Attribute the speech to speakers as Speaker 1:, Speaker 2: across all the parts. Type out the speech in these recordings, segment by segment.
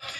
Speaker 1: Folks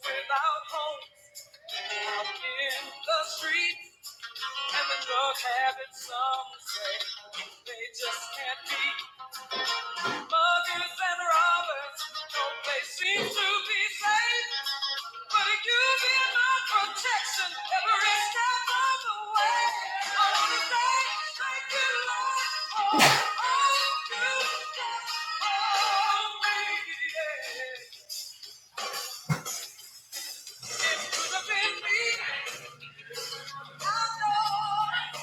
Speaker 1: without homes out in the streets and the drug habits some say they just can't be Muggers and robbers, no place seems to be safe. But if you be my protection, every step of the way. I wanna say thank you, Lord, for all you've done for me. Yeah. It could have been me. I know.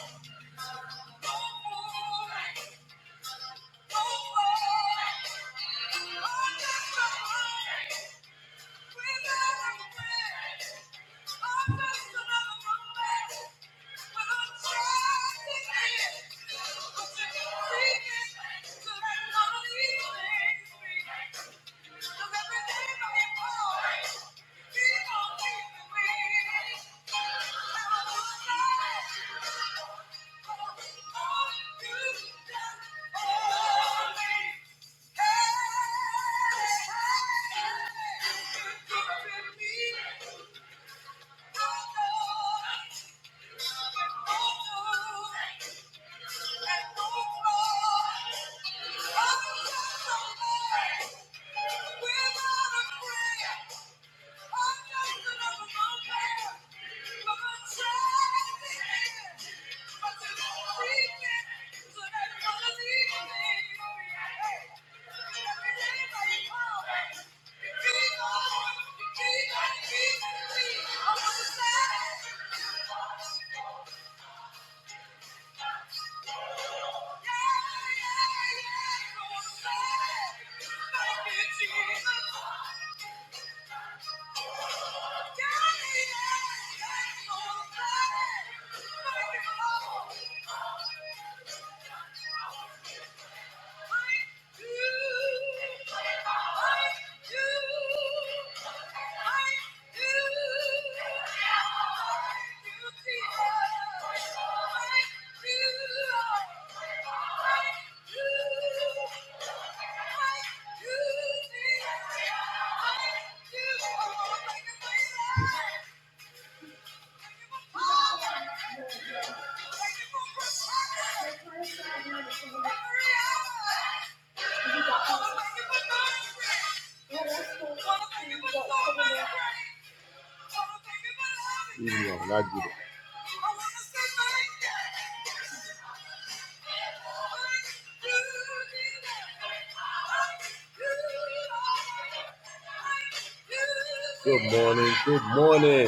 Speaker 1: No no more, no more. Oh, oh, oh, oh. Thank you. And I get it. Good morning, good morning,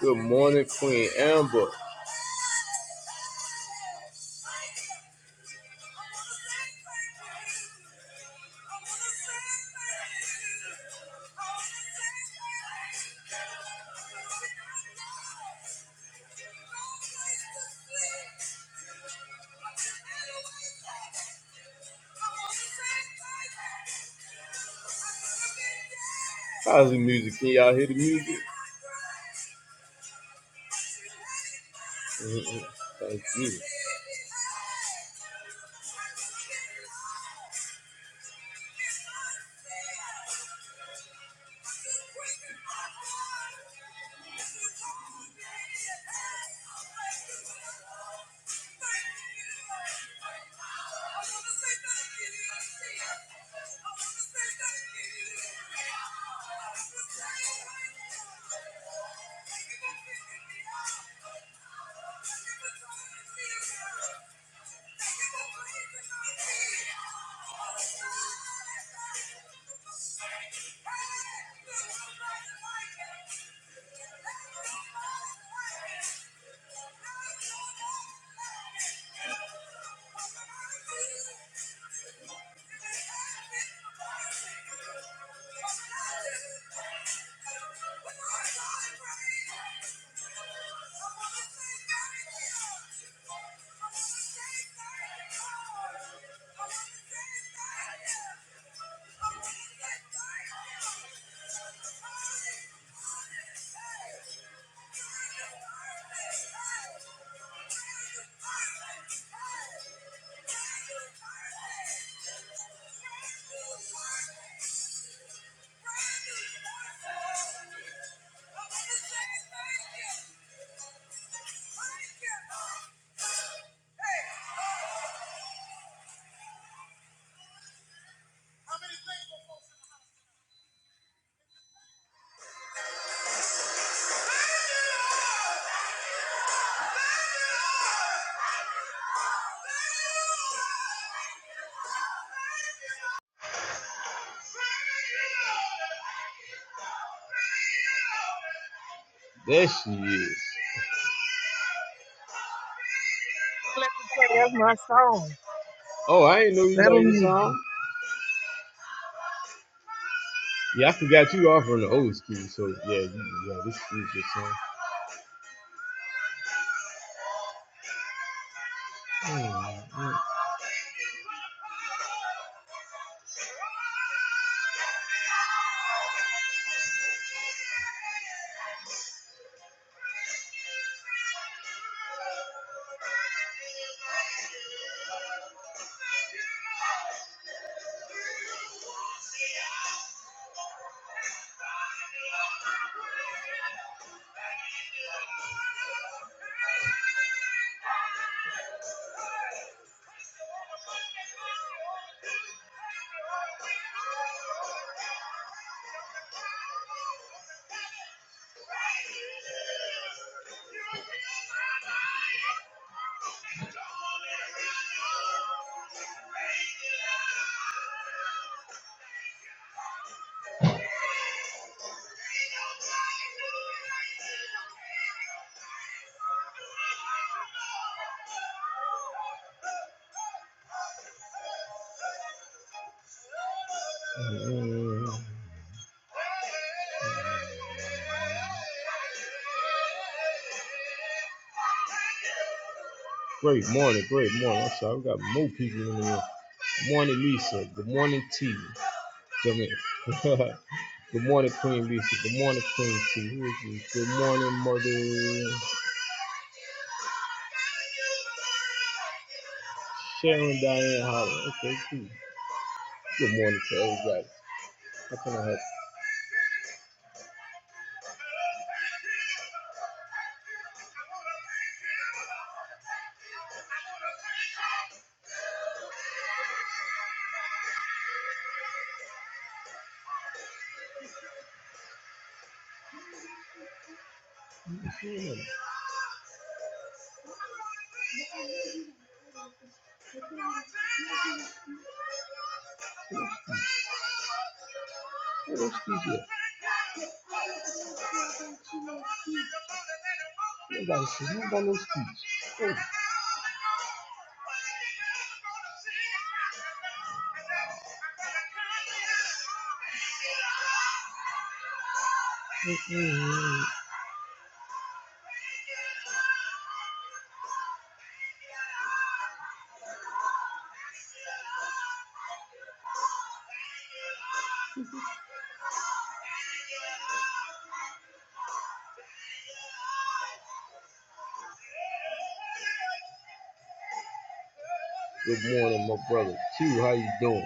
Speaker 1: good morning, Queen Amber. How's the music? Can y'all hear the music? Mm-mm. There she is.
Speaker 2: Let me play. That's my song.
Speaker 1: Oh, I ain't know you
Speaker 2: Let
Speaker 1: like
Speaker 2: them
Speaker 1: this
Speaker 2: use it.
Speaker 1: song. Yeah, I forgot you are from the old school, so yeah, you, yeah, this is your song. Mm-mm. Great morning, great morning. I'm sorry, we got more people in the room. Good morning, Lisa. Good morning, T. Come in. Good morning, Queen Lisa. Good morning, Queen T. Who is this? Good morning, Mother. Sharon Diane Holland. Okay, cool. Good morning to everybody. How can I help you? What else you Good morning, my brother. Q, how you doing?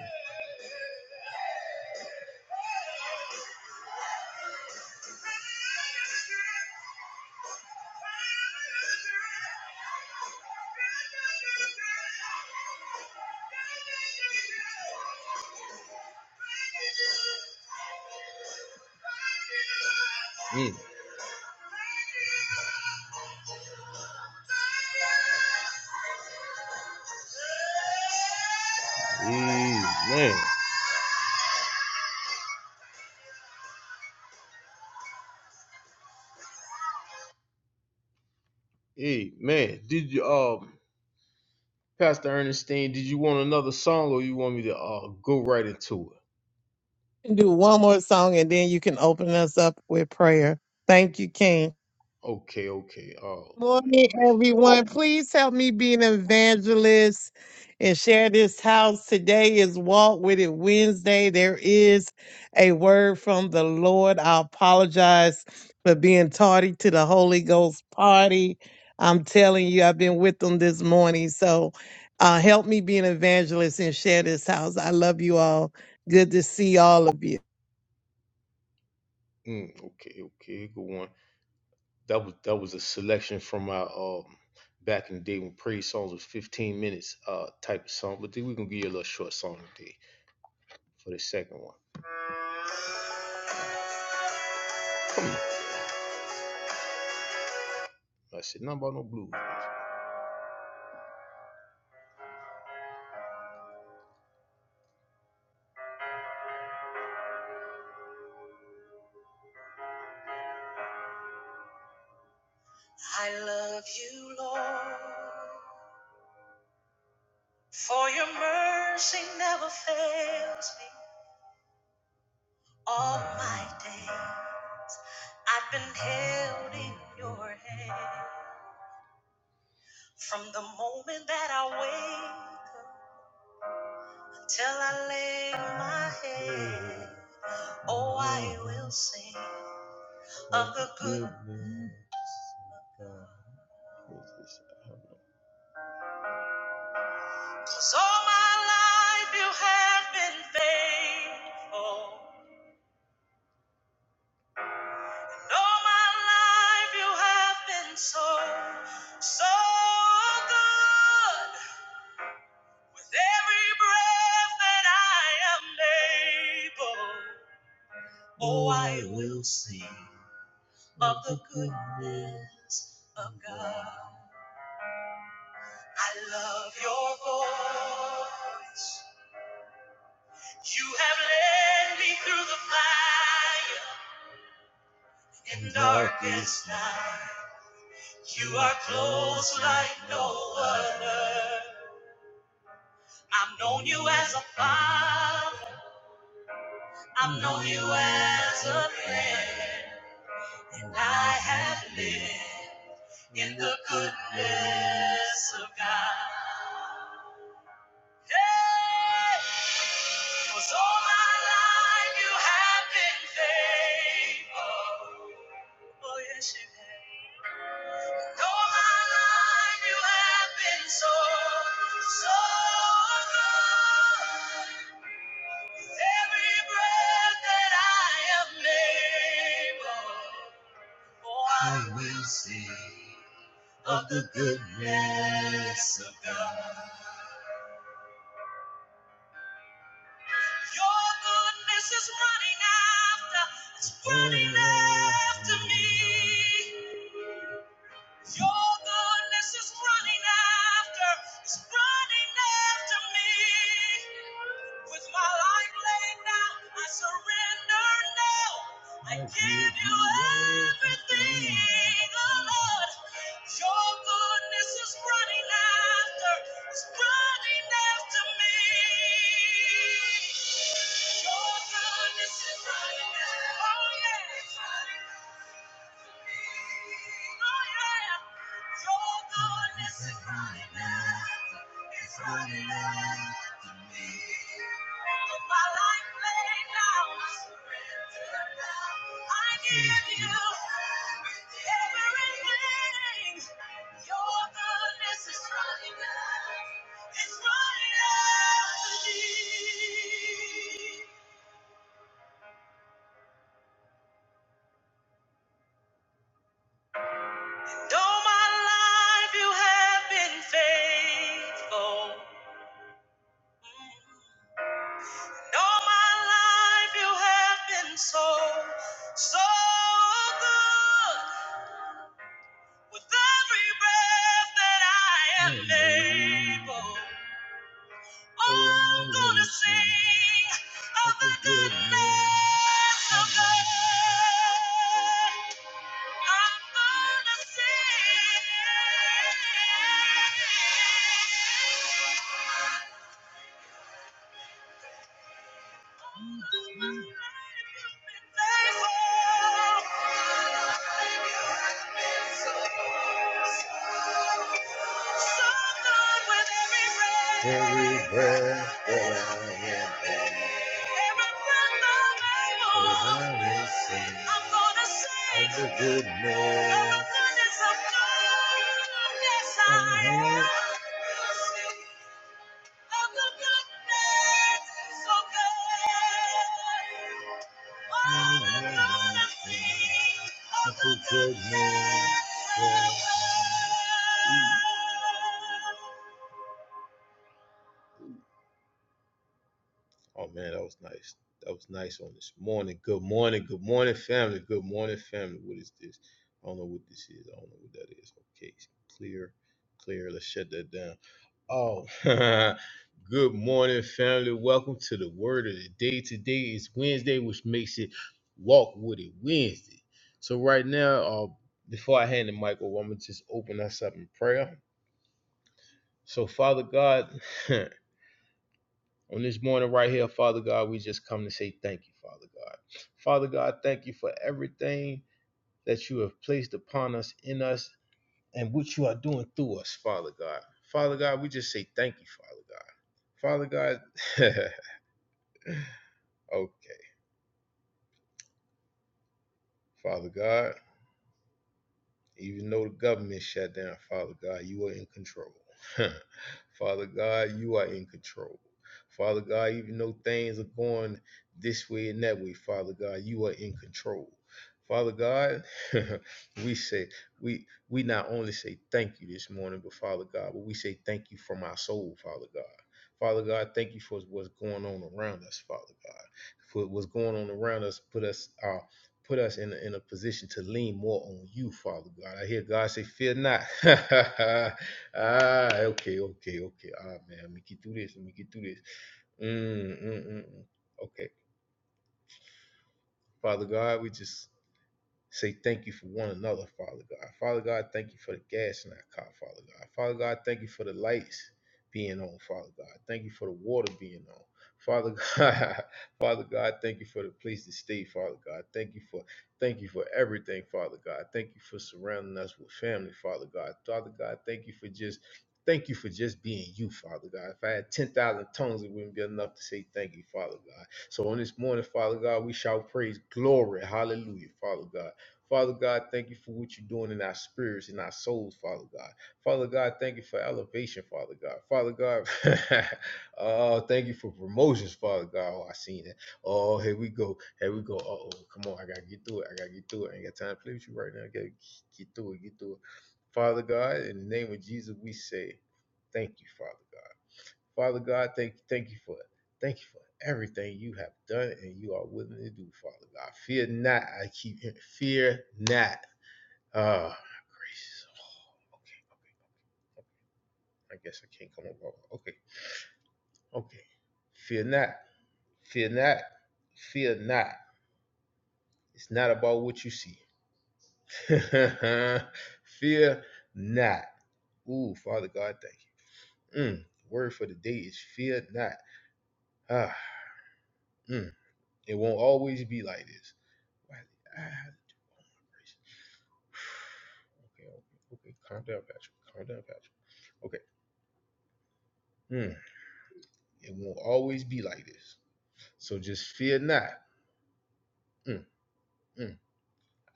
Speaker 1: Mm. Amen. Amen. Did you, uh, Pastor Ernestine, did you want another song or you want me to uh, go right into
Speaker 2: can do one more song and then you can open us up with prayer. Thank you, King.
Speaker 1: it? Okay, okay. Oh, man,
Speaker 2: Morning,
Speaker 1: gracious. Oh,
Speaker 2: everyone. Please help me be an evangelist and share this house. Today is Walk With It Wednesday. There is a word from the Lord. I apologize for being tardy to the Holy Ghost party. I'm telling you, I've been with them this morning. So uh, help me be an evangelist and share this house. I love you all. Good to see all of you.
Speaker 1: mm, okay, okay. Go on. that was that was a selection from our um back in the day when praise songs was 15 minutes uh type of song. But then we're gonna give you a little short song today for the second one. I said nothing about no blues. All my head, oh I will sing of the good. Cause all my life you have been faithful. All my life you have been so, so good. With every breath that I am able, oh, I will of the goodness of God. In darkest night, you are close like no other. I've known you as a father, I've known you as a friend, and I have lived in the goodness of God. Hey, 'Cause all my life you have been faithful. Oh, yes, you have. all my life you have been so, so good. Oh, Of the goodness of God. That's running after me. Your goodness is running after, it's running after me. With my life, I surrender now. I give you everything. Though my life you have been faithful. Though my life you have been so, so good. With every breath that I am able, oh, I'm gonna sing of the goodness of God. Every breath that I am, I will sing of the goodness of God. Oh man, that was nice. That was nice on this morning. Good morning. Good morning, family. Good morning, family. What is this? I don't know what this is. I don't know what that is. Okay, clear, clear. Let's shut that down. Oh, good morning, family. Welcome to the word of the day. Today is Wednesday, which makes it Walk With It Wednesday. So, right now, uh, before I hand the mic over, I'm going to just open us up in prayer. So, Father God, on this morning right here, Father God, we just come to say thank you, Father God. Father God, thank you for everything that you have placed upon us, in us, and what you are doing through us, Father God. Father God, we just say thank you, Father God. Father God, okay, Father God. Even though the government shut down, Father God, you are in control. Father God, you are in control. Father God, even though things are going this way and that way, Father God, you are in control. Father God, we say we we not only say thank you this morning, but Father God, but we say thank you from our soul, Father God. Father God, thank you for what's going on around us, Father God. For what's going on around us, put us our put us in a, in a position to lean more on you, Father God. I hear God say, "Fear not." ah, okay, okay, okay. Ah, man, let me get through this. Let me get through this. Mm, mm, mm, mm. Okay, Father God, we just Say thank you for one another, Father God. Father God, thank you for the gas in our car, Father God. Father God, thank you for the lights being on, Father God. Thank you for the water being on. Father God, Father God, thank you for the place to stay, Father God. Thank you for thank you for everything, Father God. Thank you for surrounding us with family, Father God. Father God, thank you for just thank you for just being you, Father God. If I had 10,000 tongues, it wouldn't be enough to say thank you, Father God. So on this morning, Father God, we shall praise glory. Hallelujah, Father God. Father God, thank you for what you're doing in our spirits, in our souls, Father God. Father God, thank you for elevation, Father God. Father God, uh, thank you for promotions, Father God. Oh, I seen it. Oh, here we go. Here we go. Uh-oh, come on. I got to get through it. I got to get through it. I ain't got time to play with you right now. I got to get through it. Get through it. Father God, in the name of Jesus, we say thank you, Father God. Father God, thank you, thank you for it. Thank you for everything you have done and you are willing to do, Father God. Fear not. I keep hearing, fear not. Ah, oh, Okay, I guess I can't come up. Okay, okay. Fear not. Fear not. Fear not. It's not about what you see. fear not. Ooh, Father God, thank you. Mm, the word for the day is fear not. Ah, mm, it won't always be like this. Why- ah, Okay, okay, okay. Calm down, Patrick. Calm down, Patrick. Okay. Mm. It won't always be like this. So just fear not. Mm, mm.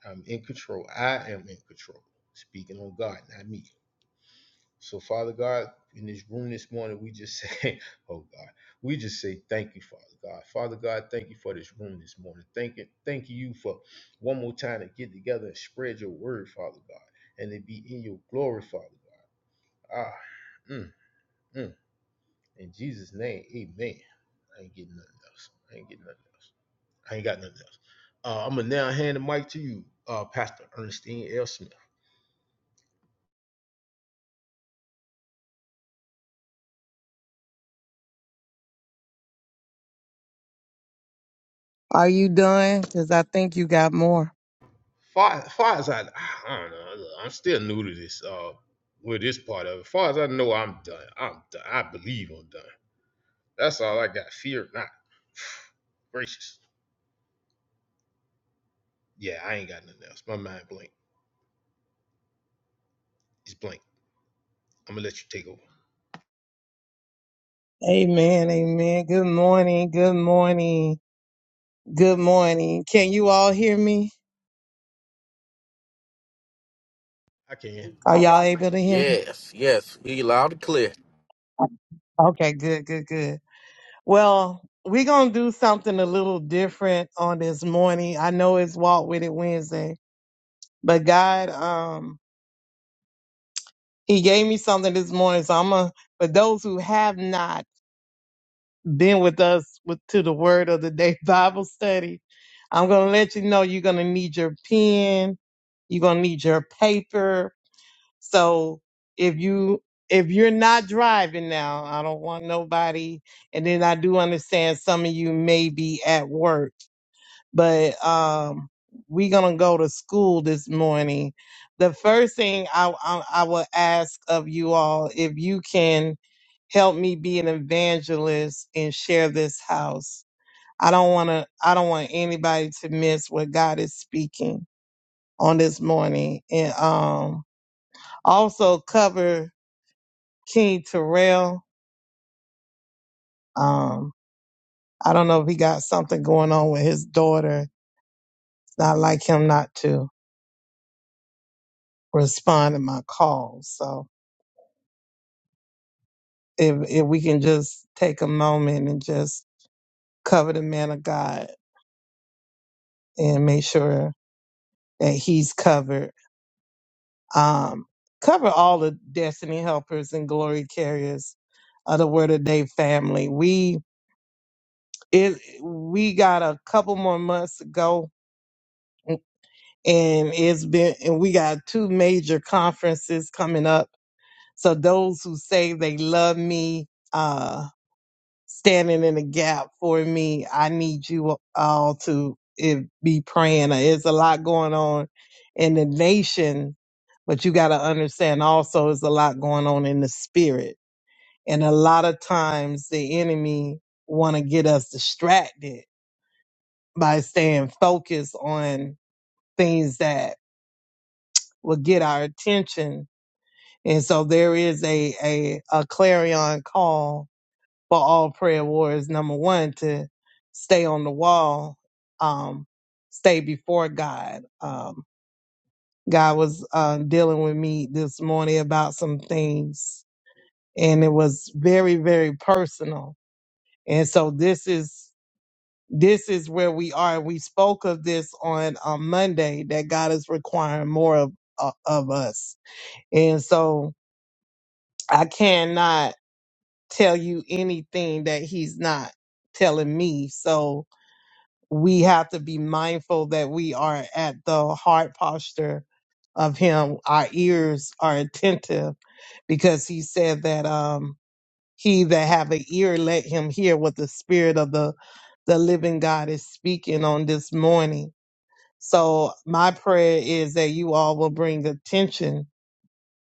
Speaker 1: I'm in control. I am in control. Speaking on God, not me. So, Father God, in this room this morning, we just say, oh God, we just say thank you, Father God. Father God, thank you for this room this morning. Thank you, thank you for one more time to get together and spread your word, Father God, and to be in your glory, Father God. Ah, mm, mm. In Jesus' name, amen. I ain't getting nothing else. I ain't getting nothing else. I ain't got nothing else. Uh, I'm gonna now hand the mic to you, uh, Pastor Ernestine L. Smith.
Speaker 2: Are you done? Because I think you got more.
Speaker 1: Far, far as I, I don't know. I'm still new to this, uh, with this part of it. Far as I know, I'm done. I'm done. I believe I'm done. That's all I got. Fear not. Gracious. Yeah, I ain't got nothing else. My mind blank. It's blank. I'm gonna let you take over.
Speaker 2: Amen, amen. Good morning, good morning, good morning. Can you all hear me? Are y'all able to hear me?
Speaker 3: Yes, yes. He loud and clear.
Speaker 2: Okay, good, good, good. Well, we're going to do something a little different on this morning. I know it's Walk With It Wednesday, but God, um, He gave me something this morning. So I'm going to, for those who have not been with us with, to the Word of the Day Bible study, I'm going to let you know you're going to need your pen, you're going to need your paper, So if you if you're not driving now, I don't want nobody. And then I do understand some of you may be at work, but um, we're gonna go to school this morning. The first thing I, I I will ask of you all if you can help me be an evangelist and share this house. I don't want to. I don't want anybody to miss what God is speaking on this morning, and um, also cover. King Terrell. Um, I don't know if he got something going on with his daughter. It's not like him not to respond to my calls. So if if we can just take a moment and just cover the man of God and make sure that he's covered. Um, cover all the destiny helpers and glory carriers of the Word of Day family. We it we got a couple more months to go and it's been and we got two major conferences coming up so those who say they love me uh standing in the gap for me i need you all to eh, be praying there's a lot going on in the nation but you got to understand also there's a lot going on in the spirit and a lot of times the enemy want to get us distracted by staying focused on things that will get our attention And so there is a, a, a clarion call for all prayer warriors. Number one, to stay on the wall, um, stay before God. Um, God was uh, dealing with me this morning about some things and it was very, very personal. And so this is, this is where we are. We spoke of this on um, Monday that God is requiring more of, uh, of us. And so I cannot tell you anything that he's not telling me. So we have to be mindful that we are at the heart posture of him. Our ears are attentive because he said that um he that have an ear let him hear what the spirit of the the living God is speaking on this morning. So my prayer is that you all will bring attention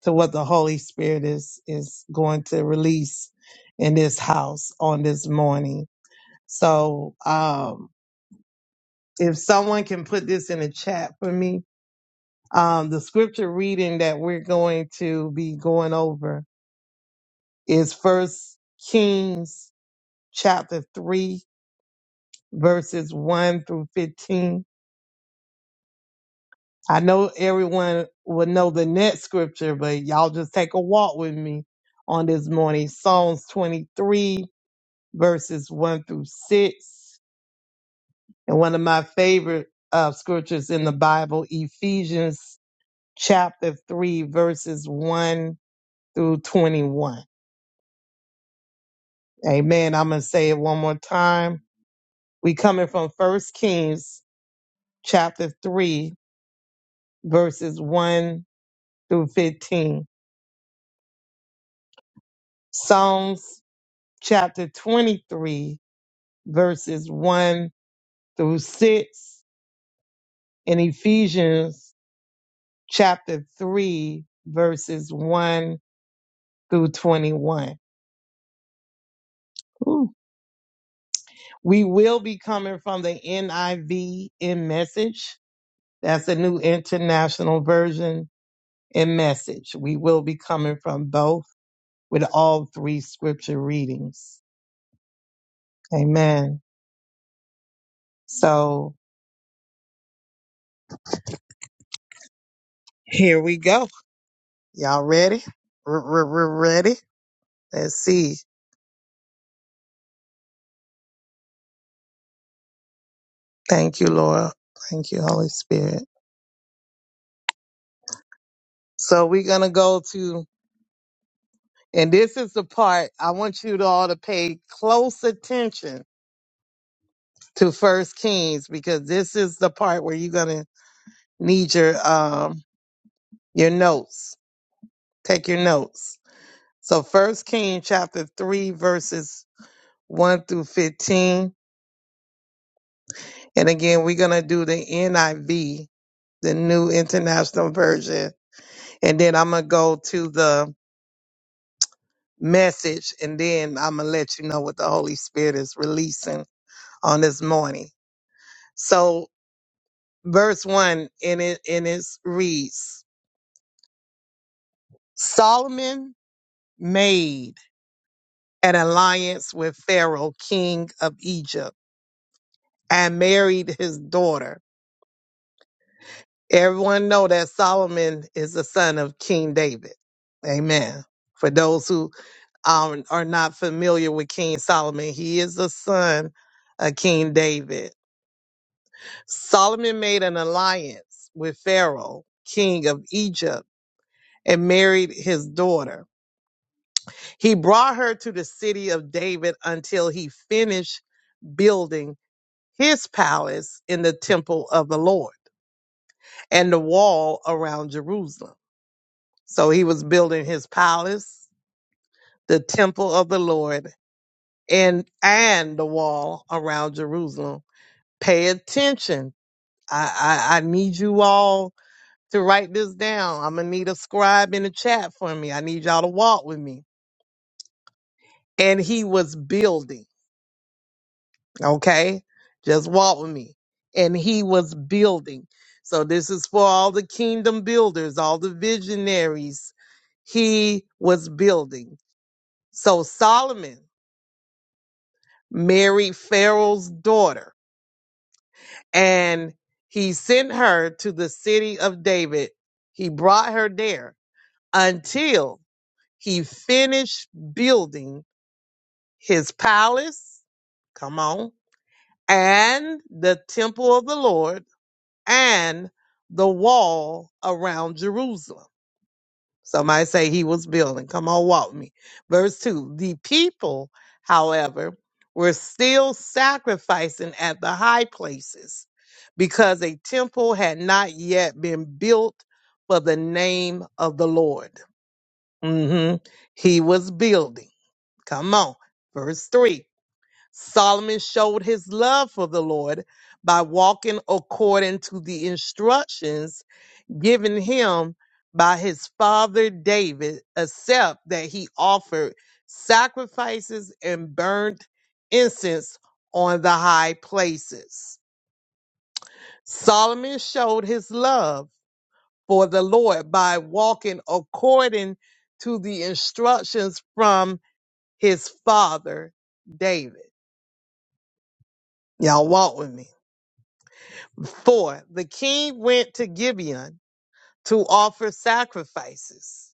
Speaker 2: to what the Holy Spirit is is going to release in this house on this morning. So um if someone can put this in the chat for me, um the scripture reading that we're going to be going over is first Kings chapter three, verses one through fifteen. I know everyone will know the next scripture, but y'all just take a walk with me on this morning. Psalms 23 verses 1 through 6. And one of my favorite uh, scriptures in the Bible, Ephesians chapter 3, verses 1 through 21. Amen. I'm going to say it one more time. We coming from First Kings chapter 3, verses 1 through 15. Psalms chapter 23, verses 1 through 6. And Ephesians chapter 3, verses 1 through 21. Ooh. We will be coming from the NIV in message. That's a new international version in message. We will be coming from both with all three scripture readings. Amen. So here we go. Y'all ready? Ready? Let's see. Thank you, Lord. Thank you, Holy Spirit. So we're going to go to, and this is the part I want you to all to pay close attention to First Kings because this is the part where you're gonna need your um your notes. Take your notes. So First King chapter three verses one through fifteen, and again we're gonna do the NIV, the New International Version, and then I'm gonna go to the message, and then I'm gonna let you know what the Holy Spirit is releasing on this morning. So verse one, and it and it reads Solomon made an alliance with Pharaoh, king of Egypt, and married his daughter. Everyone know that Solomon is the son of King David. Amen. For those who are, are not familiar with King Solomon, he is the son of King David. Solomon made an alliance with Pharaoh, king of Egypt, and married his daughter. He brought her to the city of David until he finished building his palace in the temple of the Lord and the wall around Jerusalem. So he was building his palace, the temple of the Lord, and and the wall around Jerusalem. Pay attention. I, I, I need you all to write this down. I'm gonna need a scribe in the chat for me. I need y'all to walk with me. And he was building. Okay? Just walk with me. And he was building. So this is for all the kingdom builders, all the visionaries. He was building. So Solomon married Pharaoh's daughter and he sent her to the city of David. He brought her there until he finished building his palace. Come on. And the temple of the Lord and the wall around Jerusalem. Somebody say he was building. Come on, walk me. Verse 2 The people, however, were still sacrificing at the high places because a temple had not yet been built for the name of the Lord. hmm He was building. Come on. Verse 3 Solomon showed his love for the Lord by walking according to the instructions given him by his father David, except that he offered sacrifices and burnt incense on the high places. Solomon showed his love for the Lord by walking according to the instructions from his father David. Y'all walk with me. Four, the king went to Gibeon to offer sacrifices.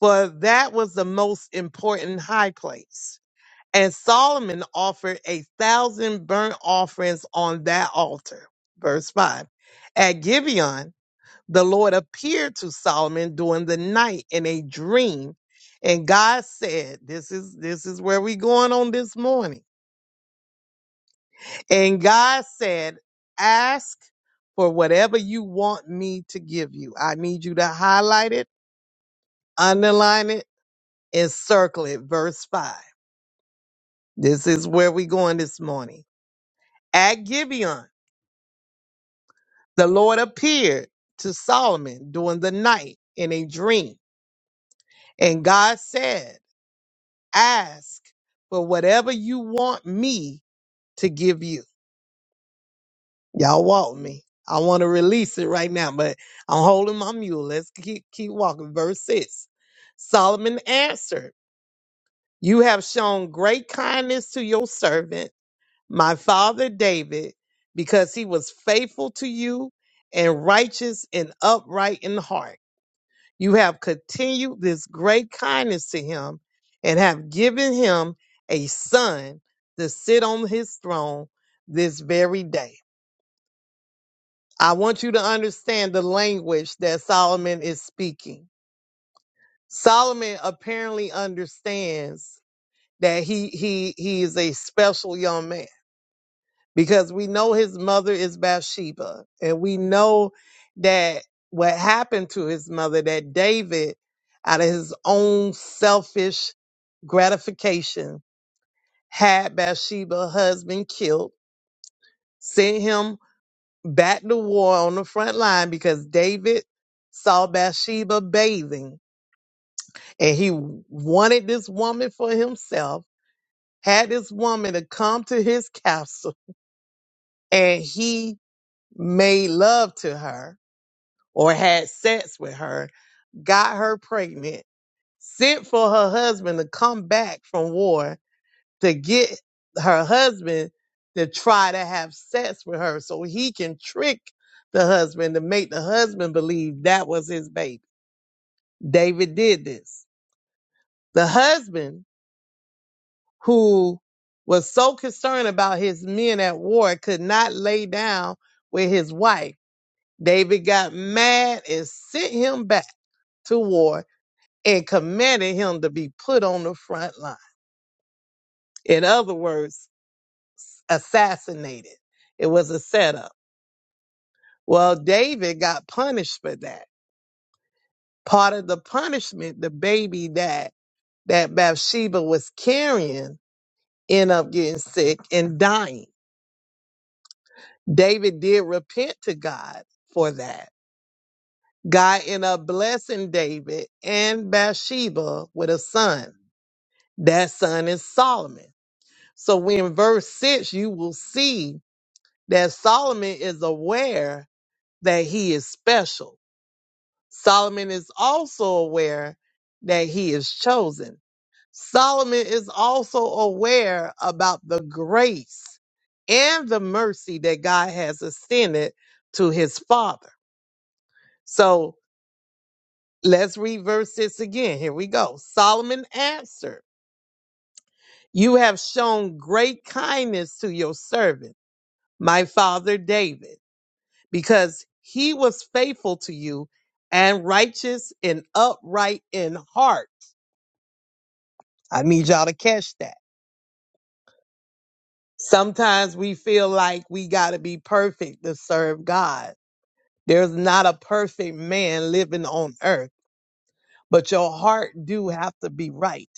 Speaker 2: For that was the most important high place. And Solomon offered a thousand burnt offerings on that altar. Verse 5. At Gibeon, the Lord appeared to Solomon during the night in a dream. And God said, This is this is where we going on this morning. And God said, Ask for whatever you want me to give you. I need you to highlight it underline it and circle it. Verse 5. This is where we're going this morning. At Gibeon, the Lord appeared to Solomon during the night in a dream. And God said, Ask for whatever you want me to give you. Y'all walk me. I want to release it right now, but I'm holding my mule. Let's keep, keep walking. Verse 6. Solomon answered, You have shown great kindness to your servant my father David, because he was faithful to you and righteous and upright in heart. You have continued this great kindness to him and have given him a son to sit on his throne this very day. I want you to understand the language that Solomon is speaking. Solomon apparently understands that he he he is a special young man because we know his mother is Bathsheba, and we know that what happened to his mother, that David, out of his own selfish gratification, had Bathsheba's husband killed, sent him back to war on the front line because David saw Bathsheba bathing and he wanted this woman for himself, had this woman to come to his castle, and he made love to her or had sex with her, got her pregnant, sent for her husband to come back from war to get her husband to try to have sex with her so he can trick the husband to make the husband believe that was his baby. David did this. The husband, who was so concerned about his men at war, could not lay down with his wife. David got mad and sent him back to war and commanded him to be put on the front line. In other words, assassinated. It was a setup. Well, David got punished for that. Part of the punishment, the baby that that Bathsheba was carrying ended up getting sick and dying. David did repent to God for that. God ended up blessing David and Bathsheba with a son. That son is Solomon. So when verse six, you will see that Solomon is aware that he is special. Solomon is also aware that he is chosen. Solomon is also aware about the grace and the mercy that God has extended to his father. So let's read verse 6 again. Here we go. Solomon answered, You have shown great kindness to your servant, my father David. because he was faithful to you and righteous and upright in heart. I need y'all to catch that. Sometimes we feel like we got to be perfect to serve God. There's not a perfect man living on earth, but your heart do have to be right.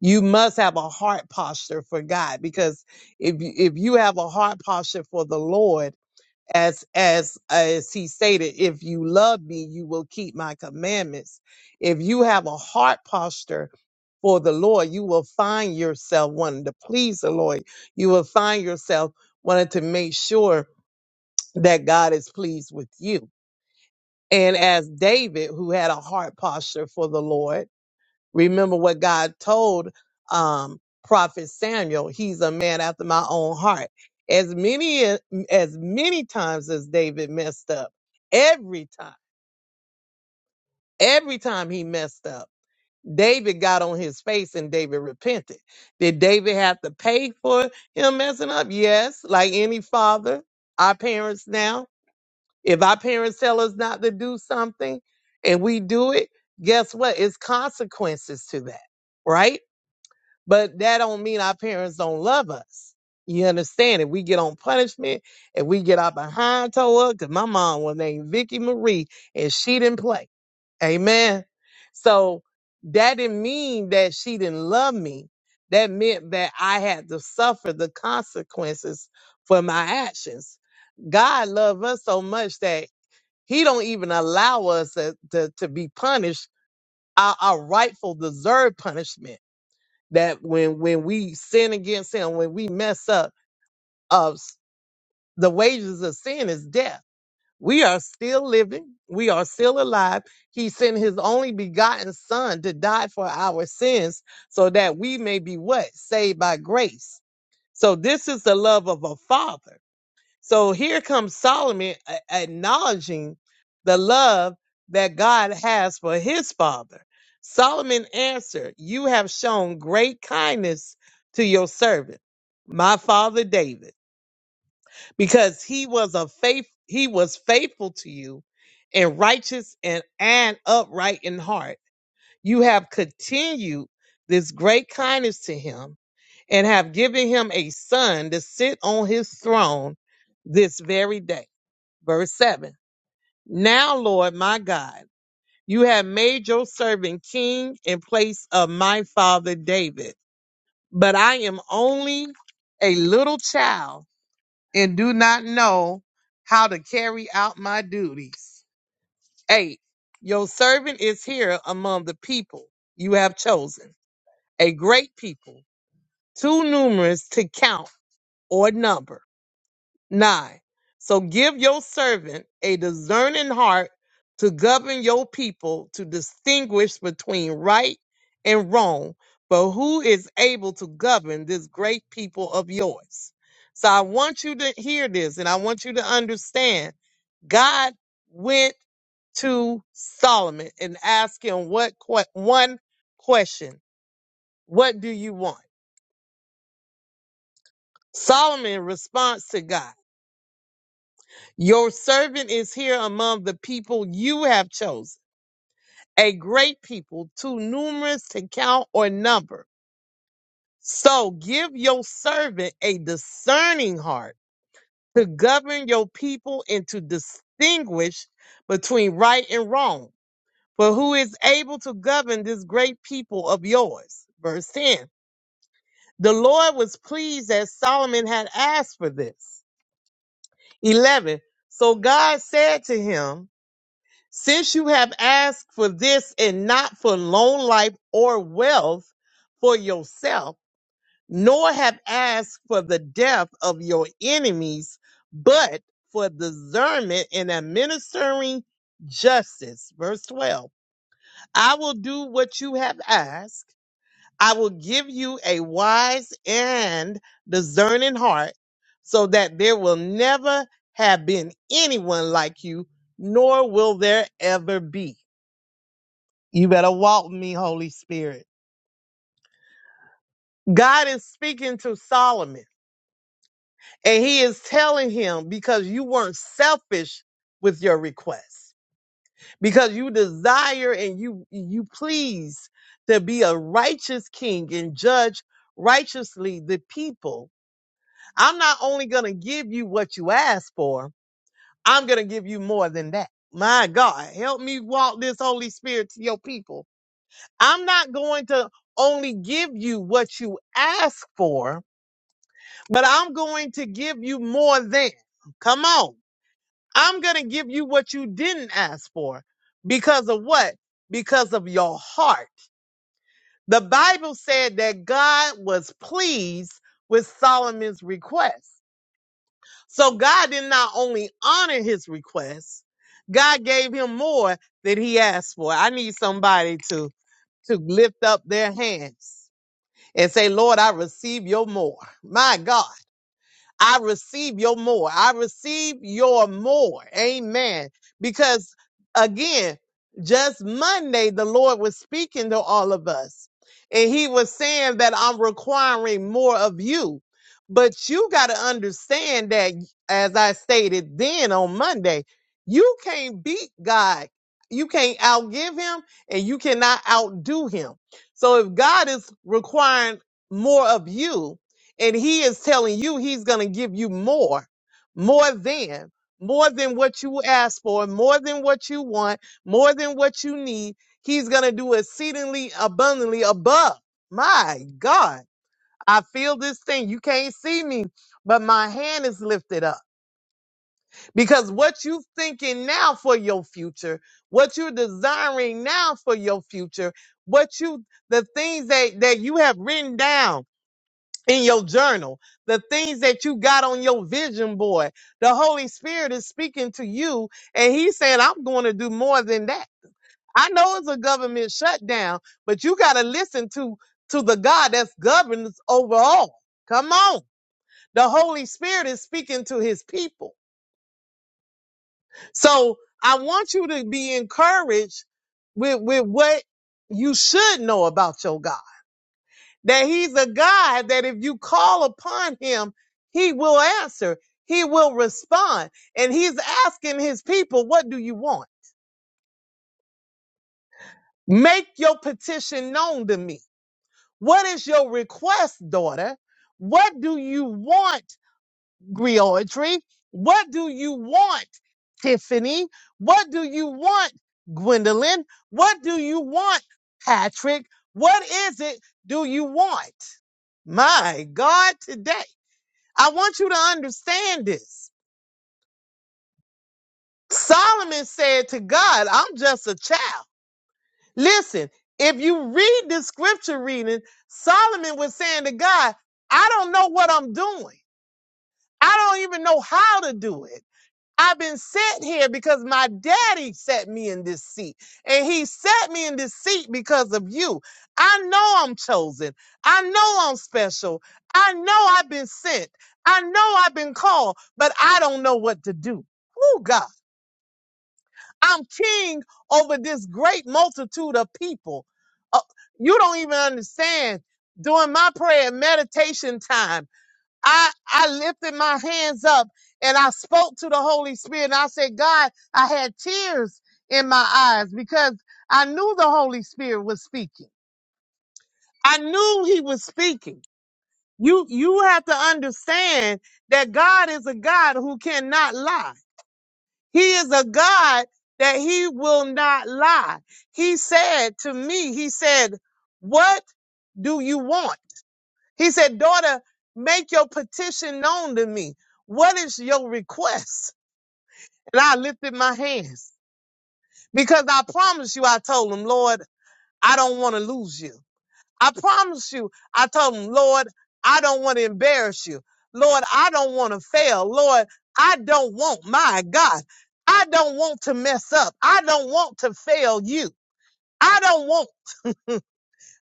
Speaker 2: You must have a heart posture for God because if you, if you have a heart posture for the Lord, as as as he stated if you love me you will keep my commandments if you have a heart posture for the lord you will find yourself wanting to please the lord you will find yourself wanting to make sure that god is pleased with you and as david who had a heart posture for the lord Remember what God told um, Prophet Samuel. He's a man after my own heart. As many as many times as David messed up, every time, every time he messed up, David got on his face and David repented. Did David have to pay for him messing up? Yes, like any father, our parents now. If our parents tell us not to do something and we do it, guess what? It's consequences to that, right? But that don't mean our parents don't love us. You understand? If we get on punishment, if we get out behind to her. Cause my mom was named Vicky Marie and she didn't play. Amen. So that didn't mean that she didn't love me. That meant that I had to suffer the consequences for my actions. God loved us so much that He don't even allow us to, to, to be punished our, our rightful deserved punishment that when when we sin against him, when we mess up, uh, s- the wages of sin is death. We are still living. We are still alive. He sent his only begotten son to die for our sins so that we may be what? Saved by grace. So this is the love of a father. So here comes Solomon a- acknowledging the love that God has for his father. Solomon answered, You have shown great kindness to your servant, my father David, because he was a faith he was faithful to you and righteous and, and upright in heart. You have continued this great kindness to him and have given him a son to sit on his throne this very day. Verse 7 Now, Lord my God, you have made your servant king in place of my father David. But I am only a little child and do not know how to carry out my duties. 8. Your servant is here among the people you have chosen, a great people, too numerous to count or number. 9. So give your servant a discerning heart to govern your people, to distinguish between right and wrong. But who is able to govern this great people of yours? So I want you to hear this and I want you to understand God went to Solomon and asked him what que- one question, what do you want? Solomon responds to God. Your servant is here among the people you have chosen, a great people, too numerous to count or number. So give your servant a discerning heart to govern your people and to distinguish between right and wrong. For who is able to govern this great people of yours? Verse 10. The Lord was pleased that Solomon had asked for this. 11. So God said to him, Since you have asked for this and not for long life or wealth for yourself, nor have asked for the death of your enemies, but for discernment and administering justice. Verse 12 I will do what you have asked. I will give you a wise and discerning heart so that there will never have been anyone like you, nor will there ever be. You better walk with me, Holy Spirit. God is speaking to Solomon and he is telling him because you weren't selfish with your request, because you desire and you, you please to be a righteous king and judge righteously the people. I'm not only going to give you what you ask for, I'm going to give you more than that. My God, help me walk this Holy Spirit to your people I'm not going to only give you what you ask for, but I'm going to give you more than. Come on. I'm going to give you what you didn't ask for because of what? Because of your heart. The Bible said that God was pleased with Solomon's request. So God did not only honor his request, God gave him more than he asked for. I need somebody to to lift up their hands and say, Lord, I receive your more. My God. I receive your more. I receive your more. Amen. Because again, just Monday, the Lord was speaking to all of us. And he was saying that I'm requiring more of you. But you got to understand that, as I stated then on Monday, you can't beat God. You can't outgive him and you cannot outdo him. So if God is requiring more of you, and he is telling you he's going to give you more, more than, more than what you ask for, more than what you want, more than what you need. He's going to do exceedingly abundantly above. My God, I feel this thing. You can't see me, but my hand is lifted up because what you thinking now for your future, what you're desiring now for your future, what you, the things that, that you have written down in your journal, the things that you got on your vision board. The Holy Spirit is speaking to you and he's saying, I'm going to do more than that. I know it's a government shutdown, but you got to listen to, to the God that's governs over all. Come on. The Holy Spirit is speaking to his people. So I want you to be encouraged with, with what you should know about your God. that he's a God that if you call upon him, he will answer, he will respond. And he's asking his people, What do you want? Make your petition known to me. What is your request, daughter? What do you want, Griotry? What do you want, Tiffany? What do you want, Gwendolyn? What do you want, Patrick? What is it do you want? My God, today. I want you to understand this. Solomon said to God, I'm just a child. Listen, if you read this scripture reading, Solomon was saying to God, I don't know what I'm doing. I don't even know how to do it. I've been set here because my daddy set me in this seat. And he set me in this seat because of you. I know I'm chosen. I know I'm special. I know I've been sent. I know I've been called, but I don't know what to do. Oh, God. I'm king over this great multitude of people. Uh, you don't even understand. During my prayer and meditation time, I, I lifted my hands up and I spoke to the Holy Spirit and I said, God, I had tears in my eyes because I knew the Holy Spirit was speaking. I knew he was speaking. You, you have to understand that God is a God who cannot lie. He is a God that he will not lie. He said to me, he said, what do you want? He said, Daughter, make your petition known to me. What is your request? And I lifted my hands because I promise you, I told him, Lord, I don't want to lose you. I promise you, I told him, Lord, I don't want to embarrass you. Lord, I don't want to fail. Lord, I don't want, my God, I don't want to mess up. I don't want to fail you. I don't want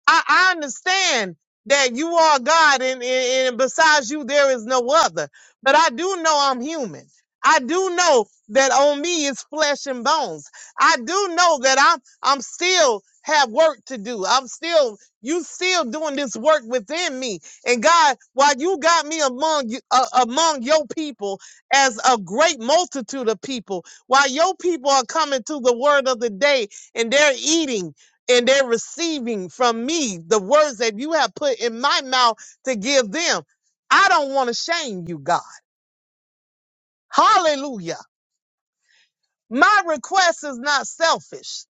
Speaker 2: I, I understand that you are God and, and, and besides you, there is no other. But I do know I'm human. I do know that on me is flesh and bones. I do know that I'm I'm still have work to do. I'm still you still doing this work within me. And God, while you got me among you uh, among your people as a great multitude of people, while your people are coming to the word of the day and they're eating and they're receiving from me the words that you have put in my mouth to give them. I don't want to shame you, God. Hallelujah. My request is not selfish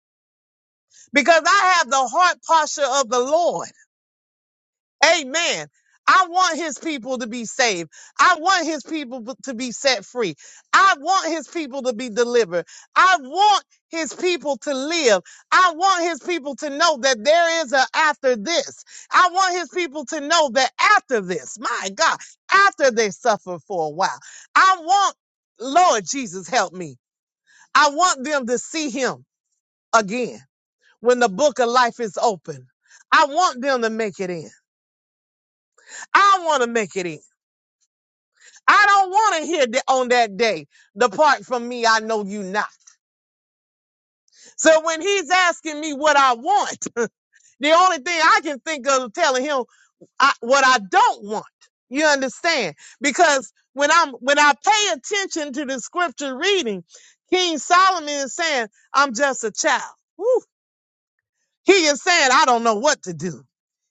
Speaker 2: because I have the heart posture of the Lord. Amen. I want his people to be saved. I want his people b- to be set free. I want his people to be delivered. I want his people to live. I want his people to know that there is a after this. I want his people to know that after this, my God, after they suffer for a while, I want, Lord Jesus, help me. I want them to see him again when the book of life is open. I want them to make it in. I want to make it in. I don't want to hear that on that day. Depart from me, I know you not. So when he's asking me what I want, the only thing I can think of is telling him I, what I don't want. You understand? Because when I'm when I pay attention to the scripture reading, King Solomon is saying, "I'm just a child." He is saying, I don't know what to do.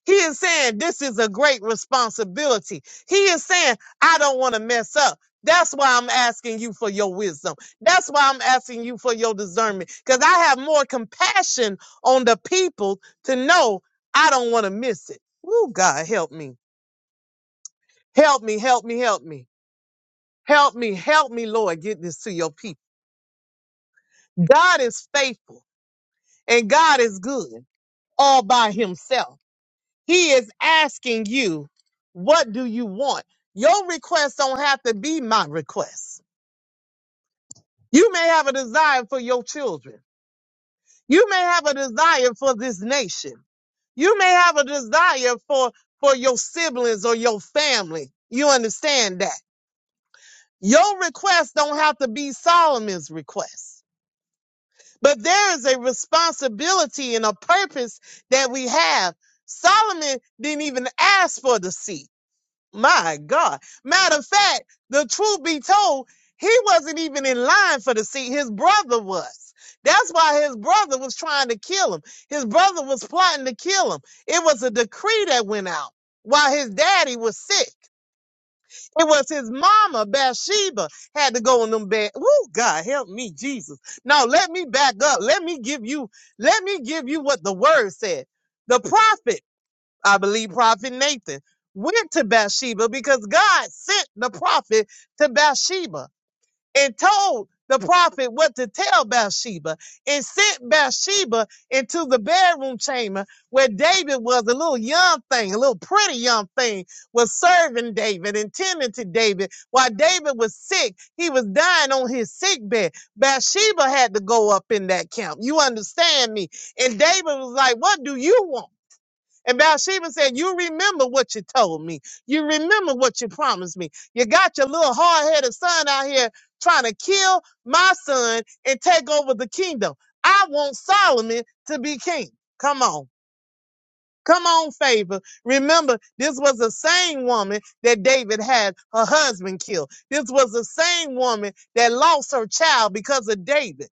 Speaker 2: He is saying, this is a great responsibility. He is saying, I don't want to mess up. That's why I'm asking you for your wisdom. That's why I'm asking you for your discernment because I have more compassion on the people to know I don't want to miss it. Woo, God, help me. Help me, help me, help me. Help me, help me, Lord, get this to your people. God is faithful and God is good all by himself. He is asking you, what do you want? Your request don't have to be my request. You may have a desire for your children. You may have a desire for this nation. You may have a desire for, for your siblings or your family. You understand that. Your request don't have to be Solomon's request. But there is a responsibility and a purpose that we have. Solomon didn't even ask for the seed. My God. Matter of fact, the truth be told, he wasn't even in line for the seat. His brother was. That's why his brother was trying to kill him. His brother was plotting to kill him. It was a decree that went out while his daddy was sick. It was his mama, Bathsheba, had to go in them bed. Woo, God help me, Jesus. No, let me back up. Let me give you, let me give you what the word said. The prophet. I believe Prophet Nathan, went to Bathsheba because God sent the prophet to Bathsheba and told the prophet what to tell Bathsheba and sent Bathsheba into the bedroom chamber where David was a little young thing, a little pretty young thing, was serving David and tending to David while David was sick. He was dying on his sick bed. Bathsheba had to go up in that camp. You understand me? And David was like, What do you want? And Bathsheba said, You remember what you told me. You remember what you promised me. You got your little hard headed son out here trying to kill my son and take over the kingdom. I want Solomon to be king. Come on. Come on, favor. Remember, this was the same woman that David had her husband killed. This was the same woman that lost her child because of David.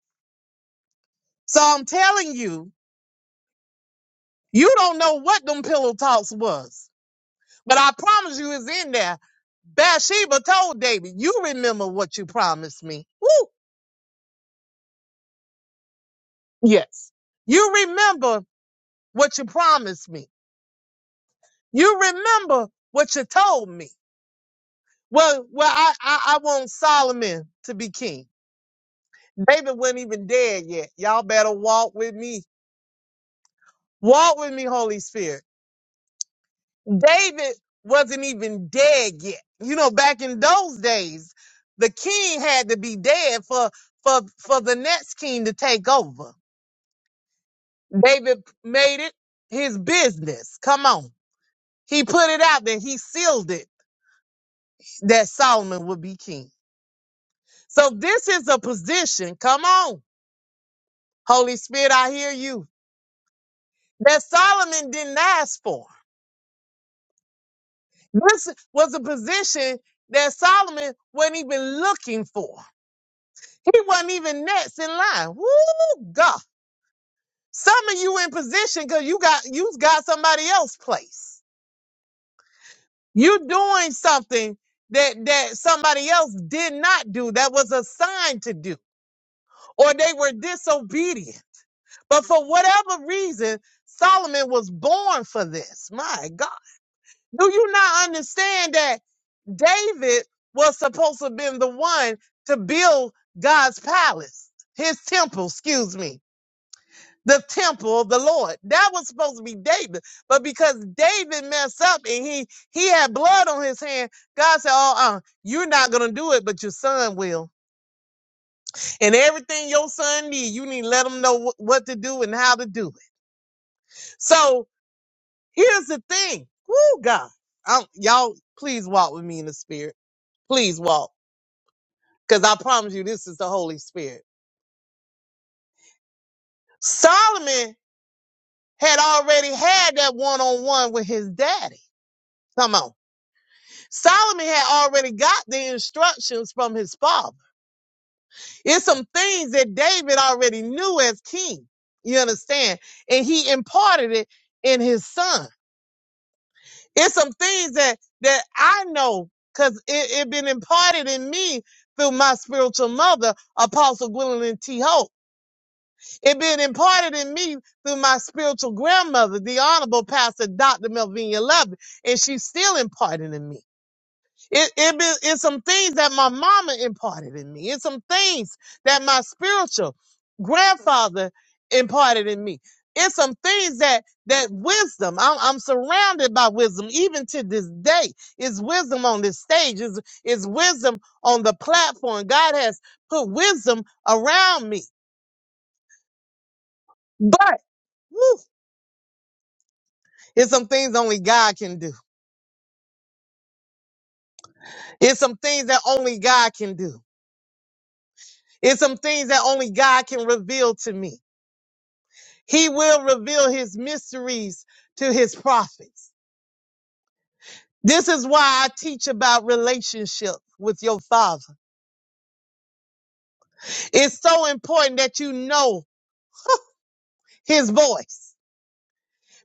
Speaker 2: So I'm telling you, you don't know what them pillow talks was. But I promise you it's in there. Bathsheba told David, you remember what you promised me. Woo! Yes. You remember what you promised me. You remember what you told me. Well, well, I, I, I want Solomon to be king. David wasn't even dead yet. Y'all better walk with me. Walk with me, Holy Spirit. David wasn't even dead yet. You know, back in those days, the king had to be dead for for for the next king to take over. David made it his business. Come on. He put it out there. He sealed it that Solomon would be king. So this is a position. Come on. Holy Spirit, I hear you. That Solomon didn't ask for. This was a position that Solomon wasn't even looking for. He wasn't even next in line. Woo, God. Some of you in position because you got you got somebody else place. You doing something that that somebody else did not do that was assigned to do, or they were disobedient. But for whatever reason, Solomon was born for this. My God, do you not understand that David was supposed to have been the one to build God's palace, his temple? Excuse me the temple of the Lord. That was supposed to be David. But because David messed up and he he had blood on his hand, God said, Oh, uh, you're not gonna do it, but your son will. And everything your son need, you need to let him know wh- what to do and how to do it. So here's the thing. Woo God. I'm, y'all please walk with me in the spirit. Please walk. Because I promise you this is the Holy Spirit. Solomon had already had that one-on-one with his daddy. Come on. Solomon had already got the instructions from his father. It's some things that David already knew as king. You understand? And he imparted it in his son. It's some things that that I know because it, it been imparted in me through my spiritual mother, Apostle Gwendolyn T. Hope. It been imparted in me through my spiritual grandmother, the Honorable Pastor Dr. Melvina Love, and she's still imparting in me. It, it be, it's some things that my mama imparted in me. It's some things that my spiritual grandfather imparted in me. It's some things that that wisdom. I'm, I'm surrounded by wisdom even to this day. It's wisdom on this stage. It's, it's wisdom on the platform. God has put wisdom around me. But woo, it's some things only God can do. It's some things that only God can do. It's some things that only God can reveal to me. He will reveal his mysteries to his prophets. This is why I teach about relationship with your father. It's so important that you know his voice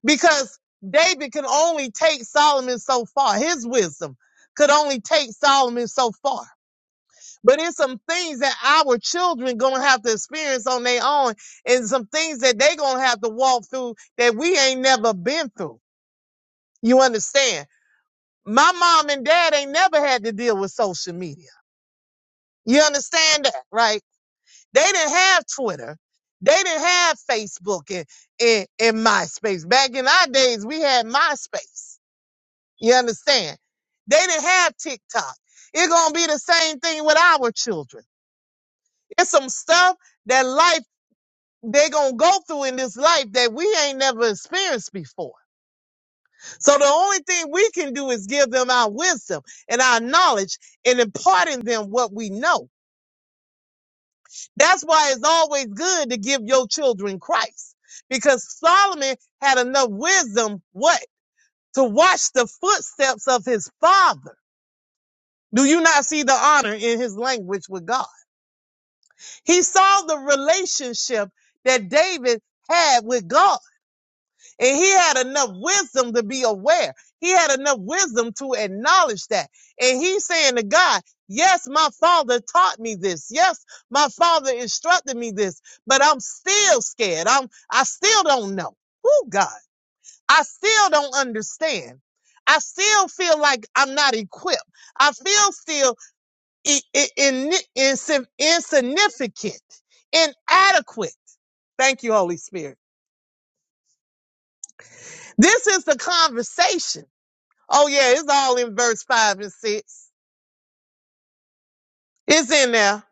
Speaker 2: because David can only take Solomon so far. His wisdom could only take Solomon so far. But it's some things that our children gonna have to experience on their own and some things that they gonna have to walk through that we ain't never been through. You understand? My mom and dad ain't never had to deal with social media. You understand that, right? They didn't have Twitter. They didn't have Facebook and, and, and MySpace. Back in our days, we had MySpace. You understand? They didn't have TikTok. It's gonna be the same thing with our children. It's some stuff that life they gonna go through in this life that we ain't never experienced before. So the only thing we can do is give them our wisdom and our knowledge and imparting them what we know. That's why it's always good to give your children Christ because Solomon had enough wisdom, what? To watch the footsteps of his father. Do you not see the honor in his language with God? He saw the relationship that David had with God. And he had enough wisdom to be aware. He had enough wisdom to acknowledge that. And he's saying to God, Yes, my father taught me this. Yes, my father instructed me this, but I'm still scared. I'm, I still don't know. Who God? I still don't understand. I still feel like I'm not equipped. I feel still i- i- in, insi- insignificant, inadequate. Thank you, Holy Spirit. This is the conversation. Oh, yeah, it's all in verse 5 and 6. It's in there.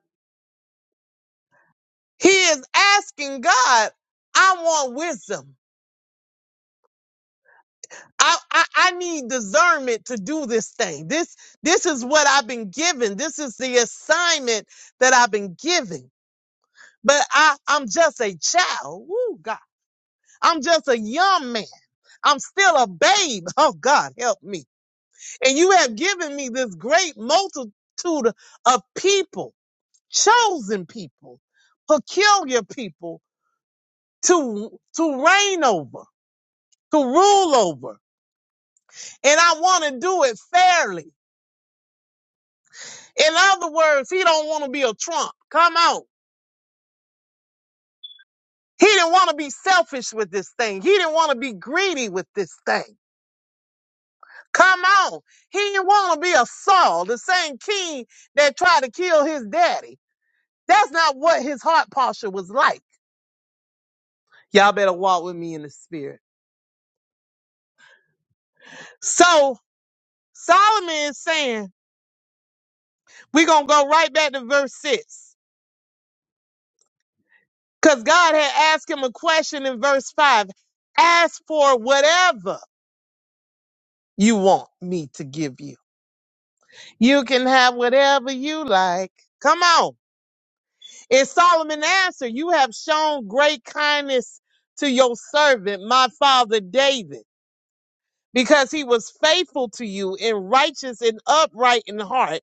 Speaker 2: He is asking God, I want wisdom. I, I, I need discernment to do this thing. This this is what I've been given. This is the assignment that I've been given. But I, I'm just a child. Woo, God. I'm just a young man. I'm still a babe. Oh, God, help me. And you have given me this great multitude of people chosen people, peculiar people to to reign over, to rule over. And I want to do it fairly. In other words, he don't want to be a Trump. Come on. He didn't want to be selfish with this thing. He didn't want to be greedy with this thing. Come on. He didn't want to be a Saul, the same king that tried to kill his daddy. That's not what his heart posture was like. Y'all better walk with me in the spirit. So Solomon is saying We're going to go right back to verse 6 because God had asked him a question in verse 5 Ask for whatever you want me to give you. You can have whatever you like. Come on. And Solomon answered, You have shown great kindness to your servant, my father David, because he was faithful to you and righteous and upright in heart.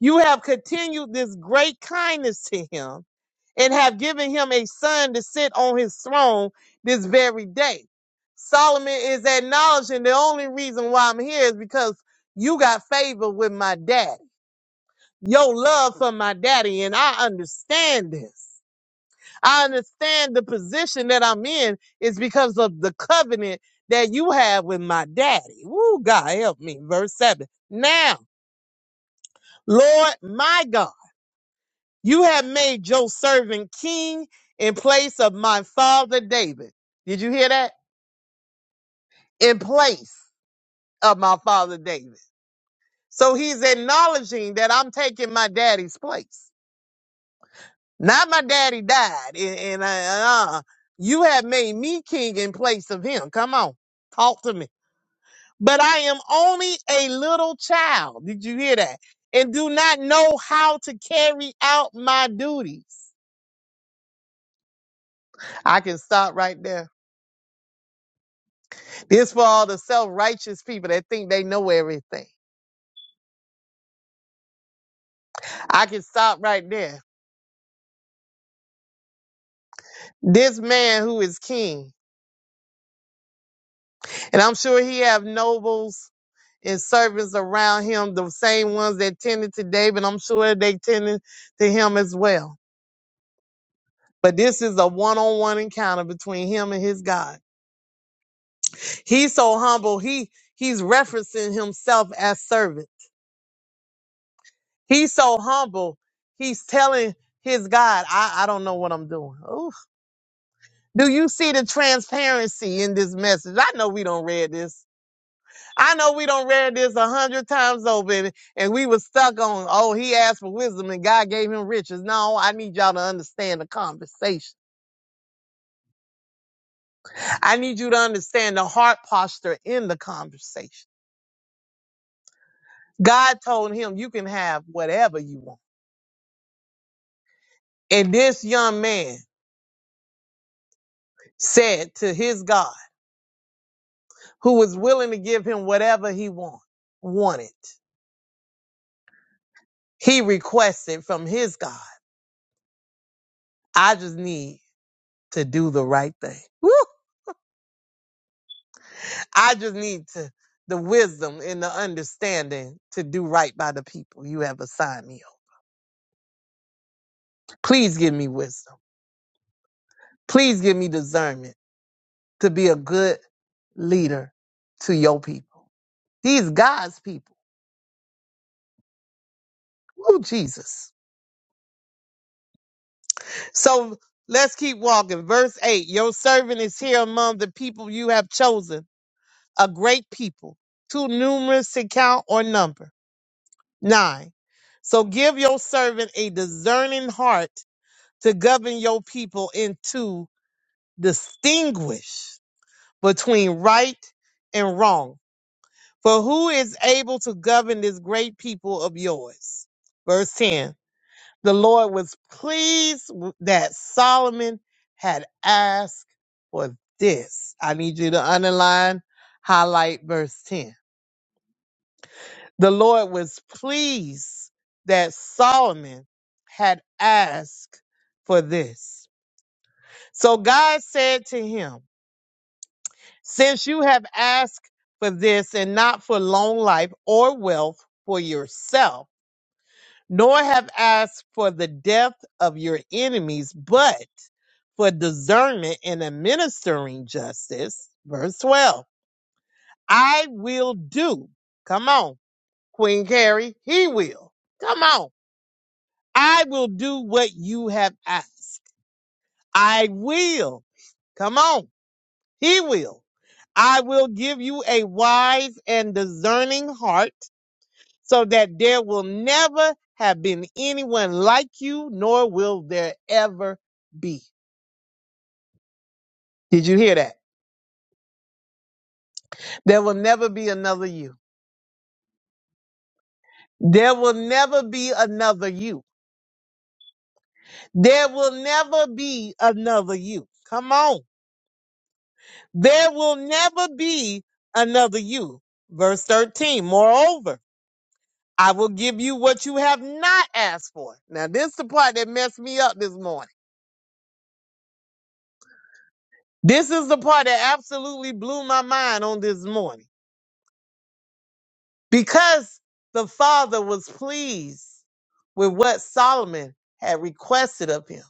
Speaker 2: You have continued this great kindness to him and have given him a son to sit on his throne this very day. Solomon is acknowledging the only reason why I'm here is because you got favor with my daddy. Your love for my daddy, and I understand this. I understand the position that I'm in is because of the covenant that you have with my daddy. Woo, God help me. Verse 7. Now, Lord my God. You have made your servant king in place of my father David. Did you hear that? In place of my father David. So he's acknowledging that I'm taking my daddy's place. Not my daddy died. And, and uh, uh, you have made me king in place of him. Come on, talk to me. But I am only a little child. Did you hear that? And do not know how to carry out my duties. I can stop right there This for all the self-righteous people that think they know everything. I can stop right there. This man who is king, and I'm sure he have nobles and servants around him, the same ones that tended to David. I'm sure they tended to him as well. But this is a one-on-one encounter between him and his God. He's so humble. He he's referencing himself as servant. He's so humble. He's telling his God, I, I don't know what I'm doing. Oof. Do you see the transparency in this message? I know we don't read this. I know we don't read this a hundred times over, and, and we were stuck on, oh, he asked for wisdom and God gave him riches. No, I need y'all to understand the conversation. I need you to understand the heart posture in the conversation. God told him, you can have whatever you want. And this young man said to his God, who was willing to give him whatever he want, wanted, he requested from his God, I just need to do the right thing. Woo! I just need to the wisdom and the understanding to do right by the people you have assigned me. on. Please give me wisdom. Please give me discernment to be a good leader to your people. These God's people. Oh Jesus. So let's keep walking. Verse 8. Your servant is here among the people you have chosen, a great people, too numerous to count or number. Nine. So give your servant a discerning heart to govern your people and to distinguish between right and wrong. For who is able to govern this great people of yours? Verse 10. The Lord was pleased that Solomon had asked for this. I need you to underline, highlight verse 10. The Lord was pleased that Solomon had asked for this. So God said to him, Since you have asked for this and not for long life or wealth for yourself, nor have asked for the death of your enemies, but for discernment and administering justice, verse 12, I will do. Come on, Queen Carrie, he will. Come on. I will do what you have asked. I will. Come on. He will. I will give you a wise and discerning heart so that there will never have been anyone like you, nor will there ever be. Did you hear that? There will never be another you. There will never be another you. There will never be another you. Come on. There will never be another you. Verse 13. Moreover, I will give you what you have not asked for. Now, this is the part that messed me up this morning. This is the part that absolutely blew my mind on this morning. Because the Father was pleased with what Solomon had requested of him.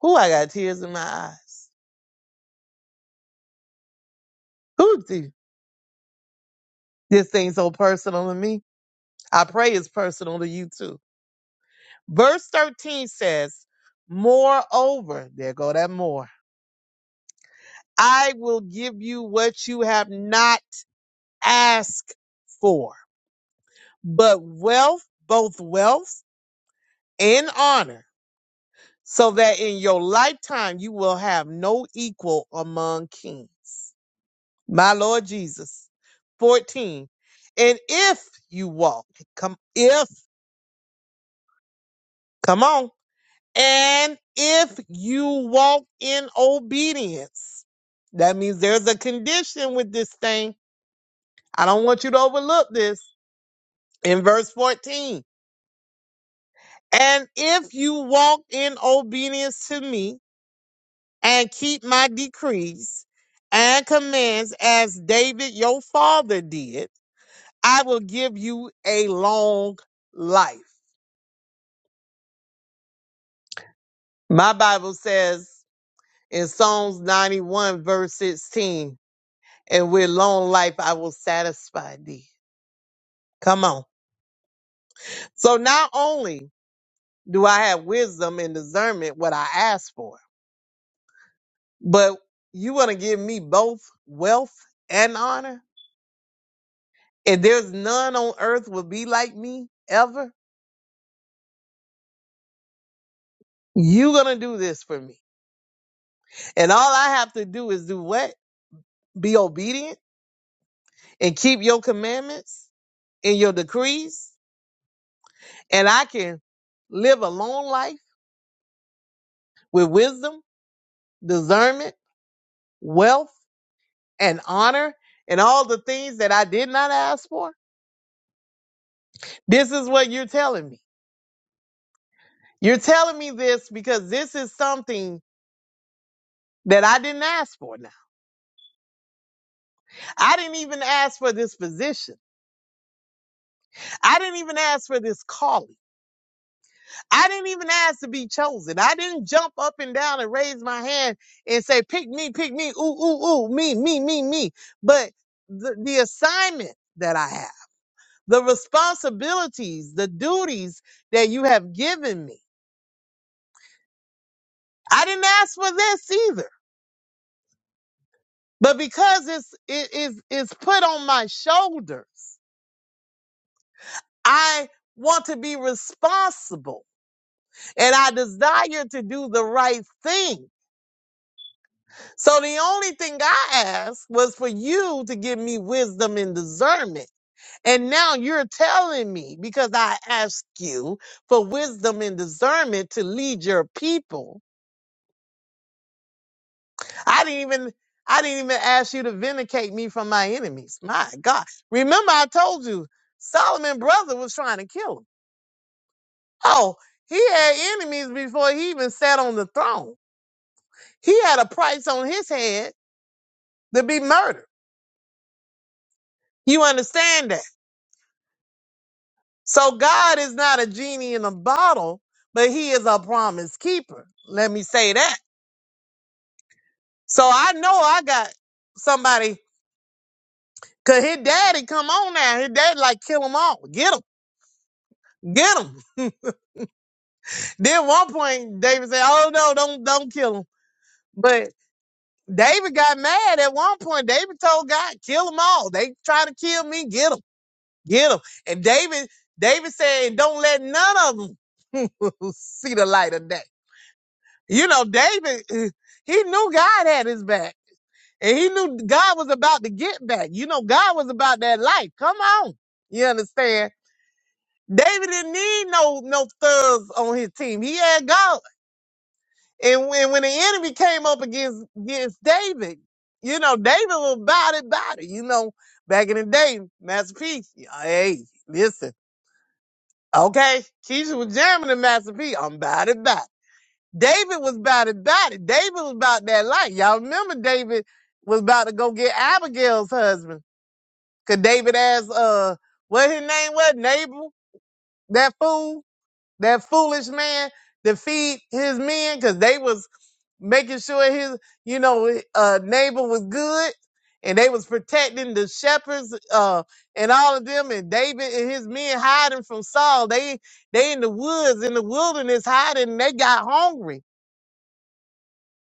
Speaker 2: Who I got tears in my eyes. Who this thing so personal to me? I pray it's personal to you too. Verse 13 says, Moreover, there go that more. I will give you what you have not asked for, but wealth, both wealth and honor, so that in your lifetime you will have no equal among kings. My Lord Jesus. 14. And if you walk, come, if, come on. And if you walk in obedience, that means there's a condition with this thing. I don't want you to overlook this in verse 14. And if you walk in obedience to me and keep my decrees and commands as David your father did, I will give you a long life. My Bible says in Psalms 91, verse 16, and with long life I will satisfy thee. Come on. So not only do I have wisdom and discernment what I ask for, but you want to give me both wealth and honor? And there's none on earth will be like me ever. You're going to do this for me. And all I have to do is do what? Be obedient and keep your commandments and your decrees. And I can live a long life with wisdom, discernment, wealth, and honor and all the things that I did not ask for? This is what you're telling me. You're telling me this because this is something that I didn't ask for now. I didn't even ask for this position. I didn't even ask for this calling. I didn't even ask to be chosen. I didn't jump up and down and raise my hand and say, pick me, pick me, ooh, ooh, ooh, me, me, me, me. But the, the assignment that I have, the responsibilities, the duties that you have given me. I didn't ask for this either. But because it's it is it's put on my shoulders, I want to be responsible and I desire to do the right thing. So the only thing I asked was for you to give me wisdom and discernment. And now you're telling me because I asked you for wisdom and discernment to lead your people I didn't even I didn't even ask you to vindicate me from my enemies. My God. Remember I told you Solomon brother was trying to kill him. Oh, he had enemies before he even sat on the throne. He had a price on his head to be murdered. You understand that? So God is not a genie in a bottle, but he is a promise keeper. Let me say that. So I know I got somebody Cause his daddy come on now. His daddy like kill him all. Get him. Get 'em. Then at one point, David said, "Oh no, don't don't kill him." But David got mad at one point. David told God, "Kill them all. They trying to kill me. Get them, get them." And David, David said, "Don't let none of them see the light of day." You know, David, eh, he knew God had his back, and he knew God was about to get back. You know, God was about that life. Come on, you understand? David didn't need no no thugs on his team. He had God. And when, when the enemy came up against against David, you know, David was body body. You know, back in the day, Master P, hey, listen, okay, Keisha was jamming to Master P. I'm body body. David was body body. David was about that life. Y'all remember David was about to go get Abigail's husband. Cause David asked, uh, what his name was, Nabal, that fool, that foolish man to feed his men, cause they was making sure his, you know, uh, neighbor was good, and they was protecting the shepherds uh, and all of them, and David and his men hiding from Saul. They they in the woods in the wilderness hiding, and they got hungry.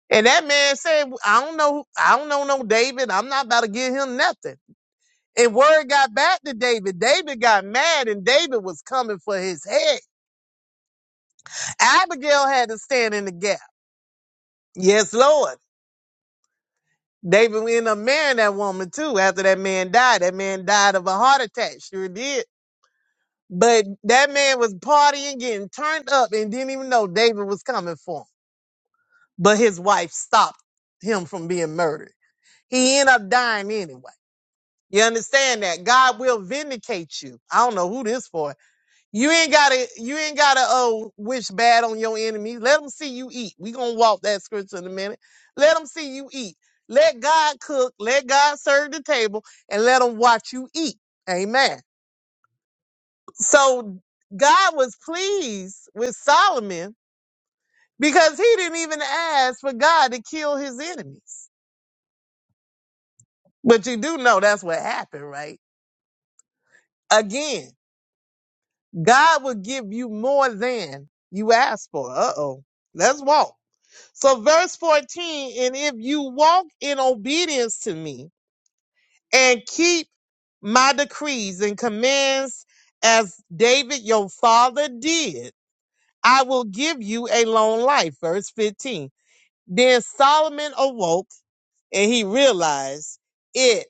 Speaker 2: And that man said, "I don't know, I don't know no David. I'm not about to give him nothing." And word got back to David. David got mad, and David was coming for his head. Abigail had to stand in the gap. Yes, Lord. They been in a marrying that woman too. After that man died, that man died of a heart attack. Sure did. But that man was partying, getting turned up, and didn't even know David was coming for him. But his wife stopped him from being murdered. He ended up dying anyway. You understand that God will vindicate you. I don't know who this for. You ain't gotta you ain't gotta uh wish bad on your enemy. Let them see you eat. We gonna walk that scripture in a minute. Let them see you eat. Let God cook. Let God serve the table, and let them watch you eat. Amen. So God was pleased with Solomon because he didn't even ask for God to kill his enemies. But you do know that's what happened, right? Again, God will give you more than you ask for. Uh oh. Let's walk. So, verse 14, and if you walk in obedience to me and keep my decrees and commands as David your father did, I will give you a long life. Verse 15. Then Solomon awoke and he realized it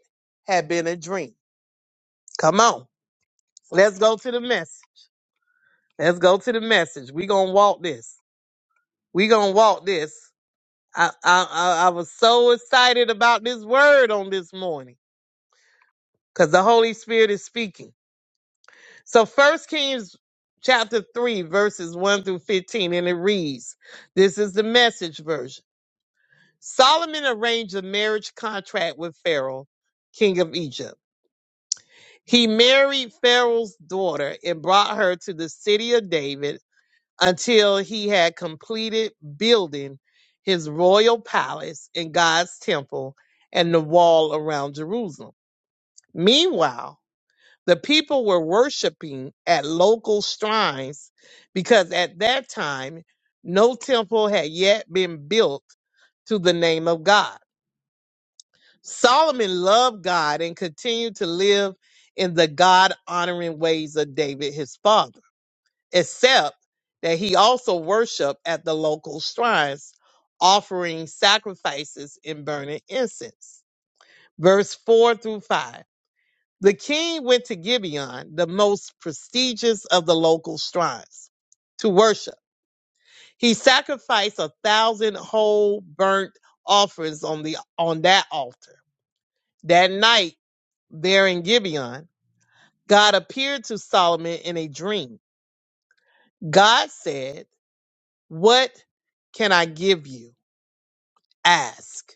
Speaker 2: had been a dream. Come on, let's go to the message. Let's go to the message. We're going to walk this. We're going to walk this. I, I, I I was so excited about this word on this morning. because the Holy Spirit is speaking. So First Kings chapter 3, verses 1 through 15, and it reads, This is the message version. Solomon arranged a marriage contract with Pharaoh, king of Egypt. He married Pharaoh's daughter and brought her to the city of David until he had completed building his royal palace and God's temple and the wall around Jerusalem. Meanwhile, The people were worshiping at local shrines because at that time, no temple had yet been built to the name of God. Solomon loved God and continued to live in the God honoring ways of David, his father, except that he also worshiped at the local shrines, offering sacrifices and burning incense. Verse 4 through 5. The king went to Gibeon, the most prestigious of the local shrines, to worship. He sacrificed a thousand whole burnt offerings on the on that altar. That night, there in Gibeon, God appeared to Solomon in a dream. God said, "What can I give you? Ask."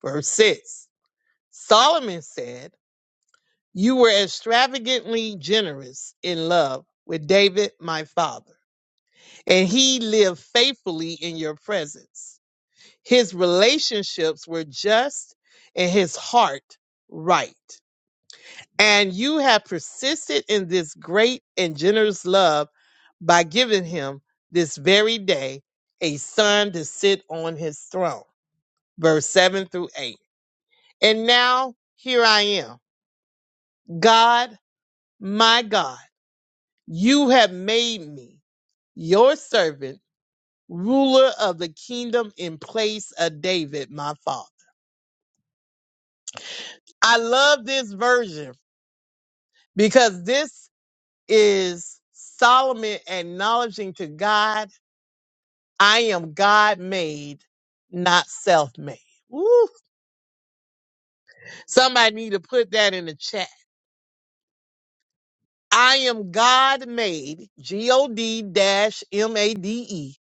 Speaker 2: Verse six. Solomon said, "You were extravagantly generous in love with David, my father." and he lived faithfully in your presence. His relationships were just and his heart right. And you have persisted in this great and generous love by giving him this very day a son to sit on his throne. Verse 7 through 8. And now here I am. God, my God, you have made me your servant ruler of the kingdom in place of David, my father. I love this version because this is Solomon acknowledging to God, I am God made, not self made. Somebody need to put that in the chat. I am God made, G O D dash M A D E.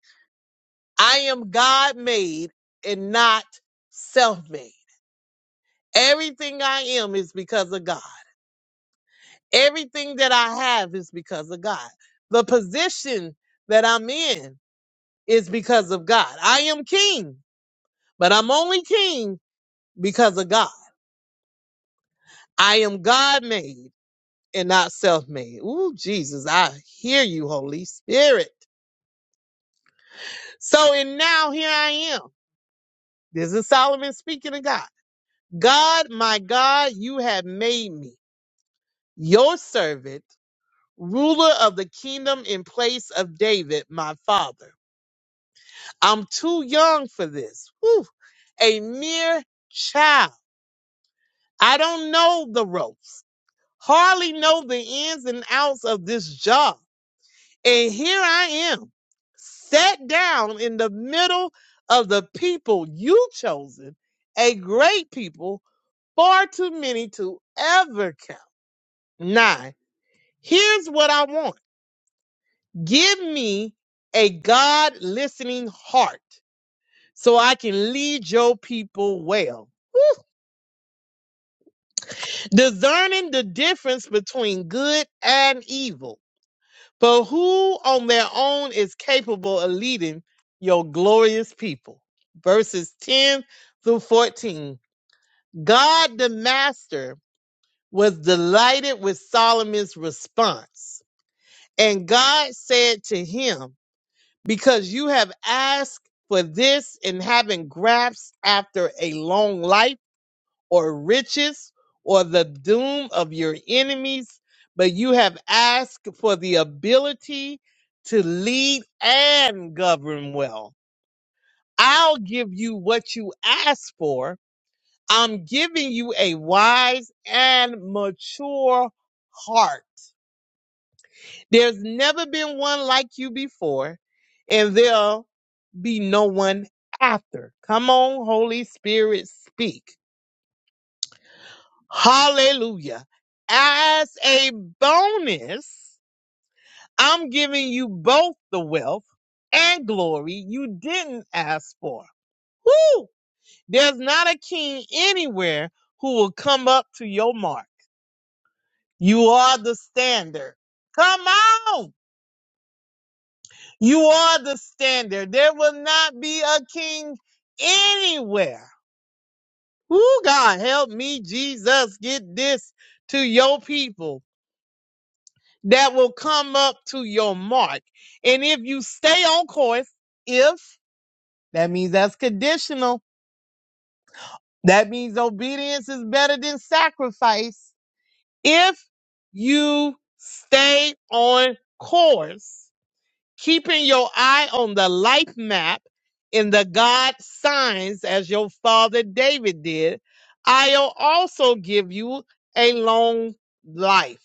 Speaker 2: I am God made and not self made. Everything I am is because of God. Everything that I have is because of God. The position that I'm in is because of God. I am king, but I'm only king because of God. I am God made and not self made. Ooh, Jesus, I hear you, Holy Spirit. So, and now here I am. This is Solomon speaking to God. God, my God, you have made me your servant, ruler of the kingdom in place of David, my father. I'm too young for this. Whew. A mere child. I don't know the ropes, hardly know the ins and outs of this job. And here I am, sat down in the middle of the people you chosen, a great people, far too many to ever count. Nine. Here's what I want. Give me a God listening heart so I can lead your people well discerning the difference between good and evil. But who on their own is capable of leading your glorious people? Verses 10 through 14. God the Master was delighted with Solomon's response. And God said to him, Because you have asked for this and haven't grasped after a long life or riches or the doom of your enemies, but you have asked for the ability to lead and govern well. I'll give you what you ask for. I'm giving you a wise and mature heart. There's never been one like you before, and there'll be no one after. Come on, Holy Spirit, speak. Hallelujah. As a bonus, I'm giving you both the wealth and glory you didn't ask for. Woo! There's not a king anywhere who will come up to your mark. You are the standard. Come on! You are the standard. There will not be a king anywhere. Woo, God, help me, Jesus, get this to your people that will come up to your mark. And if you stay on course, if that means that's conditional, that means obedience is better than sacrifice. If you stay on course, keeping your eye on the life map in the God signs as your father David did, I'll also give you a long life.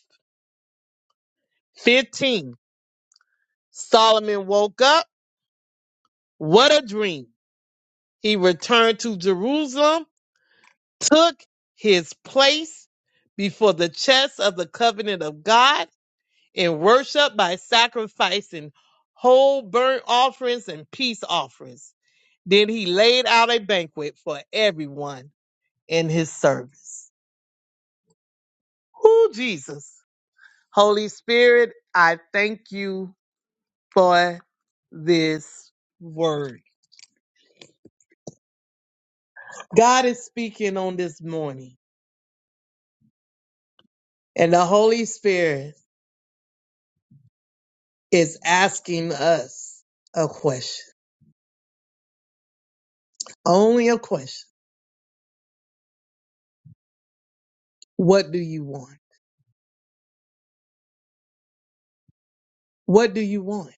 Speaker 2: 15. Solomon woke up What a dream! He returned to Jerusalem, took his place before the chest of the covenant of God and worshipped by sacrificing whole burnt offerings and peace offerings. Then he laid out a banquet for everyone in his service. Who Jesus? Holy Spirit, I thank you for this word. God is speaking on this morning, and the Holy Spirit is asking us a question, only a question. What do you want? What do you want?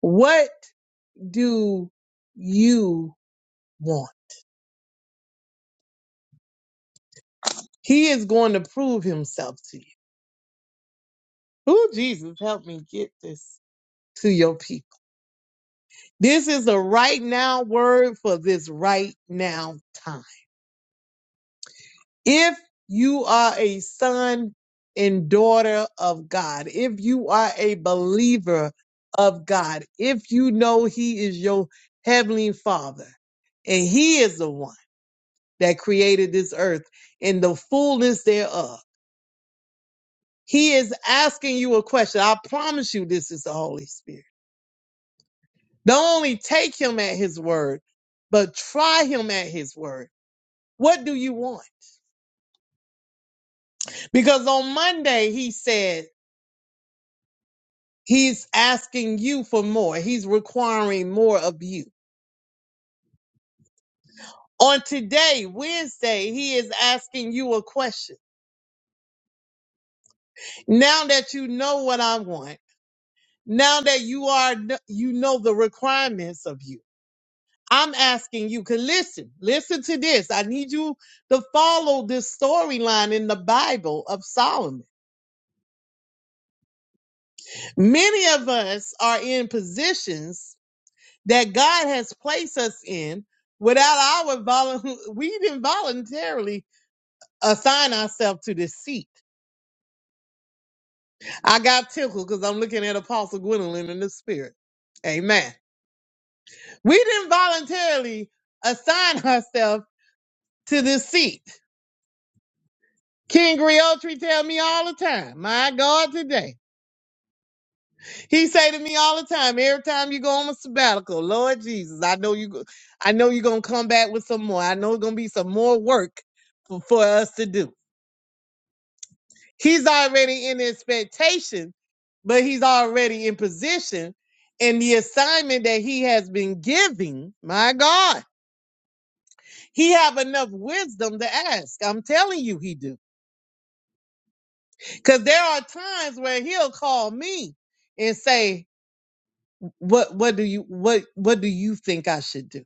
Speaker 2: What do you want? He is going to prove himself to you. Oh, Jesus, help me get this to your people. This is a right now word for this right now time. If you are a son and daughter of God, if you are a believer of God, if you know He is your heavenly Father and He is the one that created this earth and the fullness thereof, He is asking you a question. I promise you, this is the Holy Spirit. Don't only take Him at His word, but try Him at His word. What do you want? Because on Monday, He said, He's asking you for more. He's requiring more of you. On today, Wednesday, he is asking you a question. Now that you know what I want, now that you are you know the requirements of you. I'm asking you, cause listen, listen to this. I need you to follow this storyline in the Bible of Solomon. Many of us are in positions that God has placed us in without our volun. we didn't voluntarily assign ourselves to this seat. I got tickled because I'm looking at Apostle Gwendolyn in the spirit. Amen. We didn't voluntarily assign ourselves to this seat. King Griotri tell me all the time, my God, today. He say to me all the time, every time you go on a sabbatical, Lord Jesus, I know you go, I know you're gonna come back with some more. I know it's gonna be some more work for, for us to do. He's already in expectation, but he's already in position. And the assignment that he has been giving, my God, he have enough wisdom to ask. I'm telling you, he do. Because there are times where he'll call me and say, "What? What do you? What? What do you think I should do?"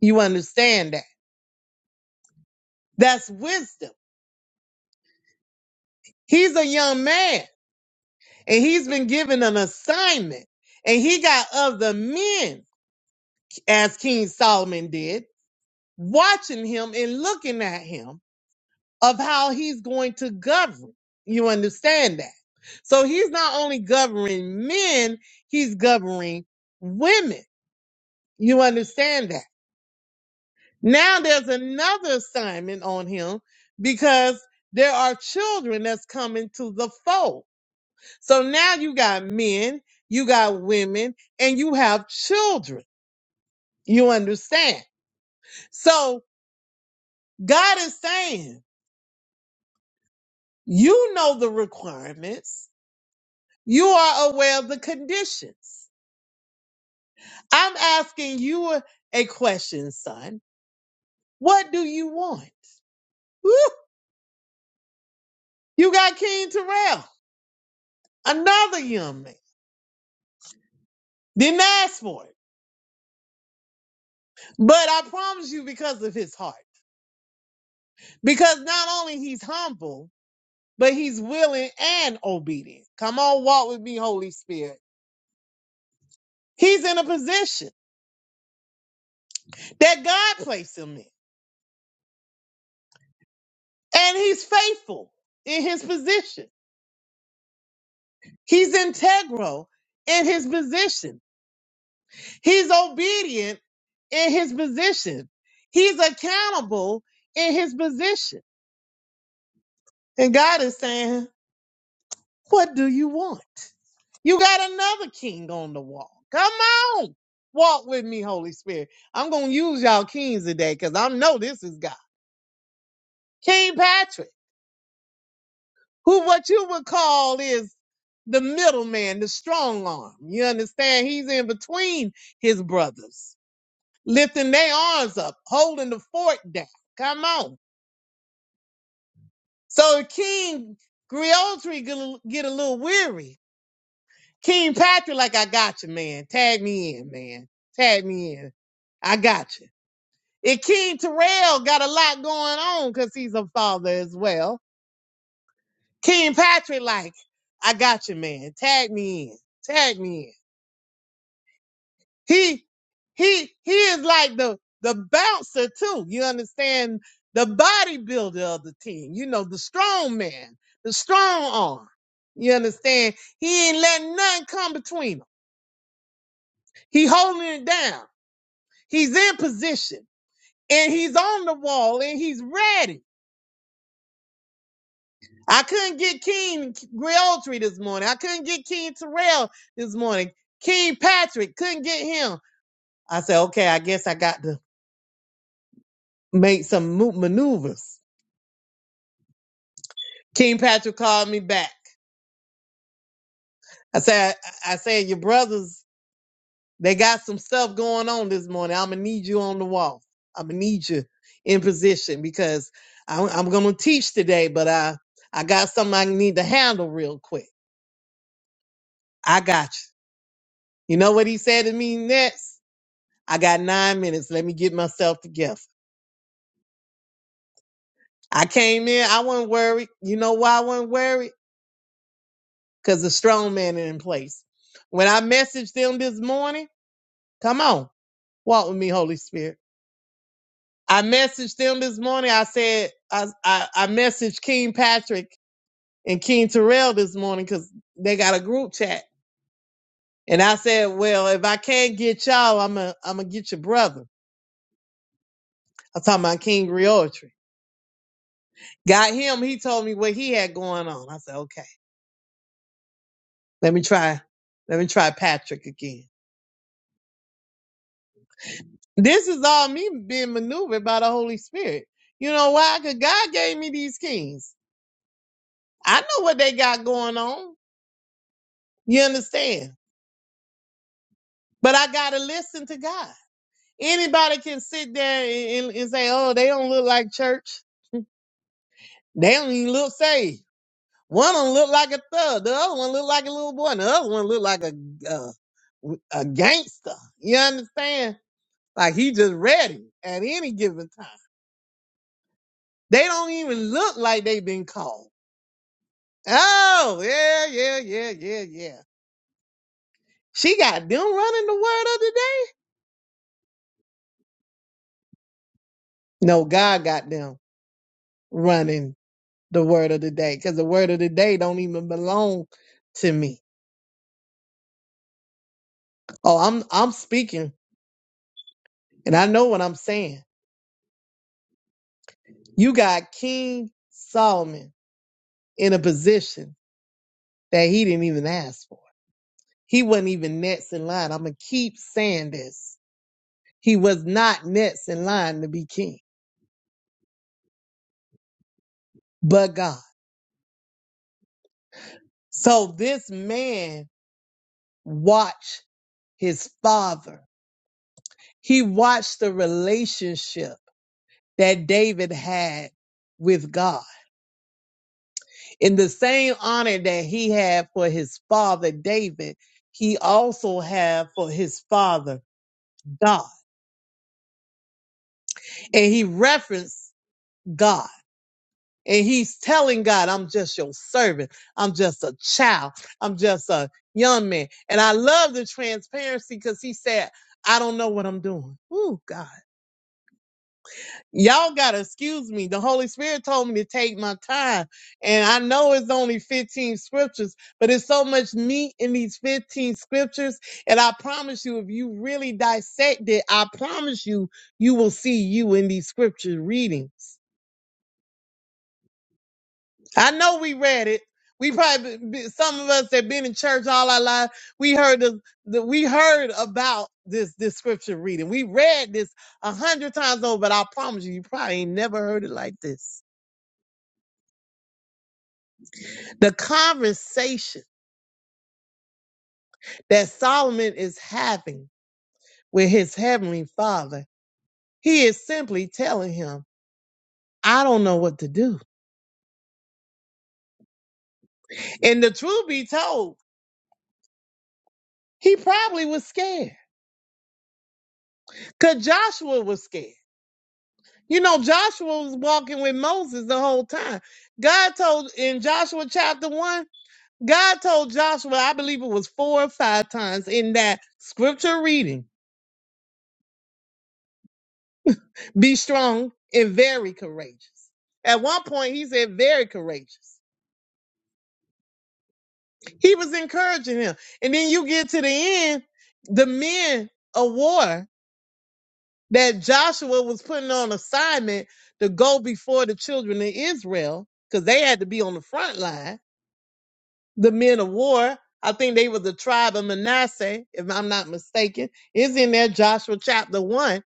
Speaker 2: You understand that? That's wisdom. He's a young man, and he's been given an assignment, and he got other men, as King Solomon did watching him and looking at him of how he's going to govern. You understand that? So he's not only governing men, he's governing women. You understand that? Now there's another assignment on him because there are children that's coming to the fold. So now you got men, you got women, and you have children. You understand? So God is saying You know the requirements. You are aware of the conditions. I'm asking you a, a question, son. What do you want? Woo! You got King Terrell, another young man. Didn't ask for it. But I promise you, because of his heart. Because not only he's humble, but he's willing and obedient. Come on, walk with me, Holy Spirit. He's in a position that God placed him in. And he's faithful in his position. He's integral in his position. He's obedient in his position. He's accountable in his position. And God is saying, What do you want? You got another king on the wall. Come on. Walk with me, Holy Spirit. I'm going to use y'all kings today because I know this is God. King Patrick, who what you would call is the middleman, the strong arm. You understand? He's in between his brothers. lifting their arms up, holding the fort down. Come on. So King Griotri get a, get a little weary. King Patrick, like, I got you, man. Tag me in, man. Tag me in. I got you. And King Terrell got a lot going on because he's a father as well. King Patrick, like, I got you, man. Tag me in. Tag me in. He he he is like the the bouncer too. You understand the bodybuilder of the team. You know the strong man, the strong arm. You understand? He ain't letting nothing come between him. He holding it down. He's in position and he's on the wall and he's ready. I couldn't get King Realtree this morning. I couldn't get King Terrell this morning. King Patrick couldn't get him. I said, okay, I guess I got to make some maneuvers King Patrick called me back. I said, I said, your brothers, they got some stuff going on this morning. I'm gonna need you on the wall. I'm gonna need you in position because I'm, I'm gonna teach today, but I, I got something I need to handle real quick. I got you. You know what he said to me next? I got nine minutes. Let me get myself together. I came in. I wasn't worried. You know why I wasn't worried? Cause the strong man is in place. When I messaged them this morning, come on, walk with me, Holy Spirit. I messaged them this morning. I said I I, I messaged King Patrick and King Terrell this morning because they got a group chat. And I said, well, if I can't get y'all, I'm going I'm gonna get your brother. I'm talking about King Griotry. Got him. He told me what he had going on. I said, okay, let me try. Let me try Patrick again. This is all me being maneuvered by the Holy Spirit. You know why? Because God gave me these kings. I know what they got going on. You understand? But I gotta listen to God. Anybody can sit there and, and, and say, "Oh, they don't look like church. They don't even look saved." One of them look like a thug. The other one look like a little boy. And the other one look like a uh, a gangster. You understand? Like he just ready at any given time. They don't even look like they been called. Oh yeah, yeah, yeah, yeah, yeah. She got them running the word of the day. No, God got them running the word of the day because the word of the day don't even belong to me. Oh, I'm I'm speaking and I know what I'm saying. You got King Solomon in a position that he didn't even ask for. He wasn't even next in line. I'm gonna keep saying this. He was not next in line to be king, but God. So this man watched his father. He watched the relationship that David had with God In the same honor that he had for his father David, he also had for his father God. And he referenced God. And he's telling God, I'm just your servant. I'm just a child. I'm just a young man. And I love the transparency because he said, I don't know what I'm doing. Ooh, God. Y'all gotta excuse me. The Holy Spirit told me to take my time. And I know it's only 15 scriptures, but it's so much meat in these 15 scriptures. And I promise you, if you really dissect it, I promise you, you will see you in these scripture readings. I know we read it. We probably be- some of us that been in church all our life, we heard the, the we heard about this this scripture reading. We read this a hundred times over, but I promise you, you probably ain't never heard it like this. The conversation that Solomon is having with his heavenly father, he is simply telling him, I don't know what to do. And the truth be told, he probably was scared because Joshua was scared. You know, Joshua was walking with Moses the whole time. God told in Joshua chapter one, God told Joshua, I believe it was four or five times in that scripture reading, be strong and very courageous. At one point, he said, very courageous. He was encouraging him. And then you get to the end, the men of war that Joshua was putting on assignment to go before the children of Israel, because they had to be on the front line. The men of war, I think they were the tribe of Manasseh, if I'm not mistaken, is in there, Joshua chapter one.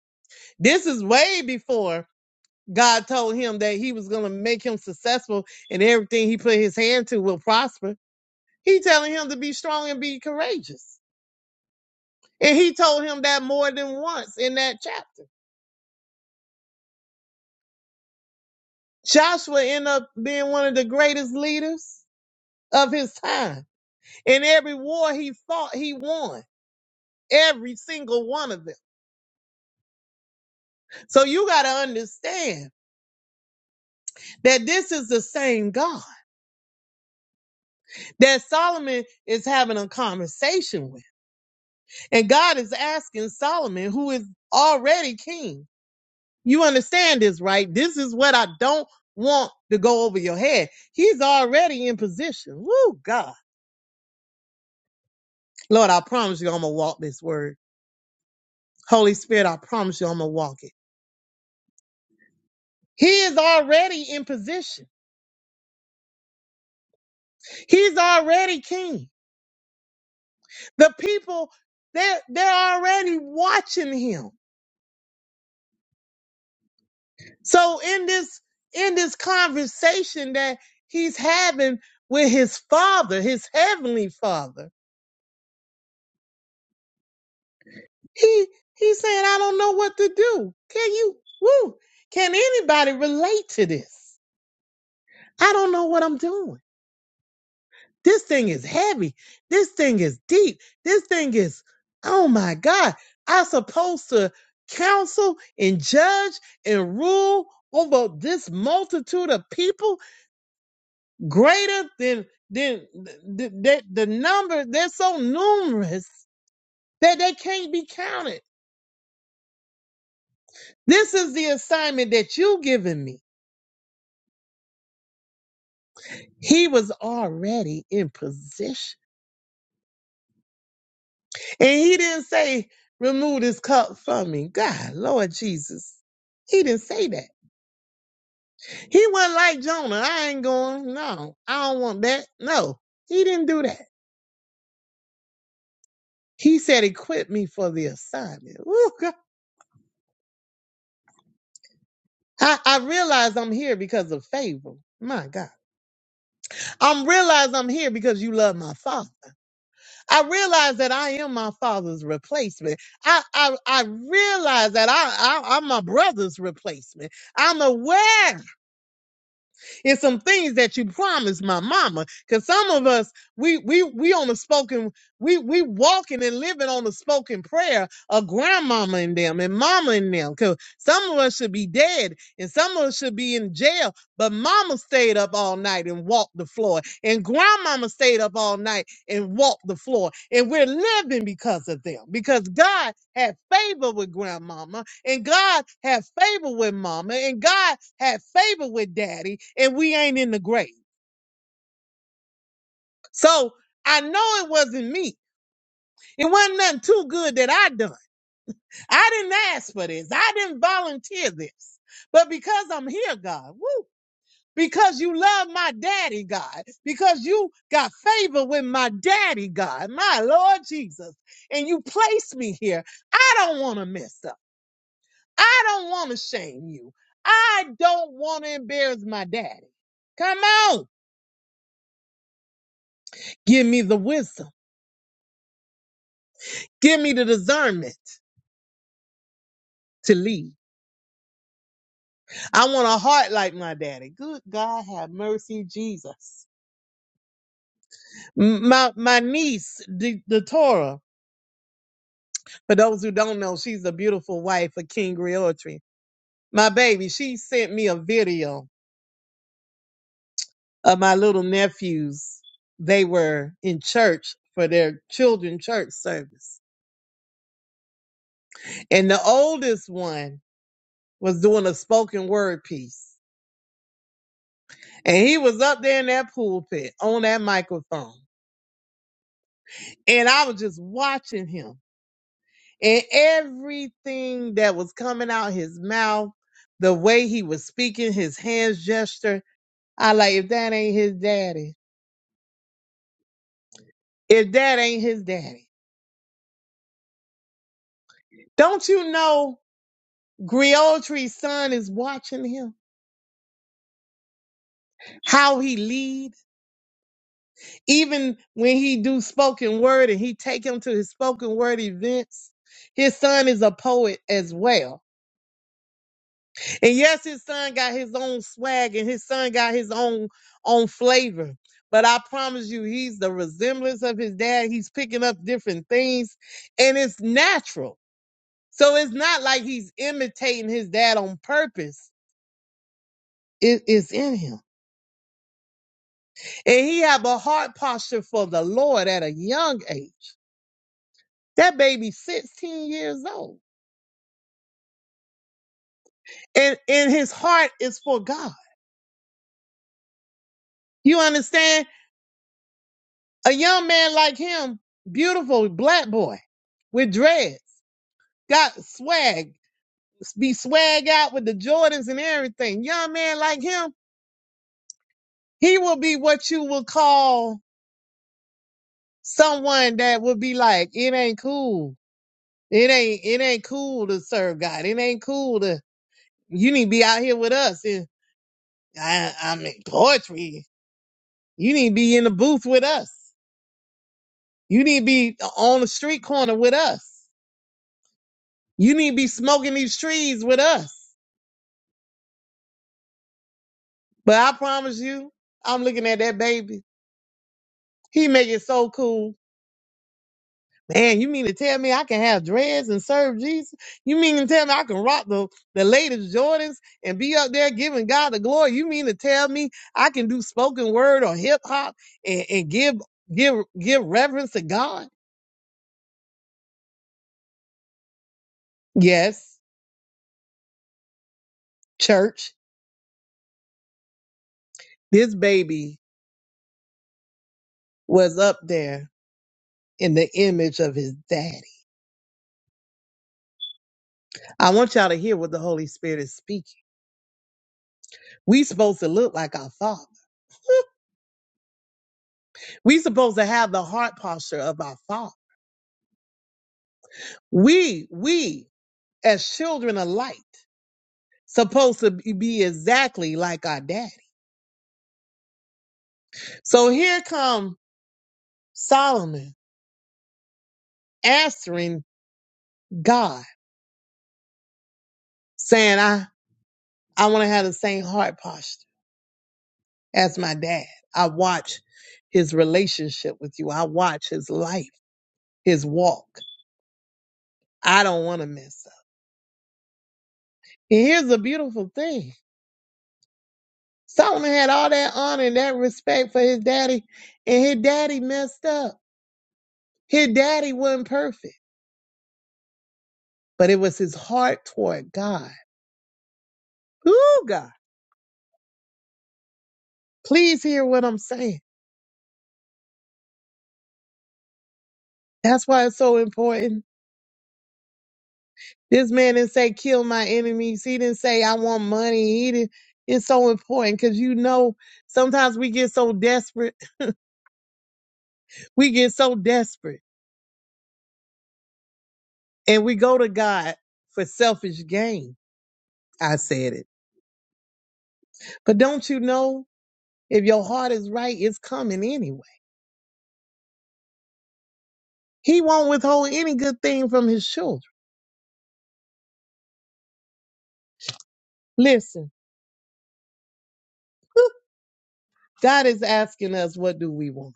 Speaker 2: This is way before God told him that he was going to make him successful and everything he put his hand to will prosper. He telling him to be strong and be courageous. And he told him that more than once in that chapter. Joshua ended up being one of the greatest leaders of his time. In every war he fought, he won. Every single one of them. So you got to understand that this is the same God that Solomon is having a conversation with. And God is asking Solomon, who is already king, you understand this, right? This is what I don't want to go over your head. He's already in position. Woo, God. Lord, I promise you I'm going to walk this word. Holy Spirit, I promise you I'm going to walk it. He is already in position. He's already king. The people, they're, they're already watching him. So in this, in this conversation that he's having with his father, his heavenly father, he, he's saying, I don't know what to do. Can you, woo, can anybody relate to this? I don't know what I'm doing. This thing is heavy. This thing is deep. This thing is, oh my God. I'm supposed to counsel and judge and rule over this multitude of people greater than, than the, the, the number. They're so numerous that they can't be counted. This is the assignment that you've given me. He was already in position And he didn't say, remove this cup from me. God, Lord Jesus. He didn't say that. He wasn't like Jonah. I ain't going, no, I don't want that. No, he didn't do that. He said, equip me for the assignment. Ooh, God. I, I realize I'm here because of favor. My God. I realize I'm here because you love my father. I realize that I am my father's replacement. I, I, I realize that I, I, I'm my brother's replacement. I'm aware It's some things that you promised my mama. Cause some of us, we we we on the spoken, we we walking and living on the spoken prayer of grandmama and them and mama and them. Cause some of us should be dead and some of us should be in jail. But mama stayed up all night and walked the floor. And grandmama stayed up all night and walked the floor. And we're living because of them. Because God had favor with grandmama and God had favor with mama and God had favor with daddy and we ain't in the grave. So I know it wasn't me. It wasn't nothing too good that I done. I didn't ask for this. I didn't volunteer this. But because I'm here, God, woo, because you love my daddy, God, because you got favor with my daddy, God, my Lord Jesus, and you placed me here, I don't want to mess up. I don't want to shame you. I don't want to embarrass my daddy. Come on, give me the wisdom Give me the discernment to lead. I want a heart like my daddy. Good God, have mercy, Jesus. M- My my niece, the, the Torah. For those who don't know, she's the beautiful wife of King Realtree. My baby, she sent me a video of my little nephews. They were in church for their children church service, and the oldest one was doing a spoken word piece, and he was up there in that pulpit on that microphone and I was just watching him and everything that was coming out his mouth, the way he was speaking, his hands gesture. I like, if that ain't his daddy, if that ain't his daddy, don't you know Griotry's son is watching him, how he lead, even when he do spoken word and he take him to his spoken word events. His son is a poet as well And yes, his son got his own swag and his son got his own own flavor. But I promise you, he's the resemblance of his dad. He's picking up different things and it's natural. So it's not like he's imitating his dad on purpose. It is in him. And he have a heart posture for the Lord at a young age. That baby 16 years old. And and his heart is for God. You understand? A young man like him, beautiful black boy with dreads, got swag, be swag out with the Jordans and everything. Young man like him, he will be what you would call someone that would be like, it ain't cool. It ain't it ain't cool to serve God. It ain't cool to you need to be out here with us. And I I mean poetry. You need to be in the booth with us. You need to be uh, on the street corner with us. You need to be smoking these trees with us. But I promise you, I'm looking at that baby. He make it so cool. Man, you mean to tell me I can have dreads and serve Jesus? You mean to tell me I can rock the, the latest Jordans and be up there giving God the glory? You mean to tell me I can do spoken word or hip hop and, and give give give reverence to God? Yes, church. This baby was up there in the image of his daddy. I want y'all to hear what the Holy Spirit is speaking. We supposed to look like our father. We supposed to have the heart posture of our Father. We, we as children of light, supposed to be exactly like our daddy. So here come Solomon answering God, saying, I, I want to have the same heart posture as my dad. I watch his relationship with you. I watch his life, his walk. I don't want to mess up. And here's the beautiful thing. Solomon had all that honor and that respect for his daddy, and his daddy messed up. His daddy wasn't perfect, but it was his heart toward God. Ooh, God. Please hear what I'm saying. That's why it's so important. This man didn't say, kill my enemies. He didn't say, I want money. He didn't. It's so important because you know, sometimes we get so desperate. We get so desperate and we go to God for selfish gain. I said it. But don't you know? If your heart is right, it's coming anyway. He won't withhold any good thing from his children. Listen, God is asking us, what do we want?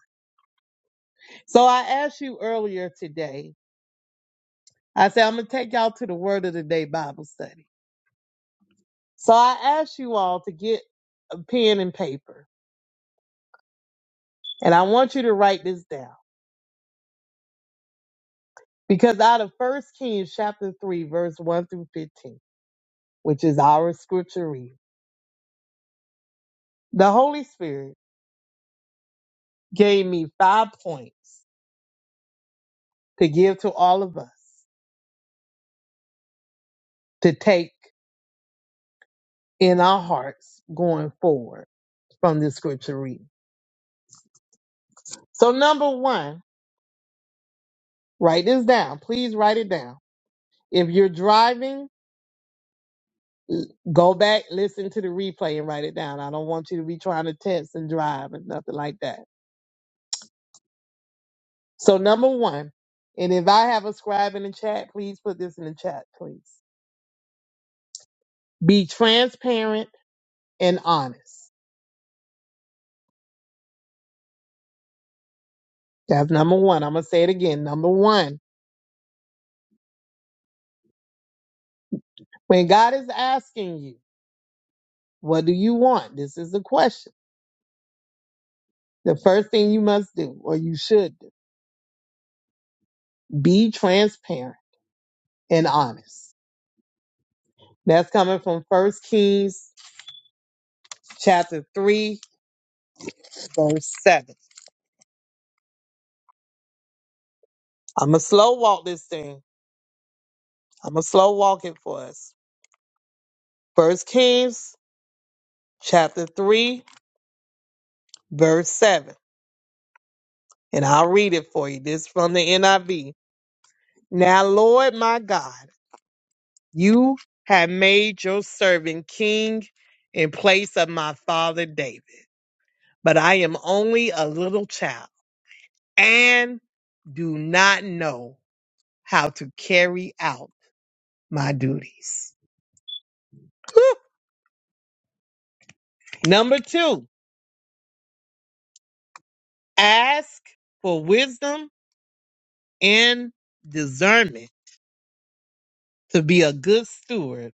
Speaker 2: So I asked you earlier today, I said, I'm going to take y'all to the Word of the Day Bible study. So I asked you all to get a pen and paper, and I want you to write this down because out of 1 Kings chapter 3, verse 1 through 15, which is our scripture reading, the Holy Spirit gave me five points to give to all of us to take in our hearts going forward from this scripture reading. So, number one, write this down. Please write it down. If you're driving, l- go back, listen to the replay, and write it down. I don't want you to be trying to text and drive and nothing like that. So, number one, and if I have a scribe in the chat, please put this in the chat, please. Be transparent and honest. That's number one. I'm going to say it again. Number one, when God is asking you, what do you want? This is the question. The first thing you must do, or you should do, be transparent and honest. That's coming from First Kings chapter three, verse seven. I'ma slow walk this thing. I'ma slow walk it for us. First Kings chapter three, verse seven. And I'll read it for you. This is from the NIV. Now, Lord my God, you have made your servant king in place of my father David. But I am only a little child and do not know how to carry out my duties. Number two, ask for wisdom and discernment to be a good steward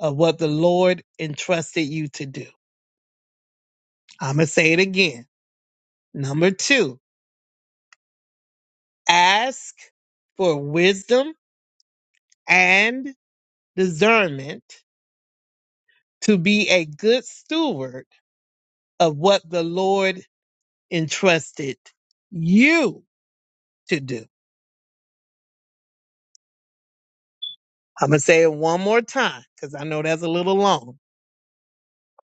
Speaker 2: of what the Lord entrusted you to do. I'm going to say it again. Number two, ask for wisdom and discernment to be a good steward of what the Lord entrusted you to do. I'm going to say it one more time because I know that's a little long.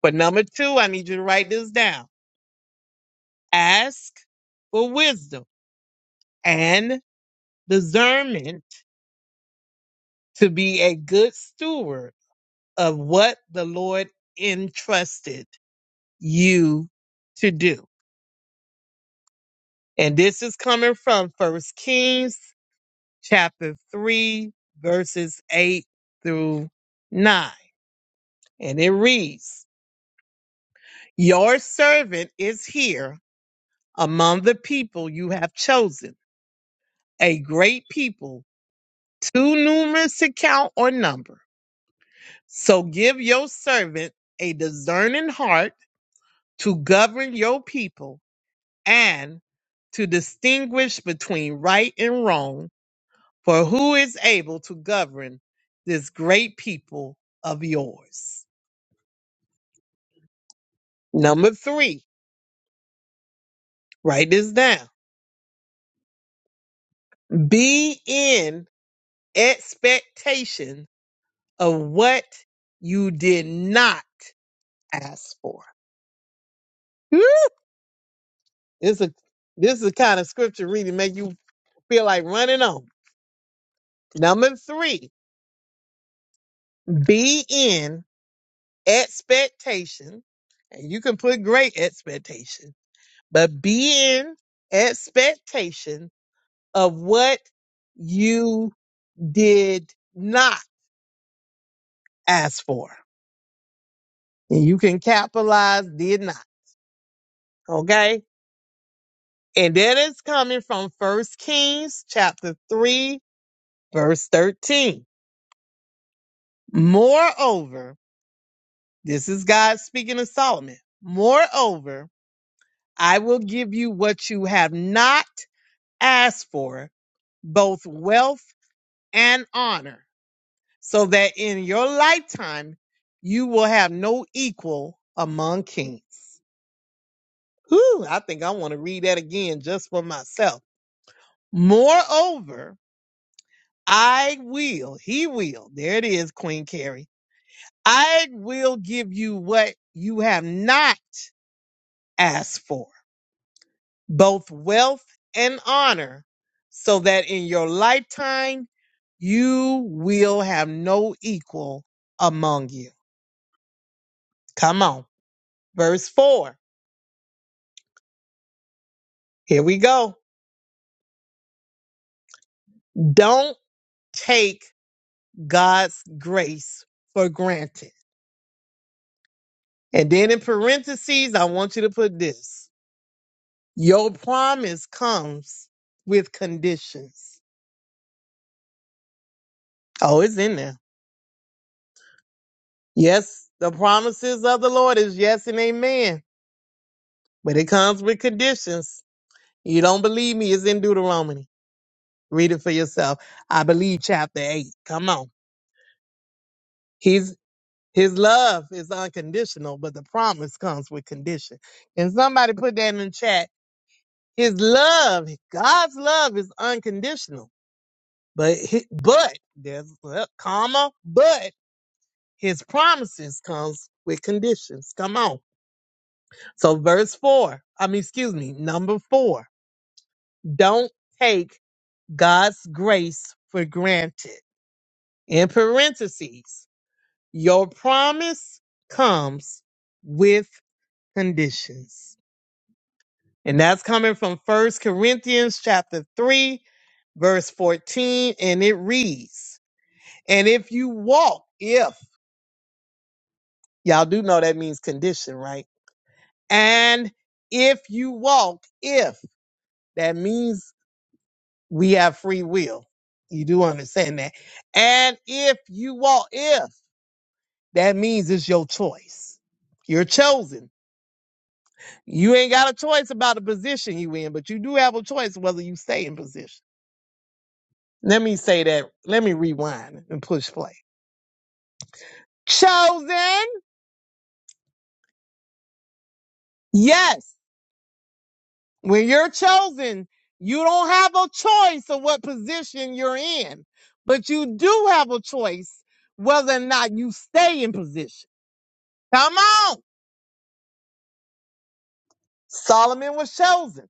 Speaker 2: But number two, I need you to write this down. Ask for wisdom and discernment to be a good steward of what the Lord entrusted you to do. And this is coming from First Kings chapter 3, verses 8 through 9. And it reads, Your servant is here among the people you have chosen, a great people, too numerous to count or number. So give your servant a discerning heart to govern your people and to distinguish between right and wrong, for who is able to govern this great people of yours? Number three, write this down. Be in expectation of what you did not asked for. Hmm? This is this is the kind of scripture reading make you feel like running on. Number three, be in expectation, and you can put great expectation, but be in expectation of what you did not ask for. And you can capitalize did not. Okay. And that is coming from First Kings chapter 3, verse 13. Moreover, This is God speaking to Solomon. Moreover, I will give you what you have not asked for, both wealth and honor, so that in your lifetime you will have no equal among kings. Whew, I think I want to read that again just for myself. Moreover, I will, he will, there it is, Queen Carrie. I will give you what you have not asked for both wealth and honor, so that in your lifetime you will have no equal among you. Come on. Verse 4. Here we go. Don't take God's grace for granted. And then in parentheses, I want you to put this Your promise comes with conditions. Oh, it's in there. Yes, the promises of the Lord is yes and amen, but it comes with conditions. You don't believe me? It's in Deuteronomy. Read it for yourself. I believe chapter eight. Come on. He's his love is unconditional, but the promise comes with condition. And somebody put that in the chat. His love, God's love is unconditional, but hi- but there's well, comma, but his promises comes with conditions. Come on. So verse four, I mean, excuse me, number four. Don't take God's grace for granted. in parentheses, your promise comes with conditions. And that's coming from First Corinthians chapter 3, verse 14, and it reads, And if you walk, if, y'all do know that means condition, right? And if you walk, if, that means we have free will. You do understand that. And if you walk, if, that means it's your choice. You're chosen You ain't got a choice about the position you in, but you do have a choice whether you stay in position. Let me say that. Let me rewind and push play. Chosen. Yes. When you're chosen, you don't have a choice of what position you're in, but you do have a choice whether or not you stay in position. Come on. Solomon was chosen.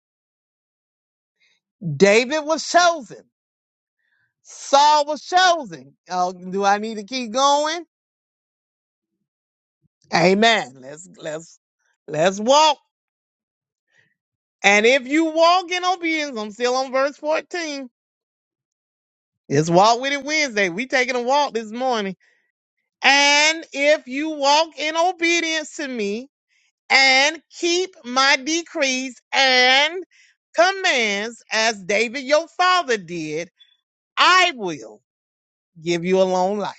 Speaker 2: David was chosen. Saul was chosen. Oh, do I need to keep going? Amen. Let's let's let's walk. And if you walk in obedience, I'm still on verse 14. It's walk with it Wednesday. We taking a walk this morning. And if you walk in obedience to me and keep my decrees and commands as David your father did, I will give you a long life.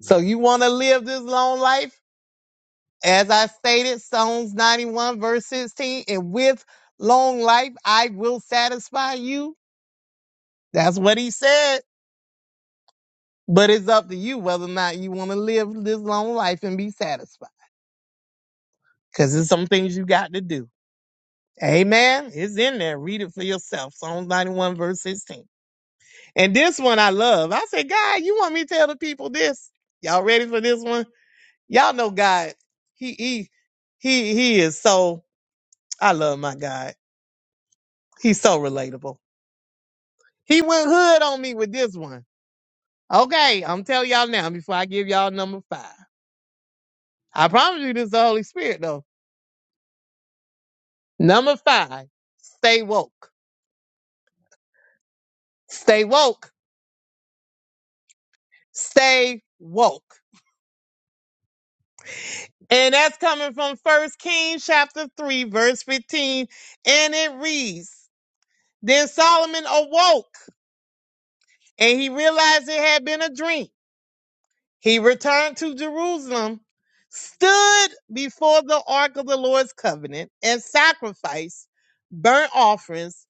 Speaker 2: So you want to live this long life? As I stated, Psalms 91, verse 16, and with long life I will satisfy you. That's what he said. But it's up to you whether or not you want to live this long life and be satisfied. Because there's some things you got to do. Amen. It's in there. Read it for yourself. Psalms 91, verse 16. And this one I love. I said, God, you want me to tell the people this? Y'all ready for this one? Y'all know God. He he he he is so I love my God. He's so relatable. He went hood on me with this one. Okay, I'm telling y'all now before I give y'all number five. I promise you this is the Holy Spirit though. Number five, stay woke. Stay woke. Stay woke. And that's coming from First Kings chapter 3, verse 15. And it reads, Then Solomon awoke and he realized it had been a dream. He returned to Jerusalem, stood before the ark of the Lord's covenant, and sacrificed burnt offerings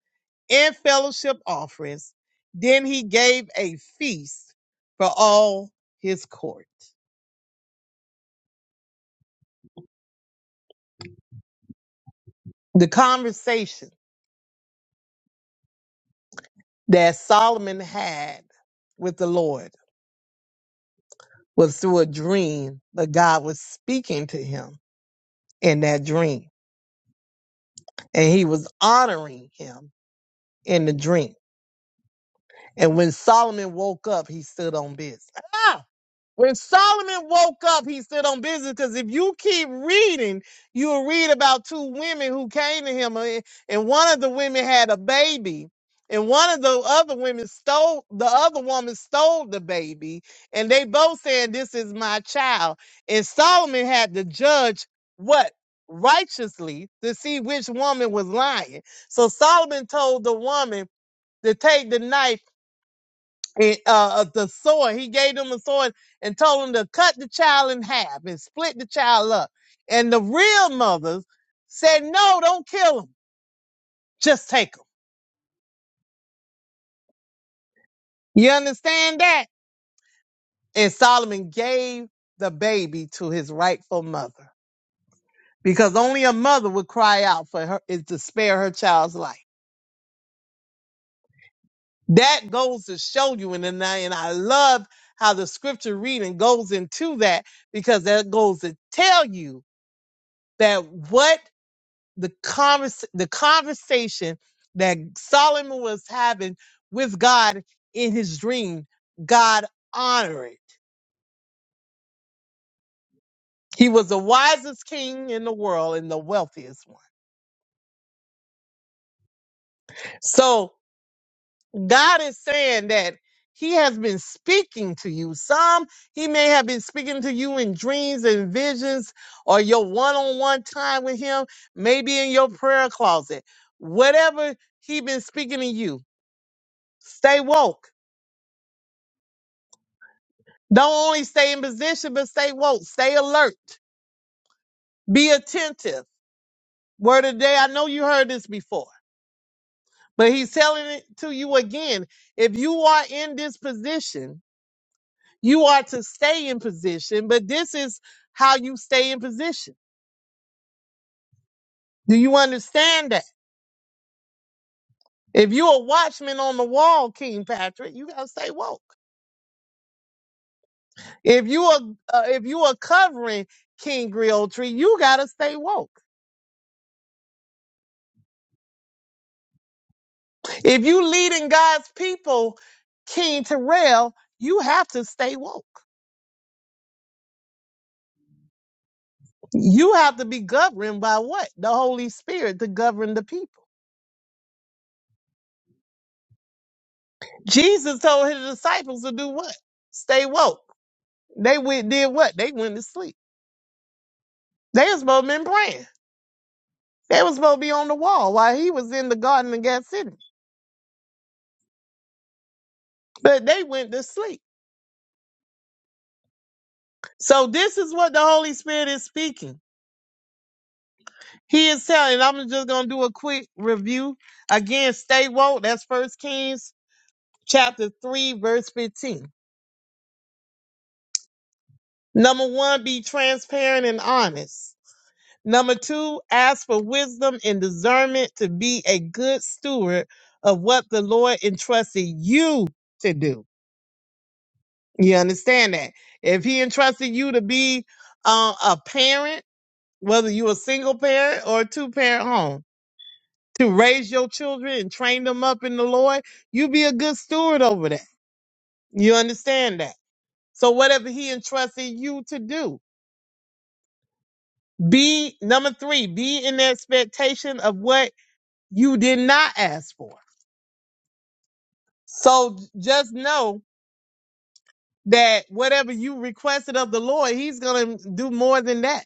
Speaker 2: and fellowship offerings. Then he gave a feast for all his court. The conversation that Solomon had with the Lord was through a dream, but God was speaking to him in that dream, and he was honoring him in the dream. And when Solomon woke up, he stood on business. Ah! When Solomon woke up, he stood on business. Because if you keep reading, you'll read about two women who came to him, and and one of the women had a baby, and one of the other women stole the other woman stole the baby, and they both saying, "This is my child." And Solomon had to judge what righteously to see which woman was lying. So Solomon told the woman to take the knife and, uh, the sword. He gave them a sword and told them to cut the child in half and split the child up. And the real mothers said, no, don't kill him. Just take him. You understand that? And Solomon gave the baby to his rightful mother because only a mother would cry out for her is to spare her child's life. That goes to show you, and then I- and I love how the scripture reading goes into that because that goes to tell you that what the convers the conversation that Solomon was having with God in his dream, God honored. it. He was the wisest king in the world and the wealthiest one. So God is saying that he has been speaking to you. Some he may have been speaking to you in dreams and visions or your one-on-one time with him, maybe in your prayer closet. Whatever he been speaking to you, stay woke Don't only stay in position, but stay woke, stay alert, be attentive. Word of the day, I know you heard this before, but he's telling it to you again. If you are in this position, you are to stay in position, but this is how you stay in position. Do you understand that? If you're a watchman on the wall, King Patrick, you gotta stay woke. If you are uh, if you are covering King Griotry, you gotta stay woke. If you leading God's people, King Terrell, you have to stay woke. You have to be governed by what? The Holy Spirit to govern the people. Jesus told his disciples to do what? Stay woke. They went did what? They went to sleep. They was supposed to been praying. They was supposed to be on the wall while he was in the Garden of Gethsemane. But they went to sleep. So this is what the Holy Spirit is speaking. He is telling, I'm just gonna do a quick review. Again, stay woke. That's first Kings chapter 3, verse 15. Number one, be transparent and honest. Number two, ask for wisdom and discernment to be a good steward of what the Lord entrusted you to do. You understand that? If He entrusted you to be uh, a parent, whether you're a single parent or a two parent home, to raise your children and train them up in the Lord, you be a good steward over that. You understand that? So, whatever He entrusted you to do, Be number three, be in expectation of what you did not ask for. So just know that whatever you requested of the Lord, He's going to do more than that.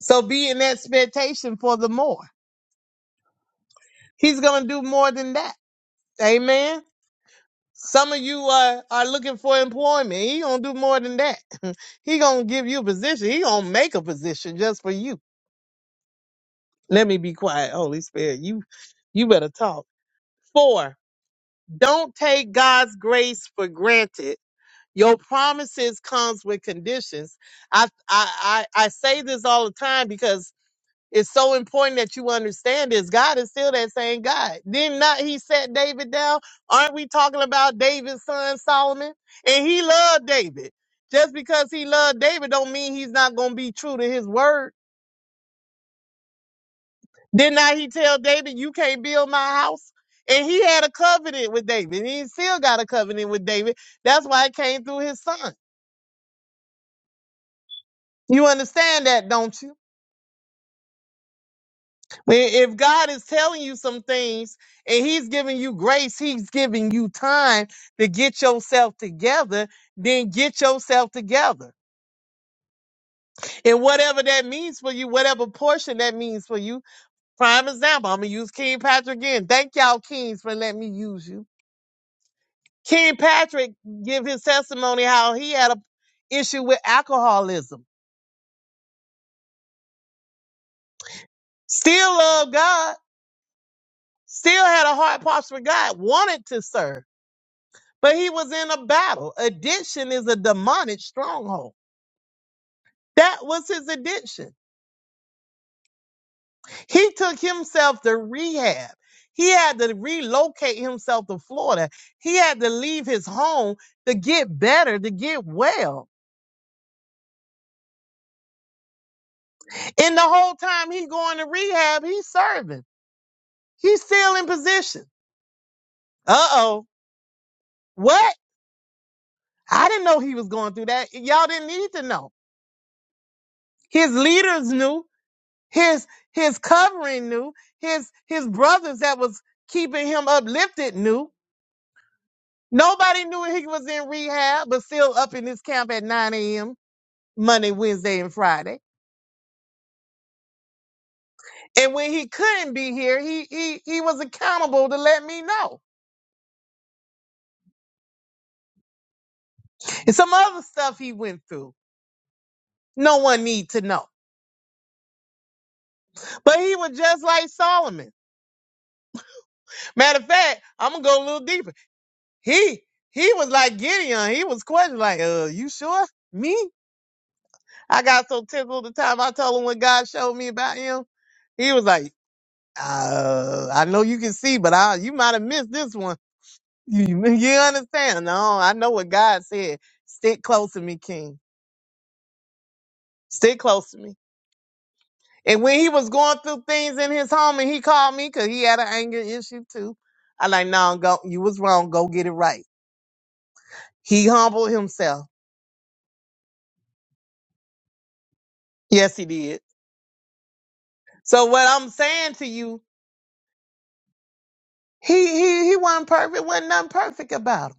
Speaker 2: So be in expectation for the more. He's going to do more than that. Amen. Some of you are, are looking for employment. He gonna do more than that. he gonna give you a position. He gonna make a position just for you. Let me be quiet, Holy Spirit. You you better talk. Four, Don't take God's grace for granted. Your promises comes with conditions. I, I I I say this all the time because it's so important that you understand this. God is still that same God. Did not He set David down? Aren't we talking about David's son Solomon? And he loved David. Just because he loved David don't mean he's not going to be true to his word. Did not he tell David, you can't build my house? And he had a covenant with David. He still got a covenant with David. That's why it came through his son. You understand that, don't you? When- If God is telling you some things and he's giving you grace, he's giving you time to get yourself together, then get yourself together. And whatever that means for you, whatever portion that means for you, prime example, I'm going to use King Patrick again. Thank y'all, Kings, for letting me use you. King Patrick give his testimony how he had a issue with alcoholism. Still loved God, still had a heart posture for God, wanted to serve, but he was in a battle. Addiction is a demonic stronghold. That was his addiction. He took himself to rehab. He had to relocate himself to Florida. He had to leave his home to get better, to get well. And the whole time he going to rehab, he's serving. He's still in position. Uh oh. What? I didn't know he was going through that. Y'all didn't need to know. His leaders knew. His his covering knew. His his brothers that was keeping him uplifted knew. Nobody knew he was in rehab, but still up in this camp at 9 a.m. Monday, Wednesday, and Friday. And when he couldn't be here, he he he was accountable to let me know. And some other stuff he went through. No one need to know. But he was just like Solomon. Matter of fact, I'm gonna go a little deeper. He he was like Gideon. He was questioning, like, uh, you sure? Me? I got so tickled the time I told him what God showed me about him. He was like, uh, I know you can see, but I you might have missed this one. You, you you understand? No, I know what God said. Stick close to me, King. Stick close to me. And when he was going through things in his home and he called me because he had an anger issue too. I like, no, go you was wrong, go get it right. He humbled himself. Yes, he did. So what I'm saying to you, he he he wasn't perfect, wasn't nothing perfect about him.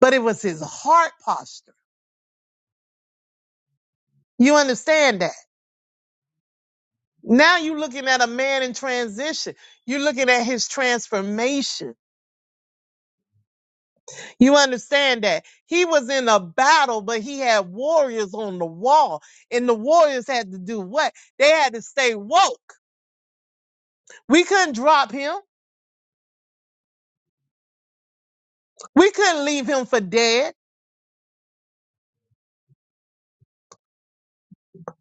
Speaker 2: But it was his heart posture. You understand that? Now you're looking at a man in transition. You're looking at his transformation. You understand that? He was in a battle, but he had warriors on the wall. And the warriors had to do what? They had to stay woke. We couldn't drop him. We couldn't leave him for dead.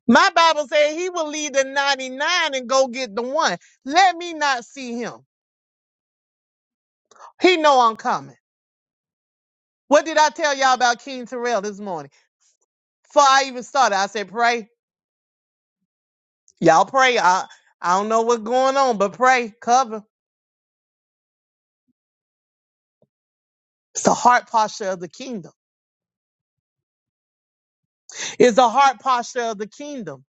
Speaker 2: My Bible says he will leave the 99 and go get the one. Let me not see him. He know I'm coming. What did I tell y'all about King Terrell this morning? Before I even started, I said, pray. Y'all pray. I, I don't know what's going on, but pray, cover. It's the heart posture of the kingdom. It's the heart posture of the kingdom.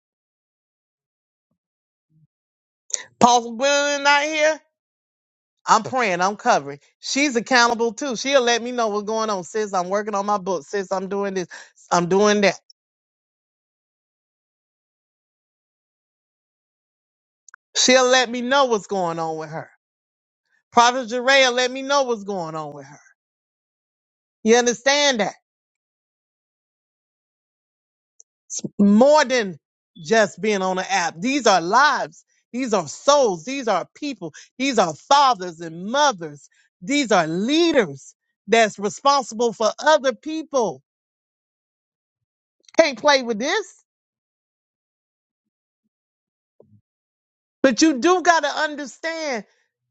Speaker 2: Paul Gwendolyn not here. I'm praying. I'm covering. She's accountable too. She'll let me know what's going on. Sis, I'm working on my book. Sis, I'm doing this. I'm doing that. She'll let me know what's going on with her. Prophet Jeray let me know what's going on with her. You understand that? It's more than just being on the app. These are lives. These are souls. These are people. These are fathers and mothers. These are leaders that's responsible for other people. Can't play with this. But you do got to understand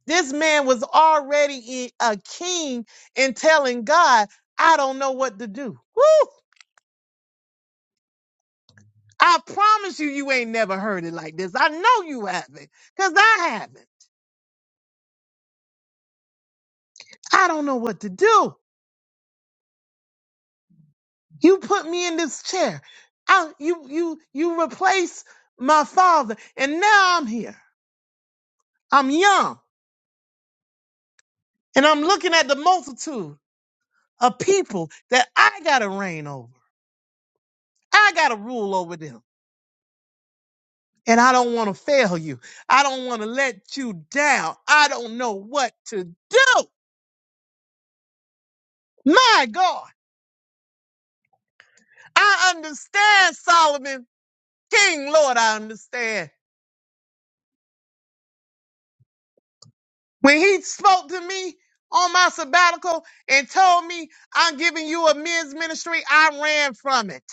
Speaker 2: this man was already i- a king and telling God, I don't know what to do. Woo! I promise you, you ain't never heard it like this. I know you haven't, cause I haven't. I don't know what to do. You put me in this chair. I, you, you, you replace my father, and now I'm here. I'm young, and I'm looking at the multitude of people that I gotta reign over. I gotta rule over them, and I don't want to fail you. I don't want to let you down. I don't know what to do. My God, I understand, Solomon King, Lord, I understand. When he spoke to me on my sabbatical and told me I'm giving you a men's ministry, I ran from it.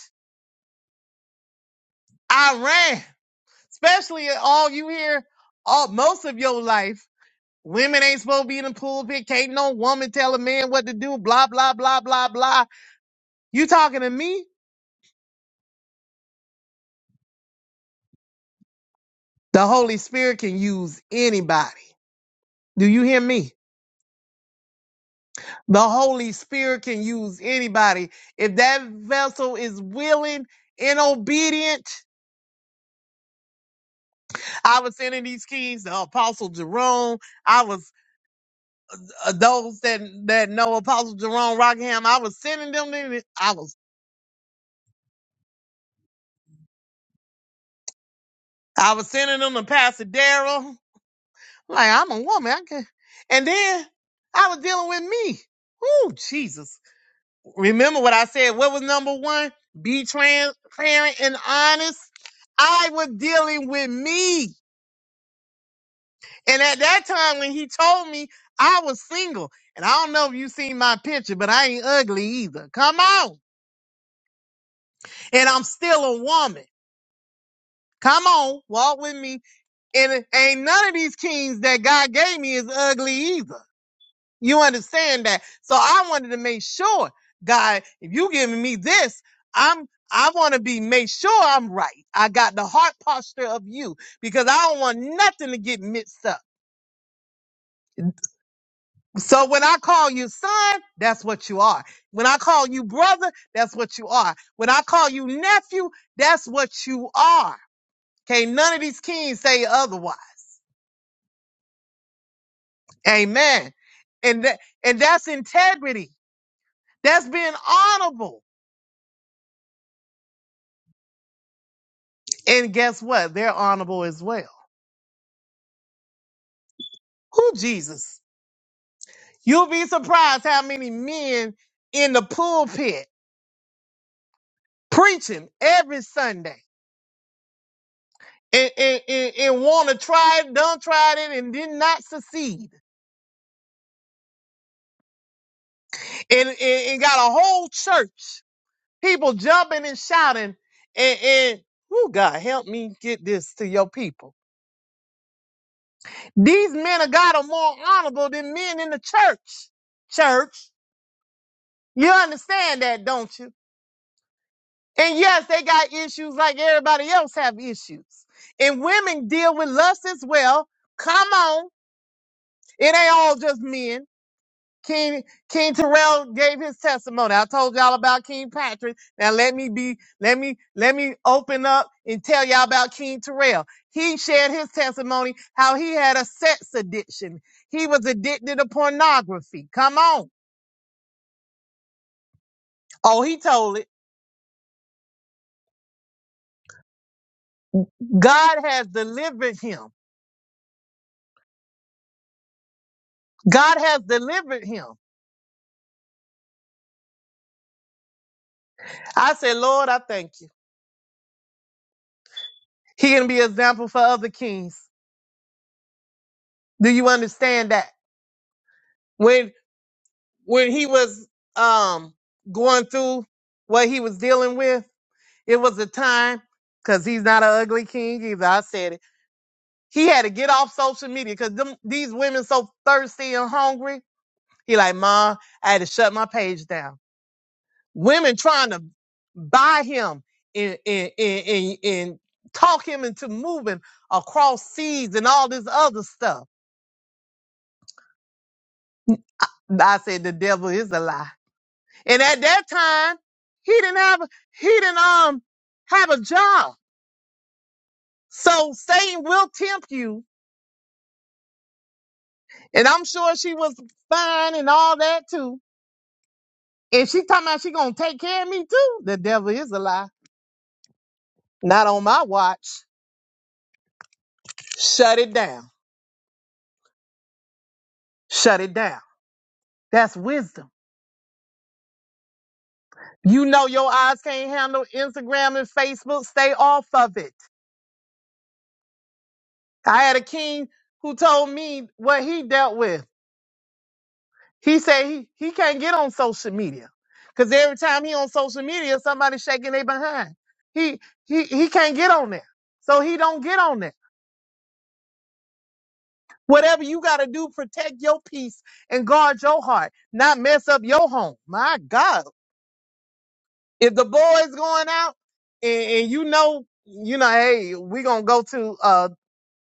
Speaker 2: I ran. Especially all you hear all most of your life. Women ain't supposed to be in the pulpit. Can't no woman tell a man what to do. Blah, blah, blah, blah, blah. You talking to me? The Holy Spirit can use anybody. Do you hear me? The Holy Spirit can use anybody. If that vessel is willing and obedient, I was sending these keys to Apostle Jerome. I was uh, those that that know Apostle Jerome Rockham. I was sending them. To, I was I was sending them to Pastor Daryl. Like I'm a woman, I can. And then I was dealing with me. Ooh, Jesus! Remember what I said? What was number one? Be transparent and honest. I was dealing with me. And at that time when he told me I was single, and I don't know if you seen my picture, but I ain't ugly either. Come on. And I'm still a woman. Come on, walk with me. And it ain't none of these kings that God gave me is ugly either. You understand that? So I wanted to make sure, God, if you giving me this, I'm I want to be made sure I'm right. I got the heart posture of you because I don't want nothing to get mixed up. So when I call you son, that's what you are. When I call you brother, that's what you are. When I call you nephew, that's what you are. Okay, none of these kings say otherwise. Amen. And that and that's integrity. That's being honorable. And guess what? They're honorable as well. Who Jesus? You'll be surprised how many men in the pulpit preaching every Sunday and, and, and, and want to try it, done tried it, and did not succeed. and, and, and got a whole church, people jumping and shouting, and, and oh God, help me get this to your people. These men of God are more honorable than men in the church. Church, you understand that, don't you? And yes, they got issues like everybody else have issues. And women deal with lust as well. Come on, it ain't all just men. King King Terrell gave his testimony. I told y'all about King Patrick. Now let me be let me let me open up and tell y'all about King Terrell. He shared his testimony how he had a sex addiction. He was addicted to pornography. Come on. Oh, he told it. God has delivered him. God has delivered him. I said, Lord, I thank you. He can be an example for other kings. Do you understand that? when he was um going through what he was dealing with, it was a time because he's not an ugly king either. I said it. He had to get off social media because them these women so thirsty and hungry. He like, Ma, I had to shut my page down. Women trying to buy him and and and, and, and talk him into moving across seas and all this other stuff. I said the devil is a lie. And at that time, he didn't have he didn't um have a job. So Satan will tempt you. And I'm sure she was fine and all that too. And she talking about she gonna take care of me too. The devil is a lie. Not on my watch. Shut it down. Shut it down. That's wisdom. You know your eyes can't handle Instagram and Facebook. Stay off of it. I had a king who told me what he dealt with. He said he, he can't get on social media because every time he on social media, somebody shaking their behind. He he he can't get on there, so he don't get on there. Whatever you got to do, protect your peace and guard your heart, not mess up your home. My God, if the boys going out and, and you know you know, hey, we gonna go to uh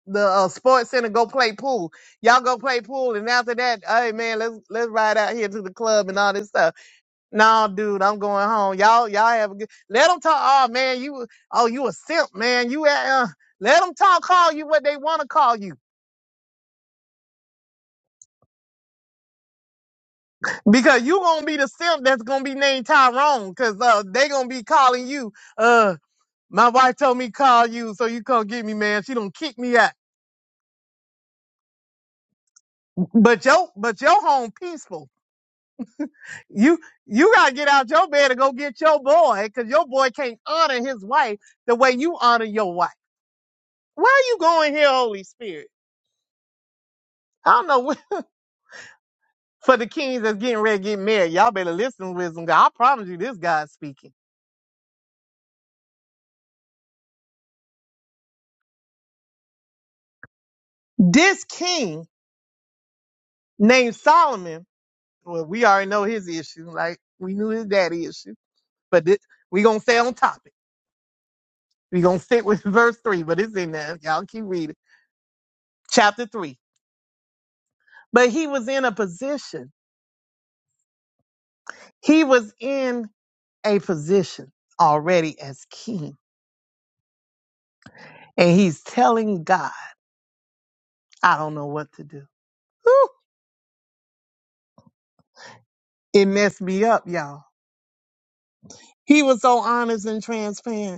Speaker 2: the uh, sports center, go play pool. Y'all go play pool, and after that, hey man, let's let's ride out here to the club and all this stuff No, dude, I'm going home. Y'all, y'all have a good. Let them talk. Oh man, you. Oh, you a simp, man. You at. Uh, let them talk. Call you what they want to call you, because you gonna be the simp that's gonna be named Tyrone, because uh, they gonna be calling you. Uh, my wife told me call you, so you come get me, man. She don't kick me out. But yo, but your home peaceful. You you gotta get out your bed and go get your boy, because your boy can't honor his wife the way you honor your wife. Why are you going here, Holy Spirit? I don't know. for the kings that's getting ready to get married. Y'all better listen, wisdom. God, I promise you, this God's speaking. This king named Solomon. Well, we already know his issue. Like we knew his daddy issue, but this, we gonna stay on topic. We gonna stick with verse three, but it's in there. Y'all keep reading chapter three. But he was in a position. He was in a position already as king, and he's telling God, "I don't know what to do." Whew. It messed me up, y'all. He was so honest and transparent.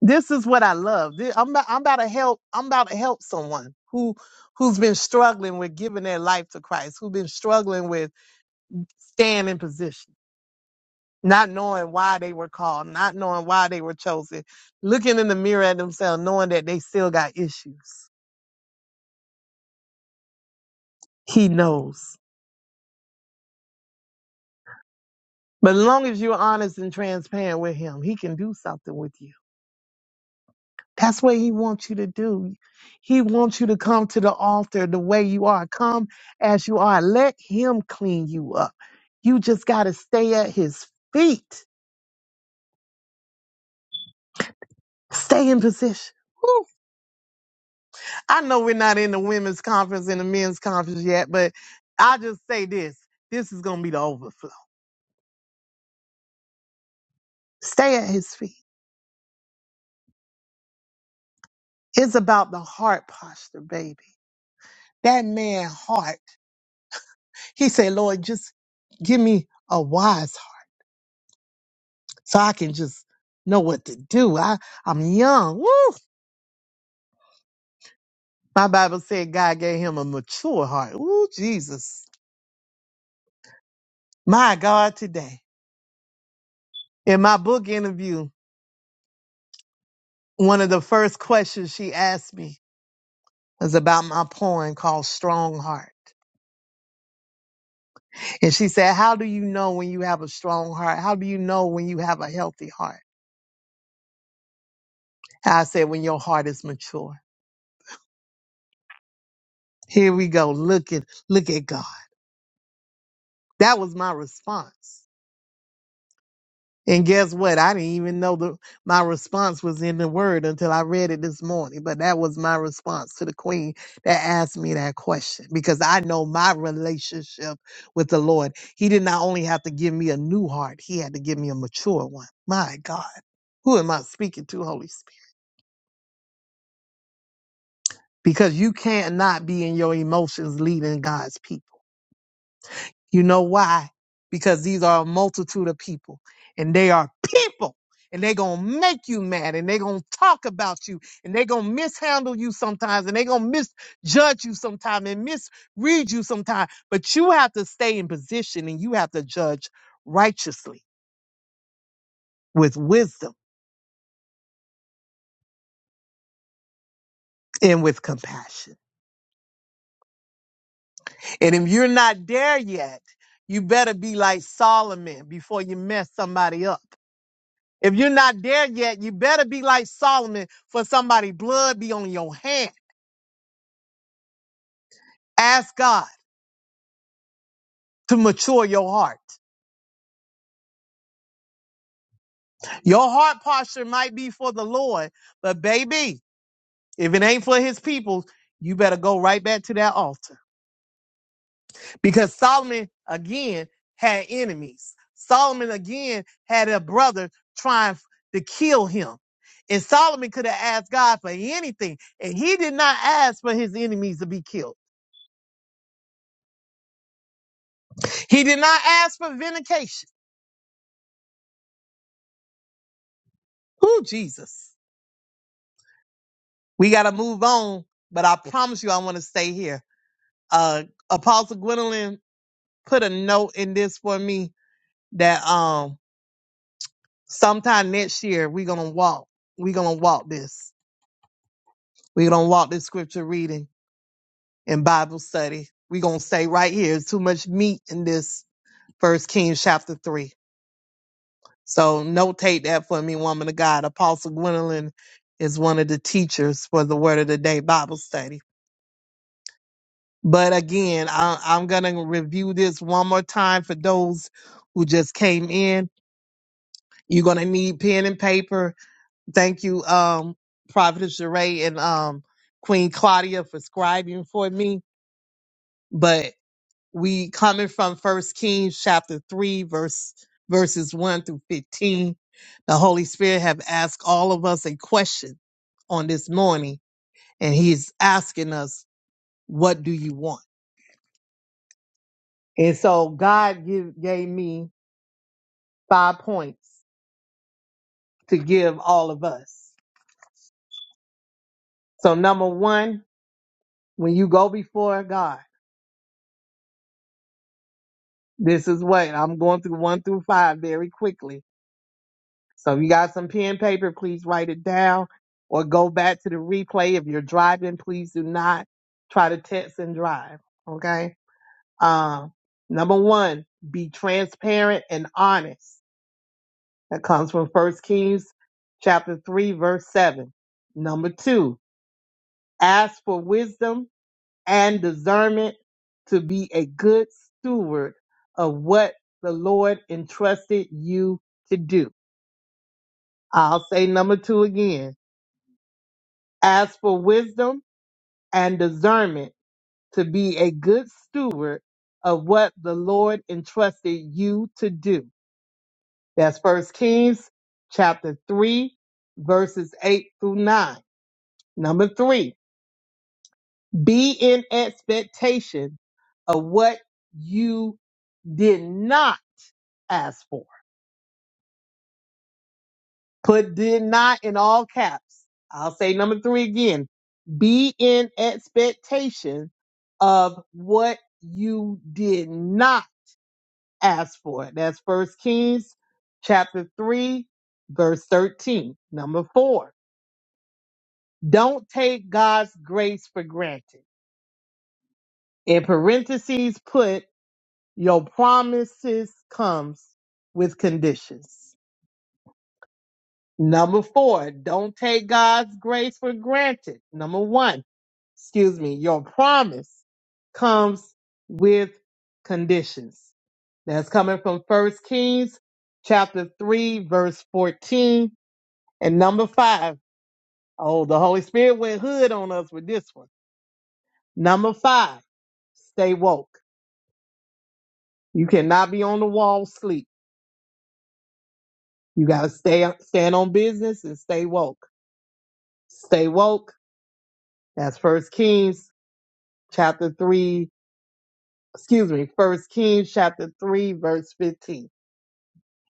Speaker 2: This is what I love. This- I'm about, I'm about to help. I'm about to help someone who who's been struggling with giving their life to Christ, who's been struggling with staying in position, not knowing why they were called, not knowing why they were chosen, looking in the mirror at themselves, knowing that they still got issues. He knows. But as long as you're honest and transparent with him, he can do something with you. That's what he wants you to do. He wants you to come to the altar the way you are. Come as you are. Let him clean you up. You just got to stay at his feet. Stay in position. Whew. I know we're not in the women's conference and the men's conference yet, but I just say this. This is going to be the overflow. Stay at his feet. It's about the heart posture, baby. That man heart. He said, Lord, just give me a wise heart so I can just know what to do. I, I'm young. Woo! My Bible said God gave him a mature heart. Woo, Jesus. My God, today. In my book interview, one of the first questions she asked me was about my poem called Strong Heart. And she said, How do you know when you have a strong heart? How do you know when you have a healthy heart? I said, When your heart is mature. Here we go. Look at look at God. That was my response. And guess what? I didn't even know the my response was in the word until I read it this morning. But that was my response to the queen that asked me that question because I know my relationship with the Lord. He did not only have to give me a new heart, he had to give me a mature one. My God. Who am I speaking to, Holy Spirit? Because you cannot be in your emotions leading God's people. You know why? Because these are a multitude of people and they are people and they're going to make you mad and they're going to talk about you and they're going to mishandle you sometimes and they're going to misjudge you sometimes and misread you sometimes. But you have to stay in position and you have to judge righteously with wisdom and with compassion. And if you're not there yet, you better be like Solomon before you mess somebody up If you're not there yet, you better be like Solomon for somebody blood be on your hand. Ask God to mature your heart. Your heart posture might be for the Lord, but baby, if it ain't for his people, you better go right back to that altar. Because Solomon again had enemies. Solomon again had a brother trying to kill him. And Solomon could have asked God for anything. And he did not ask for his enemies to be killed. He did not ask for vindication. Who Jesus? We got to move on, but I promise you, I want to stay here. Uh, Apostle Gwendolyn put a note in this for me that um sometime next year we're gonna walk. We're gonna walk this. We're gonna walk this scripture reading and Bible study. We're gonna stay right here. There's too much meat in this First Kings chapter three. So notate that for me, woman of God. Apostle Gwendolyn is one of the teachers for the Word of the Day Bible study. But again, I, I'm going to review this one more time for those who just came in. You're going to need pen and paper. Thank you, um, Prophetess Jeray and um, Queen Claudia for scribing for me. But we coming from First Kings chapter 3, verse verses 1 through 15. The Holy Spirit have asked all of us a question on this morning, and he's asking us, what do you want? And so God give, gave me five points to give all of us. So number one, when you go before God, this is what I'm going through one through five very quickly. So if you got some pen and paper, please write it down or go back to the replay. If you're driving, please do not try to text and drive. Okay. Um, number one, be transparent and honest. That comes from First Kings chapter three, verse seven. Number two, ask for wisdom and discernment to be a good steward of what the Lord entrusted you to do. I'll say number two again. Ask for wisdom and discernment to be a good steward of what the Lord entrusted you to do. That's First Kings chapter 3, verses 8 through 9. Number three, be in expectation of what you did not asked for. Put did not in all caps. I'll say number three again. Be in expectation of what you did not ask for. That's first Kings chapter three, verse 13. Number four, don't take God's grace for granted. In parentheses, put your promises comes with conditions. Number four, don't take God's grace for granted. Number one, excuse me, your promise comes with conditions. That's coming from First Kings chapter 3, verse 14. And number five, oh, the Holy Spirit went hood on us with this one. Number five, stay woke. You cannot be on the wall sleep. You gotta stay stand on business and stay woke. Stay woke. That's First Kings chapter 3 excuse me, First Kings chapter three, verse fifteen.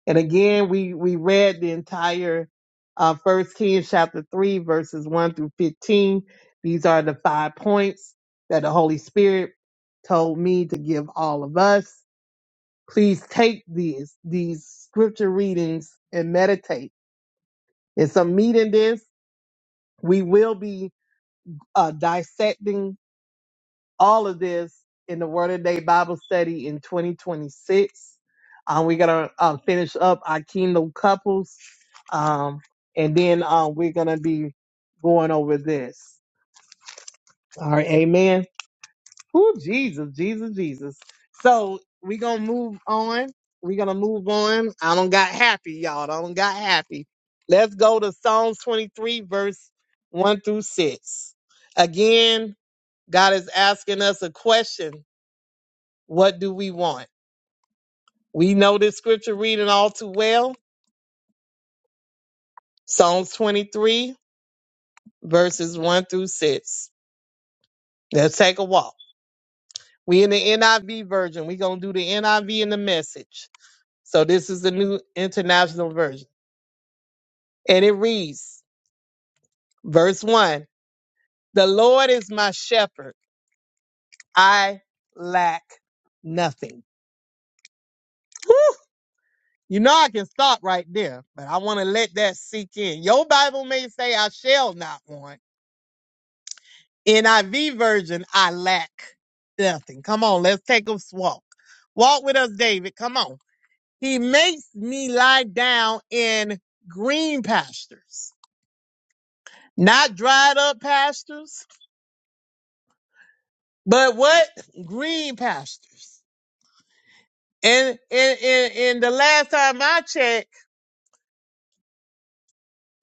Speaker 2: And again, we we read the entire uh, First Kings chapter three, verses one through fifteen. These are the five points that the Holy Spirit told me to give all of us. Please take these these scripture readings and meditate. And so, meeting this, we will be uh, dissecting all of this in the Word of Day Bible study in 2026. Um, we're gonna uh, finish up our kingdom couples, um, and then uh, we're gonna be going over this. All right, Amen. Oh, Jesus, Jesus, Jesus. So we're gonna move on. We're gonna move on. I don't got happy, y'all. I don't got happy. Let's go to Psalms 23, verse 1 through 6. Again, God is asking us a question what do we want? We know this scripture reading all too well. Psalms 23, verses 1 through 6. Let's take a walk. We in the NIV version. We're going to do the NIV and the message. So this is the new international version. And it reads, verse 1 The Lord is my shepherd. I lack nothing. Whew! You know I can stop right there, but I want to let that sink in. Your Bible may say I shall not want. NIV version, I lack nothing. Come on, let's take a walk. Walk with us, David. Come on. He makes me lie down in green pastures, not dried up pastures, but what? Green pastures. And, and, and, and the last time I checked,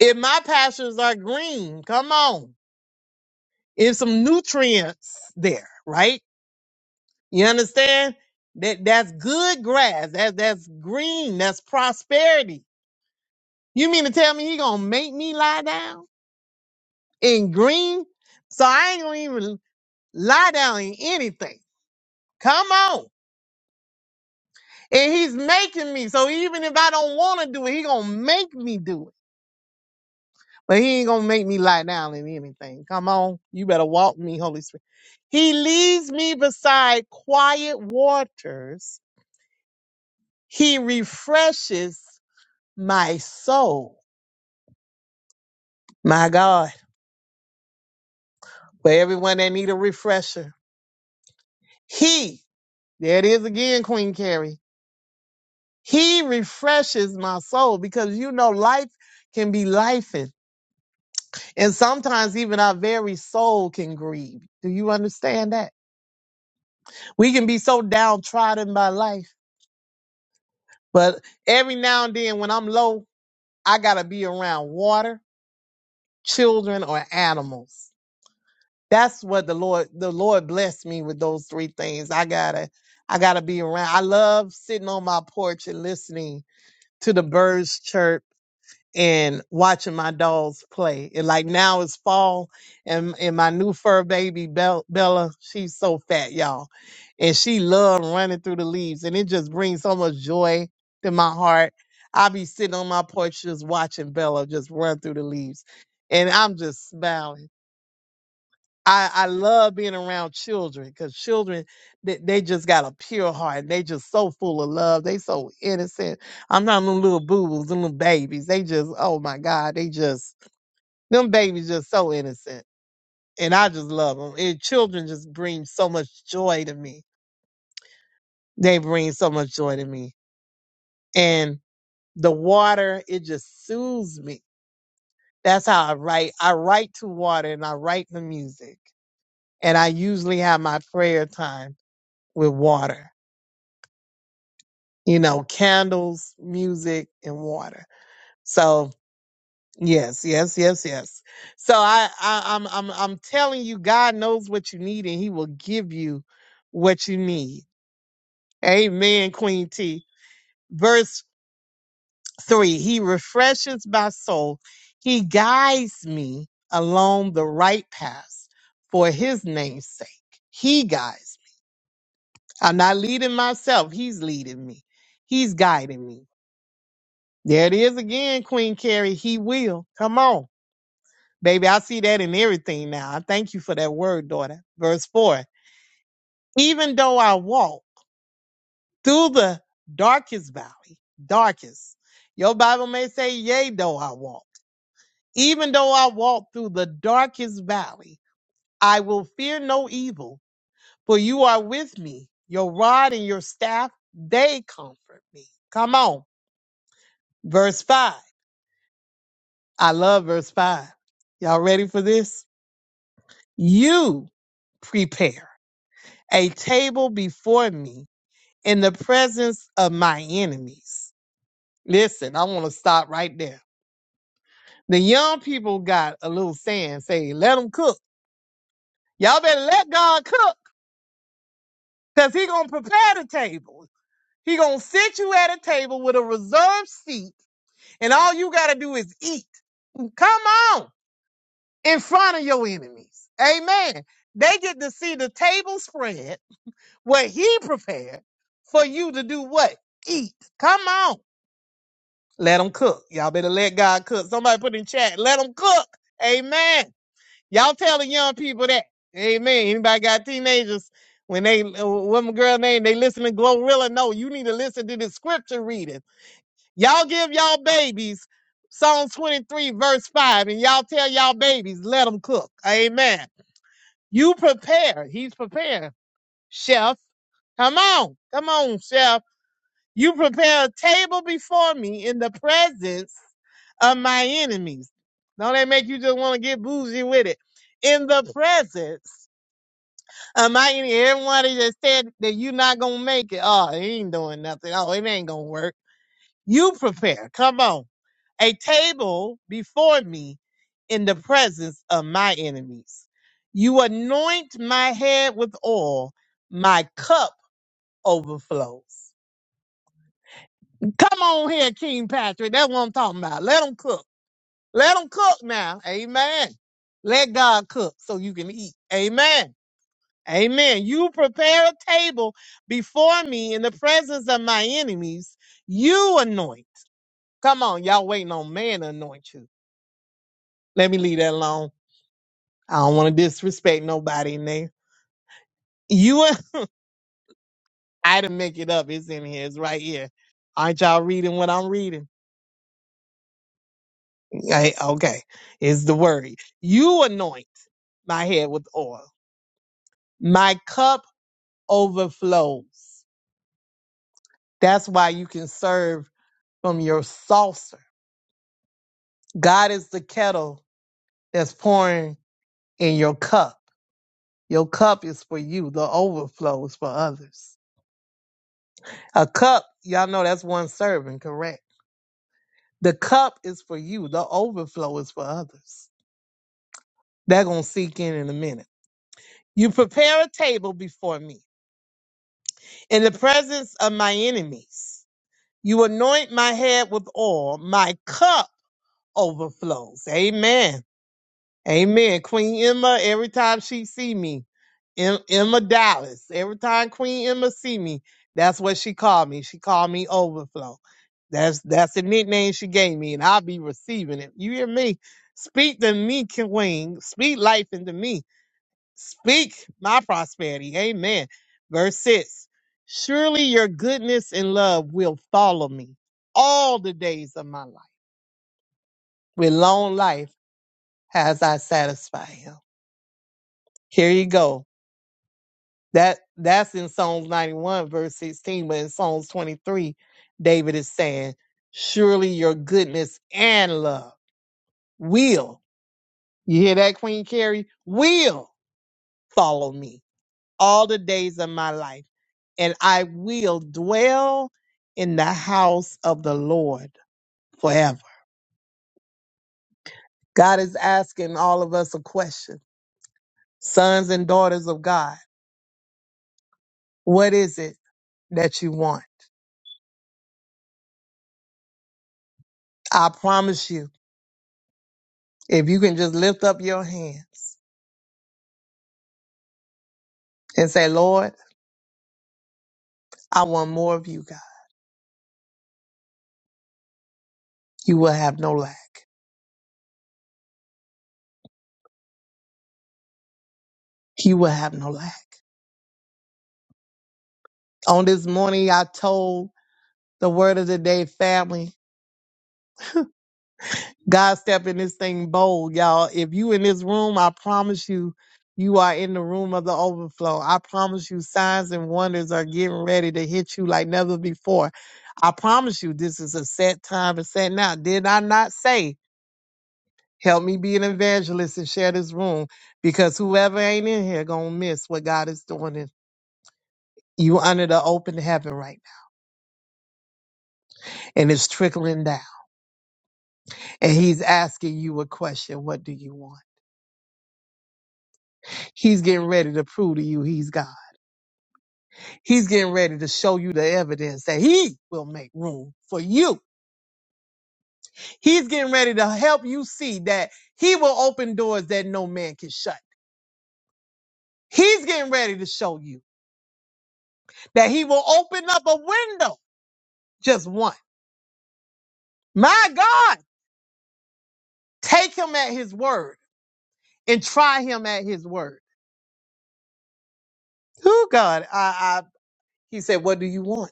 Speaker 2: if my pastures are green, come on, it's some nutrients there, right? You understand? That that's good grass. That's that's green. That's prosperity. You mean to tell me he gonna make me lie down in green? So I ain't gonna even lie down in anything. Come on. And he's making me. So even if I don't wanna do it, he gonna make me do it. But he ain't gonna make me lie down in anything. Come on. You better walk me, Holy Spirit. He leads me beside quiet waters. He refreshes my soul. My God, for everyone that need a refresher. He, there it is again, Queen Carrie. He refreshes my soul because you know life can be life and sometimes even our very soul can grieve. Do you understand that? We can be so downtrodden by life. But every now and then when I'm low, I gotta be around water, children, or animals. that's what the Lord the Lord blessed me with those three things. I gotta I gotta be around. I love sitting on my porch and listening to the birds chirp and watching my dogs play. And like now it's fall and and my new fur baby Bel- Bella, she's so fat, y'all. And she loved running through the leaves and it just brings so much joy to my heart. I be sitting on my porch just watching Bella just run through the leaves. And I'm just smiling I, I love being around children because children they, they just got a pure heart and they just so full of love. They so innocent. I'm not them little boo-boos, them little babies. They just, oh my God, they just them babies just so innocent. And I just love them. And children just bring so much joy to me. They bring so much joy to me. And the water, it just soothes me. That's how I write. I write to water and I write the music. And I usually have my prayer time with water you know, candles, music, and water. So yes, yes, yes, yes. So I, I I'm I'm I'm telling you, God knows what you need and He will give you what you need. Amen, Queen T. Verse three, He refreshes my soul. He guides me along the right path for his name's sake. He guides me. I'm not leading myself. He's leading me. He's guiding me. There it is again, Queen Carrie. He will. Come on. Baby, I see that in everything now. I thank you for that word, daughter. Verse 4. Even though I walk through the darkest valley, darkest. Your Bible may say, Yea, though I walk. Even though I walk through the darkest valley, I will fear no evil, for you are with me. Your rod and your staff, they comfort me. Come on. Verse 5. I love verse 5. Y'all ready for this? You prepare a table before me in the presence of my enemies. Listen, I want to stop right there. The young people got a little saying, say, let them cook. Y'all better let God cook because he going to prepare the table. He going to sit you at a table with a reserved seat and all you got to do is eat. Come on in front of your enemies. Amen. They get to see the table spread what he prepared for you to do what? Eat. Come on. Let them cook. Y'all better let God cook. Somebody put in chat, let them cook. Amen. Y'all tell the young people that. Amen. Anybody got teenagers? When they, uh, what my girl name, they listen to Glorilla. No, you need to listen to the scripture reading. Y'all give y'all babies Psalm 23, verse 5, and y'all tell y'all babies, let them cook. Amen. You prepare. He's prepared. Chef, come on. Come on, chef. You prepare a table before me in the presence of my enemies. Don't they make you just want to get bougie with it? In the presence of my enemies. Everybody that just said that you're not going to make it. Oh, he ain't doing nothing. Oh, it ain't going to work. You prepare. Come on. A table before me in the presence of my enemies. You anoint my head with oil. My cup overflows. Come on here, King Patrick. That's what I'm talking about. Let them cook. Let them cook now. Amen. Let God cook so you can eat. Amen. Amen. You prepare a table before me in the presence of my enemies. You anoint. Come on, y'all waiting on man to anoint you. Let me leave that alone. I don't want to disrespect nobody in there. You, I didn't make it up. It's in here. It's right here. Aren't y'all reading what I'm reading? Right? Okay, is the word. You anoint my head with oil. My cup overflows. That's why you can serve from your saucer. God is the kettle that's pouring in your cup. Your cup is for you, the overflow is for others. A cup, y'all know that's one serving, correct? The cup is for you, the overflow is for others. They're going to seek in in a minute. You prepare a table before me. in the presence of my enemies. You anoint my head with oil, my cup overflows. Amen. Amen. Queen Emma, every time she see me, Em- Emma Dallas, every time Queen Emma see me, that's what she called me. She called me overflow. That's that's the nickname she gave me, and I'll be receiving it. You hear me? Speak to me, Queen. Speak life into me. Speak my prosperity. Amen. Verse 6 Surely your goodness and love will follow me all the days of my life. With long life has I satisfied him. Here you go. That that's in Psalms 91, verse 16, but in Psalms 23, David is saying, Surely your goodness and love will. You hear that, Queen Carrie? Will follow me. all the days of my life, and I will dwell in the house of the Lord forever. God is asking all of us a question, sons and daughters of God. What is it that you want? I promise you, if you can just lift up your hands and say, Lord, I want more of you, God, you will have no lack. You will have no lack. On this morning, I told the word of the day family God step in this thing bold, y'all. If you in this room, I promise you, you are in the room of the overflow. I promise you, signs and wonders are getting ready to hit you like never before. I promise you, this is a set time and set now. Did I not say, help me be an evangelist and share this room? Because whoever ain't in here gonna miss what God is doing. In. You under the open heaven right now, and it's trickling down. And He's asking you a question: What do you want? He's getting ready to prove to you He's God. He's getting ready to show you the evidence that he will make room for you. He's getting ready to help you see that he will open doors that no man can shut. He's getting ready to show you that he will open up a window, just one. My God, take him at his word and try him at his word. Oh God, I, I, he said, what do you want?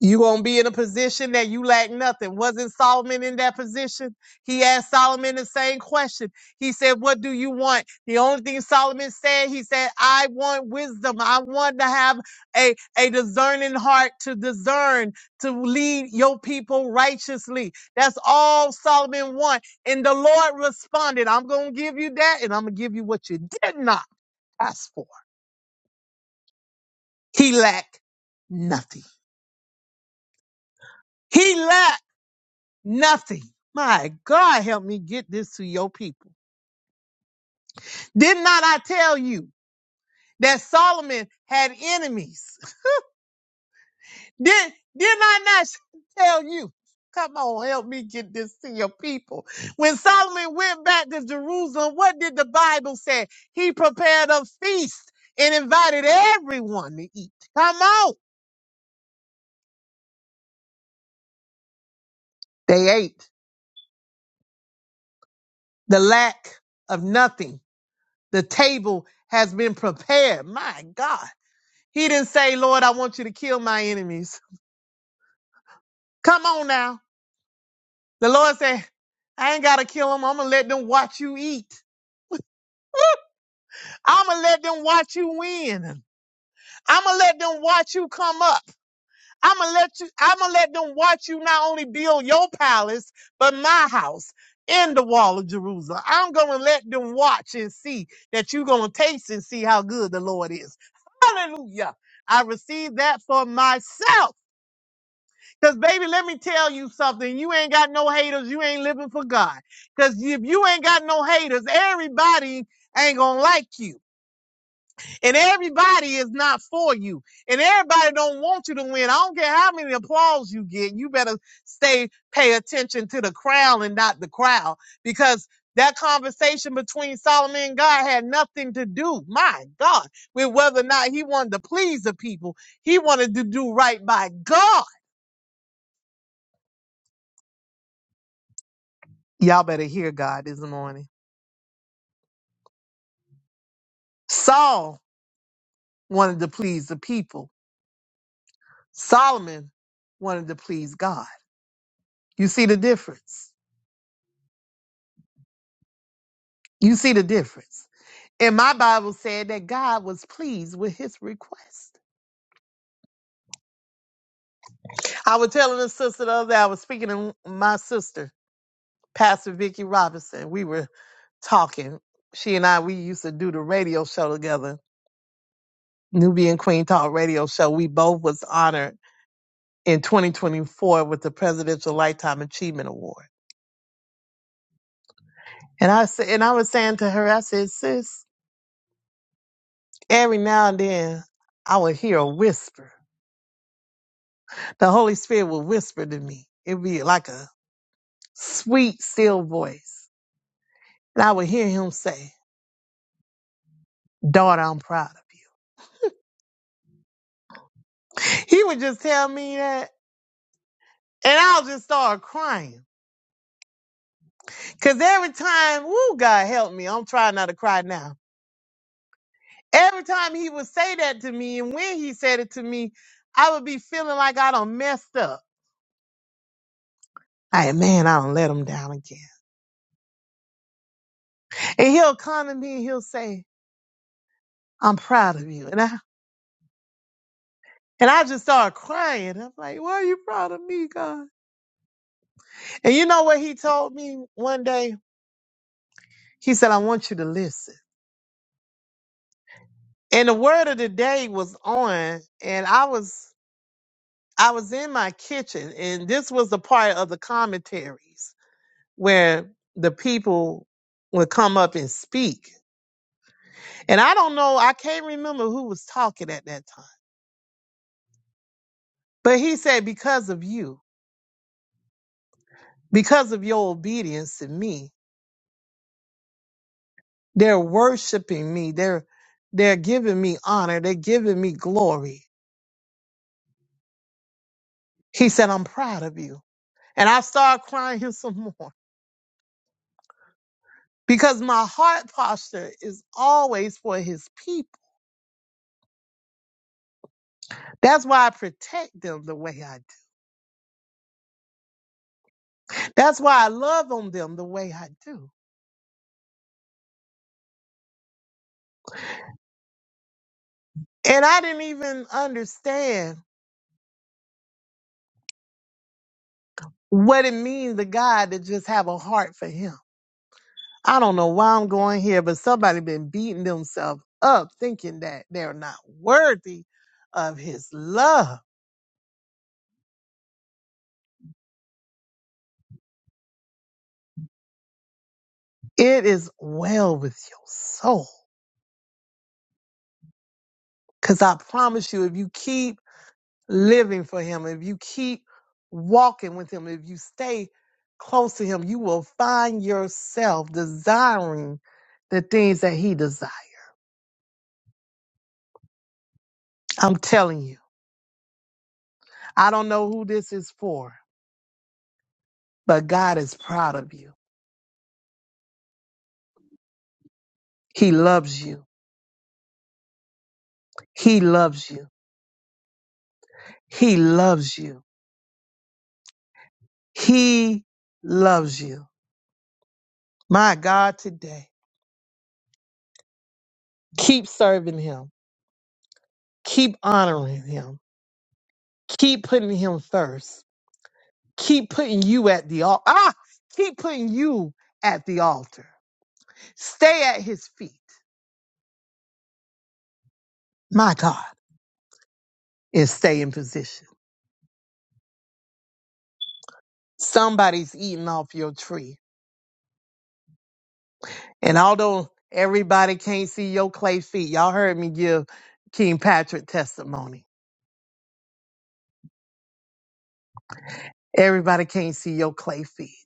Speaker 2: you gonna be in a position that you lack nothing. Wasn't Solomon in that position? He asked Solomon the same question. He said, What do you want? The only thing Solomon said, he said, I want wisdom. I want to have a, a discerning heart to discern, to lead your people righteously. That's all Solomon want. And the Lord responded, I'm gonna give you that, and I'm gonna give you what you did not ask for. He lacked nothing. He lacked. Nothing. My God, help me get this to your people. Did not I tell you that Solomon had enemies? Did, did I not tell you? Come on, help me get this to your people. When Solomon went back to Jerusalem, what did the Bible say? He prepared a feast and invited everyone to eat. Come on. They ate. The lack of nothing. The table has been prepared. My God. He didn't say, Lord, I want you to kill my enemies. Come on now. The Lord said, I ain't got to kill them. I'm going to let them watch you eat. I'm going to let them watch you win. I'm going to let them watch you come up. I'm going to let you, I'm going to let them watch you not only build your palace, but my house in the wall of Jerusalem. I'm going to let them watch and see that you're going to taste and see how good the Lord is. Hallelujah. I received that for myself. Cause baby, let me tell you something. You ain't got no haters. You ain't living for God. Cause if you ain't got no haters, everybody ain't gonna like you. And everybody is not for you. And everybody don't want you to win. I don't care how many applause you get. You better stay, pay attention to the crown and not the crowd. Because that conversation between Solomon and God had nothing to do, my God, with whether or not he wanted to please the people. He wanted to do right by God. Y'all better hear God this morning. Saul wanted to please the people. Solomon wanted to please God. You see the difference. You see the difference. And my Bible said that God was pleased with his request. I was telling a sister the other day, I was speaking to my sister, Pastor Vicki Robinson. We were talking. She and I, we used to do the radio show together, Nubian Queen Talk radio show. We both was honored in 2024 with the Presidential Lifetime Achievement Award. And I said, and I was saying to her, I said, sis, every now and then I would hear a whisper. The Holy Spirit would whisper to me. It'd be like a sweet, still voice. And I would hear him say, daughter, I'm proud of you. He would just tell me that. And I'll just start crying. Cause every time, woo, God help me. I'm trying not to cry now. Every time he would say that to me and when he said it to me, I would be feeling like I done messed up. Like, man, I don't let him down again. And he'll come to me and he'll say, I'm proud of you. And I and I just started crying. I'm like, why are you proud of me, God? And you know what he told me one day? He said, I want you to listen. And the word of the day was on, and I was I was in my kitchen, and this was the part of the commentaries where the people would come up and speak. And I don't know, I can't remember who was talking at that time. But he said, Because of you, because of your obedience to me, They're worshiping me. They're they're giving me honor. They're giving me glory. He said, I'm proud of you. And I started crying here some more because my heart posture is always for his people. That's why I protect them the way I do. That's why I love on them the way I do. And I didn't even understand what it means to God to just have a heart for him. I don't know why I'm going here, but somebody been beating themselves up thinking that they're not worthy of his love. It is well with your soul. Cause I promise you, if you keep living for him, if you keep walking with him, if you stay close to him, you will find yourself desiring the things that he desires. I'm telling you, I don't know who this is for, but God is proud of you. He loves you. He loves you. He loves you. He loves you. My God, today, keep serving him. Keep honoring him. Keep putting him first. Keep putting you at the altar. Ah, keep putting you at the altar. Stay at his feet. My God, and stay in position. Somebody's eating off your tree. And although everybody can't see your clay feet, y'all heard me give King Patrick testimony. Everybody can't see your clay feet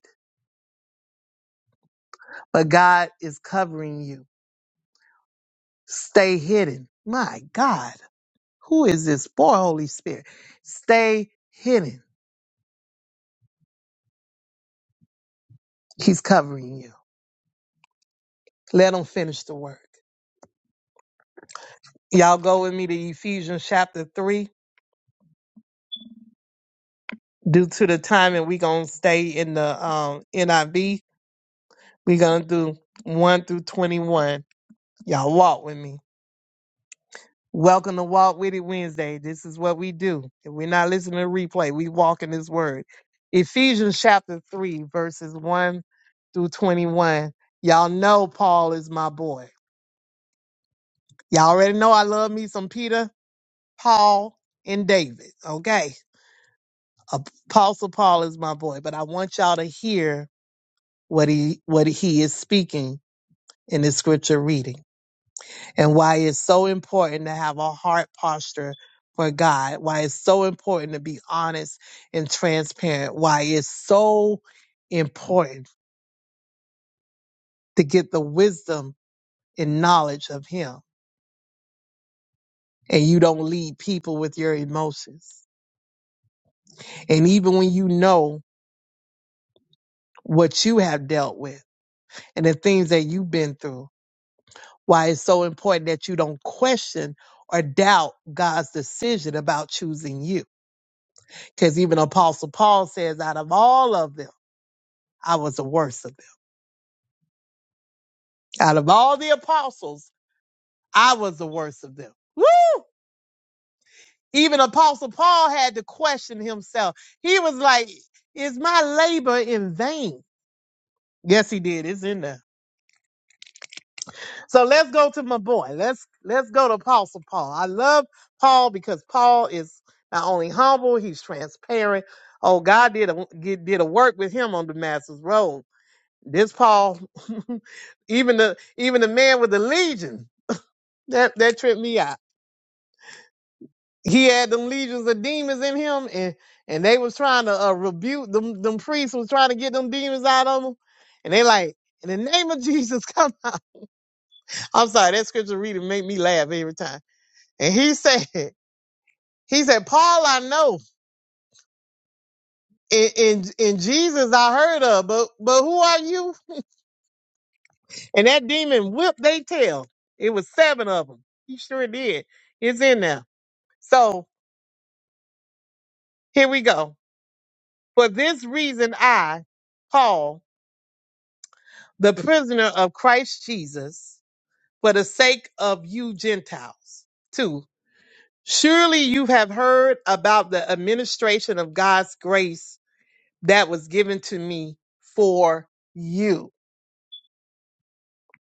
Speaker 2: but God is covering you. Stay hidden. My God, who is this boy, Holy Spirit? Stay hidden. He's covering you. Let him finish the work. Y'all go with me to Ephesians chapter 3. Due to the time, and we going to stay in the um, NIV, we're going to do 1 through 21. Y'all walk with me. Welcome to Walk With It Wednesday. This is what we do. If we're not listening to replay, we walk in this Word. Ephesians chapter 3, verses 1 through 21. Y'all know Paul is my boy. Y'all already know I love me some Peter, Paul, and David. Okay. Apostle Paul is my boy, but I want y'all to hear what he what he is speaking in this scripture reading. and why it's so important to have a heart posture for God, why it's so important to be honest and transparent, why it's so important to get the wisdom and knowledge of Him. And you don't lead people with your emotions. And even when you know what you have dealt with and the things that you've been through, why it's so important that you don't question or doubt God's decision about choosing you. Because even Apostle Paul says, out of all of them, I was the worst of them. Out of all the apostles, I was the worst of them. Woo! Even Apostle Paul had to question himself. He was like, Is my labor in vain? Yes, he did. It's in there. So let's go to my boy. Let's let's go to Apostle Paul. I love Paul because Paul is not only humble, he's transparent. Oh, God did a get, did a work with him on Damascus Road. This Paul, even the even the man with the legion, that that tripped me out. he had them legions of demons in him, and and they was trying to uh, rebuke them. Them priests was trying to get them demons out of him, and they like, in the name of Jesus, come out. I'm sorry, that scripture reading make me laugh every time. And he said, he said, Paul, I know, and and, and Jesus I heard of, but but who are you? And that demon whipped they tail. It was seven of them. He sure did. It's in there. So here we go. For this reason, I, Paul. the prisoner of Christ Jesus for the sake of you Gentiles. Two, surely you have heard about the administration of God's grace that was given to me for you.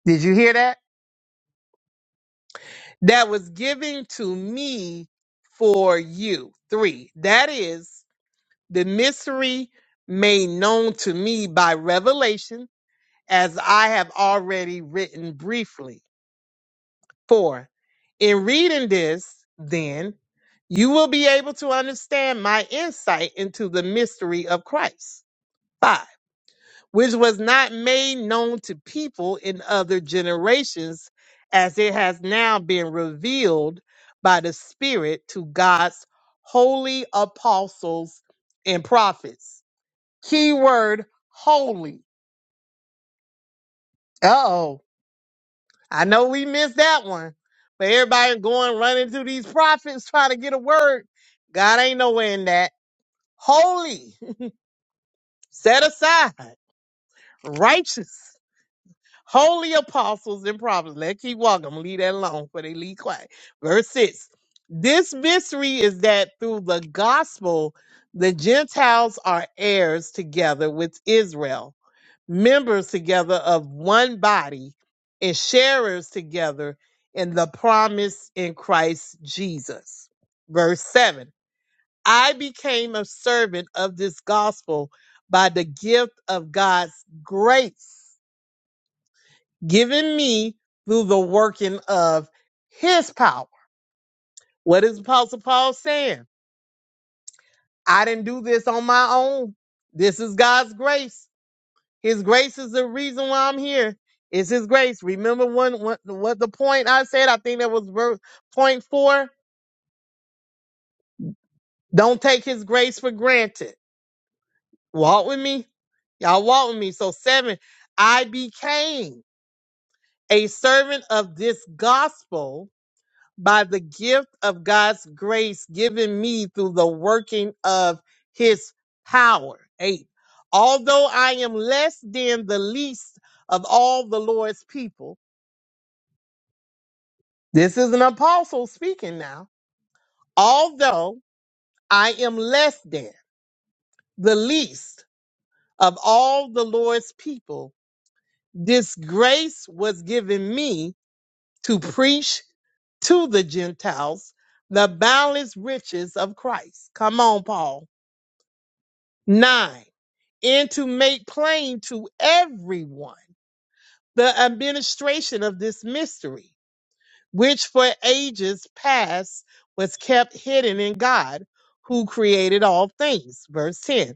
Speaker 2: Did you hear that? That was given to me for you. Three, that is the mystery made known to me by revelation as I have already written briefly. 4. In reading this, then, you will be able to understand my insight into the mystery of Christ. 5. Which was not made known to people in other generations, as it has now been revealed by the Spirit to God's holy apostles and prophets. Keyword holy. Uh oh. I know we missed that one, but everybody going running to these prophets trying to get a word. God ain't nowhere in that. Holy, set aside, righteous, holy apostles and prophets. Let's keep walking. I'm gonna leave that alone for they leave quiet. Verse six. This mystery is that through the gospel, the Gentiles are heirs together with Israel members together of one body and sharers together in the promise in Christ Jesus. Verse 7 I became a servant of this gospel by the gift of God's grace given me through the working of his power. What is Apostle Paul saying? I didn't do this on my own. This is God's grace. His grace is the reason why I'm here. It's His grace. Remember one, what, what the point I said? I think that was verse, point four. Don't take His grace for granted. Walk with me. Y'all walk with me. So seven, I became a servant of this gospel by the gift of God's grace given me through the working of His power. Eight, although I am less than the least of all the Lord's people. This is an apostle speaking now. Although I am less than the least of all the Lord's people, this grace was given me to preach to the Gentiles the boundless riches of Christ. Come on, Paul. Nine, and to make plain to everyone the administration of this mystery which for ages past was kept hidden in God, who created all things. Verse 10.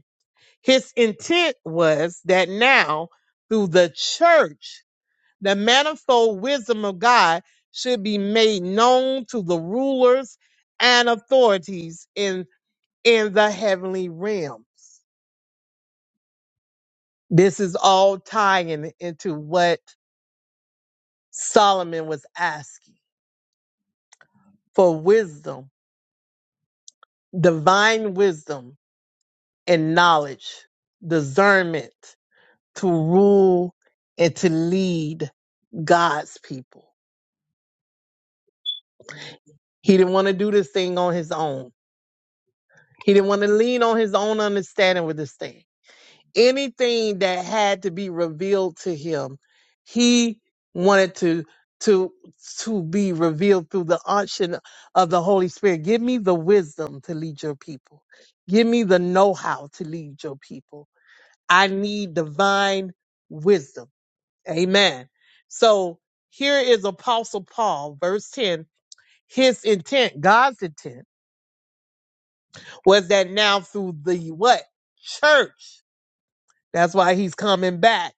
Speaker 2: His intent was that now, through the church, the manifold wisdom of God should be made known to the rulers and authorities in, in the heavenly realms. This is all tying into what Solomon was asking for wisdom, divine wisdom and knowledge, discernment to rule and to lead God's people. He didn't want to do this thing on his own. He didn't want to lean on his own understanding with this thing. Anything that had to be revealed to him, he wanted to to to be revealed through the unction of the Holy Spirit. Give me the wisdom to lead your people. Give me the know-how to lead your people. I need divine wisdom Amen. So here is Apostle Paul, verse 10. His intent, God's intent, was that now through the what? Church. That's why he's coming back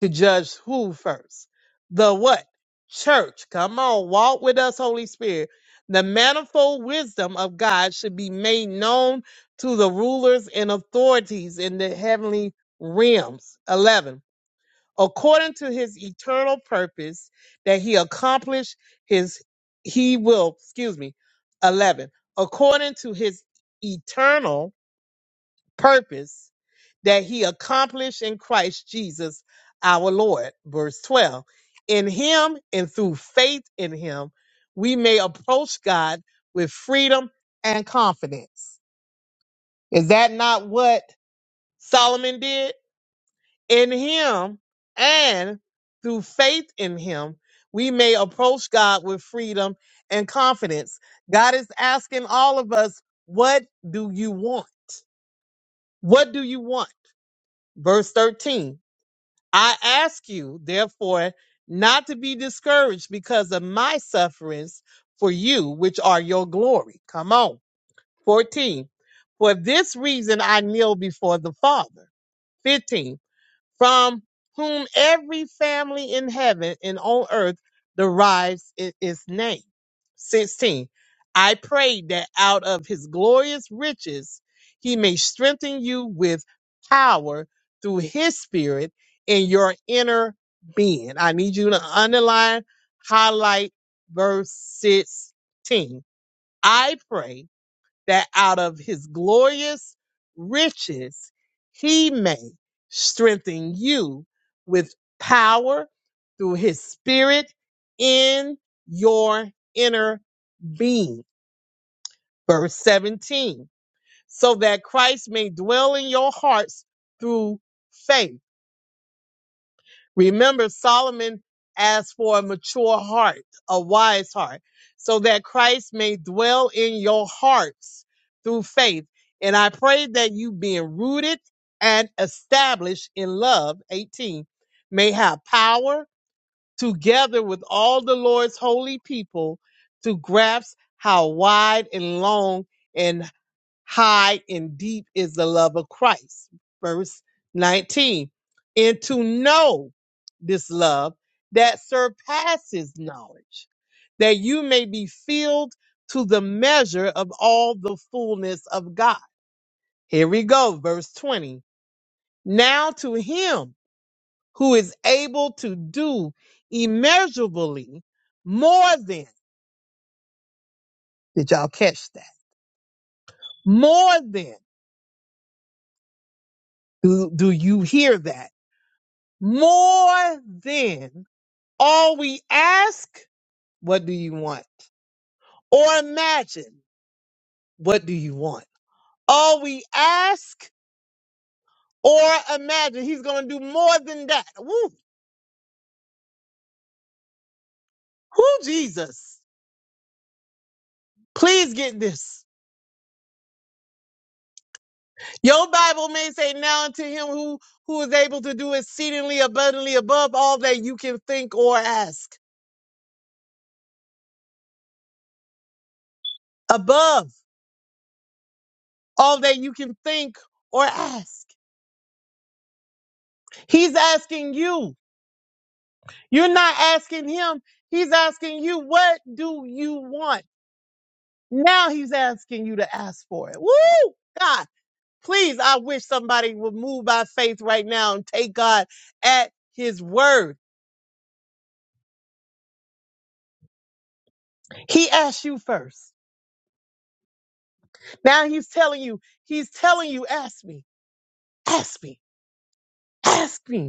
Speaker 2: to judge who first? The what? Church. Come on, walk with us, Holy Spirit. The manifold wisdom of God should be made known to the rulers and authorities in the heavenly realms. 11 according to his eternal purpose that he accomplished his he will excuse me 11 according to his eternal purpose that he accomplished in Christ Jesus our Lord verse 12 in him and through faith in him we may approach God with freedom and confidence is that not what Solomon did in him and through faith in him we may approach god with freedom and confidence god is asking all of us what do you want what do you want verse 13 i ask you therefore not to be discouraged because of my sufferings for you which are your glory come on 14 for this reason i kneel before the father 15 from whom every family in heaven and on earth derives i- its name. 16. I pray that out of his glorious riches he may strengthen you with power through his spirit in your inner being. I need you to underline, highlight verse 16. I pray that out of his glorious riches he may strengthen you with power through his spirit in your inner being. Verse 17, so that Christ may dwell in your hearts through faith Remember, Solomon asked for a mature heart, a wise heart, so that Christ may dwell in your hearts through faith. And I pray that you being rooted and established in love, 18, may have power together with all the Lord's holy people to grasp how wide and long and high and deep is the love of Christ. Verse 19. And to know this love that surpasses knowledge, that you may be filled to the measure of all the fullness of God. Here we go, verse 20. Now to him who is able to do immeasurably more than, did y'all catch that? More than, do, do you hear that? more than all we ask, what do you want? Or imagine, what do you want? All we ask or imagine, he's going to do more than that. Woo, woo, Jesus. Please get this. Your Bible may say now unto him who, who is able to do exceedingly abundantly above all that you can think or ask. Above all that you can think or ask. He's asking you. You're not asking him. He's asking you, what do you want? Now he's asking you to ask for it. Woo! God, please, I wish somebody would move by faith right now and take God at his word. He asked you first. Now he's telling you, he's telling you, ask me, ask me, ask me.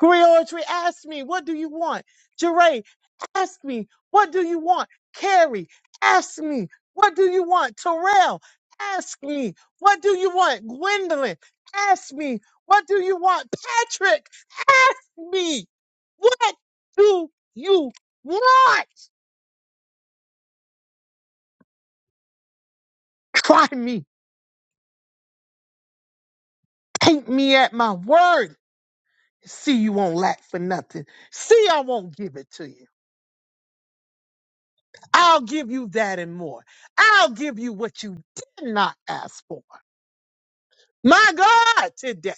Speaker 2: Griotry, ask me, what do you want? Jeray, ask me, what do you want? Carrie, ask me, what do you want? Terrell, ask me, what do you want? Gwendolyn, ask me, what do you want? Patrick, ask me, what do you want? Try me, take me at my word. See, you won't lack for nothing. See, I won't give it to you. I'll give you that and more. I'll give you what you did not ask for. My God, today.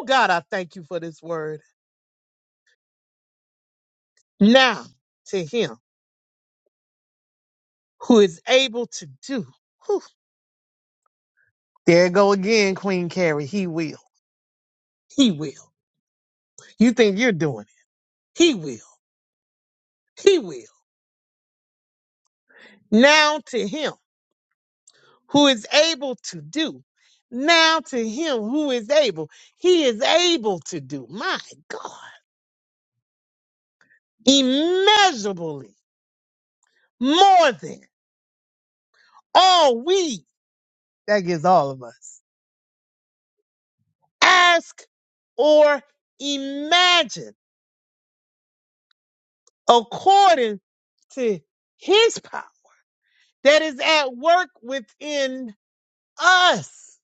Speaker 2: Oh God, I thank you for this word. Now to him who is able to do. Whew. there go again, Queen Carrie. He will. He will. You think you're doing it. He will. He will. Now to him who is able to do. Now to him who is able. He is able to do. My God. Immeasurably more than. all we, that gives all of us, ask or imagine according to his power that is at work within us.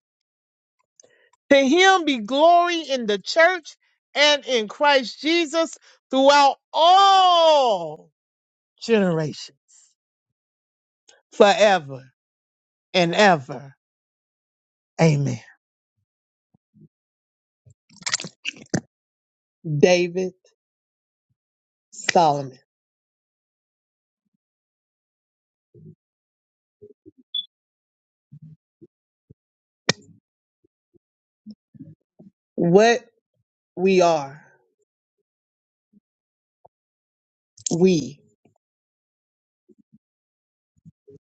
Speaker 2: To him be glory in the church and in Christ Jesus throughout all generations, forever and ever. Amen. David Solomon, what we are, we,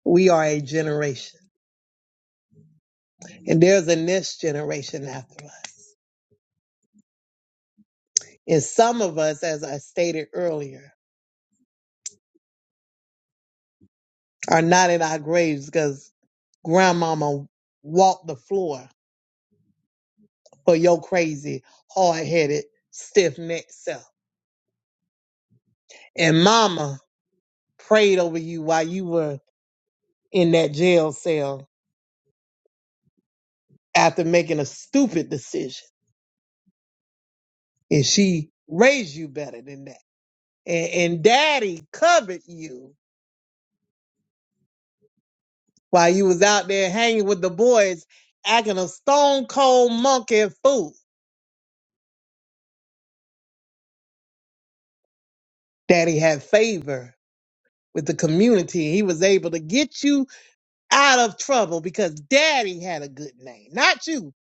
Speaker 2: we are a generation. And there's a next generation after us. And some of us, as I stated earlier, are not in our graves because grandmama walked the floor for your crazy, hard headed, stiff necked self. And mama prayed over you while you were in that jail cell after making a stupid decision. And she raised you better than that. And, and daddy covered you while you was out there hanging with the boys, acting a stone cold monkey fool. Daddy had favor with the community. He was able to get you out of trouble because Daddy had a good name. Not you,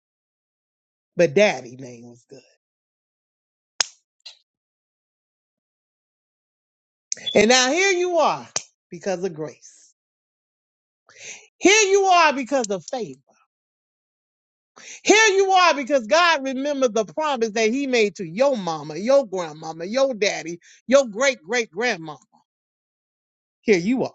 Speaker 2: but Daddy name was good. And now here you are because of grace. Here you are because of favor. Here you are because God remembered the promise that He made to your mama, your grandmama, your daddy, your great great grandmama. Here you are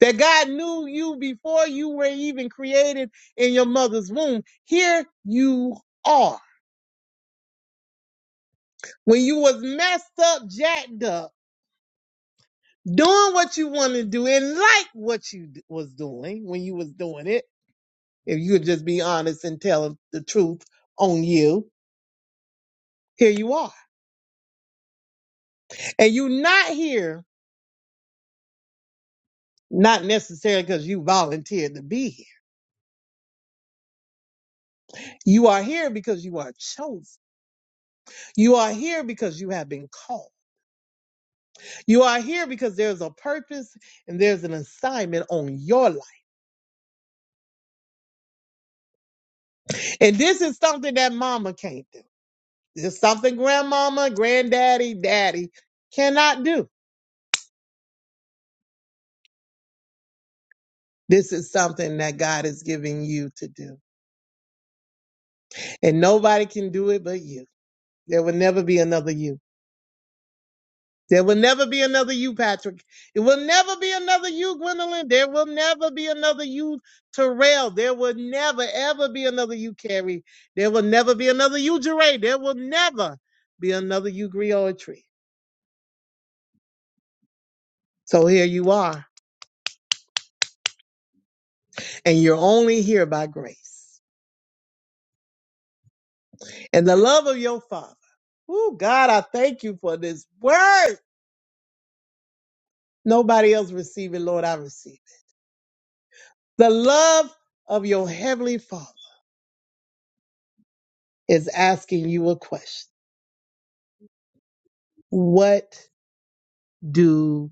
Speaker 2: that God knew you before you were even created in your mother's womb. Here you are. When you was messed up, jacked up, doing what you want to do and like what you d- was doing when you was doing it, if you would just be honest and tell the truth on you, here you are. And you are not here, not necessarily because you volunteered to be here. You are here because you are chosen. You are here because you have been called. You are here because there's a purpose and there's an assignment on your life. And this is something that mama can't do. This is something grandmama, granddaddy, daddy cannot do. This is something that God is giving you to do. And nobody can do it but you. There will never be another you. There will never be another you, Patrick. It will never be another you, Gwendolyn. There will never be another you, Terrell. There will never, ever be another you, Carrie. There will never be another you, Jeray. There will never be another you, Griotry. So here you are, and you're only here by grace and the love of your Father. Oh, God, I thank you for this word. Nobody else receive it, Lord. I receive it. The love of your Heavenly Father is asking you a question. What do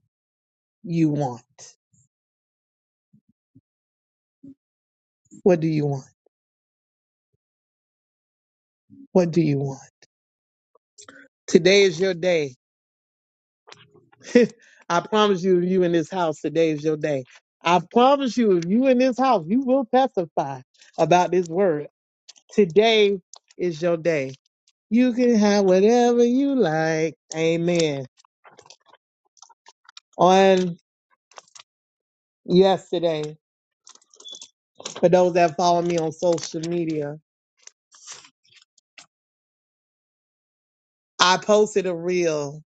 Speaker 2: you want? What do you want? What do you want? Today is your day. I promise you, if you in this house, today is your day. I promise you, if you in this house, you will testify about this word. Today is your day. You can have whatever you like. Amen. On yesterday, for those that follow me on social media, I posted a reel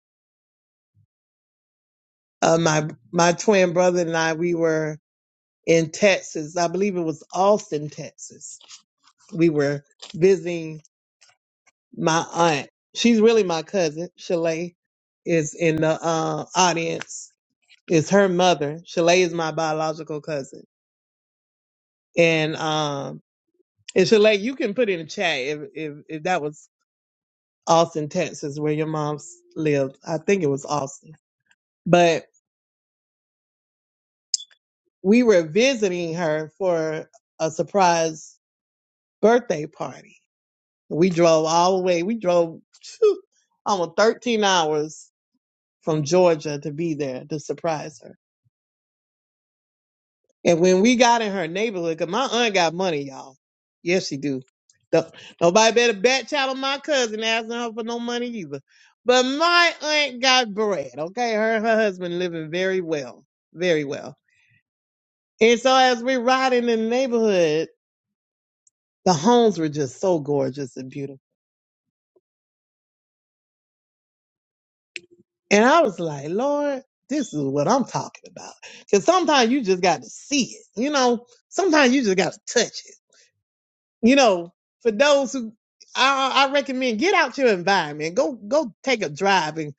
Speaker 2: of my my twin brother and I. We were in Texas. I believe it was Austin, Texas. We were visiting my aunt. She's really my cousin. Shalay is in the uh, audience. It's her mother. Shalay is my biological cousin. And um, and Shalay, you can put in the chat if, if if that was Austin, Texas, where your mom's lived. I think it was Austin. But we were visiting her for a surprise birthday party We drove all the way. We drove phew, almost 13 hours from Georgia to be there to surprise her. And when we got in her neighborhood, 'cause my aunt got money, y'all. Yes, she do. No- Nobody better bat child on my cousin asking her for no money either. But my aunt got bread, okay? Her and her husband living very well, very well. And so as we're riding in the neighborhood, the homes were just so gorgeous and beautiful. And I was like, Lord, this is what I'm talking about. Because sometimes you just got to see it, you know. Sometimes you just got to touch it, you know. For those who, I, I recommend get out your environment. Go, go take a drive and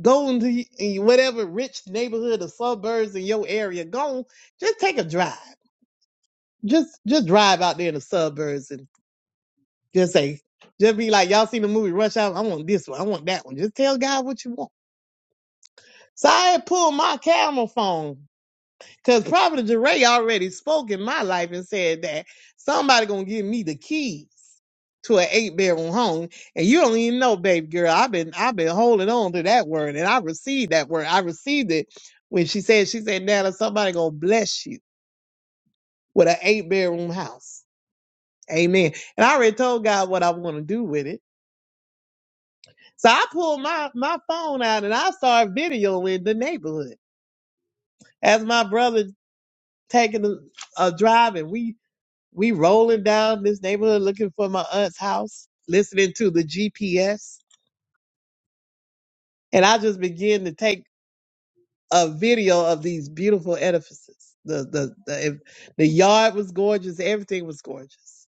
Speaker 2: go into y- y- whatever rich neighborhood or suburbs in your area. Go, just take a drive. Just, just drive out there in the suburbs and just say, just be like, y'all seen the movie Rush Hour? I want this one. I want that one. Just tell God what you want. So I had pulled my camera phone Because Prophet Jeray already spoke in my life and said that somebody gonna give me the keys to an eight bedroom home. And you don't even know, baby girl. I've been I've been holding on to that word and I received that word. I received it when she said, she said, Nana, somebody gonna bless you with an eight bedroom house. Amen. And I already told God what I want to do with it. So I pulled my, my phone out and I started videoing the neighborhood. As my brother taking a, a drive and we We rolling down this neighborhood looking for my aunt's house, listening to the GPS, and I just begin to take a video of these beautiful edifices. The the the, if, the yard was gorgeous. Everything was gorgeous.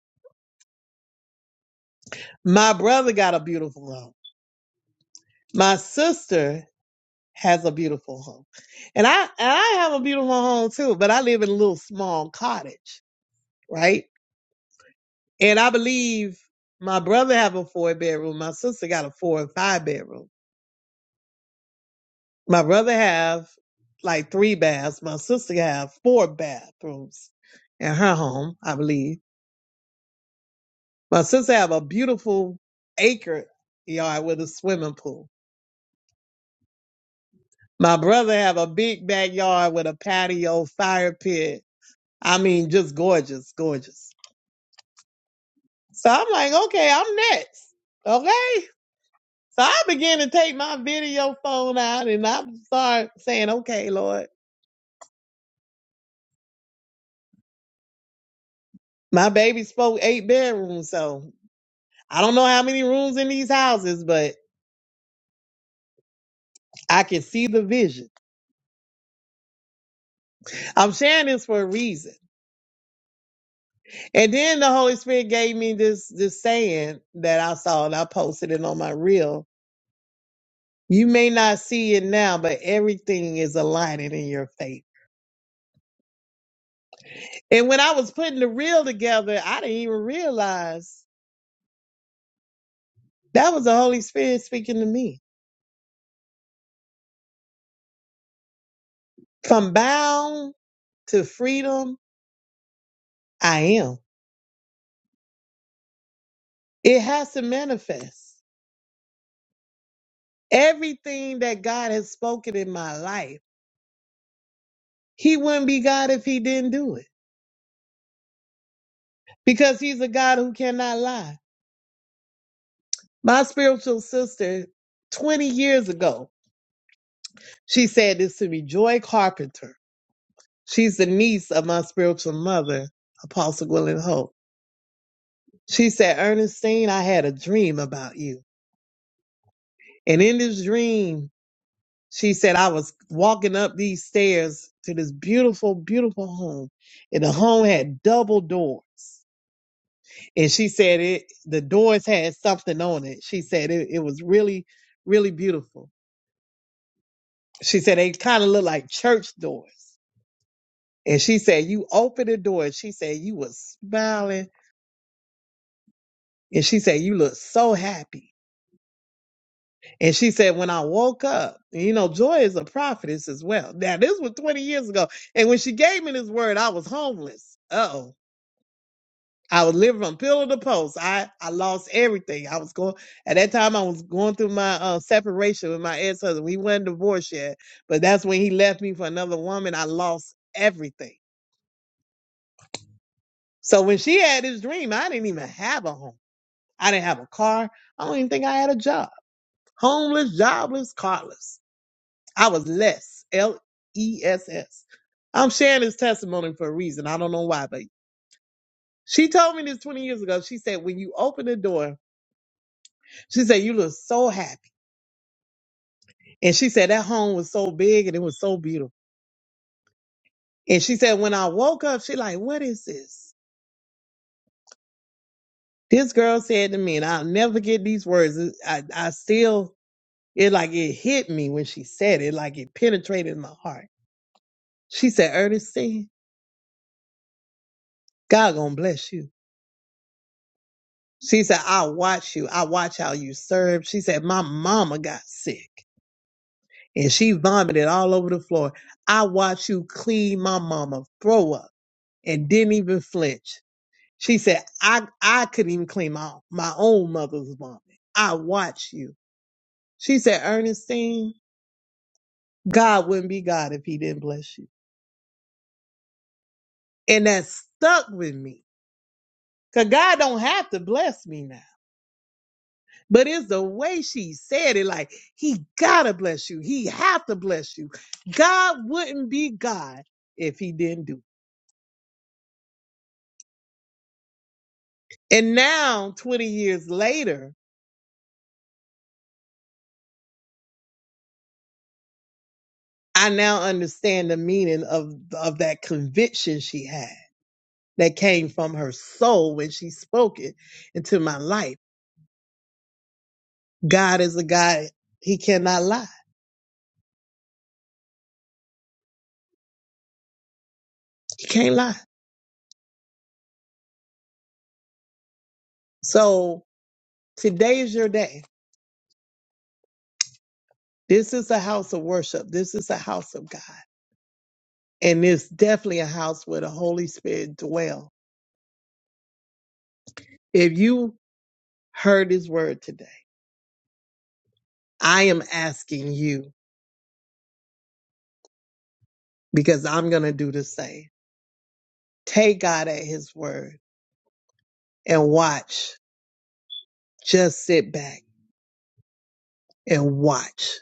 Speaker 2: My brother got a beautiful home. My sister has a beautiful home, and I and I have a beautiful home too. But I live in a little small cottage, right? And I believe my brother have a four bedroom. My sister got a four and five bedroom My brother have like three baths. My sister have four bathrooms in her home, I believe. My sister have a beautiful acre yard with a swimming pool. My brother have a big backyard with a patio, fire pit. I mean, just gorgeous, gorgeous. So I'm like, okay, I'm next. Okay. So I began to take my video phone out and I start saying, okay, Lord, my baby spoke eight bedrooms. So I don't know how many rooms in these houses, but I can see the vision. I'm sharing this for a reason. And then the Holy Spirit gave me this this saying that I saw and I posted it on my reel. You may not see it now, but everything is aligning in your faith. And when I was putting the reel together, I didn't even realize that was the Holy Spirit speaking to me. From bound to freedom, I am. It has to manifest. everything that God has spoken in my life. He wouldn't be God if he didn't do it because he's a God who cannot lie. My spiritual sister, 20 years ago, she said this to me, Joy Carpenter. She's the niece of my spiritual mother, Apostle Gwilyn Hope. She said, Ernestine, I had a dream about you. And in this dream, she said, I was walking up these stairs to this beautiful, beautiful home. And the home had double doors and she said it the doors had something on it she said it, it was really really beautiful she said they kind of look like church doors and she said you open the door and she said you was smiling and she said you look so happy and she said when i woke up and you know joy is a prophetess as well now this was 20 years ago and when she gave me this word i was homeless uh-oh I was living from pillar to post. I, I lost everything. I was going at that time. I was going through my uh, separation with my ex husband. We weren't divorced yet, but that's when he left me for another woman. I lost everything. So when she had this dream, I didn't even have a home. I didn't have a car. I don't even think I had a job. Homeless, jobless, carless. I was less. L E S S. I'm sharing this testimony for a reason. I don't know why, but she told me this 20 years ago. She said, when you open the door, she said, you look so happy. And she said that home was so big and it was so beautiful. And she said, when I woke up, she like, what is this? This girl said to me, and I'll never get these words. It- I, I still, it like, it hit me when she said it, like it penetrated my heart. She said, Ernestine, God gonna bless you. She said, I watch you. I watch how you serve. She said, my mama got sick and she vomited all over the floor. I watched you clean my mama throw up and didn't even flinch. She said, I, I couldn't even clean my, my own mother's vomit. I watch you. She said, Ernestine, God wouldn't be God if he didn't bless you. And that stuck with me. Cause God don't have to bless me now. But it's the way she said it, like, he gotta bless you. He have to bless you. God wouldn't be God if he didn't do it. And now, 20 years later, I now understand the meaning of, of that conviction she had that came from her soul when she spoke it into my life. God is a God, He cannot lie. He can't lie. So today is your day. This is a house of worship. This is a house of God. And it's definitely a house where the Holy Spirit dwells. If you heard his word today, I am asking you because I'm going to do the same. Take God at his word and watch. Just sit back and watch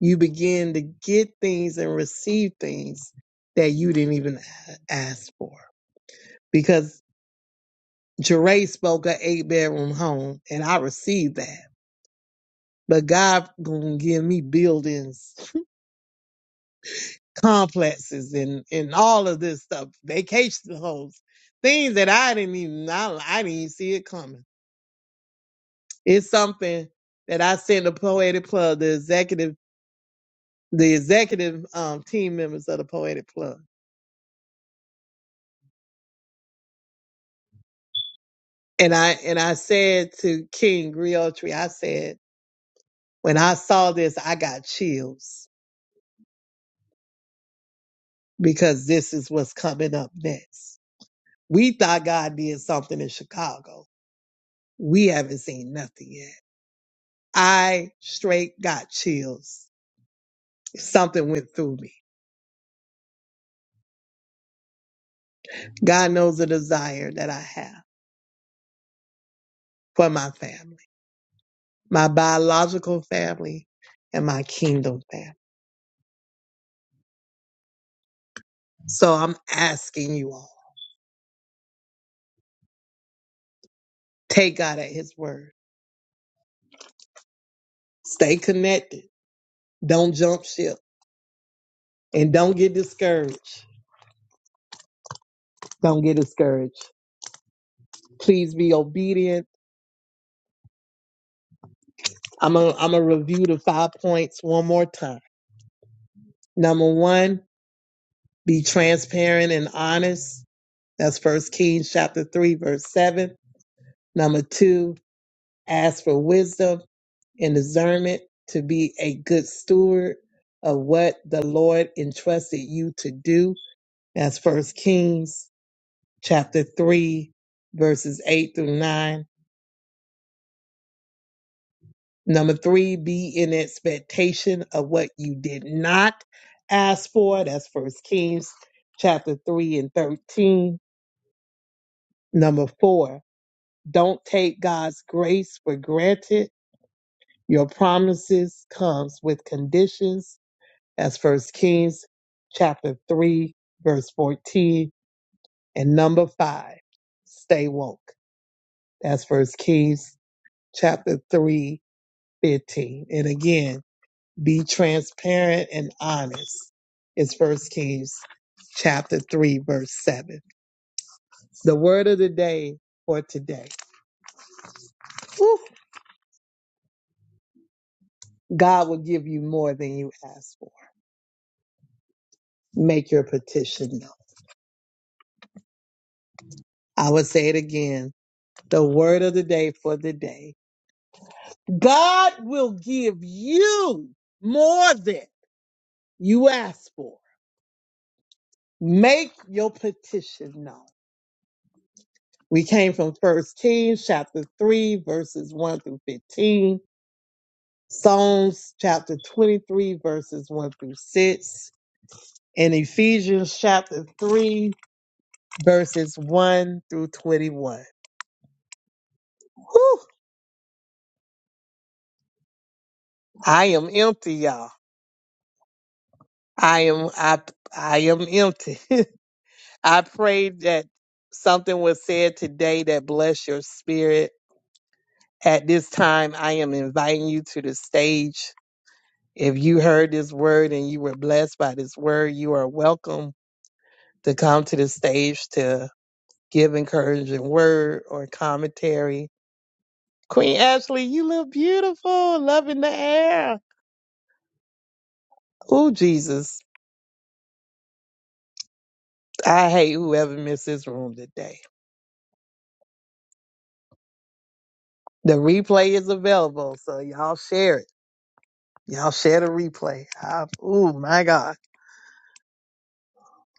Speaker 2: You begin to get things and receive things that you didn't even a- ask for. Because Jeray spoke an eight bedroom home and I received that. But God gonna give me buildings, complexes and, and all of this stuff, vacation homes, things that I didn't even, I, I didn't even see it coming. It's something that I sent the Poetic Club, the executive the executive um, team members of the Poetic Club. And I and I said to King Griotri, I said, when I saw this, I got chills because this is what's coming up next. We thought God did something in Chicago. We haven't seen nothing yet. I straight got chills. Something went through me. God knows the desire that I have for my family, my biological family, and my kingdom family. So I'm asking you all, take God at his word. Stay connected Don't jump ship and don't get discouraged. Don't get discouraged. Please be obedient. I'm going I'm to review the five points one more time. Number one, be transparent and honest. That's First Kings chapter 3, verse 7. Number two, ask for wisdom and discernment to be a good steward of what the Lord entrusted you to do. That's First Kings chapter 3, verses 8 through 9. Number three, be in expectation of what you did not ask for. That's first Kings chapter three and thirteen. Number four, don't take God's grace for granted. Your promises comes with conditions. That's first Kings chapter three, verse fourteen. And number five, stay woke. That's first Kings chapter three, fifteen. And again, Be transparent and honest. It's First Kings chapter 3, verse 7. The word of the day for today. Woo! God will give you more than you ask for. Make your petition known. I will say it again. The word of the day for the day. God will give you more than you ask for. Make your petition known. We came from First Kings chapter 3, verses 1 through 15. Psalms chapter 23, verses 1 through 6, and Ephesians chapter 3, verses 1 through 21. Whew, I am empty, y'all. I am I I am empty. I pray that something was said today that bless your spirit. At this time, I am inviting you to the stage. If you heard this word and you were blessed by this word, you are welcome to come to the stage to give encouraging word or commentary. Queen Ashley, you look beautiful, Love in the air. Ooh, Jesus. I hate whoever missed this room today. The replay is available, so y'all share it. Y'all share the replay. I, ooh, my God.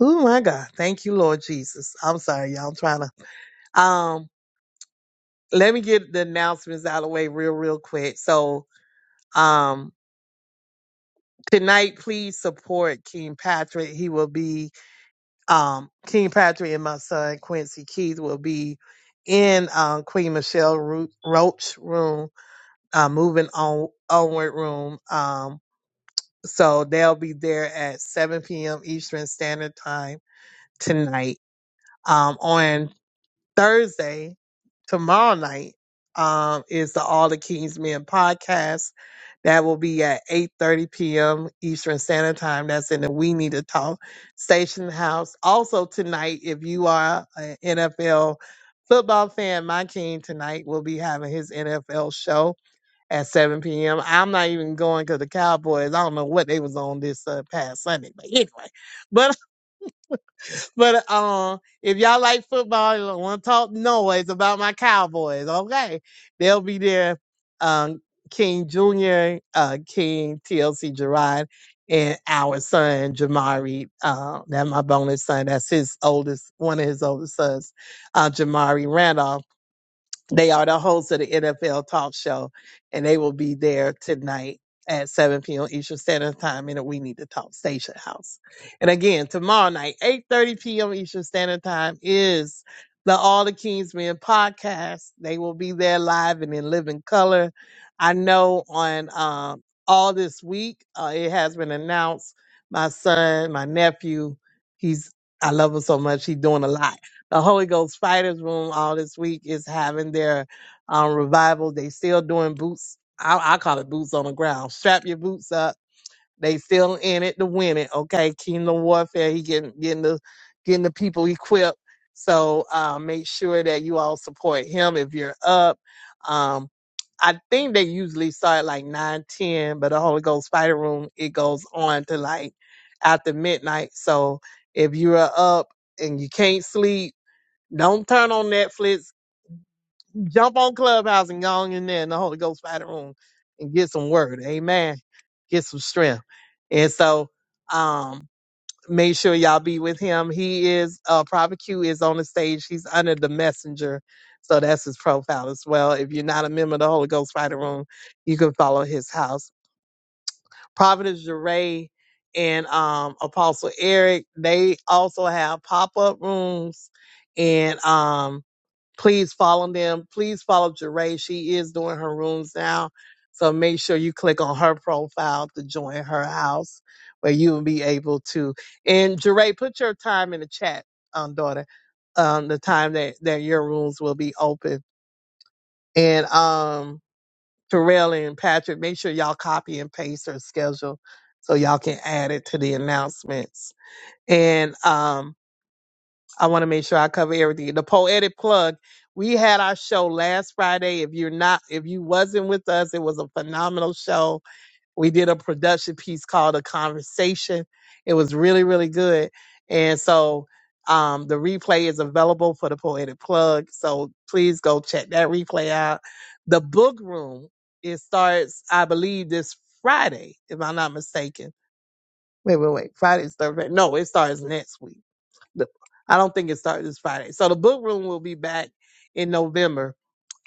Speaker 2: Ooh, my God. Thank you, Lord Jesus. I'm sorry, y'all. I'm trying to. Um, let me get the announcements out of the way real, real quick. So, um, tonight, please support King Patrick. He will be um, King Patrick and my son Quincy Keith will be in um, Queen Michelle Ro- Roach room, uh, moving on onward room. Um, so they'll be there at 7 p.m. Eastern Standard Time tonight. Um, on Thursday, tomorrow night, um, is the All the Kings Men podcast. That will be at 8.30 p.m. Eastern Standard Time. That's in the We Need to Talk Station House. Also tonight, if you are an NFL football fan, my king tonight will be having his NFL show at 7 p.m. I'm not even going because the Cowboys, I don't know what they was on this uh, past Sunday, but anyway. but. But um, if y'all like football, you want to talk noise about my Cowboys, okay? They'll be there. Um, King Jr., uh, King TLC Gerard, and our son Jamari. Uh, that's my bonus son. That's his oldest, one of his oldest sons, uh, Jamari Randolph. They are the hosts of the NFL Talk Show, and they will be there tonight at 7 p.m. Eastern Standard Time in the We Need to Talk Station House. And again, tomorrow night, 8.30 p.m. Eastern Standard Time is the All the Kings Men podcast. They will be there live and in living color. I know on um, all this week, uh, it has been announced my son, my nephew, he's, I love him so much. He's doing a lot the Holy Ghost Fighters Room all this week is having their um, revival. They still doing boots. I, I call it boots on the ground. Strap your boots up. They still in it to win it. Okay, Kingdom Warfare. He getting getting the getting the people equipped. So uh, make sure that you all support him if you're up. Um, I think they usually start like nine ten, but the Holy Ghost Fighter Room it goes on to like after midnight. So if you are up and you can't sleep don't turn on Netflix. Jump on Clubhouse and go on in there in the Holy Ghost Fighter Room and get some word. Amen. Get some strength. And so, um, make sure y'all be with him. He is, uh, Prophet Q is on the stage. He's under the messenger. So that's his profile as well. If you're not a member of the Holy Ghost Fighter Room, you can follow his house. Prophet Jeray and, um, Apostle Eric, they also have pop up rooms and, um, please follow them. Please follow Jeray. She is doing her rooms now. So make sure you click on her profile to join her house where you will be able to. And Jeray, put your time in the chat, um, daughter, um, the time that, that your rooms will be open. And um, Terrell and Patrick, make sure y'all copy and paste her schedule so y'all can add it to the announcements. And um. I want to make sure I cover everything. The poetic plug. We had our show last Friday. If you're not, if you wasn't with us, it was a phenomenal show. We did a production piece called A Conversation. It was really, really good. And so um, the replay is available for the poetic plug. So please go check that replay out. The book room, it starts, I believe, this Friday, if I'm not mistaken. Wait, wait, wait. Friday's Thursday. No, it starts next week the- I don't think it starts this Friday. So the book room will be back in November.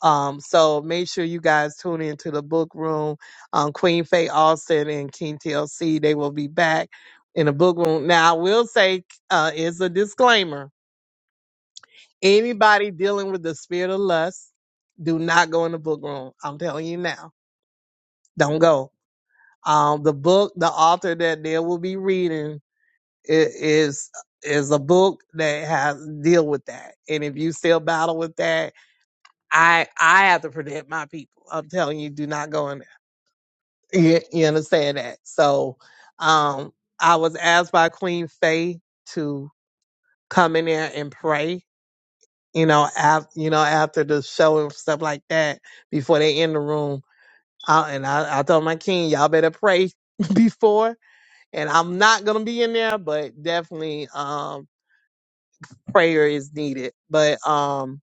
Speaker 2: Um, so make sure you guys tune into the book room. Um, Queen Faye Austin and King TLC, they will be back in the book room. Now I will say, uh, is a disclaimer. Anybody dealing with the spirit of lust, do not go in the book room. I'm telling you now, don't go. Um, the book, the author that they will be reading It is is a book that has deal with that. And if you still battle with that, I I have to protect my people. I'm telling you, do not go in there. You, you understand that? So, um, I was asked by Queen Faye to come in there and pray. You know, after you know after the show and stuff like that, before they in the room. I, and I, I told my king, y'all better pray before. And I'm not gonna be in there, but definitely, um prayer is needed. But um,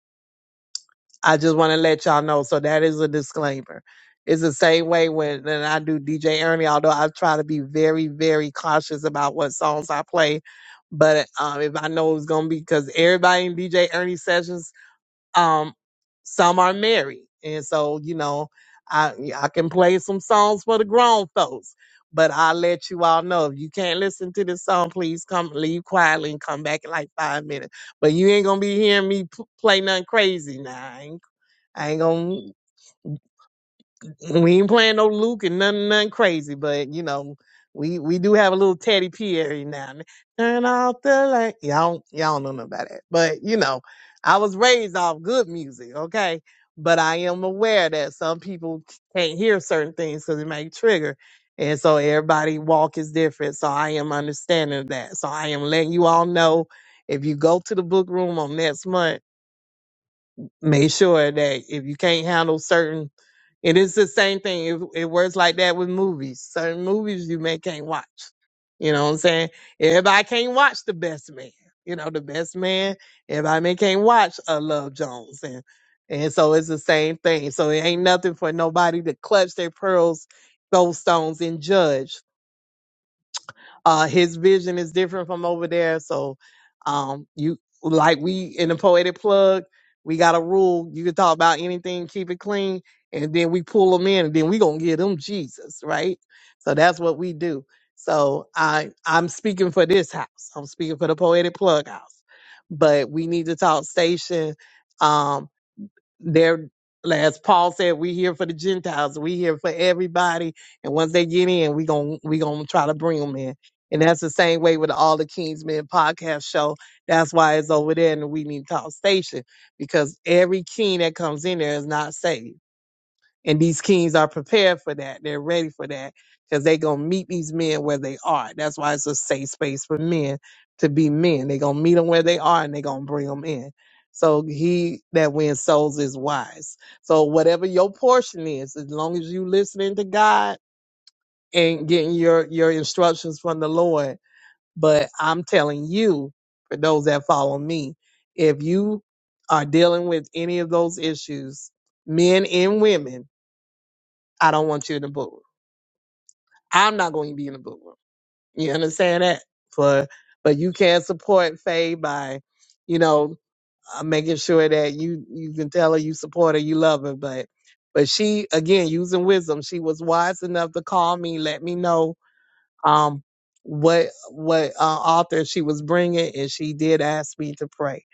Speaker 2: I just want to let y'all know. So that is a disclaimer. It's the same way when and I do DJ Ernie, although I try to be very, very cautious about what songs I play. But um, if I know it's gonna be because everybody in DJ Ernie sessions um, some are married, and so you know, I I can play some songs for the grown folks. But I let you all know if you can't listen to this song, please come leave quietly and come back in like five minutes. But you ain't gonna be hearing me p- play nothing crazy now. I ain't, I ain't gonna. We ain't playing no Luke and nothing, nothing crazy, but you know, we we do have a little Teddy P every now and then. Turn off the light. Y'all, don't- y'all don't know nothing about that, but you know, I was raised off good music, okay. But I am aware that some people can't hear certain things because it may trigger, and so everybody walk is different. So I am understanding of that. So I am letting you all know if you go to the book room on next month make sure that if you can't handle certain it is the same thing it, it works like that with movies certain movies you may can't watch you know what i'm saying everybody can't watch the best man you know the best man everybody may can't watch a love jones and and so it's the same thing so it ain't nothing for nobody to clutch their pearls those stones and judge uh, his vision is different from over there. So, um, you like we in the poetic plug, we got a rule. You can talk about anything, keep it clean, and then we pull them in, and then we gonna give them Jesus, right? So that's what we do. So I I'm speaking for this house. I'm speaking for the poetic plug house, but we need to talk station. um, they're, as Paul said, we here for the Gentiles. We here for everybody. And once they get in, we gon' we gonna try to bring them in. And that's the same way with all the Kingsmen podcast show. That's why it's over there in the We Need to Talk station because every king that comes in there is not saved. And these kings are prepared for that. They're ready for that because they're going to meet these men where they are. That's why it's a safe space for men to be men. They're going to meet them where they are and they're going to bring them in. So he that wins souls is wise. So whatever your portion is, as long as you listening to God and getting your, your instructions from the Lord. But I'm telling you, for those that follow me, if you are dealing with any of those issues, men and women, I don't want you in the booth. I'm not going to be in the booth. You understand that? For but you can support Faye by, you know, uh, making sure that you you can tell her you support her, you love her. But but she again using wisdom, she was wise enough to call me, let me know um what what uh, author she was bringing, and she did ask me to pray.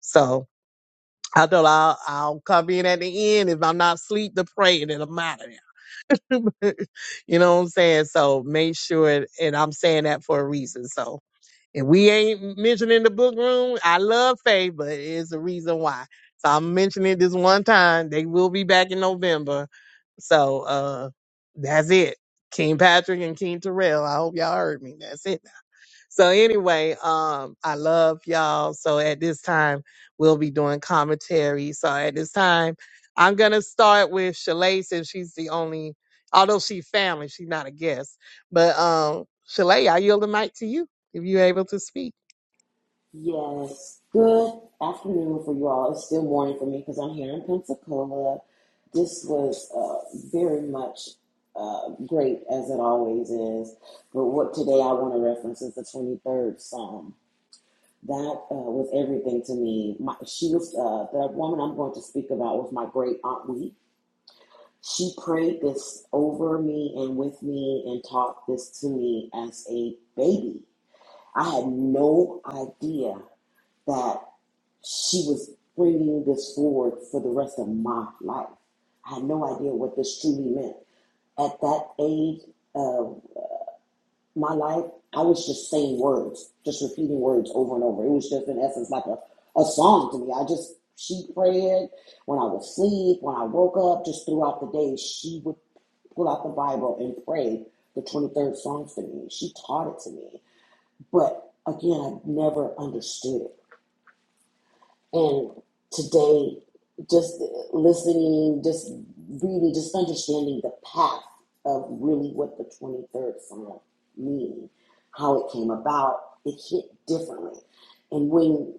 Speaker 2: So I thought I'll I'll come in at the end if I'm not asleep to pray, and it'll matter. you know what I'm saying? So make sure, and I'm saying that for a reason. So if we ain't mentioning the book room, I love Faye, but it's a reason why. So I'm mentioning this one time. They will be back in November. So uh that's it. King Patrick and King Terrell. I hope y'all heard me. That's it. So anyway, um, I love y'all. So at this time, we'll be doing commentary. So at this time, I'm gonna start with Shalay since she's the only, although she family, she's not a guest. But um, Shalay, I yield the mic to you if you're able to speak.
Speaker 4: Yes. Good afternoon for you all. It's still morning for me because I'm here in Pensacola. This was uh, very much uh, great as it always is. But what today I want to reference is the 23rd Psalm. That uh, was everything to me. My, she was uh, the woman I'm going to speak about was my great aunt Wee. She prayed this over me and with me and taught this to me as a baby. I had no idea that she was bringing this forward for the rest of my life. I had no idea what this truly meant. At that age of my life, I was just saying words, just repeating words over and over. It was just, in essence, like a, a song to me. I just, she prayed when I was asleep, when I woke up, just throughout the day, she would pull out the Bible and pray the 23rd Psalms to me. She taught it to me. But again, I never understood it. And today, just listening, just reading, just understanding the path of really what the 23rd Psalm meaning, how it came about, it hit differently. And when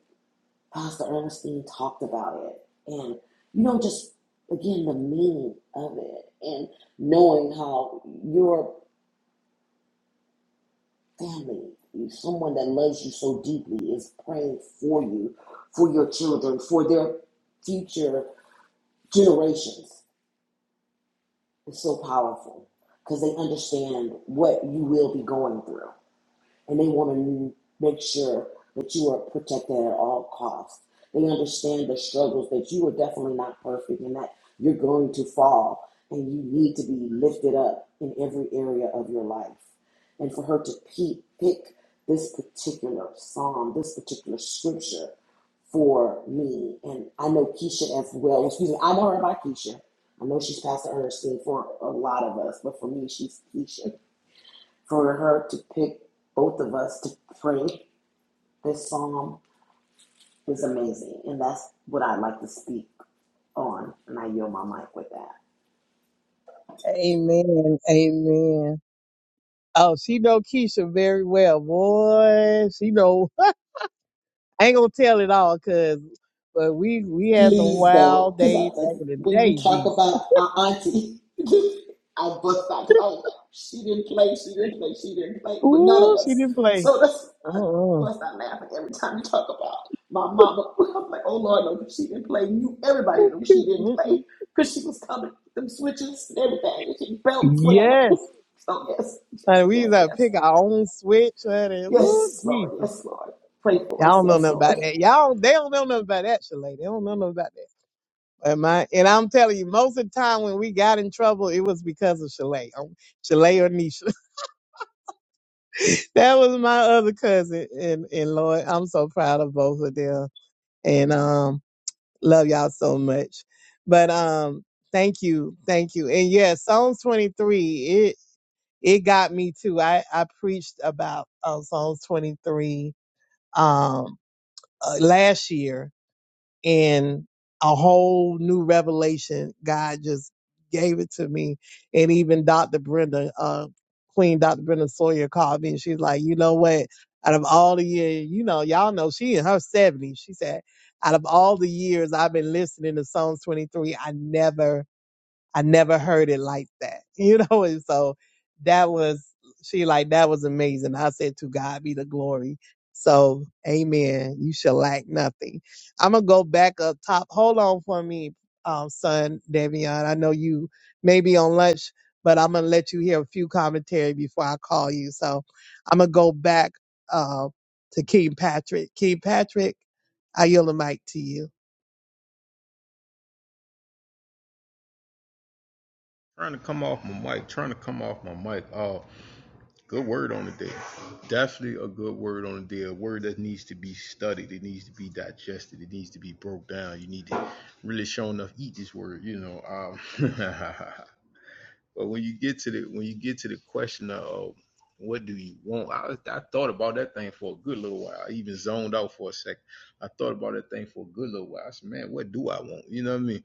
Speaker 4: Pastor Ernestine talked about it, and you know, just again, the meaning of it, and knowing how your family, someone that loves you so deeply, is praying for you, for your children, for their future generations is so powerful because they understand what you will be going through and they want to make sure that you are protected at all costs. They understand the struggles that you are definitely not perfect and that you're going to fall and you need to be lifted up in every area of your life. And for her to pe- pick this particular psalm, this particular scripture for me, and I know Keisha as well. Excuse me, I know her by Keisha. I know she's Pastor Ernestine for a lot of us, but for me, she's Keisha for her to pick both of us to pray this psalm is amazing. And that's what I'd like to speak on. And I yield my mic with that.
Speaker 2: Amen. Amen. Oh, she know Keisha very well, boy. She know. I ain't gonna tell it all, cause but we we had some
Speaker 4: Please don't,
Speaker 2: wild
Speaker 4: because
Speaker 2: days back
Speaker 4: like,
Speaker 2: in the
Speaker 4: when you
Speaker 2: day.
Speaker 4: talk
Speaker 2: Jesus,
Speaker 4: about our auntie, I bust out because I was like, she didn't play, she didn't play, she didn't play with none of
Speaker 2: ooh,
Speaker 4: us.
Speaker 2: she didn't play.
Speaker 4: So that's I
Speaker 2: Mm-mm.
Speaker 4: bust out laughing every time you talk about my mama. I'm like, oh Lord, no, 'cause she didn't play. You, everybody knew she didn't play
Speaker 2: Mm-mm.
Speaker 4: because she was coming, with them switches and everything, and she belts, whatever.
Speaker 2: Yes.
Speaker 4: So yes, yes,
Speaker 2: And we
Speaker 4: yes,
Speaker 2: gotta
Speaker 4: yes,
Speaker 2: pick our own switch honey. Woo,
Speaker 4: yes, Lord,
Speaker 2: Jesus.
Speaker 4: yes, Lord, pray for
Speaker 2: Y'all
Speaker 4: us,
Speaker 2: don't know
Speaker 4: yes,
Speaker 2: nothing
Speaker 4: Lord.
Speaker 2: about that. Y'all they don't know nothing about that, Shalay. They don't know nothing about that. But my and I'm telling you, most of the time when we got in trouble, it was because of Shalay. Um, Shalay or Nisha. that was my other cousin and, and Lord, I'm so proud of both of them. And um love y'all so much. But um thank you. Thank you. And yes, Psalms 23. it got me too. I, I preached about uh, Psalms 23 um, uh, last year, and a whole new revelation. God just gave it to me. And even Dr. Brenda, uh, Queen Dr. Brenda Sawyer called me, and she's like, you know what? Out of all the years, you know, y'all know she in her 70s. She said, out of all the years I've been listening to Psalms 23, I never– I never heard it like that, you know? And so that was, she like, that was amazing. I said, to God be the glory. So, amen. You shall lack nothing. I'm going to go back up top. Hold on for me, um, son, Davion. I know you may be on lunch, but I'm going to let you hear a few commentary before I call you. So I'm going to go back, uh, to King Patrick. King Patrick, I yield the mic to you.
Speaker 1: Trying to come off my mic. Trying to come off my mic. Uh, Good word on the day. Definitely a good word on the day. A word that needs to be studied. It needs to be digested. It needs to be broke down. You need to really show enough eat this word, you know. Um, but when you get to the when you get to the question of what do you want, I, I thought about that thing for a good little while. I even zoned out for a second. I thought about that thing for a good little while. I said, man, what do I want? You know what I mean?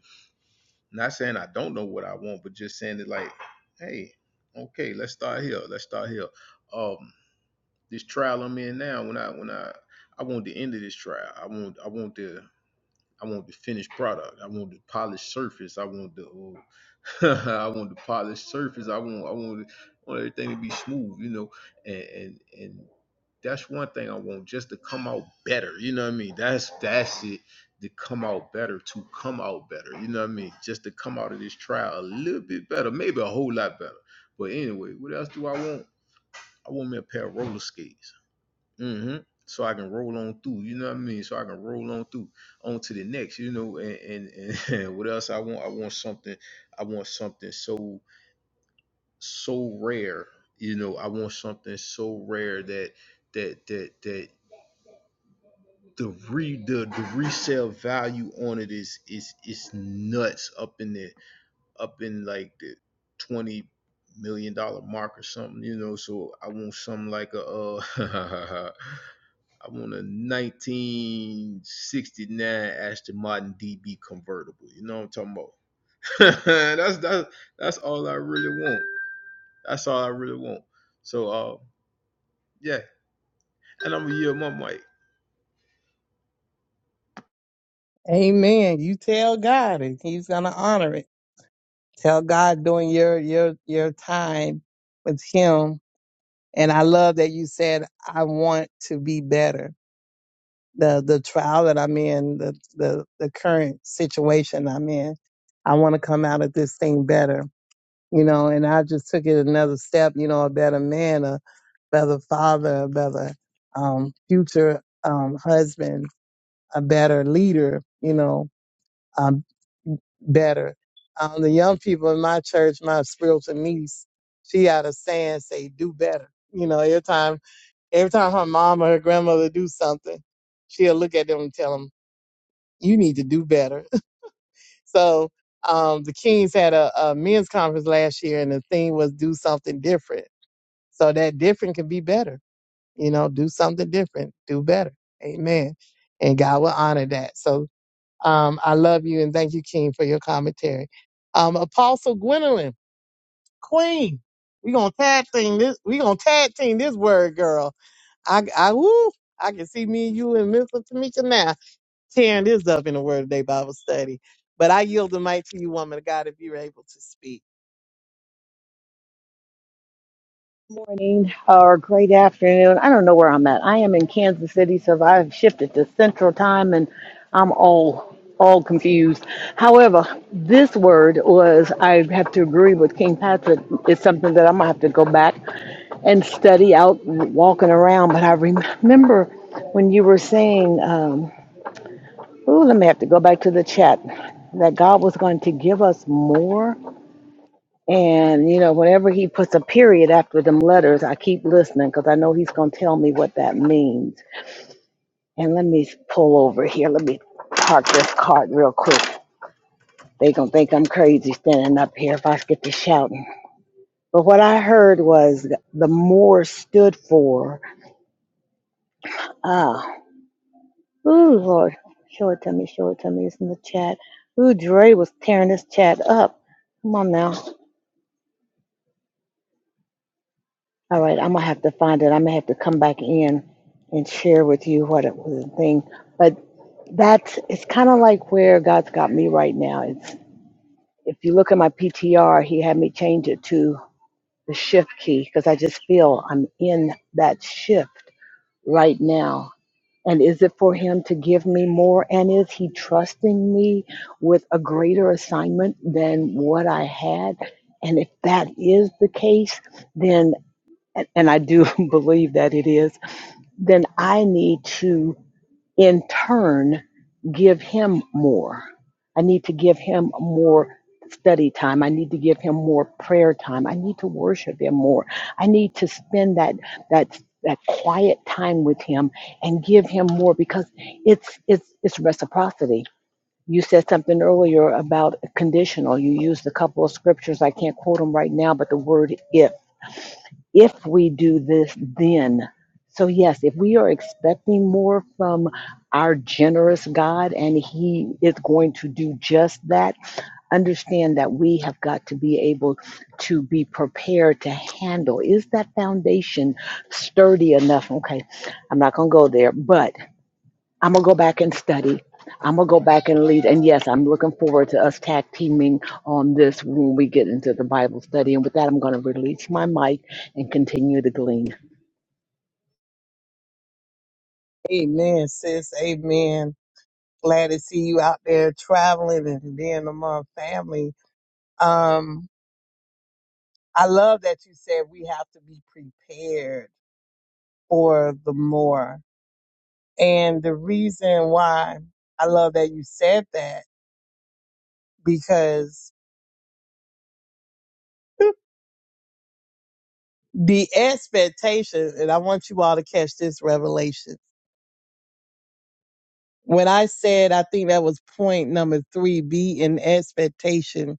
Speaker 1: Not saying I don't know what I want, but just saying it like, hey, okay, let's start here. Let's start here. Uh, this trial I'm in now, when I when I I want the end of this trial. I want I want the I want the finished product. I want the polished surface. I want the uh, I want the polished surface. I want I want I want everything to be smooth, you know. And and and that's one thing I want just to come out better. You know what I mean? That's that's it. To come out better, to come out better. You know what I mean? Just to come out of this trial a little bit better, maybe a whole lot better. But anyway, what else do I want? I want me a pair of roller skates hmm So I can roll on through, you know what I mean? So I can roll on through on to the next, you know, and and, and what else I want? I want something, I want something so so rare, you know, I want something so rare that that that that the re the, the resale value on it is is is nuts up in the up in like the twenty million dollar mark or something, you know. So I want something like a uh I want a 1969 Aston Martin DB convertible. You know what I'm talking about? that's that's that's all I really want. That's all I really want. So uh, yeah, and I'm gonna yield my mic.
Speaker 2: Amen. You tell God and he's going to honor it. Tell God during your your your time with Him. And I love that you said, "I want to be better." The the trial that I'm in, the the the current situation I'm in, I want to come out of this thing better. You know, and I just took it another step. You know, a better man, a better father, a better um, future um, husband, a better leader. You know, better. Um, the young people in my church, my spiritual niece, she had a saying, say, do better. You know, every time, every time her mom or her grandmother do something, she'll look at them and tell them, you need to do better. so, um, the Kings had a, a men's conference last year and the theme was do something different. So that different can be better. You know, do something different, do better. Amen. And God will honor that. So um, I love you and thank you, King, for your commentary. Um, Apostle Gwendolyn, Queen, we gonna tag team this. We gonna tag team this word, girl. I, I, woo, I can see me and you and Miss Tamika now tearing this up in the Word of Day Bible study. But I yield the mic to you, woman of God, if you're able to speak.
Speaker 5: morning or great afternoon. I don't know where I'm at. I am in Kansas City, so I've shifted to Central Time, and I'm all all confused. However, this word was I have to agree with King Patrick. It's something that I'm gonna have to go back and study out walking around. But I remember when you were saying, um, "Ooh, let me have to go back to the chat." That God was going to give us more. And, you know, whenever he puts a period after them letters, I keep listening because I know he's going to tell me what that means. And let me pull over here. Let me park this cart real quick. They gonna think I'm crazy standing up here if I get to shouting. But what I heard was the more stood for. Ah, ooh, Lord, show it to me, show it to me. It's in the chat. Ooh, Dre was tearing this chat up. Come on now. All right, I'm gonna have to find it. I'm gonna have to come back in and share with you what it was a thing. But that's it's kind of like where God's got me right now. It's if you look at my PTR, He had me change it to the shift key because I just feel I'm in that shift right now. And is it for Him to give me more? And is He trusting me with a greater assignment than what I had? And if that is the case, then and and I do believe that it is then I need to, in turn, give him more. I need to give him more study time. I need to give him more prayer time. I need to worship him more. I need to spend that that that quiet time with him and give him more because it's it's it's reciprocity. You said something earlier about conditional. You used a couple of scriptures. I can't quote them right now, but the word if if we do this then. So, yes, if we are expecting more from our generous God and He is going to do just that, understand that we have got to be able to be prepared to handle. Is that foundation sturdy enough? Okay, I'm not going to go there, but I'm gonna go back and study. I'm gonna go back and lead. And yes, I'm looking forward to us tag teaming on this when we get into the Bible study. And with that, I'm gonna release my mic and continue to glean.
Speaker 2: Amen, sis. Amen. Glad to see you out there traveling and being among family. Um, I love that you said we have to be prepared or the more. And the reason why I love that you said that because the expectation, and I want you all to catch this revelation. When I said, I think that was point number three, be in expectation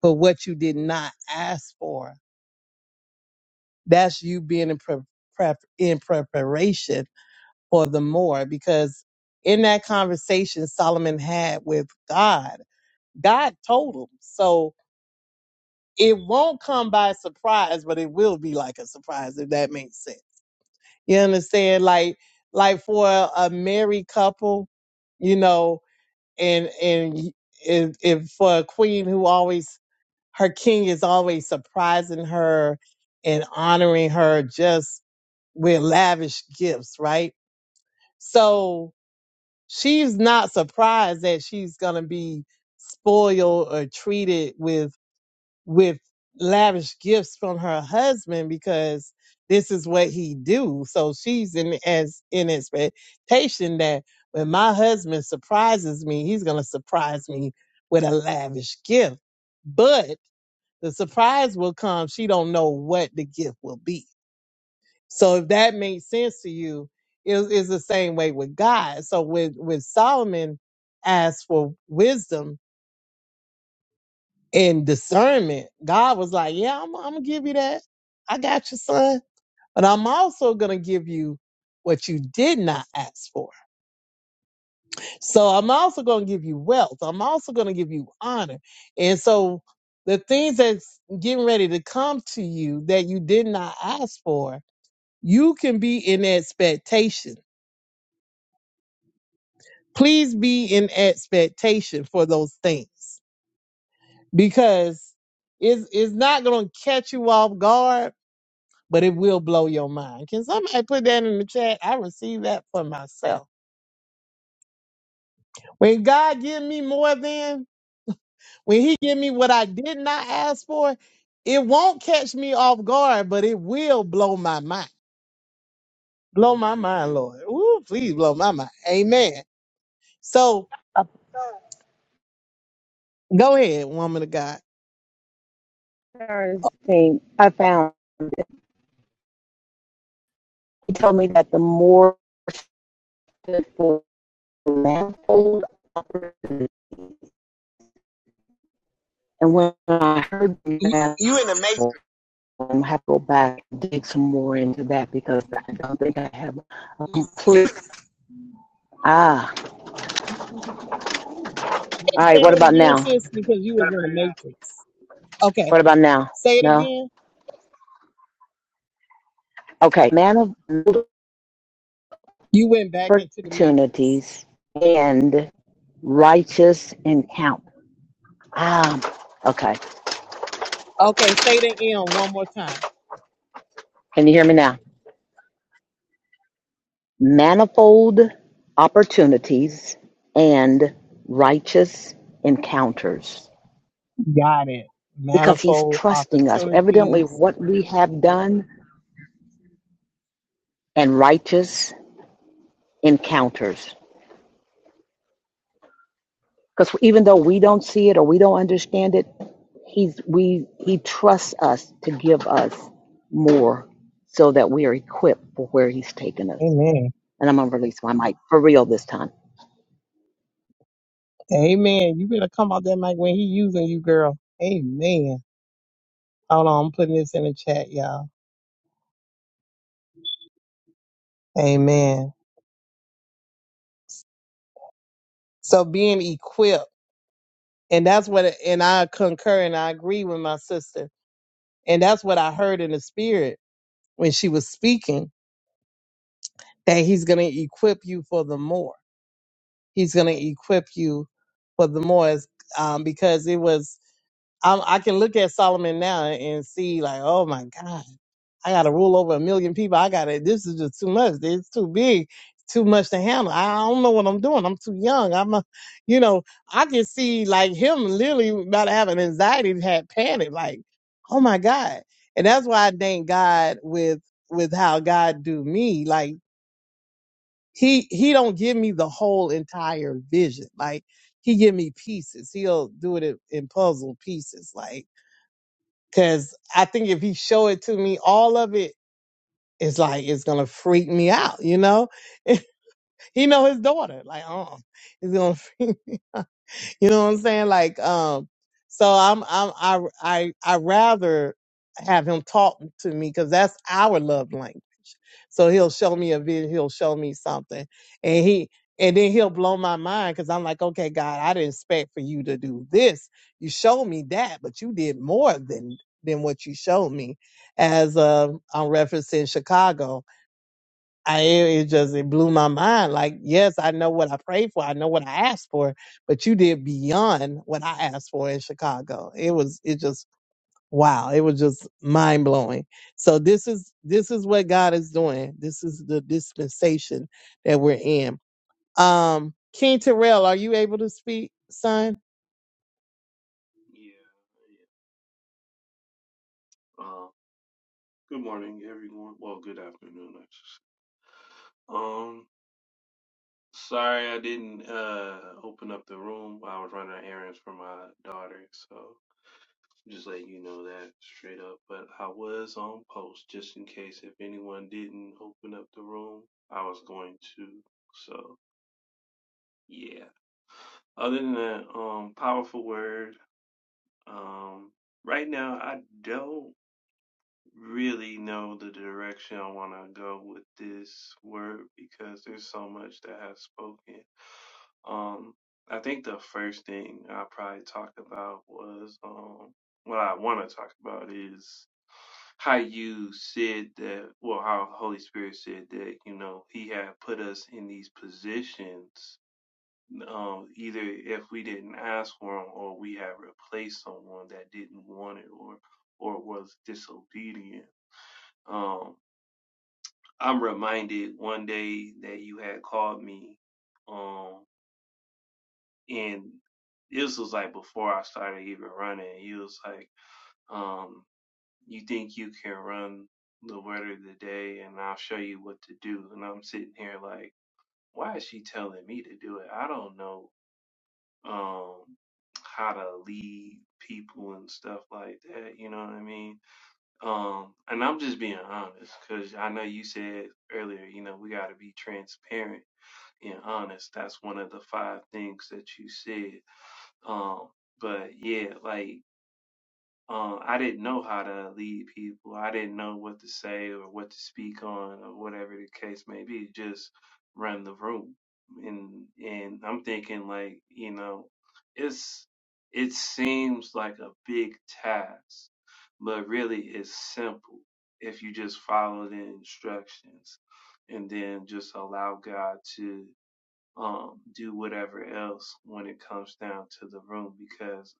Speaker 2: for what you did not ask for. That's you being in, pre- prep, in preparation for the more because in that conversation Solomon had with God, God told him. So it won't come by surprise, but it will be like a surprise if that makes sense. You understand? Like like for a, married couple, you know, and and if, if for a queen who always her king is always surprising her and honoring her just with lavish gifts, right? So she's not surprised that she's gonna be spoiled or treated with with lavish gifts from her husband because this is what he do. So she's in as in expectation that when my husband surprises me, he's gonna surprise me with a lavish gift. But the surprise will come. She don't know what the gift will be. So if that makes sense to you, it is the same way with God. So with with Solomon asked for wisdom, and discernment, God was like, Yeah, I'm, I'm gonna give you that. I got you, son. But I'm also gonna give you what you did not ask for. So I'm also gonna give you wealth. I'm also gonna give you honor. And so the things that's getting ready to come to you that you did not ask for, you can be in expectation. Please be in expectation for those things because it's, it's not going to catch you off guard but it will blow your mind. Can somebody put that in the chat? I received that for myself. When God give me more than, when he give me what I did not ask for, it won't catch me off guard, but it will blow my mind. Blow my mind, Lord. Ooh, please blow my mind. Amen. So go ahead, woman of God.
Speaker 5: thing I found, he told me that the more the manifold opportunity. And when I heard
Speaker 6: You,
Speaker 5: that,
Speaker 6: you in the matrix?
Speaker 5: I'm gonna have to go back and dig some more into that because I don't think I have a complete. Ah, all
Speaker 2: Say
Speaker 5: right. What
Speaker 2: that
Speaker 5: about
Speaker 2: again,
Speaker 5: now?
Speaker 2: sis, because you was in the matrix. Okay.
Speaker 5: What about now?
Speaker 2: Say it
Speaker 5: No.
Speaker 2: again.
Speaker 5: Okay, manifold
Speaker 2: You went back into the matrix.
Speaker 5: opportunities and righteous encounter. Ah, okay.
Speaker 2: Okay, say the end one more time.
Speaker 5: Can you hear me now? Manifold opportunities and righteous encounters.
Speaker 2: Got it.
Speaker 5: Because he's
Speaker 2: Manifold
Speaker 5: trusting us, evidently,
Speaker 2: opportunities.
Speaker 5: what we have done and righteous encounters. Because even though we don't see it or we don't understand it, he's we he trusts us to give us more so that we are equipped for where he's taken us.
Speaker 2: Amen.
Speaker 5: And I'm gonna release my mic for real this time.
Speaker 2: Amen. You better come out that mic when he using you, girl. Amen. Hold on, I'm putting this in the chat, y'all. Amen. So being equipped, and that's what, and I concur and I agree with my sister, and that's what I heard in the spirit when she was speaking that he's going to equip you for the more. He's going to equip you for the more, um, because it was I'm, I can look at Solomon now and see like, oh my God, I got to rule over a million people. I got to, this is just too much. It's too big, too much to handle. I don't know what I'm doing. I'm too young. I'm a, you know, I can see like him literally about to have an anxiety, had panic, like, oh my God. And that's why I thank God with, with how God do me. Like he, he don't give me the whole entire vision. Like he give me pieces. He'll do it in, in puzzle pieces. Like, Cause I think if he show it to me, all of it is like it's gonna freak me out, you know. he know his daughter, like, oh, it's gonna freak me. you know what I'm saying? Like, um, so I'm, I'm, I, I, I rather have him talk to me because that's our love language. So he'll show me a video, he'll show me something, and he, and then he'll blow my mind because I'm like, okay, God, I didn't expect for you to do this. You showed me that, but you did more than than what you showed me. As uh, I'm referencing Chicago, I it just it blew my mind. Like, yes, I know what I prayed for, I know what I asked for, but you did beyond what I asked for in Chicago. It was it just wow, it was just mind blowing. So this is this is what God is doing. This is the dispensation that we're in. Um, King Terrell, are you able to speak, son?
Speaker 7: Yeah, yeah. Uh, good morning, everyone. Well, good afternoon, actually. Um, sorry I didn't uh open up the room. I was running errands for my daughter, so just letting you know that straight up. But I was on post just in case if anyone didn't open up the room, I was going to. So yeah. Other than that, um, powerful word. Um, right now I don't. really know the direction I want to go with this word because there's so much that has spoken. Um, I think the first thing I probably talked about was um, what I want to talk about is how you said that, well, how Holy Spirit said that, you know, He had put us in these positions, um, either if we didn't ask for them or we had replaced someone that didn't want it or or was disobedient. Um, I'm reminded one day that you had called me, um, and this was like before I started even running. You was like, um, you think you can run the word of the day, and I'll show you what to do. And I'm sitting here like, why is she telling me to do it? I don't know, um, how to lead people and stuff like that. You know what I mean? Um, and I'm just being honest because I know you said earlier, you know, we got to be transparent and honest. That's one of the five things that you said. Um, but yeah, like um, I didn't know how to lead people. I didn't know what to say or what to speak on or whatever the case may be. Just run the room, and and I'm thinking like you know, it's it seems like a big task, but really it's simple if you just follow the instructions and then just allow God to um, do whatever else when it comes down to the room because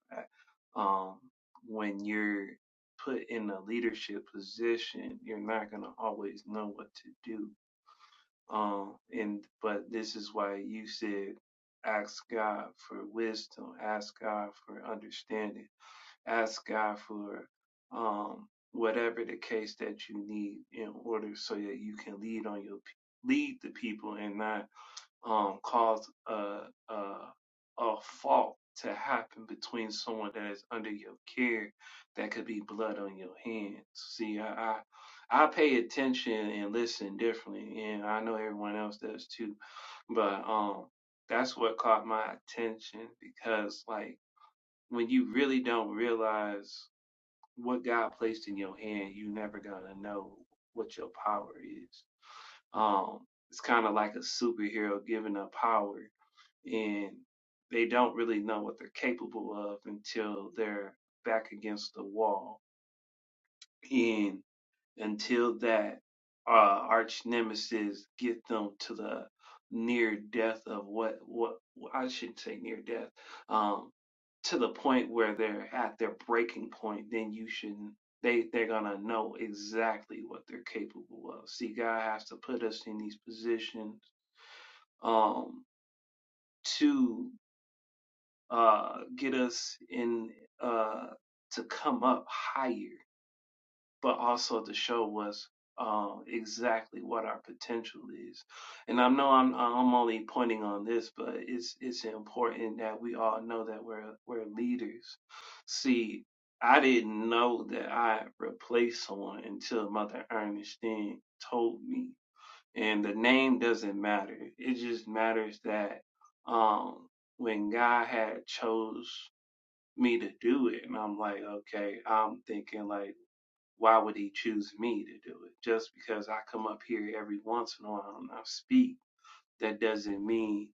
Speaker 7: uh, um, when you're put in a leadership position, you're not going to always know what to do. Um, and but this is why you said ask God for wisdom, ask God for understanding, ask God for um, whatever the case that you need in order so that you can lead on your lead the people and not um, cause a, a, a fault to happen between someone that is under your care that could be blood on your hands. See, I, I, I pay attention and listen differently, and I know everyone else does too, but um, that's what caught my attention because, like, when you really don't realize what God placed in your hand, you never gonna know what your power is. Um, it's kind of like a superhero given a power and they don't really know what they're capable of until they're back against the wall and until that uh, arch nemesis get them to the near death of what what I shouldn't say near death um to the point where they're at their breaking point then you shouldn't they they're gonna know exactly what they're capable of see God has to put us in these positions um to uh, get us in uh, to come up higher, but also to show us uh, exactly what our potential is. And I know I'm I'm only pointing on this, but it's it's important that we all know that we're we're leaders. See, I didn't know that I replaced someone until Mother Ernestine told me. And the name doesn't matter. It just matters that um, when God had chose me to do it. And I'm like, okay, I'm thinking like, why would he choose me to do it? Just because I come up here every once in a while and I speak, that doesn't mean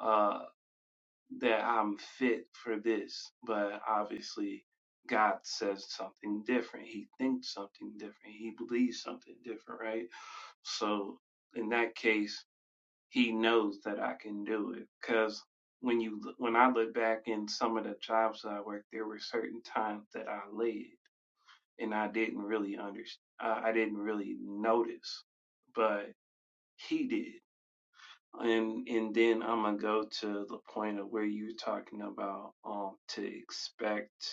Speaker 7: uh that I'm fit for this. But obviously God says something different. He thinks something different. He believes something different, right? So in that case, he knows that I can do it. Cause when you when I look back in some of the jobs that I worked, there were certain times that I led and I didn't really understand. I didn't really notice, but he did. And and then I'm gonna go to the point of where you're talking about um to expect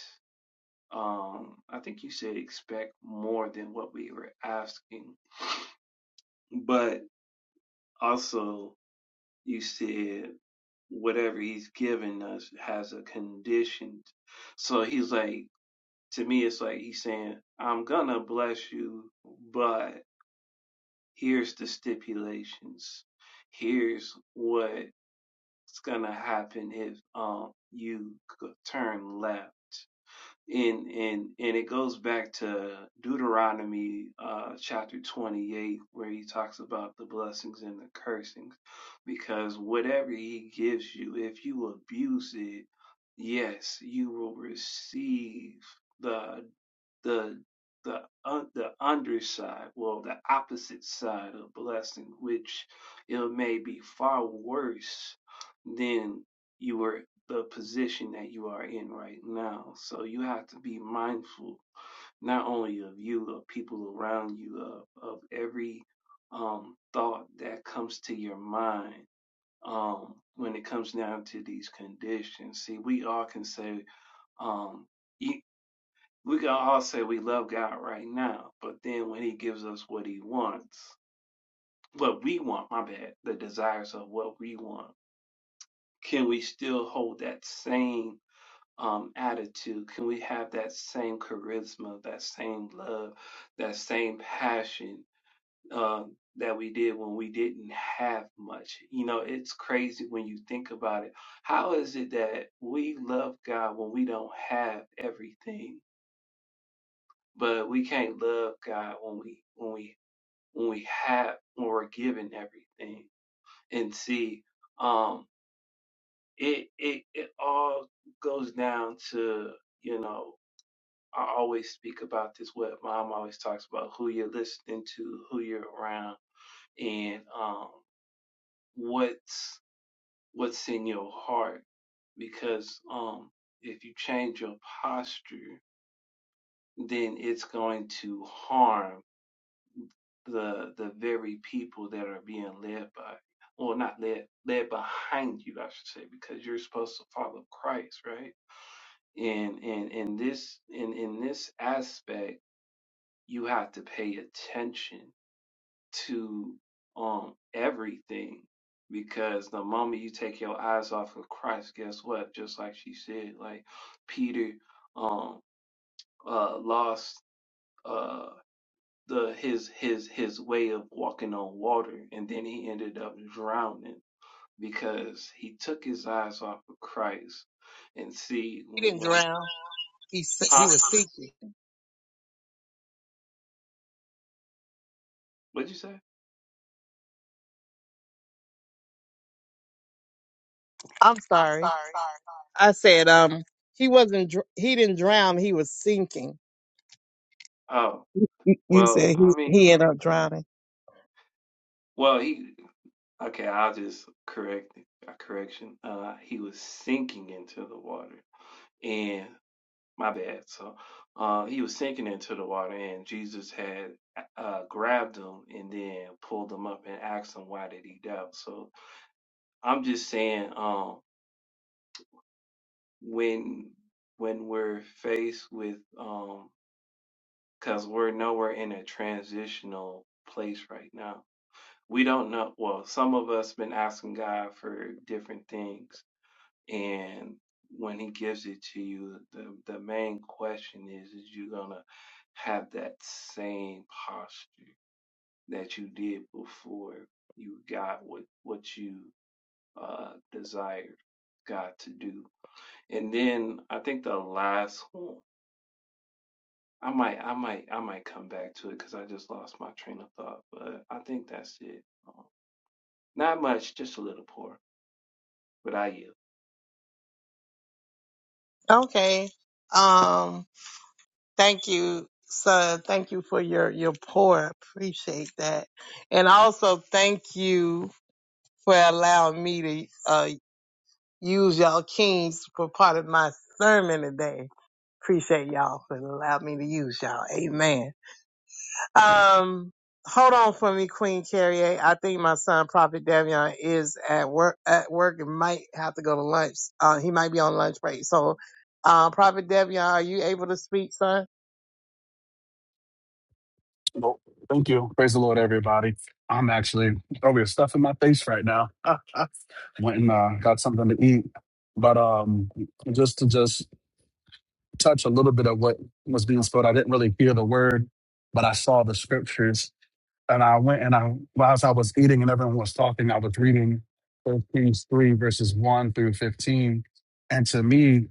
Speaker 7: um I think you said expect more than what we were asking, but also You said whatever he's given us has a condition. So he's like, to me, it's like he's saying, I'm gonna bless you, but here's the stipulations. Here's what's gonna happen if um you turn left and and and it goes back to Deuteronomy uh, chapter 28 where he talks about the blessings and the cursings because whatever he gives you if you abuse it yes you will receive the the the un the underside well the opposite side of blessing which it may be far worse than you were the position that you are in right now. So you have to be mindful not only of you, of people around you, of, of every um, thought that comes to your mind um, when it comes down to these conditions. See, we all can say, um, you, we can all say we love God right now, but then when He gives us what He wants, what we want, my bad, the desires of what we want, can we still hold that same? um, attitude? Can we have that same charisma, that same love, that same passion uh, that we did when we didn't have much? You know, it's crazy when you think about it. How is it that we love God when we don't have everything, but we can't love God when we when we when we have when we're given everything? And see, um, it it it all goes down to you know I always speak about this. What mom always talks about: who you're listening to, who you're around, and um, what's what's in your heart. Because um, if you change your posture, then it's going to harm the the very people that are being led by, well, not led led behind you, I should say, because you're supposed to follow Christ, right? And and in this in in this aspect, you have to pay attention to um everything because the moment you take your eyes off of Christ, guess what? Just like she said, like Peter um uh lost uh the his his his way of walking on water and then he ended up drowning because he took his eyes off of Christ and see
Speaker 6: He
Speaker 7: when,
Speaker 6: didn't
Speaker 7: when
Speaker 6: drown. He s- he
Speaker 7: huh?
Speaker 6: was seeking.
Speaker 7: What'd you say?
Speaker 2: I'm sorry. I said um he wasn't dr- he didn't drown, he was sinking.
Speaker 7: Oh
Speaker 2: You, you
Speaker 7: well
Speaker 2: said he
Speaker 7: I mean
Speaker 2: he ended up drowning.
Speaker 7: well he Okay, I'll just correct it. A correction. Uh, he was sinking into the water, and my bad. So, uh, he was sinking into the water, and Jesus had uh grabbed him and then pulled him up and asked him why did he doubt. So, I'm just saying, um, when when we're faced with um, because we're nowhere in a transitional place right now. We don't know. Well, some of us been asking God for different things and when he gives it to you the the main question is is you gonna have that same posture that you did before you got what what you uh desired god to do and then i think the last one i might i might i might come back to it because i just lost my train of thought but i think that's it Um, not much just a little poor but i yield
Speaker 6: Okay. Um. Thank you, sir. Thank you for your your pour. Appreciate that. And also thank you for allowing me to uh use y'all kings for part of my sermon today. Appreciate y'all for allowing me to use y'all. Amen. Um, hold on for me, Queen Carrier. I think my son, Prophet Davion, is at work at work and might have to go to lunch. Uh, he might be on lunch break. So, uh, Prophet Davion, are you able to speak, son?
Speaker 8: Well, thank you. Praise the Lord, everybody. I'm actually over here stuffing my face right now. Went and uh, got something to eat. But um, just to just touch a little bit of what was being spoken, I didn't really hear the word, but I saw the scriptures. And I went and I, whilst I was eating and everyone was talking, I was reading 1 Kings 3, verses 1 through 15. And to me,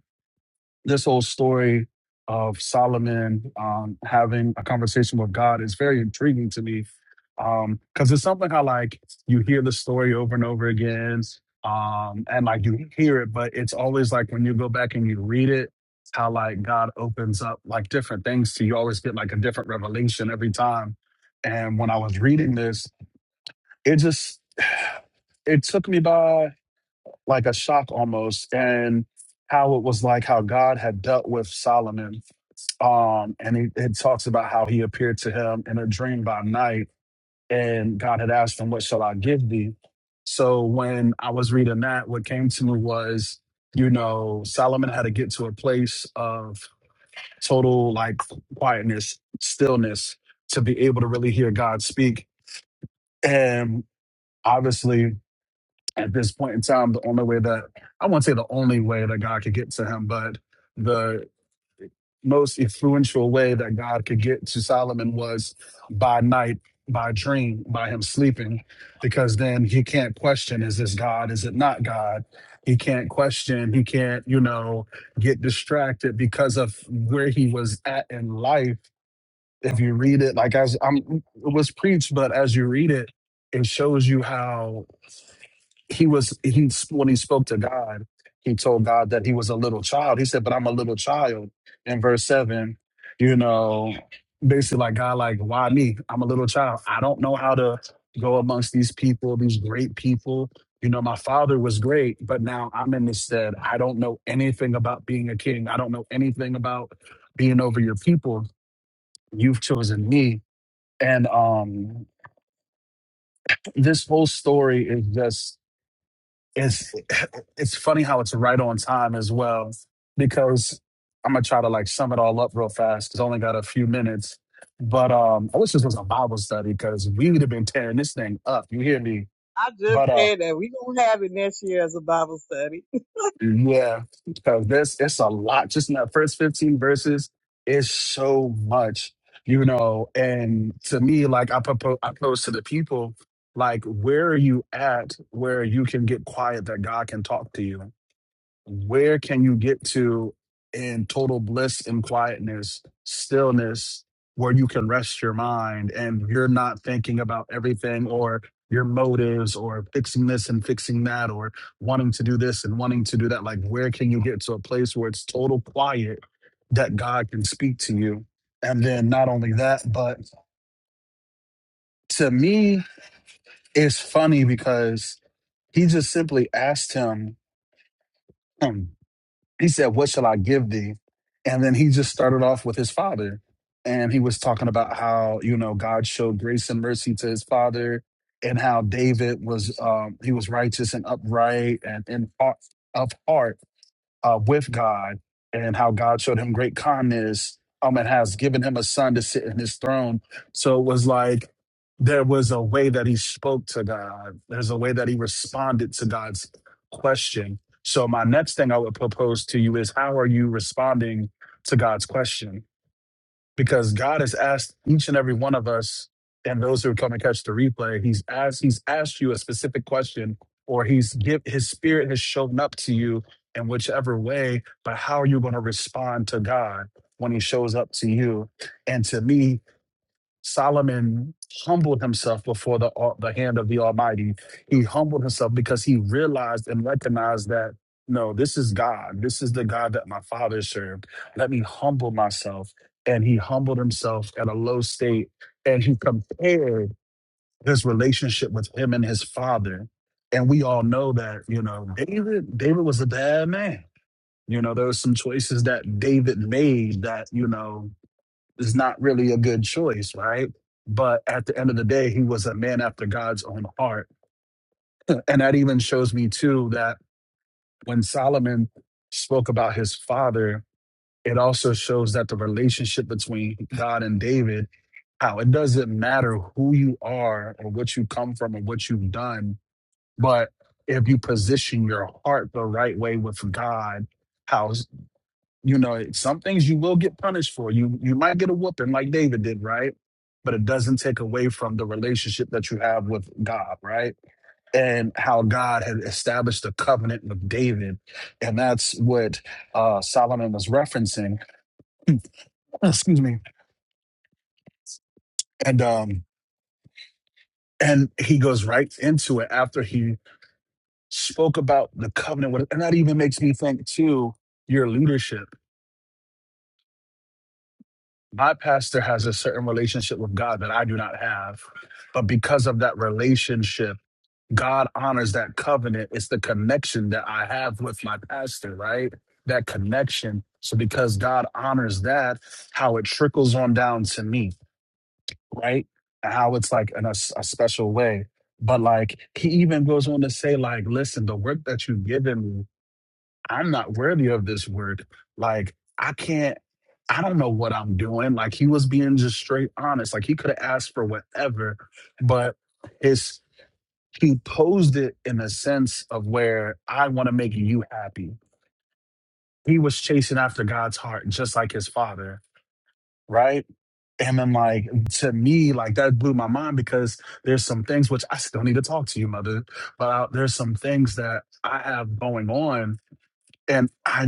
Speaker 8: this whole story of Solomon um, having a conversation with God is very intriguing to me because um, it's something how like you hear the story over and over again, um, and like you hear it, but it's always like when you go back and you read it, how like God opens up like different things to you. Always get like a different revelation every time. And when I was reading this, it just it took me by like a shock almost and how it was like how God had dealt with Solomon. Um, and it, it talks about how he appeared to him in a dream by night and God had asked him, What shall I give thee? So when I was reading that, what came to me was, you know, Solomon had to get to a place of total like quietness, stillness to be able to really hear God speak. And obviously at this point in time, the only way that I won't say the only way that God could get to him, but the most influential way that God could get to Solomon was by night, by dream, by him sleeping, because then he can't question is this God, is it not God? He can't question, he can't, you know, get distracted because of where he was at in life. If you read it, like as I'm, it was preached, but as you read it, it shows you how he was he when he spoke to God, he told God that he was a little child. He said, "But I'm a little child." In verse seven, you know, basically like God, like why me? I'm a little child. I don't know how to go amongst these people, these great people. You know, my father was great, but now I'm in this stead. I don't know anything about being a king. I don't know anything about being over your people. You've chosen me, and um, this whole story is just it's it's funny how it's right on time as well because i'm gonna try to like sum it all up real fast it's only got a few minutes but um i wish this was a bible study because we would have been tearing this thing up you hear me
Speaker 6: I just
Speaker 8: but uh
Speaker 6: said that we gonna have it next year as a Bible study.
Speaker 8: yeah because this it's a lot just in that first 15 verses it's so much you know and to me like i propose i pose to the people like where are you at where you can get quiet that god can talk to you where can you get to in total bliss and quietness, stillness, where you can rest your mind and you're not thinking about everything or your motives or fixing this and fixing that or wanting to do this and wanting to do that? Like, where can you get to a place where it's total quiet that God can speak to you? And then not only that, but to me, it's funny because he just simply asked him. he said, What shall I give thee? And then he just started off with his father. And he was talking about how, you know, God showed grace and mercy to his father and how David was um he was righteous and upright and in of heart uh, with God and how God showed him great kindness um, and has given him a son to sit in his throne. So it was like there was a way that he spoke to God, there's a way that he responded to God's question. So, my next thing I would propose to you is how are you responding to God's question? because God has asked each and every one of us and those who come and catch the replay, he's asked he's asked you a specific question or he's give his spirit has shown up to you in whichever way, but how are you going to respond to God when he shows up to you? And to me, Solomon humbled himself before the, uh, the hand of the Almighty. He humbled himself because he realized and recognized that no, this is God. This is the God that my father served. Let me humble myself. And he humbled himself at a low state and he compared his relationship with him and his father. And we all know that, you know, David, David was a bad man. You know, there were some choices that David made that, you know, is not really a good choice, right? But at the end of the day, he was a man after God's own heart. And that even shows me, too, that when Solomon spoke about his father, it also shows that the relationship between God and David, how it doesn't matter who you are or what you come from or what you've done, but if you position your heart the right way with God, how. You know, some things you will get punished for. You you might get a whooping like David did, right? But it doesn't take away from the relationship that you have with God, right? And how God had established the covenant with David, and that's what uh, Solomon was referencing. Excuse me. And um, and he goes right into it after he spoke about the covenant. with- And that even makes me think too your leadership. my pastor has a certain relationship with God that I do not have. But because of that relationship, God honors that covenant. It's the connection that I have with my pastor, right? That connection. So because God honors that, how it trickles on down to me, right? And how it's like in a, s- a special way. But like he even goes on to say, like, listen, the work that you've given me I'm not worthy of this word. Like, I can't, I don't know what I'm doing. Like, he was being just straight honest. Like, he could have asked for whatever, but his, he posed it in a sense of where I want to make you happy. He was chasing after God's heart, just like his father, right? And then, like, to me, like, that blew my mind because there's some things which I still need to talk to you, mother, but I, there's some things that I have going on and I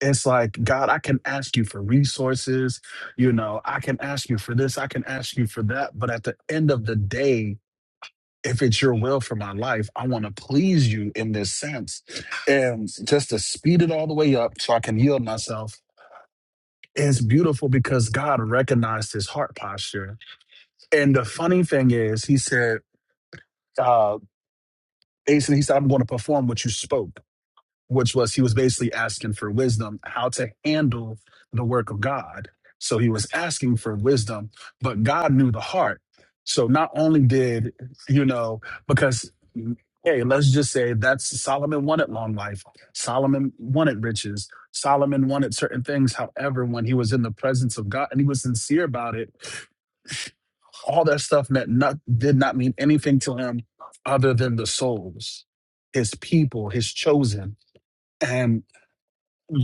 Speaker 8: it's like god i can ask you for resources you know i can ask you for this i can ask you for that but at the end of the day if it's your will for my life i want to please you in this sense and just to speed it all the way up so i can yield myself it's beautiful because god recognized his heart posture and the funny thing is he said uh Ace, he said, I'm going to perform what you spoke. which was he was basically asking for wisdom how to handle the work of God. So he was asking for wisdom, but God knew the heart. So not only did, you know, because hey, let's just say that's Solomon wanted long life. Solomon wanted riches. Solomon wanted certain things. However, when he was in the presence of God and he was sincere about it, all that stuff meant not did not mean anything to him other than the souls, his people, his chosen. and.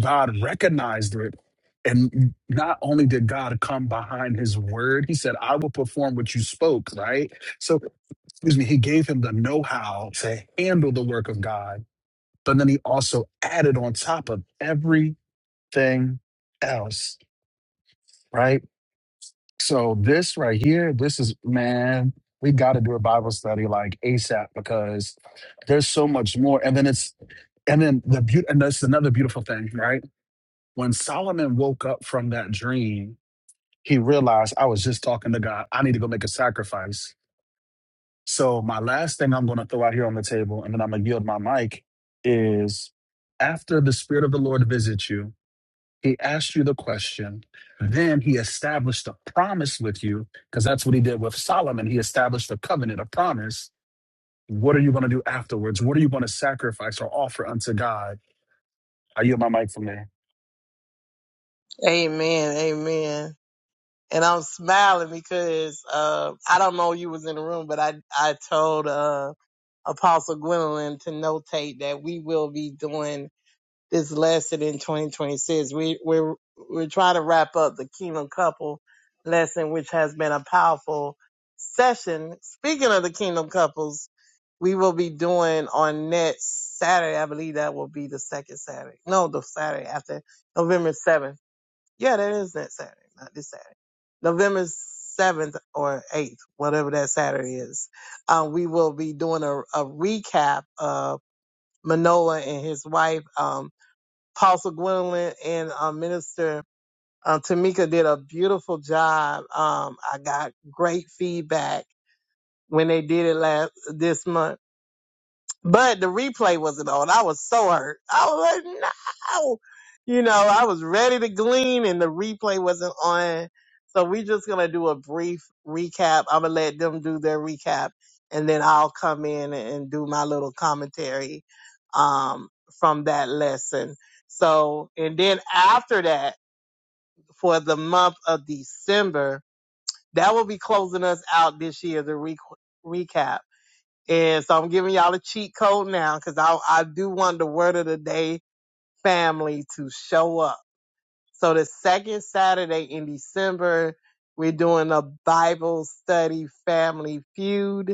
Speaker 8: God recognized it. And not only did God come behind his word, he said, I will perform what you spoke, right? So, excuse me, he gave him the know how to handle the work of God. But then he also added on top of everything else, right? So, this right here, this is, man, we got to do a Bible study like ASAP because there's so much more. And then it's, and then the beauty, and that's another beautiful thing, right? When Solomon woke up from that dream, he realized I was just talking to God. I need to go make a sacrifice. So, my last thing I'm going to throw out here on the table, and then I'm going to yield my mic, is after the Spirit of the Lord visits you, he asks you the question. Then he established a promise with you, because that's what he did with Solomon. He established a covenant, a promise. What are you going to do afterwards? What are you going to sacrifice or offer unto God? I yield my mic from there.
Speaker 6: Amen. Amen. and I'm smiling because uh, I don't know you was in the room, but I I told uh, Apostle Gwendolyn to notate that we will be doing this lesson in 2026. We we're we're trying to wrap up the Kingdom Couple lesson, which has been a powerful session. Speaking of the Kingdom Couples, we will be doing on next Saturday. I believe that will be the second Saturday. No, the Saturday after November 7th. Yeah, that is next Saturday, not this Saturday November 7th or 8th, whatever that Saturday is, uh, we will be doing a, a recap of Manoa and his wife, um, Apostle Gwendolyn and uh, Minister uh, Tamika did a beautiful job. Um, I got great feedback when they did it last this month but the replay wasn't on. I was so hurt. I was like, no. You know, I was ready to glean and the replay wasn't on. So we just gonna do a brief recap. I'm gonna let them do their recap and then I'll come in and do my little commentary um from that lesson. So and then after that, for the month of December, that will be closing us out this year, the re- recap. And so I'm giving y'all a cheat code now because I, I do want the word of the day family to show up. So the second Saturday in December, we're doing a Bible study family feud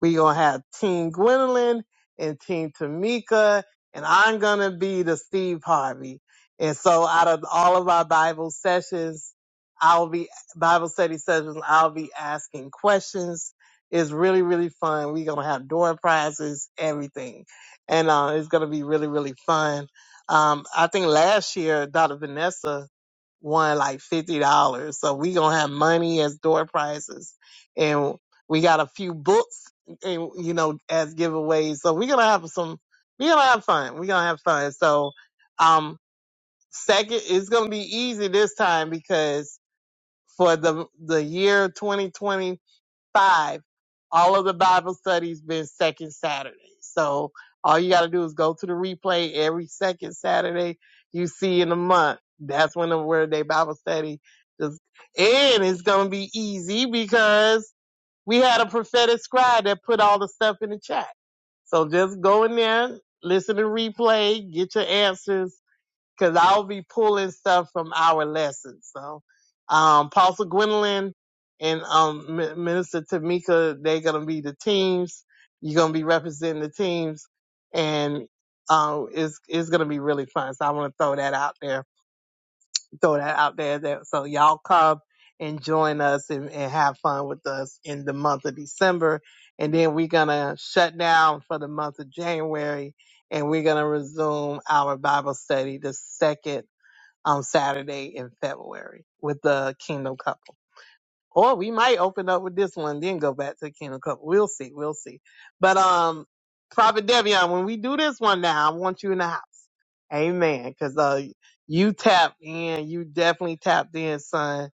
Speaker 6: we gonna have Team Gwendolyn and Team Tamika, and I'm gonna be the Steve Harvey. And so out of all of our Bible sessions, I'll be Bible study sessions, I'll be asking questions. It's really, really fun. We're gonna have door prizes, everything. And uh, it's gonna be really, really fun. Um, I think last year Dr. Vanessa won like fifty dollars. So we gonna have money as door prizes. And we got a few books and you know as giveaways so we're gonna have some we're gonna have fun we're gonna have fun so um second it's gonna be easy this time because for the the year 2025 all of the bible studies been second saturday so all you gotta do is go to the replay every second saturday you see in the month that's when the word day bible study just and it's gonna be easy because we had a prophetic scribe that put all the stuff in the chat. So just go in there, listen to replay, get your answers, because I'll be pulling stuff from our lessons. So, um, Apostle Gwendolyn and um, M- Minister Tamika, they're gonna be the teams. You're gonna be representing the teams, and uh, it's it's gonna be really fun. So I want to throw that out there throw that out there. That, so y'all come and join us and, and have fun with us in the month of December. And then we're going to shut down for the month of January and we're going to resume our Bible study the second um, Saturday in February with the Kingdom Couple. Or we might open up with this one, then go back to the Kingdom Couple. We'll see. We'll see. But, um, Prophet Devion, when we do this one now, I want you in the house. Amen. Because uh, you tapped in, you definitely tapped in, son,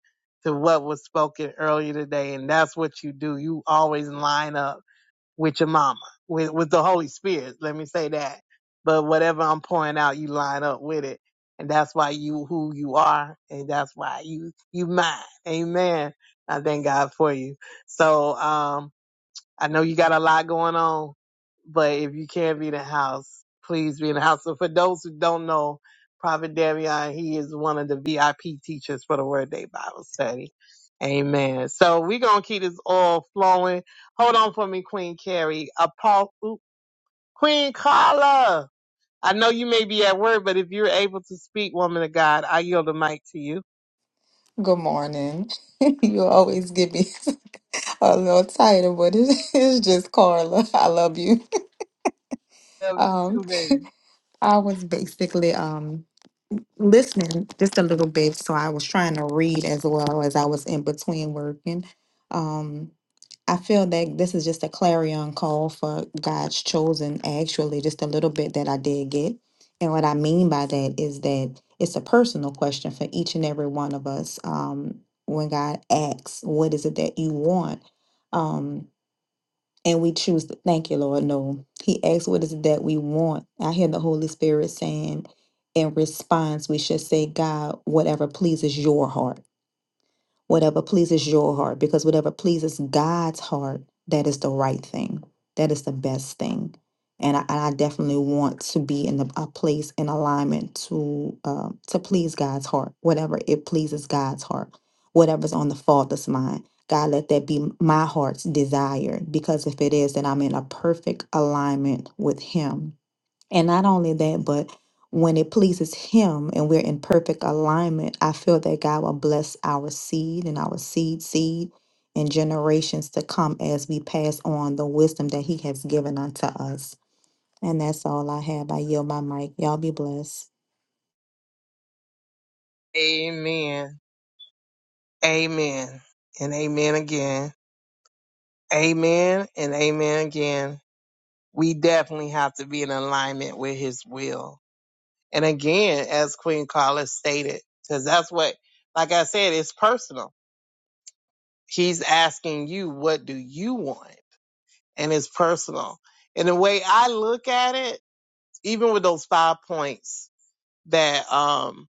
Speaker 6: to what was spoken earlier today, and that's what you do. You always line up with your mama, with with the Holy Spirit. Let me say that. But whatever I'm pouring out, you line up with it, and that's why you who you are, and that's why you you mine. Amen. I thank God for you. So, um, I know you got a lot going on, but if you can be in the house, please be in the house. So for those who don't know, Prophet Damian, he is one of the VIP teachers for the Word Day Bible Study. Amen. So we're gonna keep this all flowing. Hold on for me, Queen Carrie. Apostle oop, Queen Carla. I know you may be at work, but if you're able to speak, woman of God, I yield the mic to you.
Speaker 9: Good morning. You always give me a little title, but it- it's just Carla. I love you.
Speaker 6: Love you
Speaker 9: Um,
Speaker 6: too, baby.
Speaker 9: I was basically um listening just a little bit, so I was trying to read as well as I was in between working. Um, I feel that this is just a clarion call for God's chosen, actually, just a little bit that I did get. And what I mean by that is that it's a personal question for each and every one of us. Um, when God asks, What is it that you want? Um, and we choose to thank you, Lord. No, He asks, What is it that we want? I hear the Holy Spirit saying, In response, we should say, God, whatever pleases your heart whatever pleases your heart, because whatever pleases God's heart, that is the right thing. That is the best thing. And I, and I definitely want to be in the, a place in alignment to uh, to please God's heart, whatever it pleases God's heart, whatever's on the faultless mind. God, let that be my heart's desire, because if it is, then I'm in a perfect alignment with Him and not only that, but when it pleases Him and we're in perfect alignment, I feel that God will bless our seed and our seed seed and generations to come as we pass on the wisdom that He has given unto us. And that's all I have. I yield my mic. Y'all be blessed.
Speaker 6: Amen. Amen. And amen again. Amen and amen again. We definitely have to be in alignment with his will. And again, as Queen Carla stated, because that's what, like I said, it's personal. He's asking you, what do you want? And it's personal. And the way I look at it, even with those five points that, um,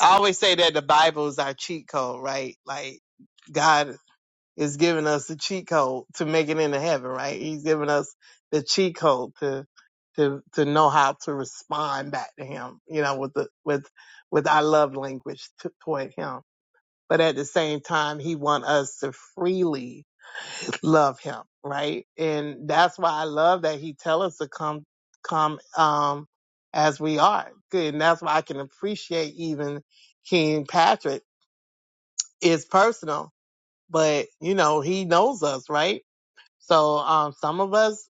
Speaker 6: I always say that the Bible is our cheat code, right? Like, God is giving us the cheat code to make it into heaven, right? He's giving us the cheat code to to to know how to respond back to him, you know, with the with with our love language to, toward him. But at the same time, he want us to freely love him, right? And that's why I love that he tell us to come come um as we are. Good. And that's why I can appreciate even King Patrick. It's personal, but you know, he knows us, right? So um, some of us,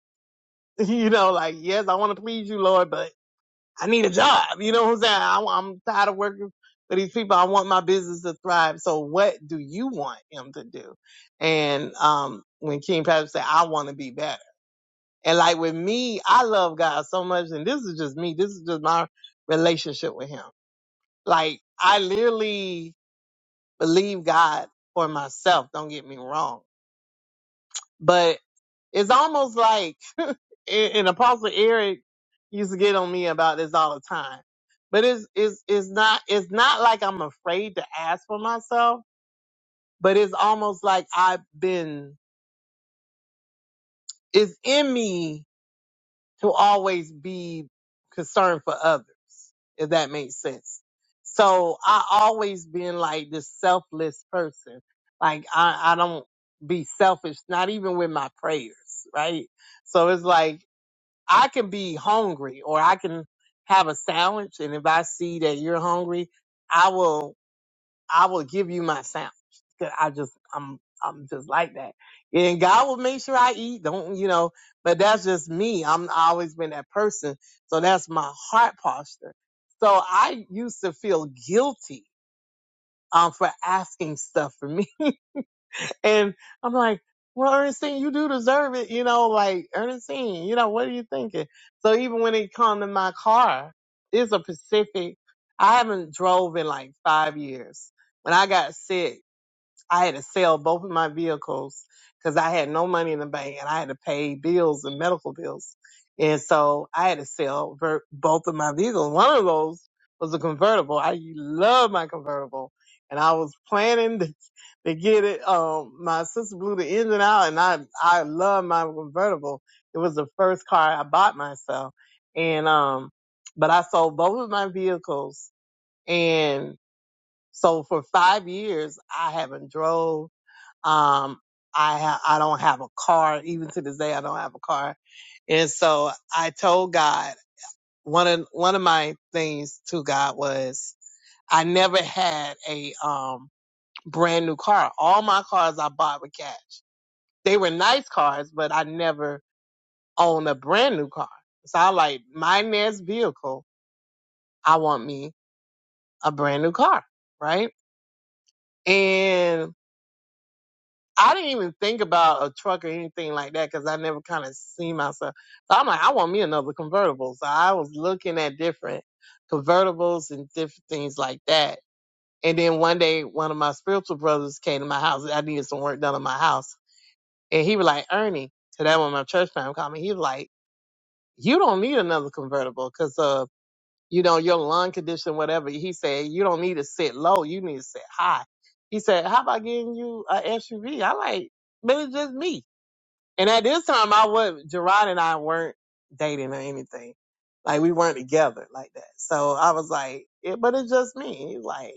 Speaker 6: you know, like yes, I want to please you, Lord, but I need a job. You know what I'm saying? I, I'm tired of working for these people. I want my business to thrive. So what do you want him to do? And um, when King Patrick said, "I want to be better," and like with me, I love God so much, and this is just me. This is just my relationship with Him. Like I literally believe God for myself. Don't get me wrong, but It's almost like, and Apostle Eric used to get on me about this all the time. But it's, it's, it's not, it's not like I'm afraid to ask for myself, but it's almost like I've been, it's in me to always be concerned for others, if that makes sense. So I always been like this selfless person. Like I, I don't be selfish, not even with my prayers, right? So it's like I can be hungry or I can have a sandwich and if I see that you're hungry, I will I will give you my sandwich. 'Cause I just I'm I'm just like that. And God will make sure I eat. Don't you know, but that's just me. I'm I always been that person. So that's my heart posture. So I used to feel guilty um for asking stuff for me. And I'm like, well, Ernestine, you do deserve it. You know, like, Ernestine, you know, what are you thinking? So even when it come to my car, it's a Pacific. I haven't drove in like five years. When I got sick, I had to sell both of my vehicles because I had no money in the bank and I had to pay bills and medical bills. And so I had to sell ver- both of my vehicles. One of those was a convertible. I love my convertible. And I was planning to, to get it. Um, my sister blew the engine out and I, I love my convertible. It was the first car I bought myself. And, um, but I sold both of my vehicles and so for five years, I haven't drove um, I ha- I don't have a car. Even to this day, I don't have a car. And so I told God one of one of my things to God was I never had a um brand new car. All my cars I bought with cash. They were nice cars, but I never owned a brand new car. So I like my next vehicle, I want me a brand new car, right? And I didn't even think about a truck or anything like that because I never kind of seen myself. So I'm like, I want me another convertible. So I was looking at different convertibles and different things like that. And then one day, one of my spiritual brothers came to my house. I needed some work done on my house. And he was like, Ernie, so that when my church family called me, he was like, you don't need another convertible because, uh, you know, your lung condition, whatever. He said, you don't need to sit low. You need to sit high. He said, how about getting you an SUV? I like, but it's just me. And at this time, I was Gerard and I weren't dating or anything. Like we weren't together like that. So I was like, it, but it's just me. He was Like,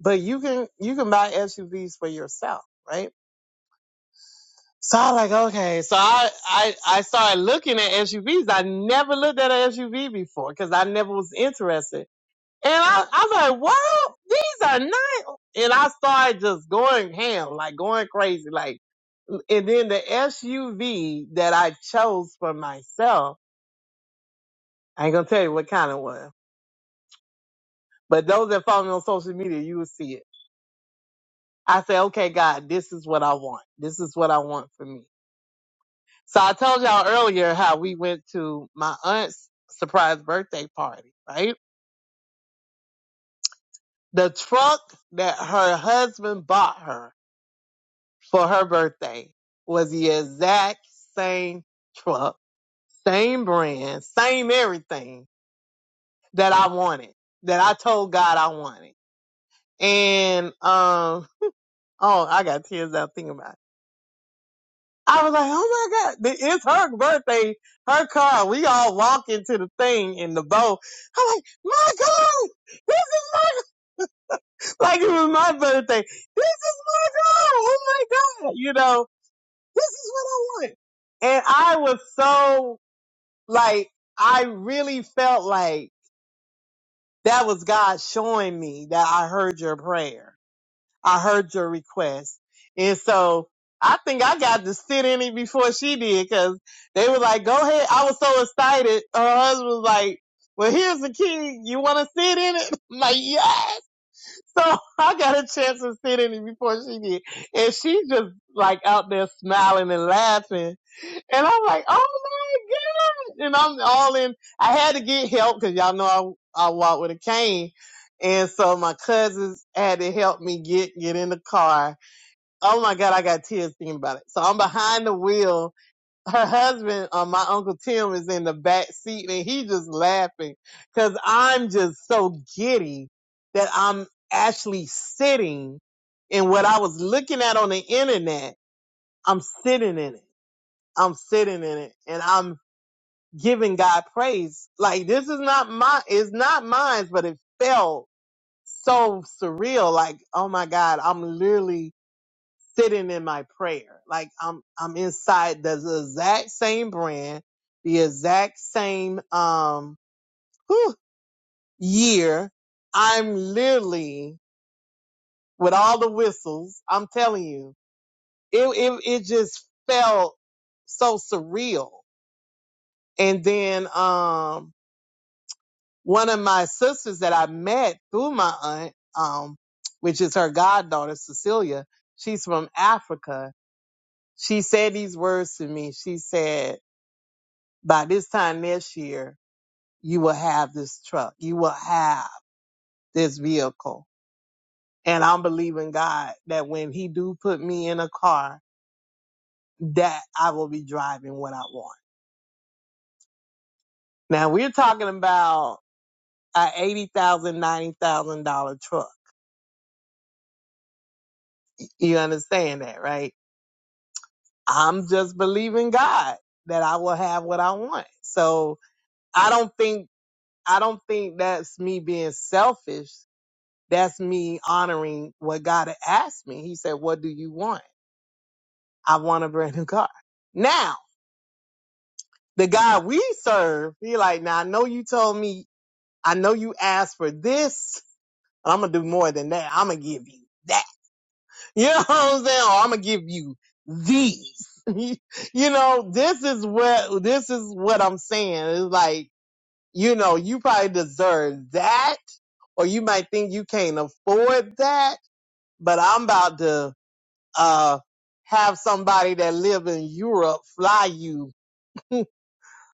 Speaker 6: but you can you can buy SUVs for yourself, right? So I was like, okay. So I I I started looking at SUVs. I never looked at an SUV before because I never was interested. And I, I was like, wow, these are nice. And I started just going ham, like going crazy, like. And then the SUV that I chose for myself, I ain't gonna tell you what kind it was, but those that follow me on social media, you will see it. I say, okay, God, this is what I want. This is what I want for me. So I told y'all earlier how we went to my aunt's surprise birthday party, right? The truck that her husband bought her for her birthday was the exact same truck, same brand, same everything that I wanted, that I told God I wanted. And um, oh, I got tears out thinking about it. I was like, oh my God, it's her birthday, her car. We all walk into the thing in the boat. I'm like, my God, this is my, like it was my birthday. This is my God. Oh my God. You know, this is what I want. And I was so like, I really felt like that was God showing me that I heard your prayer I heard your request. And so I think I got to sit in it before she did because they were like, go ahead. I was so excited. Her husband was like, well, here's the key. You want to sit in it? I'm like, yes. So I got a chance to sit in it before she did. And she's just like out there smiling and laughing. And I'm like, oh my goodness. And I'm all in. I had to get help because y'all know I, I walk with a cane. And so my cousins had to help me get, get in the car Oh my God, I got tears thinking about it. So I'm behind the wheel. Her husband, uh, my uncle Tim, is in the back seat, and he just laughing because I'm just so giddy that I'm actually sitting in what I was looking at on the internet. I'm sitting in it. I'm sitting in it, and I'm giving God praise. Like this is not my, it's not mine, but it felt so surreal. Like oh my God, I'm literally sitting in my prayer. Like I'm I'm inside the exact same brand, the exact same um whew, year. I'm literally with all the whistles. I'm telling you, it it it just felt so surreal. And then um one of my sisters that I met through my aunt, um, which is her goddaughter Cecilia, she's from Africa. She said these words to me. She said. By this time next year, you will have this truck. You will have this vehicle. And I'm believing God that when he do put me in a car, that I will be driving what I want. Now we're talking about a eighty thousand, dollars, ninety thousand dollar truck. You understand that, right? I'm just believing God that I will have what I want. So I don't think I don't think that's me being selfish. That's me honoring what God had asked me. He said, What do you want? I want a brand new car. Now, the God we serve, he like, now I know you told me, I know you asked for this, but I'm gonna do more than that. I'm gonna give you that. You know what I'm saying? Or I'm gonna give you these. you know, this is what this is what I'm saying. It's like, you know, you probably deserve that, or you might think you can't afford that, but I'm about to uh, have somebody that live in Europe fly you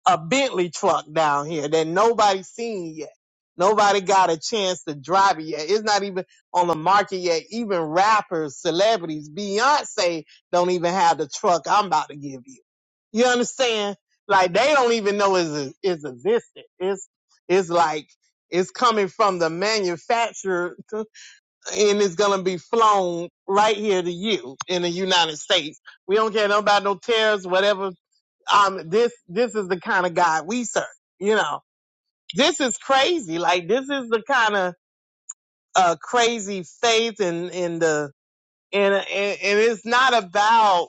Speaker 6: a Bentley truck down here that nobody's seen yet. Nobody got a chance to drive it yet. It's not even on the market yet. Even rappers, celebrities, Beyonce don't even have the truck I'm about to give you. You understand? Like they don't even know it's it's existed. It's it's like it's coming from the manufacturer and it's gonna be flown right here to you in the United States. We don't care no about no tariffs, whatever. Um, this this is the kind of God we serve. You know, this is crazy. Like this is the kind of uh crazy faith and and the and and, and it's not about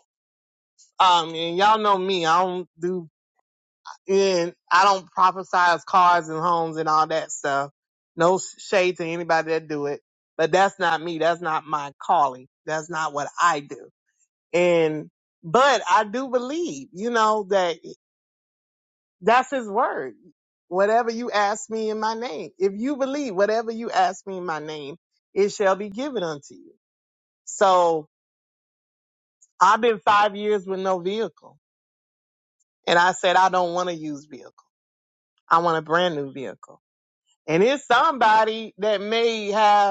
Speaker 6: um and y'all know me. I don't do and I don't prophesize cars and homes and all that stuff. No shade to anybody that do it, but that's not me. That's not my calling. That's not what I do And, but I do believe, you know, that that's his word. Whatever you ask me in my name, if you believe whatever you ask me in my name, it shall be given unto you. So I've been five years with no vehicle and I said, I don't want to use vehicle. I want a brand new vehicle. And it's somebody that may have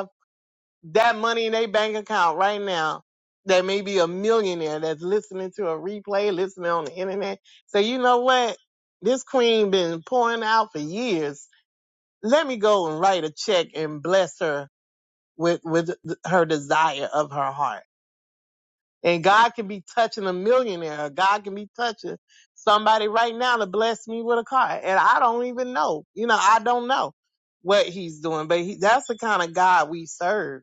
Speaker 6: that money in their bank account right now that may be a millionaire that's listening to a replay, listening on the internet. Say, you know what? This queen been pouring out for years. Let me go and write a check and bless her with, with th- her desire of her heart. And God can be touching a millionaire. God can be touching somebody right now to bless me with a car. And I don't even know. You know, I don't know what he's doing, but he, that's the kind of God we serve.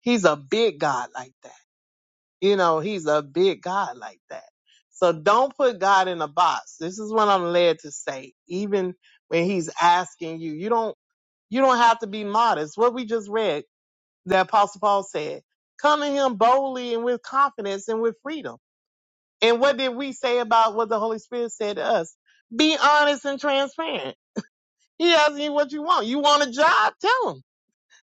Speaker 6: He's a big God like that. You know, he's a big God like that. So don't put God in a box. This is what I'm led to say. Even when he's asking you, you don't, you don't have to be modest. What we just read that Apostle Paul said, come to him boldly and with confidence and with freedom. And what did we say about what the Holy Spirit said to us? Be honest and transparent. He asking you what you want. You want a job? Tell him.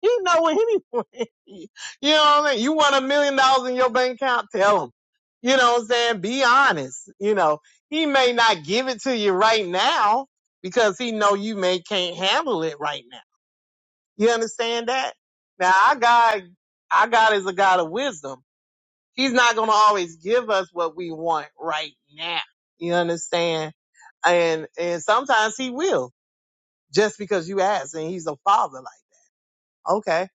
Speaker 6: You know anyone. you know what I mean? You want a million dollars in your bank account? Tell him. You know what I'm saying? Be honest. You know, he may not give it to you right now because he know you may can't handle it right now. You understand that? Now our God, our God is a God of wisdom. He's not going to always give us what we want right now. You understand? And, and sometimes he will just because you ask and he's a father like Okay.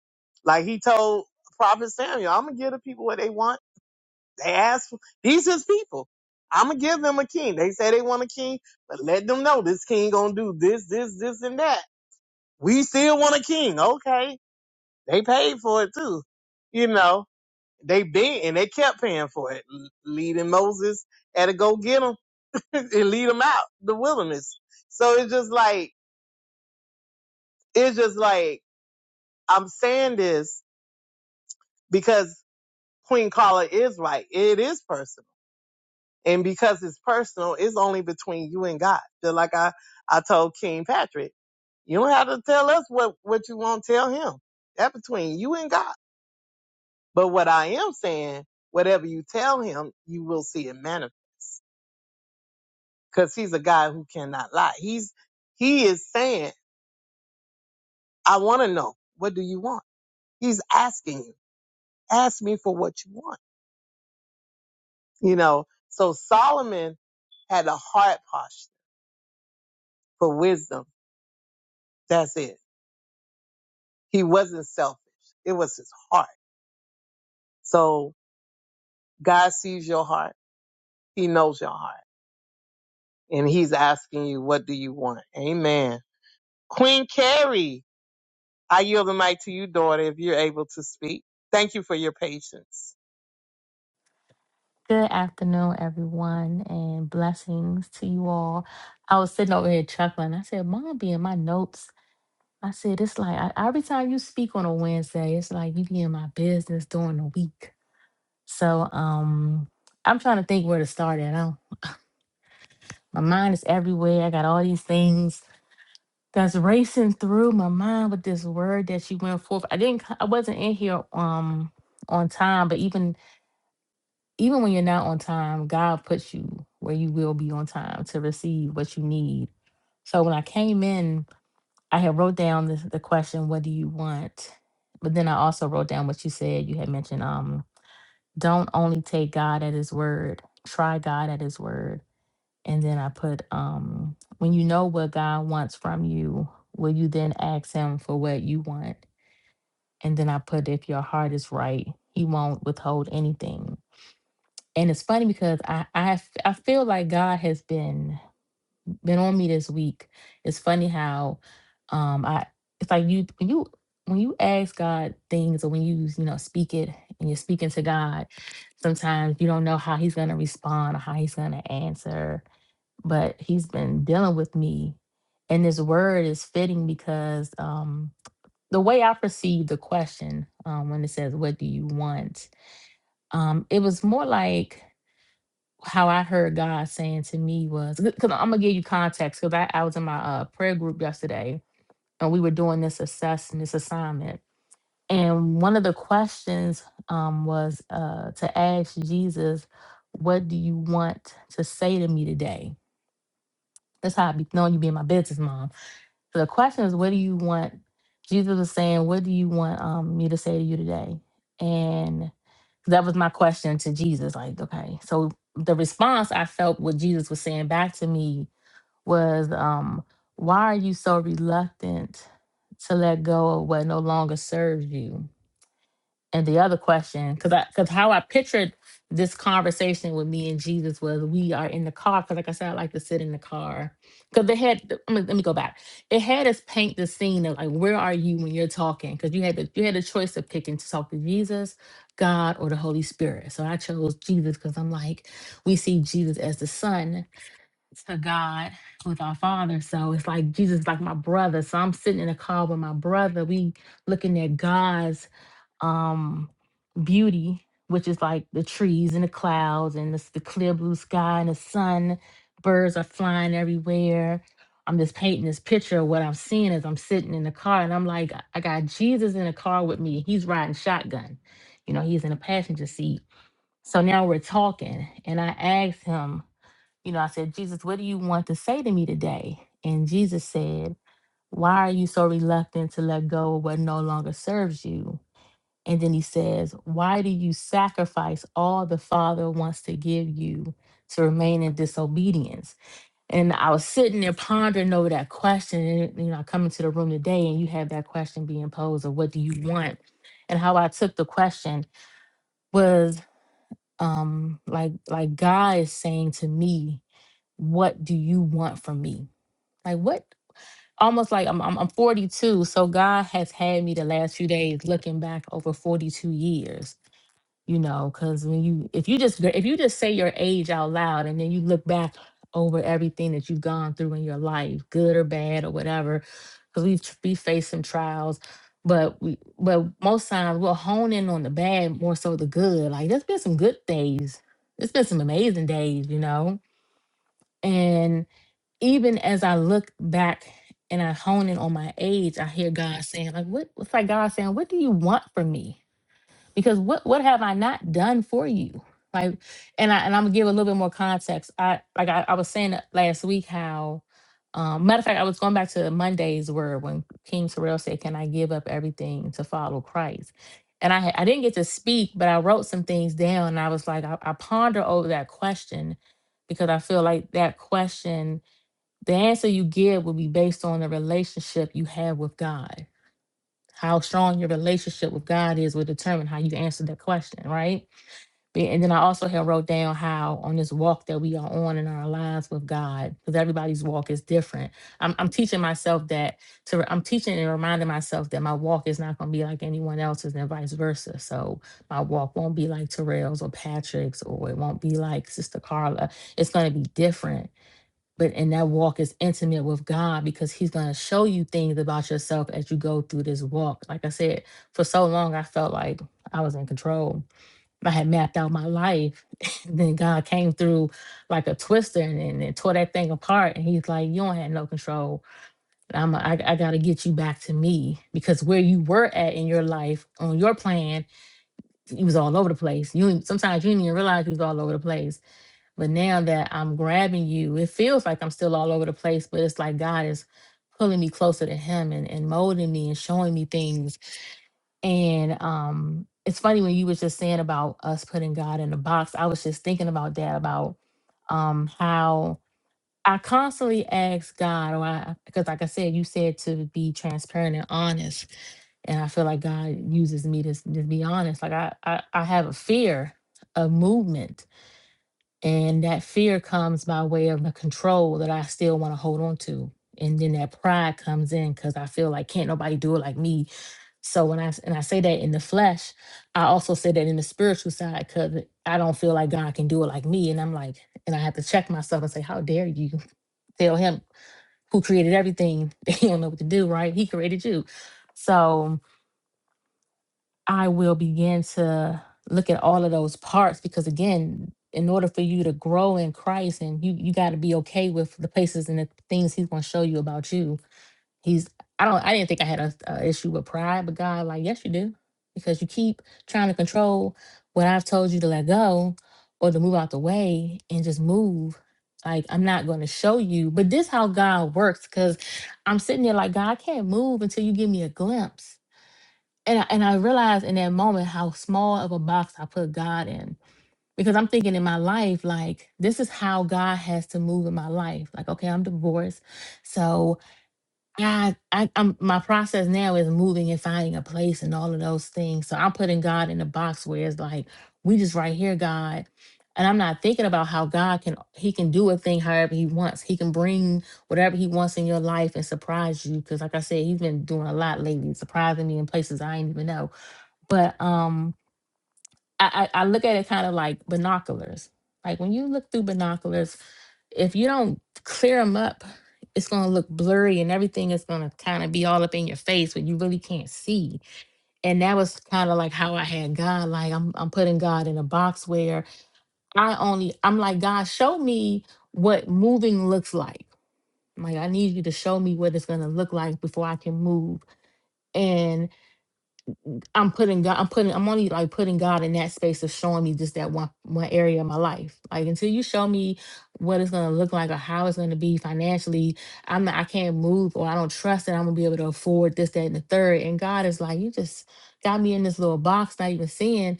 Speaker 6: Like he told Prophet Samuel, I'm gonna give the people what they want. They ask for these his people. I'm gonna give them a king. They say they want a king, but let them know this king gonna do this, this, this, and that. We still want a king. Okay. They paid for it too. You know, they been and they kept paying for it, l- leading Moses had to go get them and lead them out the wilderness. So it's just like, it's just like, I'm saying this because. Queen Carla is right. It is personal. And because it's personal, it's only between you and God. Just like I, I told King Patrick, you don't have to tell us what, what you won't tell him. That between you and God. But what I am saying, whatever you tell him, you will see it manifest. Cause he's a guy who cannot lie. He's, he is saying, I want to know, what do you want? He's asking you, ask me for what you want, you know? So Solomon had a heart posture for wisdom That's it. He wasn't selfish. It was his heart. So God sees your heart. He knows your heart. And he's asking you, what do you want? Amen. Queen Carrie, I yield the mic to you, daughter, if you're able to speak. Thank you for your patience.
Speaker 10: Good afternoon, everyone, and blessings to you all. I was sitting over here chuckling. I said, Mom be in my notes. I said, it's like I, every time you speak on a Wednesday, it's like you be in my business during the week. So um I'm trying to think where to start at. I, my mind is everywhere. I got all these things that's racing through my mind with this word that you went forth. I didn't c- I wasn't in here um on time, but even even when you're not on time, God puts you where you will be on time to receive what you need. So when I came in, I had wrote down this, the question, "What do you want?" But then I also wrote down what you said. You had mentioned, um, "Don't only take God at His word. Try God at His word." And then I put, um, "When you know what God wants from you, will you then ask Him for what you want?" And then I put, "If your heart is right, He won't withhold anything." and it's funny because I, I have- I feel like God has been been on me this week. It's funny how um I it's like you when you when you ask God things or when you you know speak it and you're speaking to God, sometimes you don't know how He's gonna respond or how He's gonna answer. But He's been dealing with me, and this word is fitting because um the way I perceive the question um, when it says "What do you want," um, it was more like how I heard God saying to me was because I'm gonna give you context because I, I was in my uh, prayer group yesterday and we were doing this assessment, this assignment, and one of the questions um, was uh, to ask Jesus, "What do you want to say to me today?" That's how I be knowing you being my business mom. So the question is, "What do you want?" Jesus was saying, "What do you want um, me to say to you today?" And that was my question to Jesus. Like, okay. So the response I felt what Jesus was saying back to me was, um, why are you so reluctant to let go of what no longer serves you? And the other question, because I because how I pictured this conversation with me and Jesus was we are in the car because like I said I like to sit in the car because they had I mean, let me go back it had us paint the scene of like where are you when you're talking because you had the, you had a choice of picking to talk to Jesus God or the Holy Spirit so I chose Jesus because I'm like we see Jesus as the Son to God with our Father so it's like Jesus is like my brother so I'm sitting in a car with my brother we looking at God's um beauty which is like the trees and the clouds and this, the clear blue sky and the sun birds are flying everywhere i'm just painting this picture of what i'm seeing as i'm sitting in the car and i'm like i I got jesus in the car with me he's riding shotgun you know he's in the passenger seat so now we're talking and i asked him you know i said jesus what do you want to say to me today and jesus said why are you so reluctant to let go of what no longer serves you and then he says, Why do you sacrifice all the Father wants to give you to remain in disobedience? And I was sitting there pondering over that question. And, you know, I come into the room today and you have that question being posed of what do you want? And how I took the question was um, like, like God is saying to me, What do you want from me? Like, what? Almost like I'm, I'm, I'm 42. So God has had me the last few days looking back over 42 years you know because when you if you just if you just say your age out loud and then you look back over everything that you've gone through in your life good or bad or whatever because we tr- we face some trials but we but most times we'll hone in on the bad more so the good like there's been some good days there's been some amazing days you know and even as i look back and i hone in on my age i hear god saying like what it's like god saying what do you want from me because what what have I not done for you? Like, and I and I'm gonna give a little bit more context. I like I, I was saying last week how, um, matter of fact, I was going back to Monday's word when King Terrell said, "Can I give up everything to follow Christ?" And I had- I didn't get to speak, but I wrote some things down, and I was like, I, I ponder over that question because I feel like that question, the answer you give will be based on the relationship you have with God how strong your relationship with God is will determine how you answer that question, right? Be- And then I also have wrote down how on this walk that we are on in our lives with God, because everybody's walk is different. I'm, I'm teaching myself that to re- I'm teaching and reminding myself that my walk is not going to be like anyone else's, and vice versa. So my walk won't be like Terrell's or Patrick's, or it won't be like Sister Carla. It's going to be different but and that walk is intimate with God because He's going to show you things about yourself as you go through this walk. Like I said, for so long I felt like I was in control. I had mapped out my life. and then God came through like a twister and, and, and tore that thing apart. And He's like, "You don't have no control. I'm a, I, I got to get you back to me because where you were at in your life on your plan, you was all over the place. You sometimes you didn't even realize you was all over the place." But now that I'm grabbing you, it feels like I'm still all over the place, but it's like God is pulling me closer to him and, and molding me and showing me things. And um it's funny when you was just saying about us putting God in a box. I was just thinking about that, about um how I constantly ask God, or I because like I said, you said to be transparent and honest. And I feel like God uses me to, s- to be honest. Like I, I I have a fear of movement and that fear comes by way of the control that I still want to hold on to. And then that pride comes in because I feel like can't nobody do it like me. So when I s- and I say that in the flesh, I also say that in the spiritual side because I don't feel like God can do it like me. And I'm like, and I have to check myself and say, how dare you tell him who created everything? He don't know what to do, right? He created you. So I will begin to look at all of those parts because again, in order for you to grow in Christ and you you got to be okay with the places and the things he's going to show you about you. He's I don't I didn't think I had a, a issue with pride, but God like, yes you do. Because you keep trying to control what I've told you to let go or to move out the way and just move. Like I'm not going to show you, but this how God works cuz I'm sitting there like God I can't move until you give me a glimpse and I, and I realized in that moment how small of a box I put God in because I'm thinking in my life like this is how God has to move in my life. Like okay, I'm divorced, so I, I I'm my process now is moving and finding a place and all of those things. So I'm putting God in a box where it's like we just right here, God. And I'm not thinking about how God can He can do a thing however He wants. He can bring whatever He wants in your life and surprise you. Because like I said, He's been doing a lot lately, surprising me in places I didn't even know but um I, I I look at it kind of like binoculars. Like when you look through binoculars, if you don't clear them up, it's gonna look blurry and everything is gonna kind of be all up in your face where you really can't see. And that was kind of like how I had God. Like I'm I'm putting God in a box where I only I'm like, God, show me what moving looks like. Like I need you to show me what it's gonna look like before I can move and. I'm putting God, I'm putting, I'm only like putting God in that space of showing me just that one one area of my life. Like until you show me what it's gonna look like or how it's gonna be financially, I'm not, I can't move or I don't trust that I'm gonna be able to afford this, that, and the third. And God is like, you just got me in this little box, not even seeing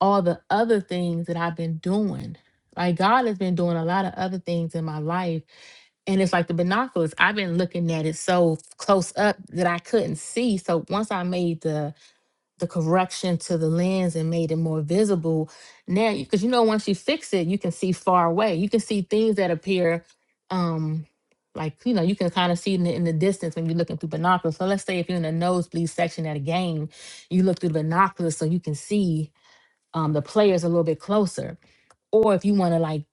Speaker 10: all the other things that I've been doing. Like God has been doing a lot of other things in my life. And it's like the binoculars. I've been looking at it so close up that I couldn't see. So once I made the the correction to the lens and made it more visible now because you know once you fix it you can see far away you can see things that appear um like you know you can kind of see in the, in the distance when you're looking through binoculars so let's say if you're in the nosebleed section at a game you look through the binoculars so you can see um, the players a little bit closer or if you want to like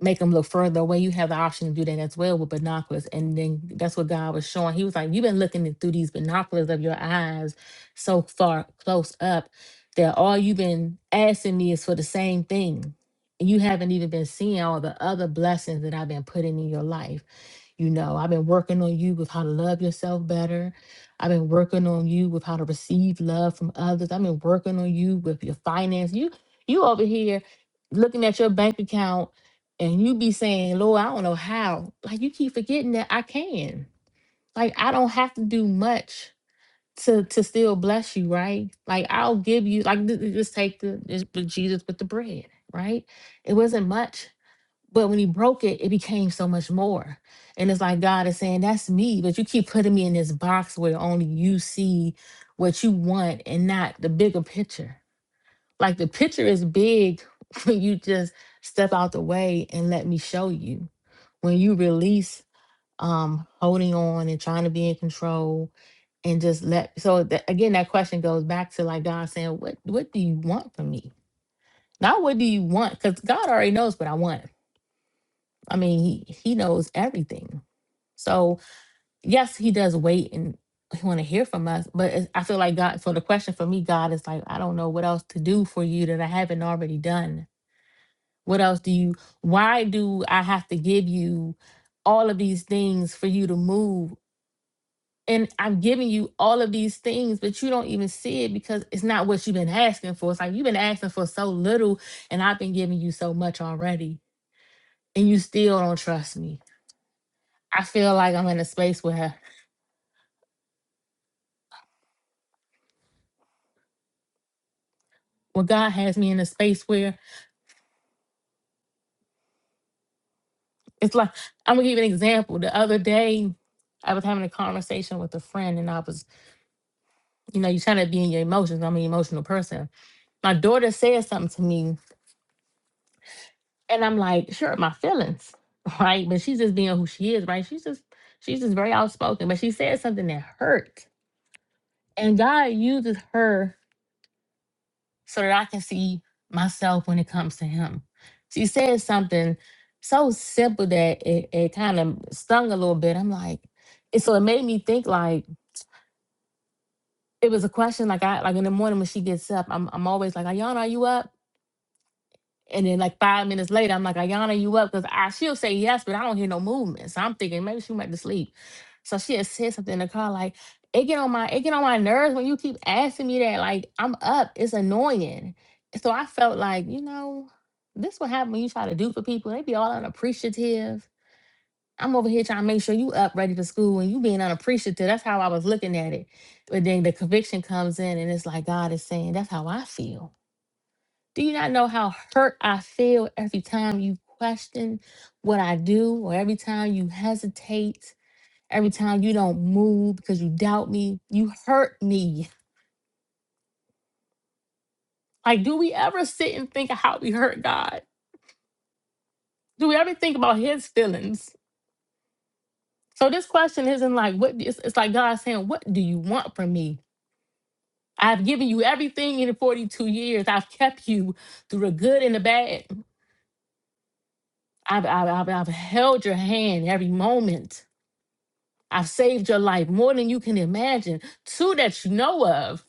Speaker 10: make them look further away, you have the option to do that as well with binoculars. And then that's what God was showing. He was like, You've been looking in- through these binoculars of your eyes so far close up that all you've been asking me is for the same thing. And you haven't even been seeing all the other blessings that I've been putting in your life. You know, I've been working on you with how to love yourself better. I've been working on you with how to receive love from others. I've been working on you with your finance. You you over here looking at your bank account and you be saying, Lord, I don't know how. Like you keep forgetting that I can. Like I don't have to do much to to still bless you, right? Like I'll give you like th- th- just take the just put Jesus with the bread, right? It wasn't much, but when he broke it, it became so much more. And it's like God is saying, That's me, but you keep putting me in this box where only you see what you want and not the bigger picture like the picture is big when you just step out the way and let me show you. When you release um holding on and trying to be in control and just let so that, again that question goes back to like God saying what what do you want from me not what do you want because God already knows what I want I mean he he knows everything so yes he does wait and he want to hear from us but it's, I feel like God so the question for me God is like I don't know what else to do for you that I haven't already done What else do you, why do I have to give you all of these things for you to move? And I'm giving you all of these things, but you don't even see it because it's not what you've been asking for. It's like you've been asking for so little, and I've been giving you so much already, and you still don't trust me. I feel like I'm in a space where, well, God has me in a space where it's like, I'm gonna give you an example. The other day, I was having a conversation with a friend, and I was, you know, you're trying to be in your emotions. I'm an emotional person my daughter said something to me and i'm like sure my feelings right but she's just being who she is right she's just she's just very outspoken but she said something that hurt and god uses her so that i can see myself when it comes to him she said something so simple that it, it kind of stung a little bit i'm like and so it made me think like it was a question like i like in the morning when she gets up i'm, I'm always like ayana are you up And then like five minutes later, I'm like, Ayana, you up? Because I she'll say yes, but I don't hear no movement. So I'm thinking maybe she went to sleep. So she had said something in the car, like, it get on my it get on my nerves when you keep asking me that. Like, I'm up. It's annoying. So I felt like, you know, this what happen when you try to do for people. They be all unappreciative. I'm over here trying to make sure you up ready for school and you being unappreciative. That's how I was looking at it. But then the conviction comes in and it's like God is saying, That's how I feel do you not know how hurt I feel every time you question what I do, or every time you hesitate, every time you don't move because you doubt me? You hurt me. Like, do we ever sit and think of how we hurt God? Do we ever think about His feelings? So this question isn't like what it's, it's like God saying, "What do you want from me? I've given you everything in 42 years. I've kept you through the good and the bad. I've, I've, I've I've held your hand every moment. I've saved your life more than you can imagine. Two that you know of.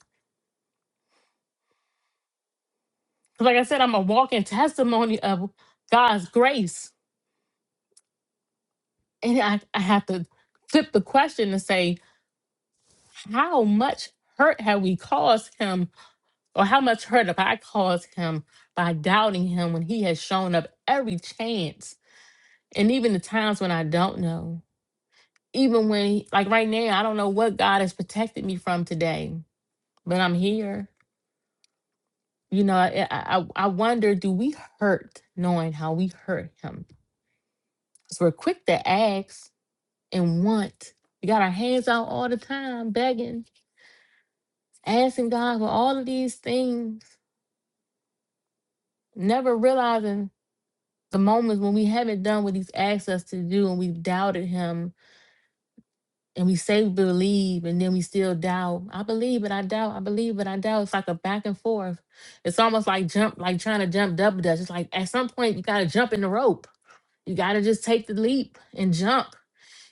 Speaker 10: 'Cause Like I said, I'm a walking testimony of God's grace. And I, I have to flip the question and say, how much hurt have we caused him, or how much hurt have I caused him by doubting him when he has shown up every chance? And even the times when I don't know, even when, like right now, I don't know what God has protected me from today, but I'm here. You know, I, I, I wonder do we hurt knowing how we hurt him? Because we're quick to ask and want. We got our hands out all the time, begging, asking God for all of these things, never realizing the moments when we haven't done what He's asked us to do and we've doubted Him and we say we believe and then we still doubt. I believe, but I doubt. I believe, but I doubt. It's like a back and forth. It's almost like jump, like trying to jump double dutch. It's like at some point you got to jump in the rope You got to just take the leap and jump.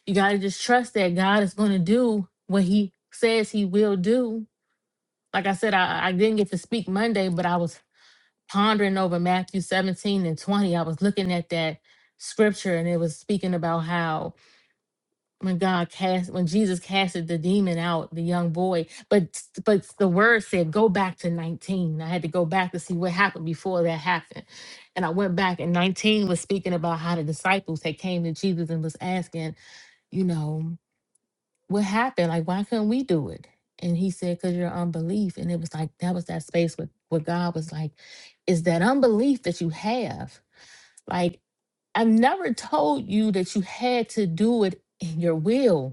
Speaker 10: You got to just trust that God is going to do what he says he will do. Like I said, I, I didn't get to speak Monday, but I was pondering over Matthew 17 and 20. I was looking at that scripture and it was speaking about how when God cast when Jesus casted the demon out, the young boy, but but the word said go back to 19. I had to go back to see what happened before that happened. And I went back and 19 was speaking about how the disciples had came to Jesus and was asking, you know, what happened? Like why couldn't we do it? And he said, Cause your unbelief. And it was like that was that space where, where God was like, is that unbelief that you have. Like I've never told you that you had to do it in your will.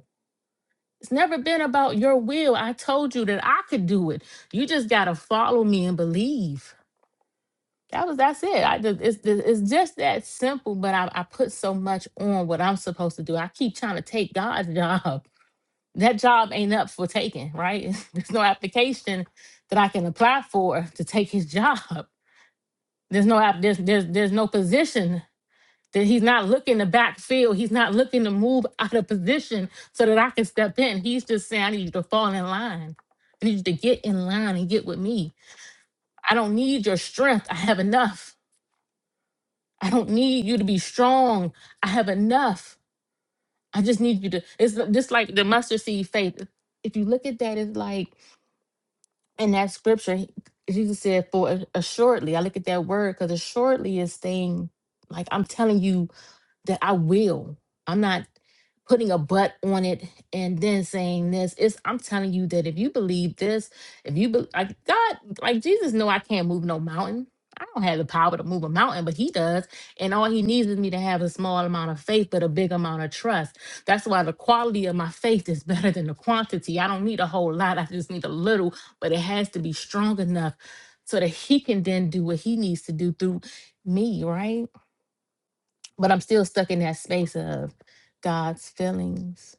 Speaker 10: It's never been about your will. I told you that I could do it. You just got to follow me and believe. That was that's it. I just, it's it's just that simple. But I, I put so much on what I'm supposed to do. I keep trying to take God's job. That job ain't up for taking, right? There's no application that I can apply for to take His job. There's no app. There's there's there's no position that he's not looking to backfield. He's not looking to move out of position so that I can step in. He's just saying, I need you to fall in line. I need you to get in line and get with me. I don't need your strength. I have enough. I don't need you to be strong. I have enough. I just need you to. It's just like the mustard seed faith. If you look at that, it's like in that scripture, he- Jesus said, For assuredly, I look at that word because assuredly is saying, like, I'm telling you that I will. I'm not putting a but on it and then saying this. It's I'm telling you that if you believe this, if you be, like God, like Jesus, know I can't move no mountain. I don't have the power to move a mountain, but He does, and all He needs is me to have a small amount of faith, but a big amount of trust. That's why the quality of my faith is better than the quantity. I don't need a whole lot. I just need a little, but it has to be strong enough so that He can then do what He needs to do through me, right? But I'm still stuck in that space of God's feelings.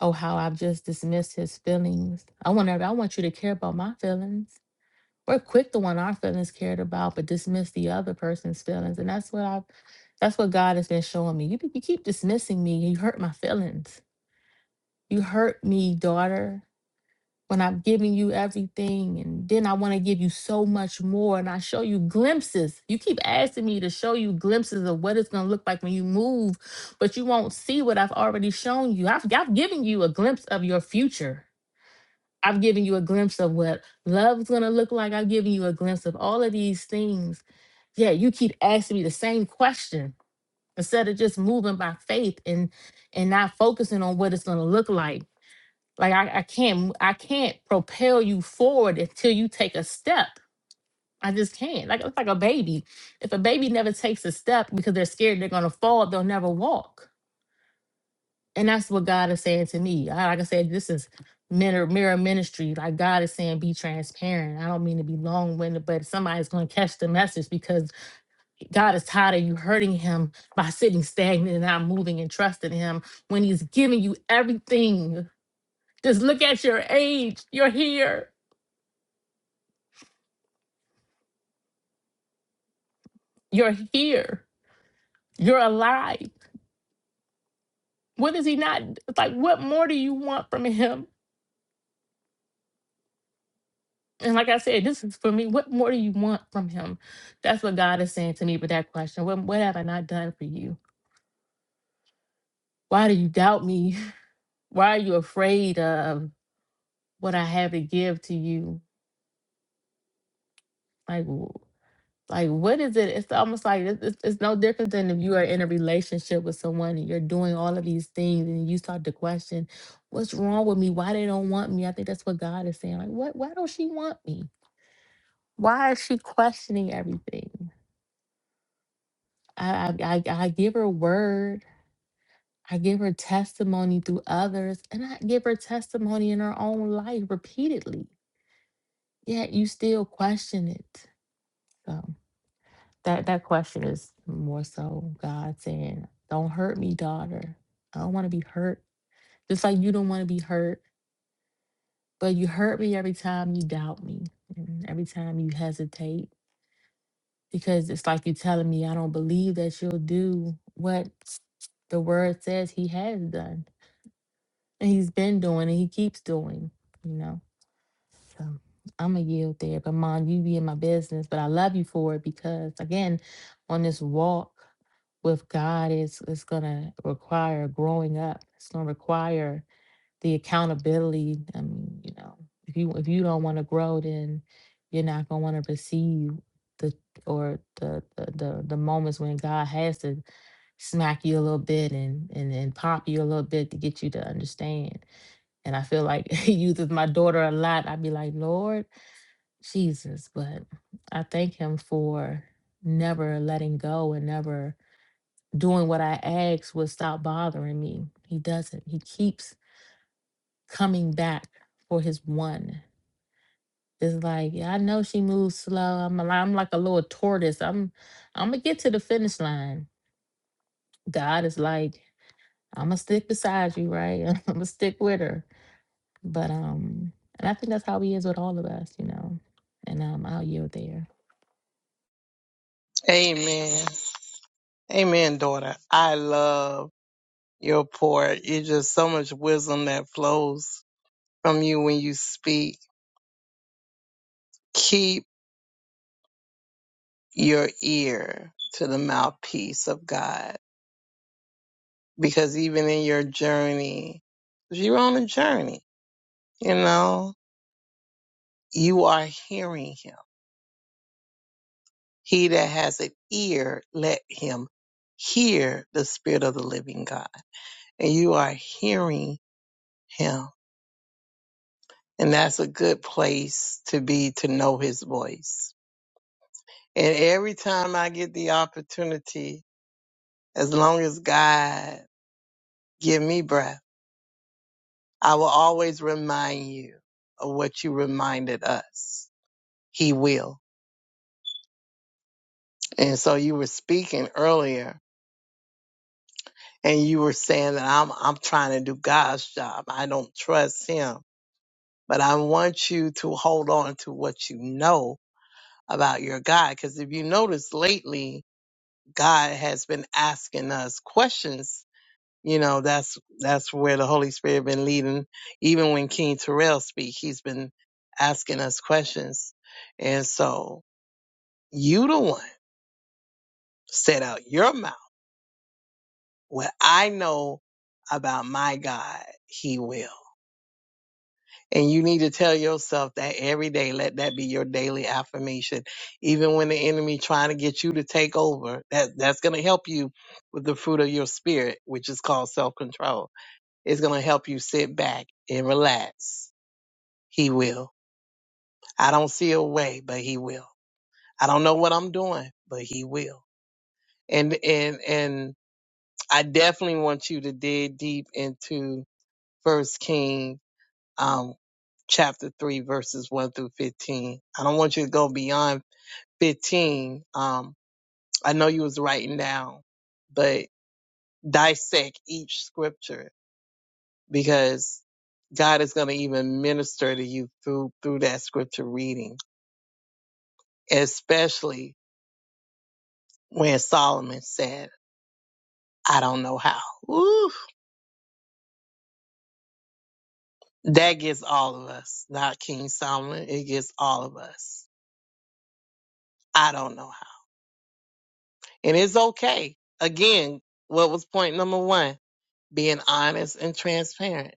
Speaker 10: Oh, how I've just dismissed his feelings. I want every- I want you to care about my feelings. We're quick to want our feelings cared about, but dismiss the other person's feelings. And that's what I've that's what God has been showing me. You, you keep dismissing me. You hurt my feelings. You hurt me, daughter when I've given you everything and then I want to give you so much more and I show you glimpses. You keep asking me to show you glimpses of what it's going to look like when you move, but you won't see what I've already shown you. I've, I've given you a glimpse of your future. I've given you a glimpse of what love's going to look like. I've given you a glimpse of all of these things. Yeah, you keep asking me the same question instead of just moving by faith and and not focusing on what it's going to look like like I, I can't I can't propel you forward until you take a step. I just can't. Like it's like a baby. If a baby never takes a step because they're scared they're gonna fall, they'll never walk. And that's what God is saying to me. I- Like I said, this is mirror mirror ministry. Like God is saying, be transparent. I don't mean to be long winded, but somebody's gonna catch the message because God is tired of you hurting Him by sitting stagnant and not moving and trusting Him when He's giving you everything. Just look at your age. You're here. You're here. You're alive. What is he not? It's like, what more do you want from him? And like I said, this is for me. What more do you want from him? That's what God is saying to me with that question. What, what have I not done for you? Why do you doubt me? Why are you afraid of what I have to give to you? Like, w- like what is it it's almost like it's, it's it's no different than if you are in a relationship with someone and you're doing all of these things and you start to question what's wrong with me why they don't want me i think that's what god is saying like what why don't she want me why is she questioning everything i i, I I give her word I give her testimony through others and I give her testimony in her own life repeatedly. Yet you still question it. So. That that question is more so God saying, "Don't hurt me, daughter. I don't want to be hurt. Just like you don't want to be hurt, but you hurt me every time you doubt me, and every time you hesitate, because it's like you're telling me I don't believe that you'll do what the Word says He has done, and He's been doing, and He keeps doing. You know." So I'm going to yield there. But, Mom, you be in my business. But I love you for it because, again, on this walk with God, it's, it's going to require growing up, it's going to require the accountability. I mean, you know, if you if you don't want to grow, then you're not going to want to receive the or the, the the the moments when God has to smack you a little bit and, and and pop you a little bit to get you to understand. And I feel like he uses my daughter a lot. I'd be like, Lord Jesus. But I thank him for never letting go and never doing what I asked would stop bothering me. He doesn't. He keeps coming back for his one. It's like, yeah, I know she moves slow. I'm a, li- I'm like a little tortoise. I'm I'm gonna get to the finish line. God is like, I'm gonna stick beside you, right? I'm gonna stick with her But um, and I think that's how he is with all of us, you know. And um, I'll yield there.
Speaker 6: Amen. Amen, daughter. I love your pour. It's just so much wisdom that flows from you when you speak. Keep your ear to the mouthpiece of God because even in your journey, 'cause you're on a journey, you know, you are hearing him. He that has an ear, let him hear the spirit of the living God. And you are hearing him. And that's a good place to be to know his voice. And every time I get the opportunity, as long as God give me breath, I will always remind you of what you reminded us. He will. And so you were speaking earlier and you were saying that I'm I'm trying to do God's job. I don't trust him. But I want you to hold on to what you know about your God cuz if you notice lately God has been asking us questions. You know, that's that's where the Holy Spirit been leading even when King Terrell speak, he's been asking us questions. And so you the one set out your mouth What I know about my God, He will. And you need to tell yourself that every day. Let that be your daily affirmation. Even when the enemy trying to get you to take over, that that's going to help you with the fruit of your spirit, which is called self control. It's going to help you sit back and relax. He will. I don't see a way, but He will. I don't know what I'm doing, but He will. And and and I definitely want you to dig deep into First Kings um, chapter 3, verses 1 through 15. I don't want you to go beyond 15. Um, I know you was writing down, but dissect each scripture because God is going to even minister to you through, through that scripture reading, especially when Solomon said, I don't know how. Ooh, that gets all of us, not King Solomon. It gets all of us. I don't know how. And it's okay. Again, what was point number one? being honest and transparent.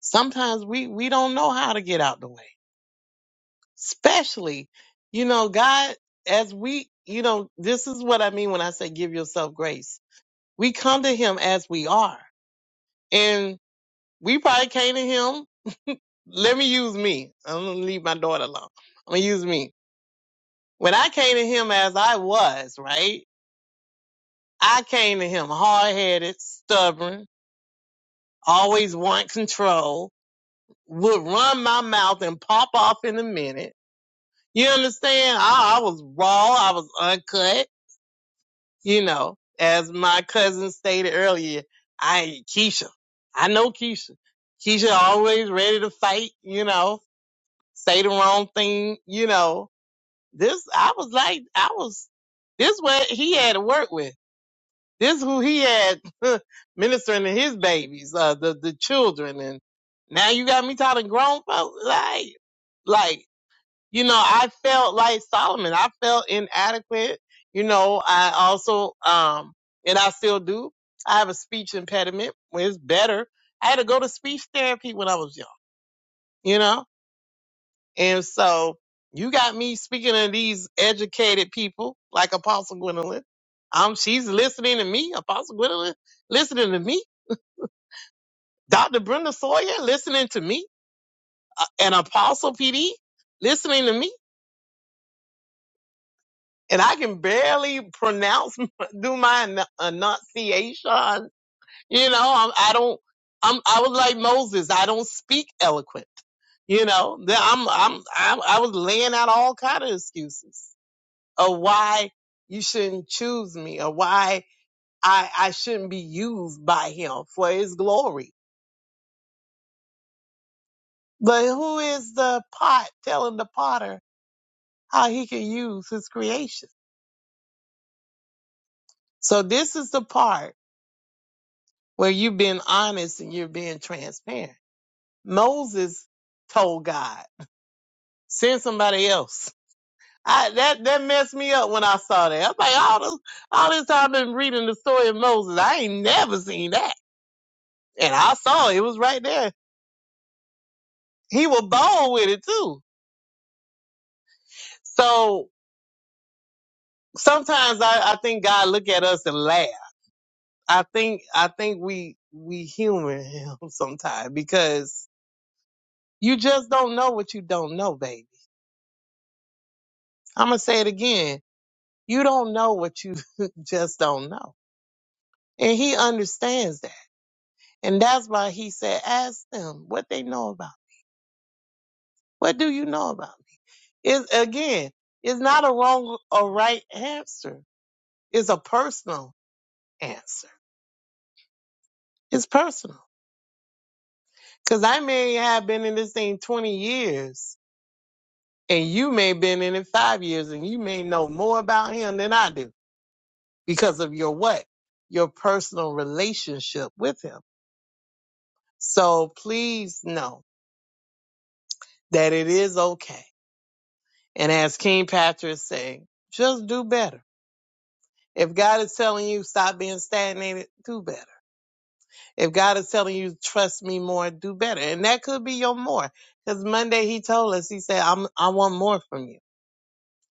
Speaker 6: Sometimes we, we don't know how to get out the way, especially, you know, God, as we, you know, this is what I mean when I say give yourself grace. We come to him as we are and we probably came to him. Let me use me. I'm going to leave my daughter alone. I'm going to use me. When I came to him as I was, right? I came to him hard headed, stubborn, always want control would run my mouth and pop off in a minute. You understand? I, I was raw. I was uncut. You know, as my cousin stated earlier, I Keisha. I know Keisha. Keisha always ready to fight. You know, say the wrong thing. You know, this I was like I was. This what he had to work with. This who he had ministering to his babies, uh, the the children, and now you got me talking grown folks like. Like you know, I felt like Solomon. I felt inadequate. You know, I also, um, and I still do. I have a speech impediment. Well, it's better. I had to go to speech therapy when I was young, you know? And so you got me speaking to these educated people like Apostle Gwendolyn. Um, she's listening to me, Apostle Gwendolyn, listening to me. Dr. Brenda Sawyer listening to me, uh, and Apostle PD listening to me and I can barely pronounce, do my en- enunciation. You know, I'm, I don't, I'm, I was like Moses. I don't speak eloquent. You know, Then I'm, I'm, I'm, I was laying out all kind of excuses of why you shouldn't choose me or why I, I shouldn't be used by him for his glory. But who is the pot telling the potter how he can use his creation? So this is the part. where you've been honest and you're being transparent. Moses told God, send somebody else. I, that, that messed me up when I saw that. I'm like, all this, all this time I've been reading the story of Moses. I ain't never seen that. And I saw it. It was right there. He was bold with it too. So sometimes I, I think God look at us and laugh. I think, I think we, we humor him sometimes because you just don't know what you don't know, baby. I'm going to say it again You don't know what you just don't know. And he understands that. And that's why he said, ask them what they know about. What do you know about me? It's, again, it's not a wrong or right answer. It's a personal answer. It's personal. Cause I may have been in this thing 20 years and you may have been in it five years and you may know more about him than I do because of your what? Your personal relationship with him. So please know that it is okay. And as King Patrick said, just do better. If God is telling you stop being stagnated, do better. If God is telling you trust me more, do better. And that could be your more. Because Monday he told us, he said, I'm, I want more from you.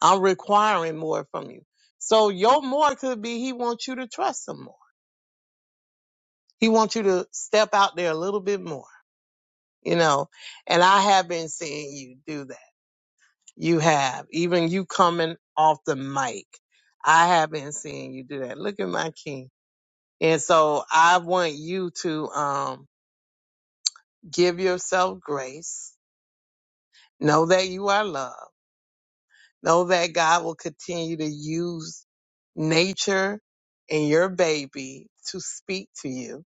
Speaker 6: I'm requiring more from you. So your more could be he wants you to trust him more. He wants you to step out there a little bit more, you know, and I have been seeing you do that You have. Even you coming off the mic. I have been seeing you do that. Look at my king. And so I want you to um give yourself grace. Know that you are loved. Know that God will continue to use nature and your baby to speak to you.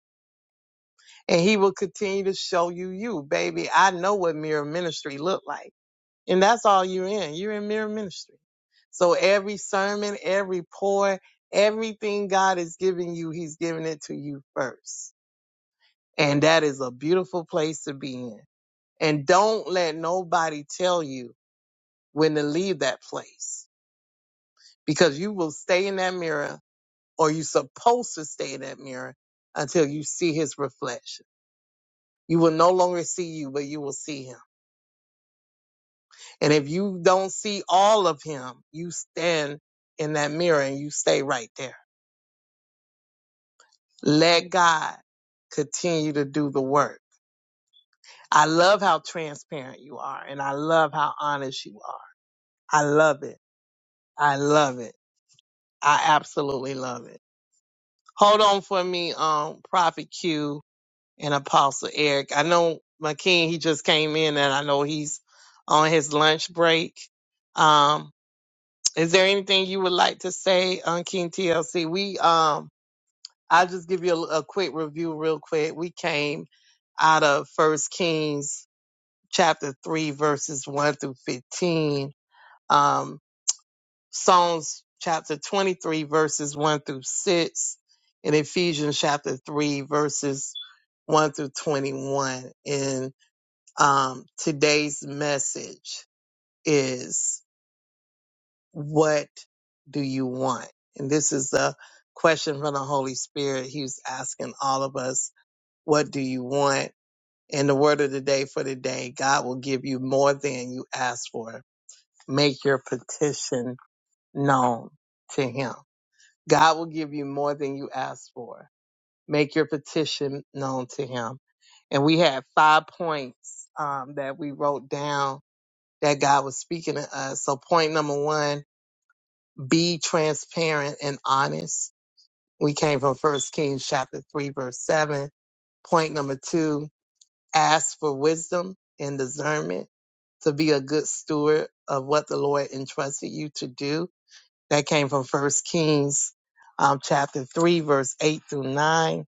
Speaker 6: And he will continue to show you you. Baby, I know what mirror ministry look like. And that's all you're in. You're in mirror ministry. So every sermon, every pour, everything God is giving you, He's giving it to you first. And that is a beautiful place to be in. And don't let nobody tell you when to leave that place because you will stay in that mirror or you're supposed to stay in that mirror until you see His reflection. You will no longer see you, but you will see Him. And if you don't see all of Him, you stand in that mirror and you stay right there Let God continue to do the work. I love how transparent you are and I love how honest you are. I love it. I love it. I absolutely love it. Hold on for me, um, Prophet Q and Apostle Eric. I know my king, he just came in and I know he's on his lunch break. Um, is there anything you would like to say on King TLC? We, um, I'll just give you a, a quick review, real quick. We came out of First Kings chapter three, verses one through fifteen. Um, Psalms chapter twenty-three, verses one through six, and Ephesians chapter three, verses one through twenty-one. And um, today's message is, "What do you want?" And this is a question from the Holy Spirit. He was asking all of us What do you want? And the word of the day for the day, God will give you more than you ask for. Make your petition known to him. God will give you more than you ask for. Make your petition known to him. And we had five points um, that we wrote down that God was speaking to us. So point number one, be transparent and honest. We came from First Kings chapter three, verse seven. Point number two, ask for wisdom and discernment to be a good steward of what the Lord entrusted you to do. That came from First Kings um, chapter 3, verse 8 through 9.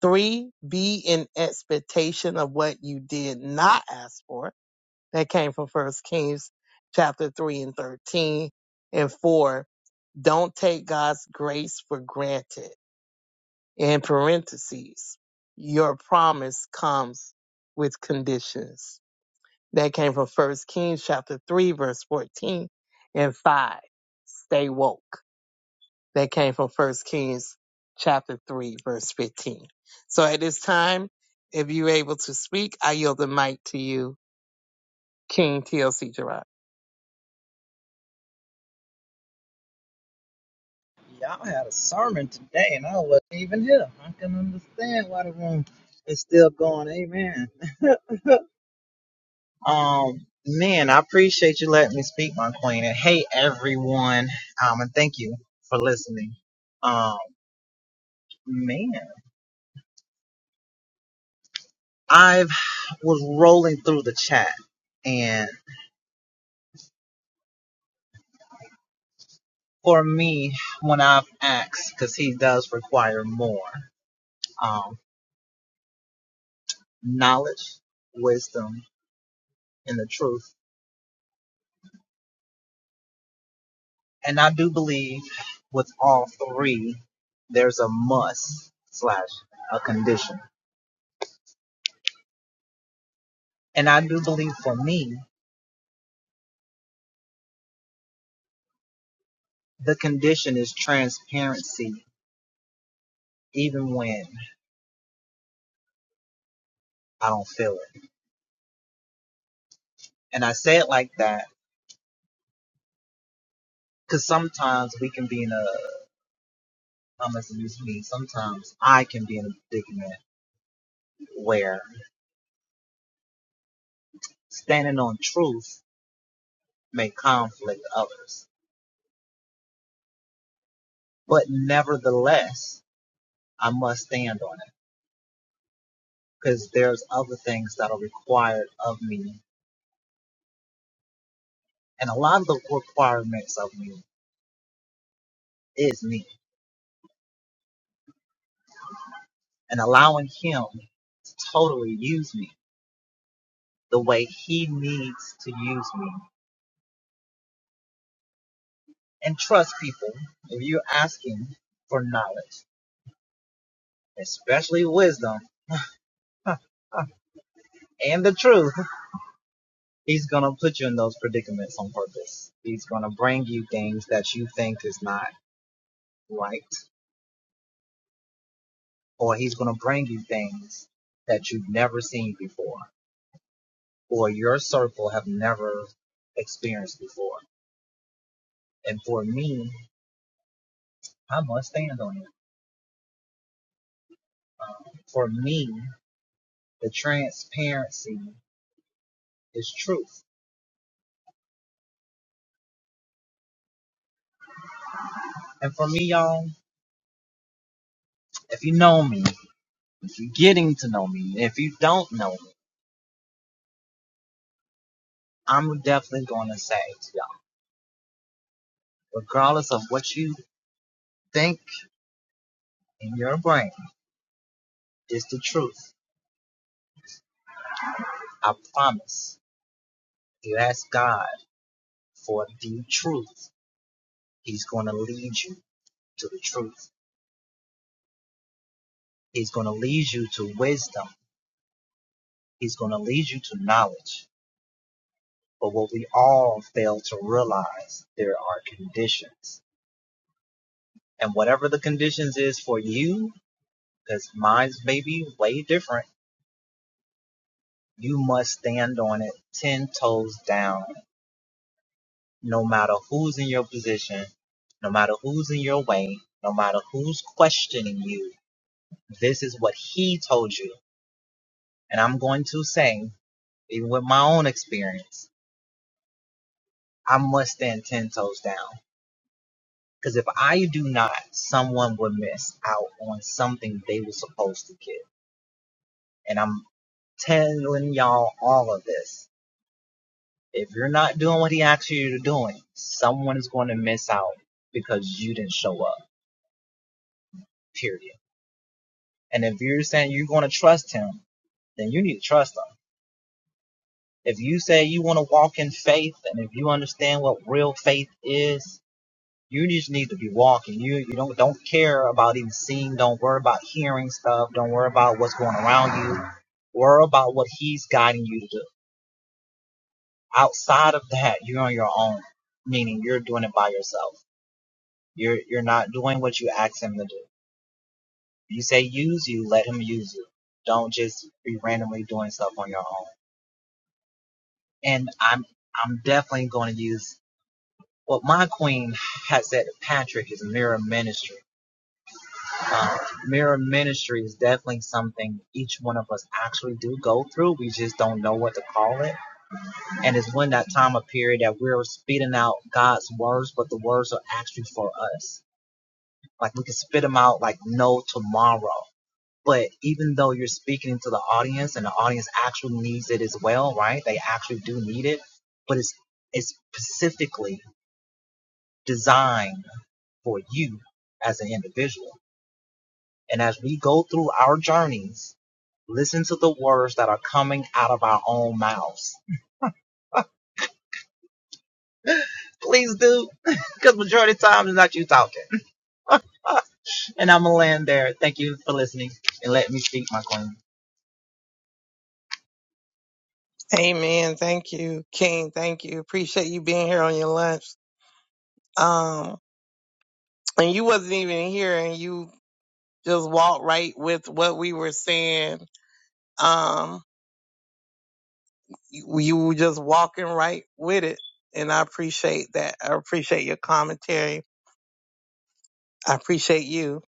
Speaker 6: Three, be in expectation of what you did not ask for. That came from First Kings chapter 3 and 13. And four, don't take God's grace for granted. In parentheses, your promise comes with conditions. That came from First Kings chapter three, verse fourteen and five. Stay woke. That came from First Kings chapter three, verse fifteen. So at this time, if you're able to speak, I yield the mic to you, King TLC Gerard.
Speaker 11: Y'all had a sermon today, and I wasn't even here. I can understand why the room is still going. Amen. Um, man, I appreciate you letting me speak, my queen. And hey, everyone. Um, and thank you for listening. Um, man, I have was rolling through the chat, and for me, when I've asked, because he does require more um, knowledge, wisdom, and the truth. And I do believe with all three, there's a must slash a condition. And I do believe for me, the condition is transparency, even when I don't feel it. And I say it like that because sometimes we can be in a, I'm going to use me, sometimes I can be in a predicament where standing on truth may conflict others. But nevertheless, I must stand on it because there's other things that are required of me And a lot of the requirements of me is me and allowing him to totally use me the way he needs to use me. And trust people if you're asking for knowledge, especially wisdom and the truth, he's going to put you in those predicaments on purpose. He's going to bring you things that you think is not right, or he's going to bring you things that you've never seen before, or your circle have never experienced before. And for me, I must stand on it. For me, the transparency is truth. And for me, y'all, if you know me, if you're getting to know me, if you don't know me, I'm definitely going to say to y'all, regardless of what you think in your brain is the truth, I promise if you ask God for the truth. He's going to lead you to the truth. He's going to lead you to wisdom. He's going to lead you to knowledge. But what we all fail to realize, there are conditions. And whatever the conditions is for you, because mine's may be way different, you must stand on it 10 toes down, no matter who's in your position, no matter who's in your way, no matter who's questioning you. This is what he told you. And I'm going to say, even with my own experience, I must stand 10 toes down Because if I do not, someone would miss out on something they were supposed to get. And I'm telling y'all all of this. If you're not doing what he asked you to do, someone is going to miss out because you didn't show up. Period. And if you're saying you're going to trust him, then you need to trust him. If you say you want to walk in faith and if you understand what real faith is, You just need to be walking. You you don't don't care about even seeing. Don't worry about hearing stuff. Don't worry about what's going around you. Worry about what He's guiding you to do. Outside of that, you're on your own. Meaning you're doing it by yourself. You're you're not doing what you ask Him to do. You say use you, let Him use you. Don't just be randomly doing stuff on your own. And I'm I'm definitely going to use what my queen has said. Patrick is mirror ministry uh, mirror ministry is definitely something each one of us actually do go through. We just don't know what to call it. And it's when that time of period that we're spitting out God's words, but the words are actually for us. Like we can spit them out like no tomorrow. But even though you're speaking to the audience and the audience actually needs it as well, right? They actually do need it, but it's it's specifically designed for you as an individual. And as we go through our journeys, Listen to the words that are coming out of our own mouths. Please do, because majority of the time it's not you talking. and I'm going to land there. Thank you for listening and let me speak, my queen.
Speaker 6: Amen. Thank you, King. Thank you. Appreciate you being here on your lunch. Um, and you wasn't even here, and you just walked right with what we were saying. Um, you, you were just walking right with it. And I appreciate that. I appreciate your commentary. I appreciate you.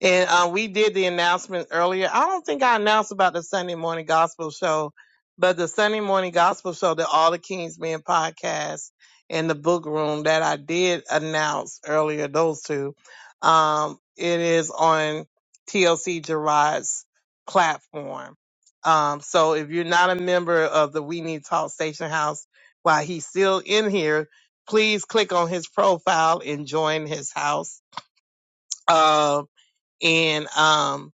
Speaker 6: And uh, we did the announcement earlier. I don't think I announced about the Sunday morning gospel show, but the Sunday morning gospel show, the All the Kings Men podcast and the book room that I did announce earlier, those two, um, it is on TLC Gerard's platform. Um, so if you're not a member of the We Need Talk Station House while he's still in here, please click on his profile and join his house Uh, and um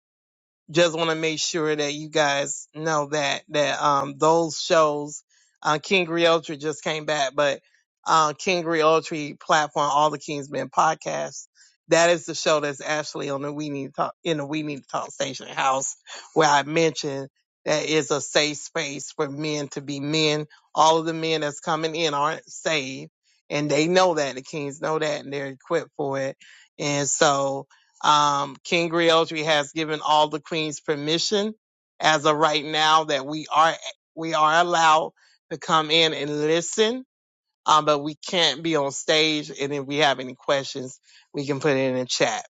Speaker 6: just want to make sure that you guys know that that um those shows uh King Realtree just came back but uh King Realtree platform all the King's Men podcasts that is the show that's actually on the We Need to Talk in the We Need to Talk Station house where I mentioned that is a safe space for men to be men all of the men that's coming in aren't saved and they know that the kings know that and they're equipped for it and so um, King Griotri has given all the queens permission as of right now that we are we are allowed to come in and listen, um, but we can't be on stage. And if we have any questions, we can put it in the chat.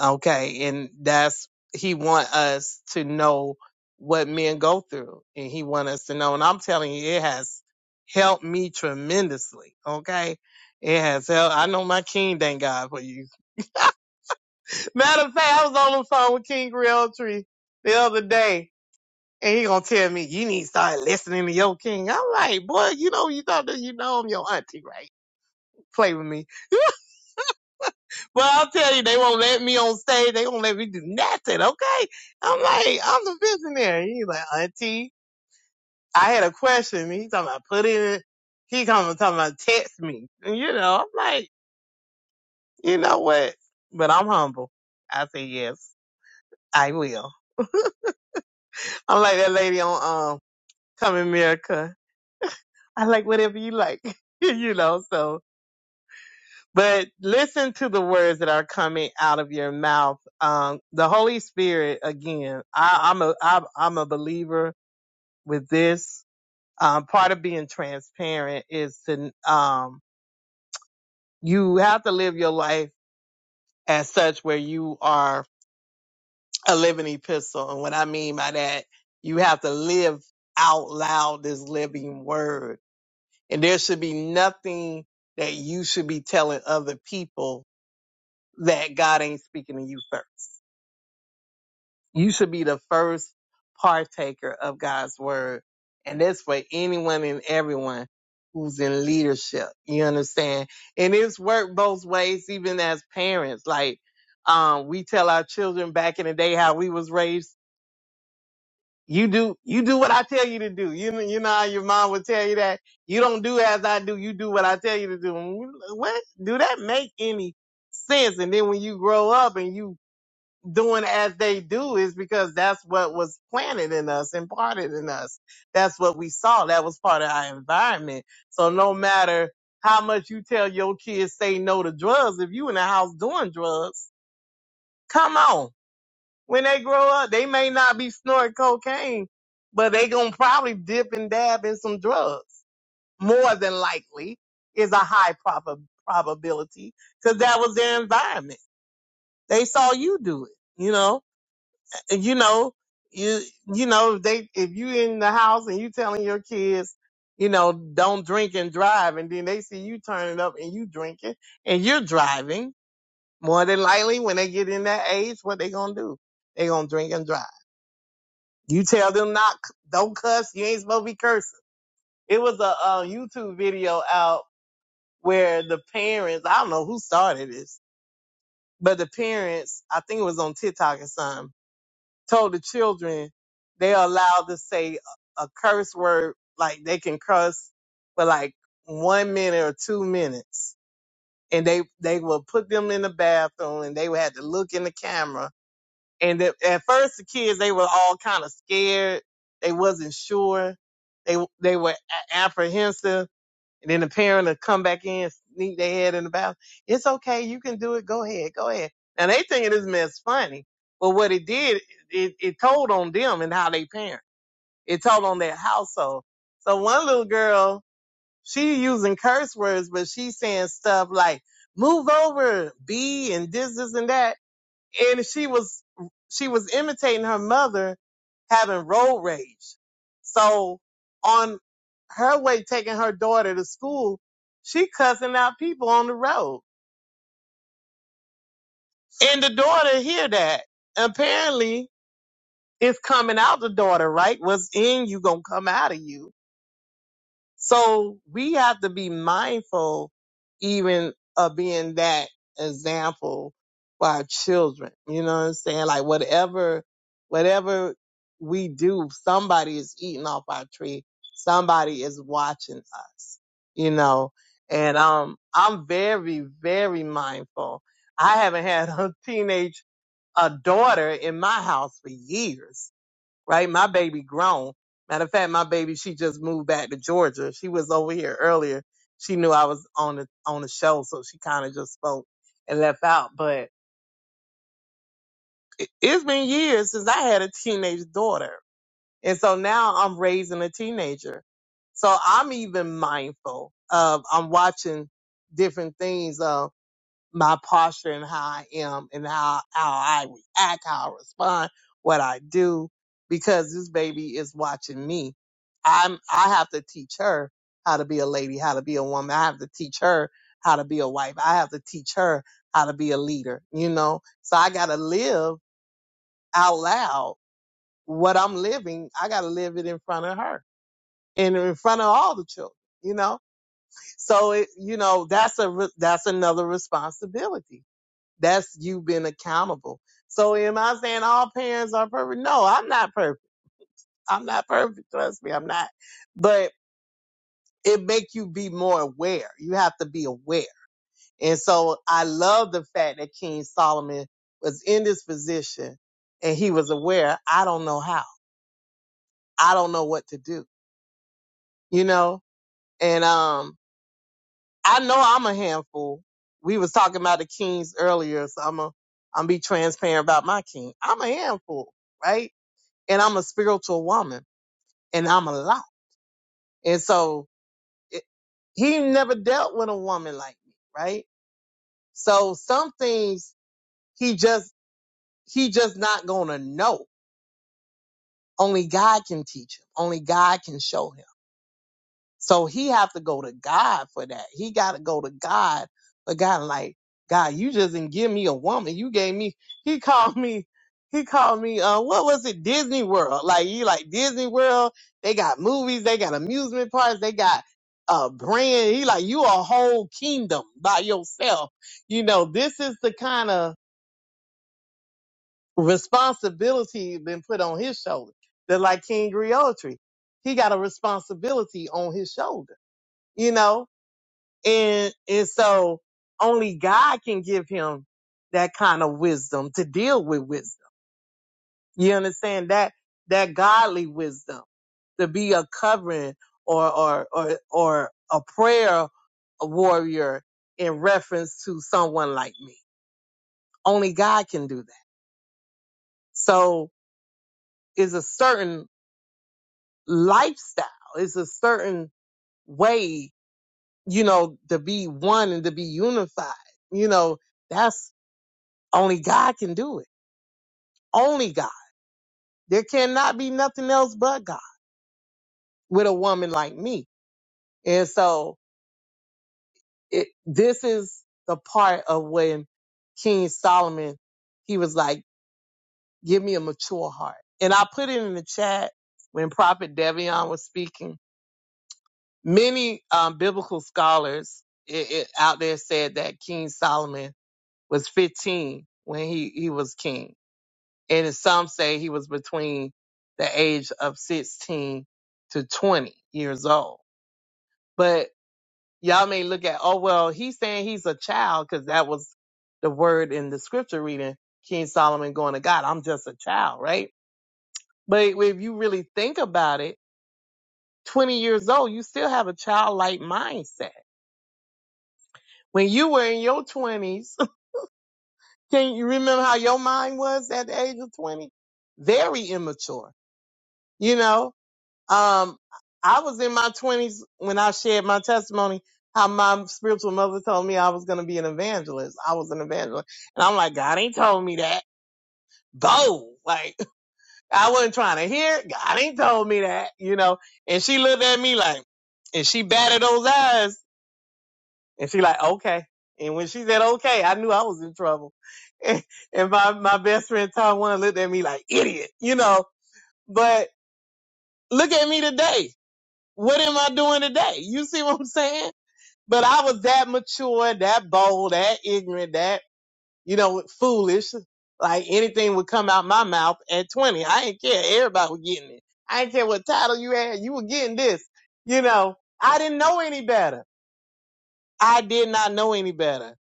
Speaker 6: Okay, and that's he want us to know what men go through, and he want us to know. And I'm telling you, it has helped me tremendously. Okay, it has helped. I know my king. Thank God for you Matter of fact, I was on the phone with King Realtree the other day, and he gonna tell me you need to start listening to your king. I'm like, boy, you know you thought that you know I'm your auntie, right? Play with me, but I'll tell you, they won't let me on stage. They won't let me do nothing. Okay, I'm like, I'm the visionary. He's like, auntie, I had a question. He talking about put in. He coming talking about text me. And, you know, I'm like, you know what? But I'm humble. I say yes, I will. I'm like that lady on um Come America. I like whatever you like, you know, so, but listen to the words that are coming out of your mouth. Um, the Holy Spirit, again, I, I'm a, I'm, I'm a believer with this. Um, part of being transparent is to, um, you have to live your life as such where you are a living epistle. And what I mean by that, you have to live out loud this living word And there should be nothing that you should be telling other people that God ain't speaking to you first. You should be the first partaker of God's word. And that's for anyone and everyone who's in leadership. You understand? And it's worked both ways, even as parents. Like, um, we tell our children back in the day how we was raised You do you do what I tell you to do. You know, you know how your mom would tell you that you don't do as I do. You do what I tell you to do. And we- like, What do that make any sense? And then when you grow up and you doing as they do is because that's what was planted in us, imparted in us. That's what we saw. That was part of our environment. So no matter how much you tell your kids say no to drugs, if you in the house doing drugs, come on when they grow up, they may not be snorting cocaine, but they gonna probably dip and dab in some drugs. More than likely is a high prob- probability because that was their environment. They saw you do it, you know, And you know, you, you know, if they, if you in the house and you telling your kids, you know, don't drink and drive and then they see you turning up and you drinking and you're driving more than likely when they get in that age, what they gonna do? They gonna drink and drive. You tell them not, don't cuss. You ain't supposed to be cursing. It was a, uh YouTube video out where the parents, I don't know who started this, but the parents, I think it was on TikTok or something, told the children they are allowed to say a, a curse word, like they can curse for like one minute or two minutes. And they, they will put them in the bathroom and they would have to look in the camera And at at first, the kids they were all kind of scared. They wasn't sure. They they were a- apprehensive. And then the parent would come back in, sneak their head in the bathroom. It's okay, you can do it. Go ahead, go ahead. Now they thinking this mess funny, but what it did, it, it told on them and how they parent. It told on their household. So one little girl, she using curse words, but she saying stuff like "move over," "b" and this, this, and that and she was she was imitating her mother having road rage. So on her way taking her daughter to school, she cussing out people on the road. And the daughter hear that. Apparently it's coming out the daughter, right? What's in you gonna come out of you. So we have to be mindful even of being that example for our children. You know what I'm saying? Like whatever, whatever we do, somebody is eating off our tree. Somebody is watching us, you know? And, um, I'm very, very mindful. I haven't had a teenage, a daughter in my house for years right? My baby grown. Matter of fact, my baby, she just moved back to Georgia. She was over here earlier. She knew I was on the, on the show. So she kind of just spoke and left out. But it, it's been years since I had a teenage daughter. And so now I'm raising a teenager. So I'm even mindful of, I'm watching different things. Um my posture and how I am and how, how I react, how I respond, what I do, because this baby is watching me. I'm, I have to teach her how to be a lady, how to be a woman. I have to teach her how to be a wife. I have to teach her how to be a leader, you know? So I got to live out loud what I'm living. I got to live it in front of her and in front of all the children, you know? So, it, you know, that's a, re- that's another responsibility that's you being accountable. So am I saying all parents are perfect? No, I'm not perfect. I'm not perfect. Trust me, I'm not. But it make you be more aware. You have to be aware. And so I love the fact that King Solomon was in this position and he was aware. I don't know how. I don't know what to do, you know? And, um, I know I'm a handful. We was talking about the kings earlier, so I'm a, I'm be transparent about my king. I'm a handful, right? and I'm a spiritual woman and I'm a lot. And so it, he never dealt with a woman like me, right? So some things he just, he just not gonna know. Only God can teach him. Only God can show him. So he have to go to God for that. He got to go to God. But God, like, God, you just didn't give me a woman. You gave me, he called me, he called me, uh, what was it? Disney World. Like, you like Disney World. They got movies. They got amusement parks. They got a brand. He like, you a whole kingdom by yourself. You know, this is the kind of responsibility been put on his shoulder. They're like King Griotry. He got a responsibility on his shoulder, you know? And, and so only God can give him that kind of wisdom to deal with wisdom. You understand that, that godly wisdom to be a covering or, or, or, or a prayer warrior in reference to someone like me. Only God can do that. So it's a certain lifestyle. It's a certain way, you know, to be one and to be unified. You know, that's only God can do it. Only God. There cannot be nothing else but God with a woman like me. And so it, this is the part of when King Solomon, he was like, give me a mature heart. And I put it in the chat when Prophet Devion was speaking. Many um, biblical scholars i i out there said that King Solomon was 15 when he, he was king And some say he was between the age of 16 to 20 years old. But y'all may look at, oh, well, he's saying he's a child because that was the word in the scripture reading, King Solomon going to God, I'm just a child, right? But if you really think about it, 20 years old, you still have a childlike mindset. When you were in your 20s, can you remember how your mind was at the age of 20? Very immature, you know? Um, I was in my twenties when I shared my testimony. How my spiritual mother told me I was going to be an evangelist. I was an evangelist, and I'm like, God ain't told me that. Bo, like I wasn't trying to hear. it. God ain't told me that, you know. And she looked at me like, and she batted those eyes, and she like, okay. And when she said okay, I knew I was in trouble. And, my my best friend Tom one looked at me like idiot, you know. But look at me today. what am I doing today? You see what I'm saying? But I was that mature, that bold, that ignorant, that, you know, foolish. Like anything would come out my mouth at 20. I didn't care. Everybody was getting it. I didn't care what title you had. You were getting this. You know, I didn't know any better. I did not know any better.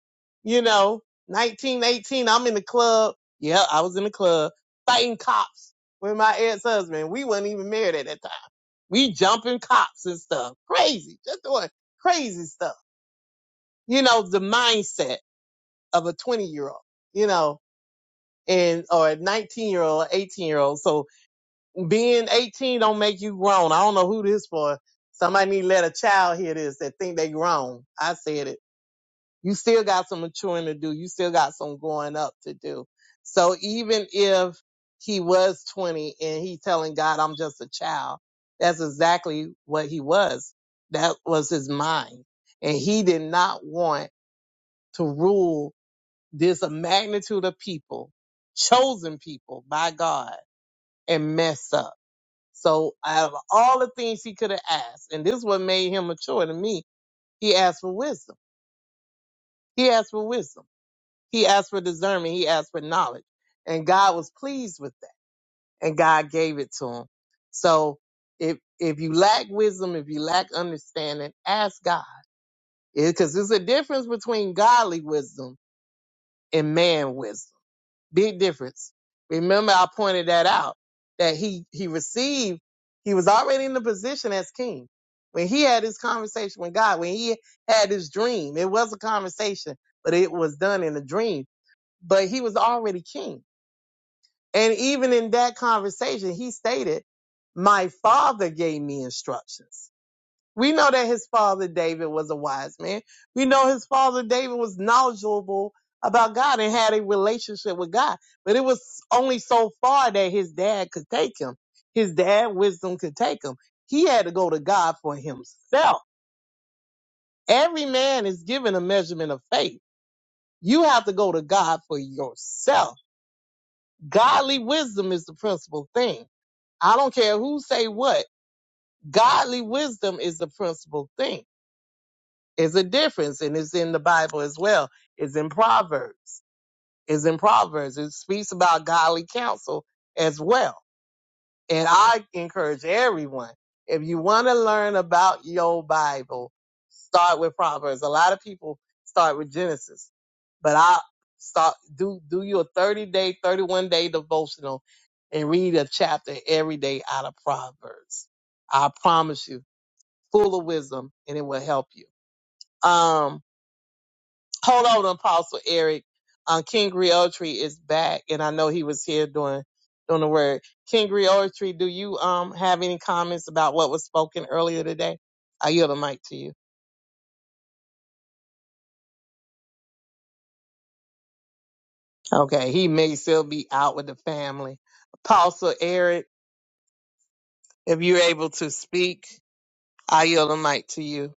Speaker 6: You know, 1918, I'm in the club. Yeah, I was in the club fighting cops with my ex-husband. We was not even married at that time we jumping cops and stuff. Crazy. Just doing crazy stuff. You know, the mindset of a 20 year old, you know, and, or a 19 year old, 18 year old. So being 18 don't make you grown. I don't know who this for. Somebody need to let a child hear this that think they grown. I said it You still got some maturing to do. You still got some growing up to do. So even if he was 20 and he telling God, I'm just a child, that's exactly what he was. That was his mind. And he did not want to rule this magnitude of people, chosen people by God and mess up. So out of all the things he could have asked, and this is what made him mature to me, he asked for wisdom. He asked for wisdom. He asked for discernment. He asked for knowledge. And God was pleased with that. And God gave it to him. So if, if you lack wisdom, if you lack understanding, ask God. Because there's a difference between godly wisdom and man wisdom. Big difference. Remember, I pointed that out that he, he received, he was already in the position as king. When he had his conversation with God, when he had his dream, it was a conversation, but it was done in a dream but he was already king. And even in that conversation, he stated, My father gave me instructions. We know that his father David was a wise man. We know his father David was knowledgeable about God and had a relationship with God. But it was only so far that his dad could take him. His dad wisdom could take him. He had to go to God for himself. Every man is given a measurement of faith. You have to go to God for yourself. Godly wisdom is the principal thing. I don't care who say what. Godly wisdom is the principal thing. It's a difference, and it's in the Bible as well. It's in Proverbs. It's in Proverbs. It speaks about godly counsel as well. And I encourage everyone, if you want to learn about your Bible, start with Proverbs. A lot of people start with Genesis, but I start do do you a 30 day, 31 day devotional and read a chapter every day out of Proverbs. I promise you, full of wisdom and it will help you. Um Hold on, Apostle Eric. Um, King Realtree is back, and I know he was here doing doing the word. King Realtree, do you um have any comments about what was spoken earlier today? I yield the mic to you. Okay, he may still be out with the family. Apostle Eric, if you're able to speak, I yield the mic to you.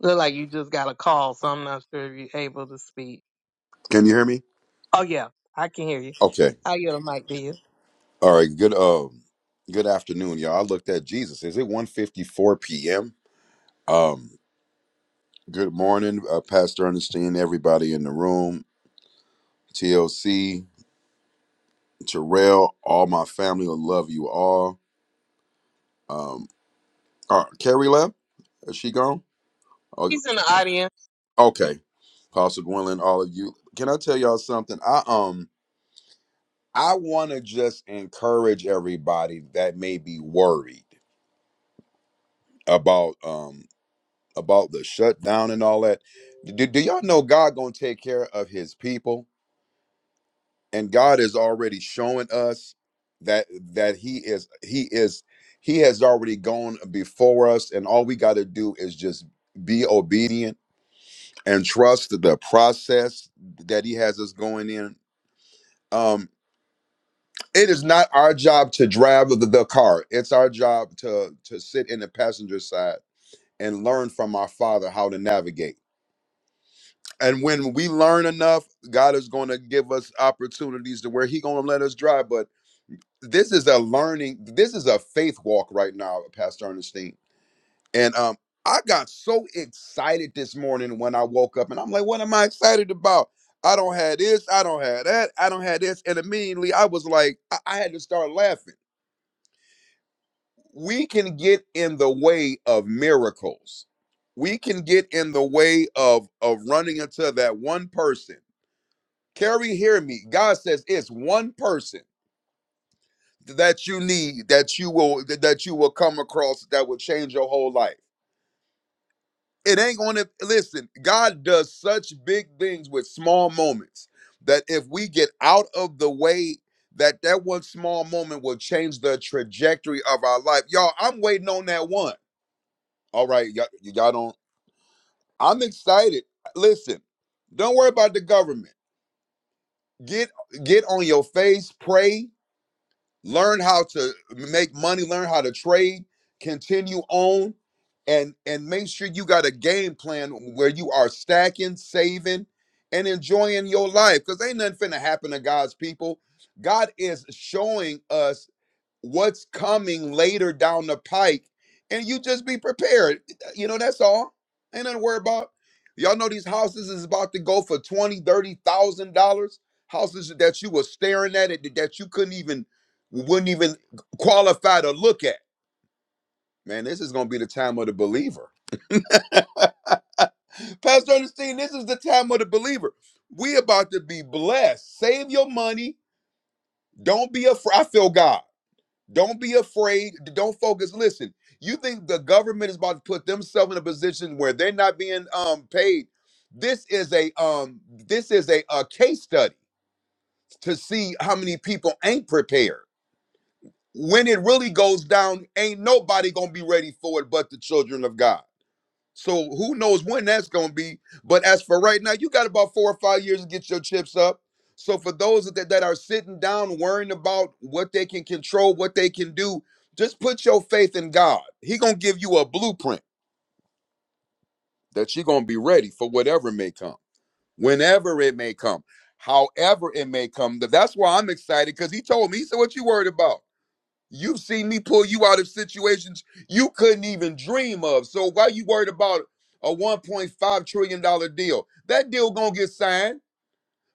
Speaker 6: Look like you just got a call, so I'm not sure if you're able to speak.
Speaker 12: Can you hear me?
Speaker 6: Oh yeah, I can hear you.
Speaker 12: Okay.
Speaker 6: I yield the mic to you.
Speaker 12: All right. Good um good afternoon, y'all. I looked at Jesus. Is it 154 p.m.? Um good morning, uh, Pastor Ernestine, everybody in the room, TLC, Terrell, all my family will love you all. Um uh, Carrie left? Is she gone? Oh,
Speaker 6: He's in the audience.
Speaker 12: okay. Pastor Gwendolyn, all of you. Can I tell y'all something? I um I want to just encourage everybody that may be worried about um about the shutdown and all that. Do, do y'all know God gonna take care of His people? And God is already showing us that that He is He is He has already gone before us, and all we got to do is just be obedient and trust the process that He has us going in. Um, it is not our job to drive the, the car. It's our job to to sit in the passenger side and learn from our Father how to navigate and when we learn enough god is going to give us opportunities to where he going to let us drive but this is a learning this is a faith walk right now pastor ernestine and um i got so excited this morning when i woke up and i'm like what am i excited about i don't have this i don't have that i don't have this and immediately i was like i, I had to start laughing we can get in the way of miracles we can get in the way of of running into that one person Carrie, hear me. God says it's one person that you need that you will that you will come across that will change your whole life. It ain't gonna listen, God does such big things with small moments that if we get out of the way, that that one small moment will change the trajectory of our life. Y'all, I'm waiting on that one. All right, y'all, y'all don't. I'm excited. Listen, don't worry about the government. Get get on your face, pray, learn how to make money learn how to trade continue on and and make sure you got a game plan where you are stacking saving and enjoying your life because ain't nothing finna happen to god's people god is showing us what's coming later down the pike, and you just be prepared. You know, that's all. Ain't nothing to worry about. Y'all know these houses is about to go for twenty, thirty thousand dollars. Houses that you were staring at it that you couldn't even wouldn't even qualify to look at. Man, this is gonna be the time of the believer. Pastor Ernestine, this is the time of the believer. We about to be blessed. Save your money. Don't be afraid. I feel God. Don't be afraid. Don't focus. Listen, you think the government is about to put themselves in a position where they're not being um paid. This is a um this is a, a case study to see how many people ain't prepared. When it really goes down, ain't nobody gonna be ready for it but the children of God. So who knows when that's going to be? But as for right now, you got about four or five years to get your chips up. So for those that, that are sitting down worrying about what they can control, what they can do, just put your faith in God. He gonna give you a blueprint that you're gonna be ready for whatever may come, whenever it may come, however it may come. That's why I'm excited because he told me. He said, "What you worried about?" You've seen me pull you out of situations you couldn't even dream of. So why you worried about a 1.5 trillion dollar deal? That deal gonna get signed,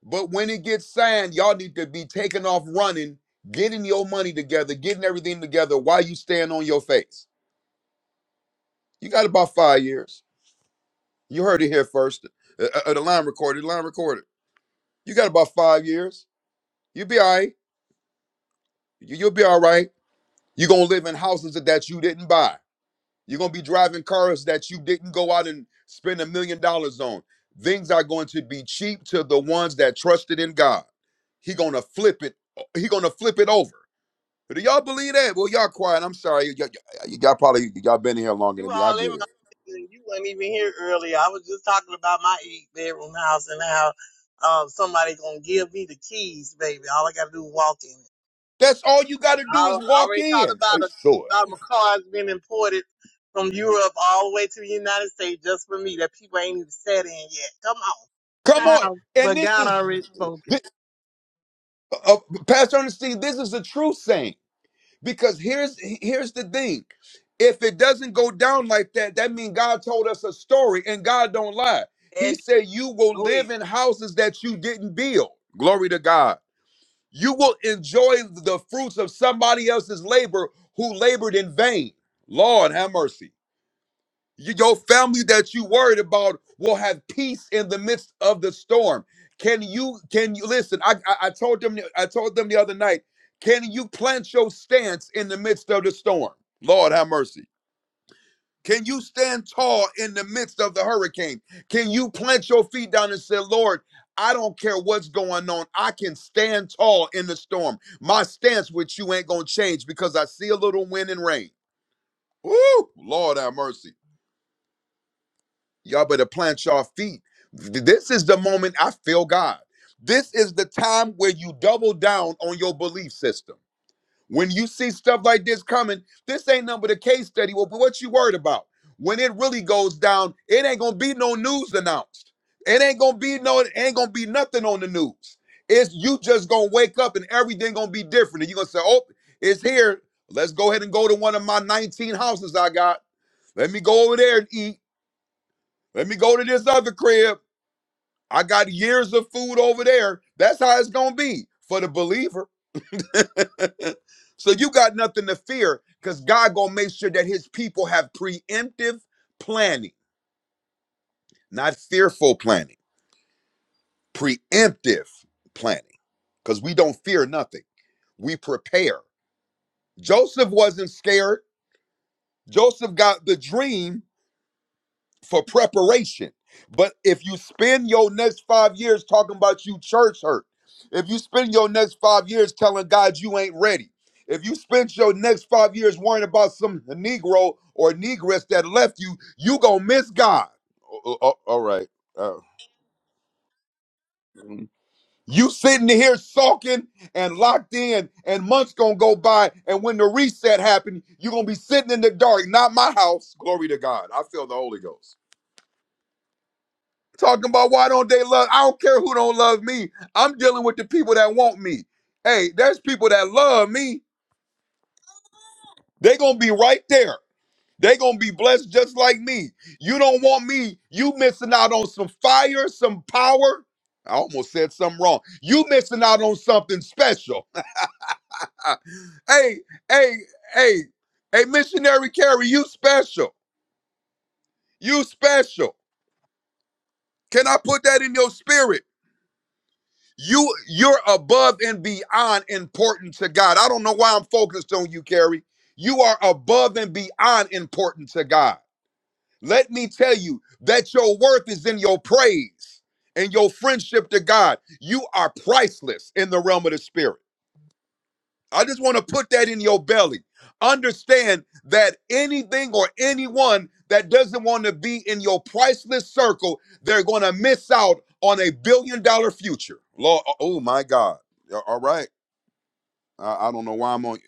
Speaker 12: but when it gets signed, y'all need to be taking off running, getting your money together, getting everything together while you stand on your face. You got about five years. You heard it here first. Uh, uh, uh, the line recorded, the line recorded. You got about five years. You'll be all right. You- You'll be all right. You're gonna live in houses that you didn't buy. You're gonna be driving cars that you didn't go out and spend a million dollars on. Things are going to be cheap to the ones that trusted in God. He gonna flip it. He gonna flip it over. Do y'all believe that? Well, y'all quiet. I'm sorry. Y- y- y'all probably y'all been in here longer
Speaker 6: You
Speaker 12: than me. I
Speaker 6: all in
Speaker 12: get
Speaker 6: my
Speaker 12: it.
Speaker 6: business. You was not even here earlier. I was just talking about my eight bedroom house and how um somebody gonna give me the keys, baby. All I gotta do is walk in it.
Speaker 12: That's all you got to
Speaker 6: I,
Speaker 12: do is
Speaker 6: I
Speaker 12: walk
Speaker 6: already talked
Speaker 12: in.
Speaker 6: about a,
Speaker 12: Sure.
Speaker 6: about my cars being imported from Europe all the way to the United States just for me that people ain't even sat in yet. Come on. The
Speaker 12: Come on.
Speaker 6: house,
Speaker 12: And
Speaker 6: but
Speaker 12: this
Speaker 6: God
Speaker 12: is,
Speaker 6: already spoke it.
Speaker 12: uh, Pastor Ernestine. This is a true saying. Because here's here's the thing. If it doesn't go down like that, that means God told us a story and God don't lie. He
Speaker 6: And
Speaker 12: said you will
Speaker 6: do it.
Speaker 12: live in houses that you didn't build. Glory to God. You will enjoy the fruits of somebody else's labor who labored in vain. Lord have mercy. Y- Your family that you worried about will have peace in the midst of the storm. Can you can you listen? I, I I told them I told them the other night. Can you plant your stance in the midst of the storm? Lord have mercy. Can you stand tall in the midst of the hurricane? Can you plant your feet down and say, Lord, I don't care what's going on. I can stand tall in the storm. My stance with you ain't gonna change because I see a little wind and rain. Woo! Lord have mercy. Y'all better plant your feet. This is the moment I feel God. This is the time where you double down on your belief system. When you see stuff like this coming, this ain't nothing but a case study. Well, but what you worried about? When it really goes down, it ain't gonna be no news announced. It ain't gonna be no, it ain't gonna be nothing on the news. It's you just gonna wake up and everything gonna be different. And you're gonna say, Oh, it's here. Let's go ahead and go to one of my 19 houses I got. Let me go over there and eat. Let me go to this other crib. I got years of food over there. That's how it's going to be for the believer. so you got nothing to fear because God going to make sure that his people have preemptive planning, not fearful planning, preemptive planning because we don't fear nothing. We prepare. Joseph wasn't scared. Joseph got the dream for preparation. But if you spend your next five years talking about you church hurt, if you spend your next five years telling God you ain't ready, if you spend your next five years worrying about some Negro or Negress that left you, you gonna miss God. O- o- all right. Uh, mhm. you sitting here sulking and locked in, and months gonna go by, and when the reset happened, you gonna be sitting in the dark. Not my house. Glory to God. I feel the Holy Ghost. talking about why don't they love i don't care who don't love me i'm dealing with the people that want me hey there's people that love me they gonna be right there they gonna be blessed just like me you don't want me you missing out on some fire some power i almost said something wrong you missing out on something special hey hey hey hey missionary carry you special you special can i put that in your spirit You you're above and beyond important to God. I don't know why I'm focused on you, Carrie. You are above and beyond important to God. Let me tell you that your worth is in your praise and your friendship to God. You are priceless in the realm of the spirit. I just want to put that in your belly. Understand that anything or anyone that doesn't want to be in your priceless circle, they're going to miss out on a billion dollar future. Lord, oh my God. Yeah, All right. I, I don't know why I'm on.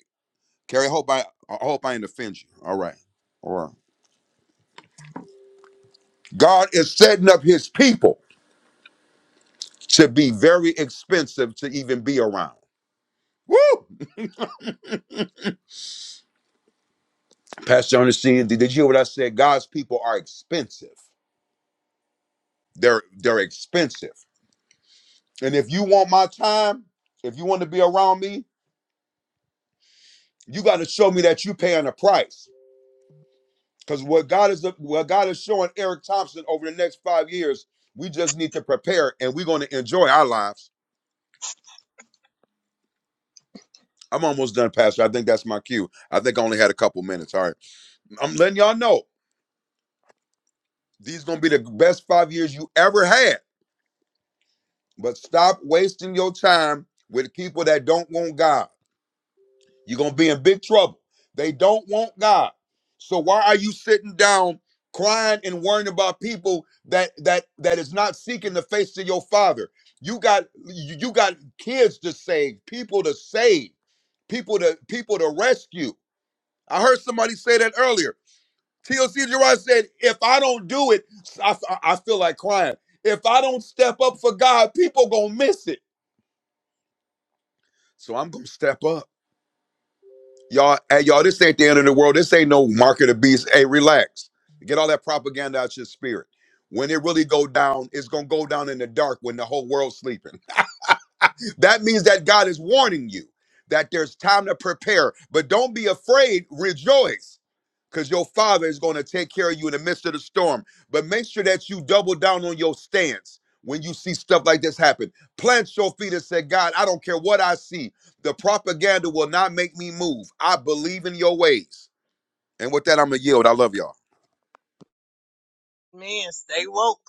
Speaker 12: Carrie, I hope I, I hope I didn't offend you. All right. All right. God is setting up his people to be very expensive to even be around. Woo! Pastor Ernestine, did did you hear what I said? God's people are expensive. They're they're expensive. And if you want my time, if you want to be around me, you got to show me that you are paying a price. Because what God is what God is showing Eric Thompson over the next five years, we just need to prepare and we're going to enjoy our lives. I'm almost done, Pastor. I think that's my cue. I think I only had a couple minutes. All right. I'm letting y'all know these gonna be the best five years you ever had. But stop wasting your time with people that don't want God. You're going to be in big trouble. They don't want God. So why are you sitting down crying and worrying about people that that that is not seeking the face of your father? You got you you got kids to save, people to save, people to people to rescue. I heard somebody say that earlier. TLC Gerard said, "If I don't do it, I, I I feel like crying. If I don't step up for God, people gonna miss it. So I'm gonna step up." Y'all, hey, y'all, this ain't the end of the world. This ain't no market of the beast. Hey, relax. Get all that propaganda out your spirit. When it really go down, it's gonna go down in the dark when the whole world's sleeping. that means that God is warning you that there's time to prepare. But don't be afraid, rejoice, because your Father is going to take care of you in the midst of the storm. But make sure that you double down on your stance when you see stuff like this happen. Plant your feet and say, God, I don't care what I see. The propaganda will not make me move. I believe in your ways. And with that, I'm going to yield. I love y'all.
Speaker 6: Man, stay woke.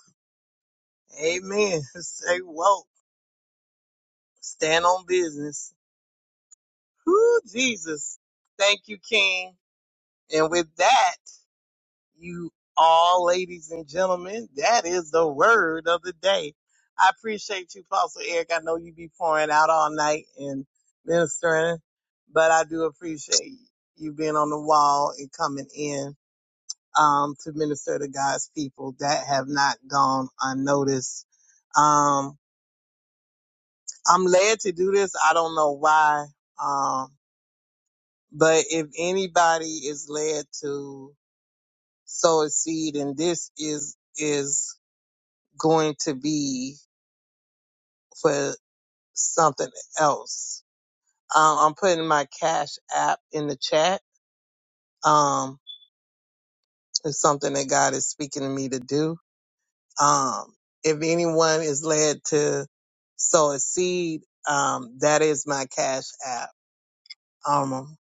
Speaker 6: Amen. Stay woke. Stand on business. Whoo, Jesus. Thank you, King. And with that, you all ladies and gentlemen, that is the word of the day. I appreciate you, Pastor Eric. I know you be pouring out all night and ministering, but I do appreciate you being on the wall and coming in um, to minister to God's people that have not gone unnoticed. Um, I'm led to do this. I don't know why. Um, but if anybody is led to sow a seed and this is is going to be for something else um, i'm putting my cash app in the chat um it's something that god is speaking to me to do um if anyone is led to sow a seed um that is my cash app um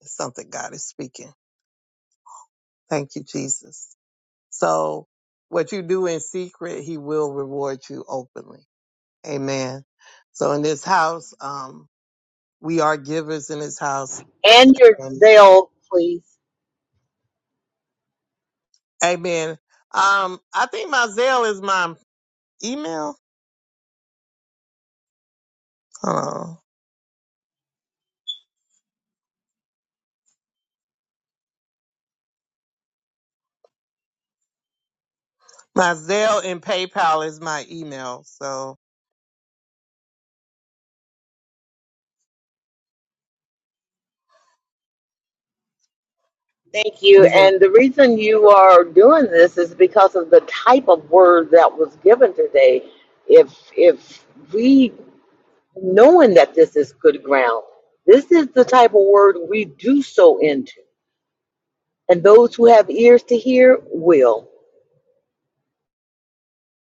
Speaker 6: it's something god is speaking thank you jesus so what you do in secret he will reward you openly Amen. So in this house, um, we are givers in this house.
Speaker 5: And your
Speaker 6: And
Speaker 5: zeal, please.
Speaker 6: amen. Um, I think my Zelle is my email. Hold My Zelle and PayPal is my email. So
Speaker 5: Thank you.
Speaker 6: you can,
Speaker 5: And the reason you are doing this is because of the type of word that was given today. If if we knowing that this is good ground, this is the type of word we do sow into. And those who have ears to hear will.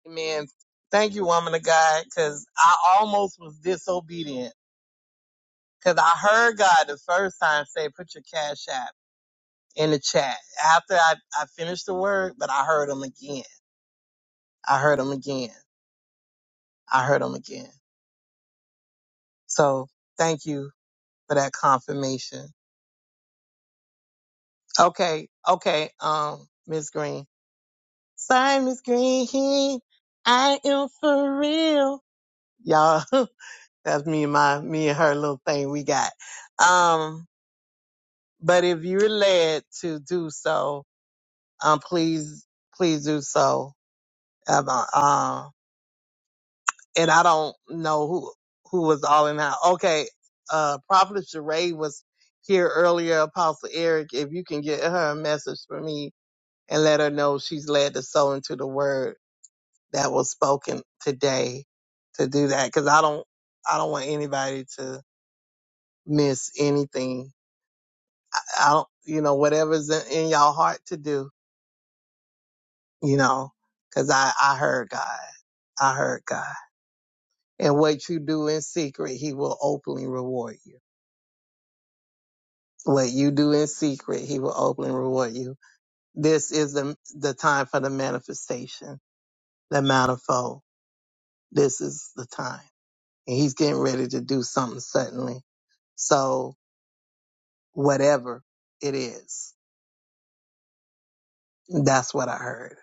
Speaker 6: amen. Thank you, woman of God, because I almost was disobedient because I heard God the first time say, put your cash app in the chat after I, I finished the word, but I heard him again. I heard him again. I heard him again. So thank you for that confirmation. Okay, okay, um, Miss Green. Sorry, Miss Green, I am for real. Y'all, that's me and my, me and her little thing we got. Um, but if you're led to do so, um, please, please do so. Um, uh, and I don't know who, who was all in that. Okay, uh, Prophet Sheree was here earlier, Apostle Eric. If you can get her a message for me, and let her know she's led to sow into the word that was spoken today to do that because i don't i don't want anybody to miss anything i don't you know whatever's in, in y'all heart to do you know because i i heard god i heard god and what you do in secret he will openly reward you what you do in secret he will openly reward you this is the the time for the manifestation the manifold this is the time and he's getting ready to do something suddenly. So whatever it is, that's what I heard.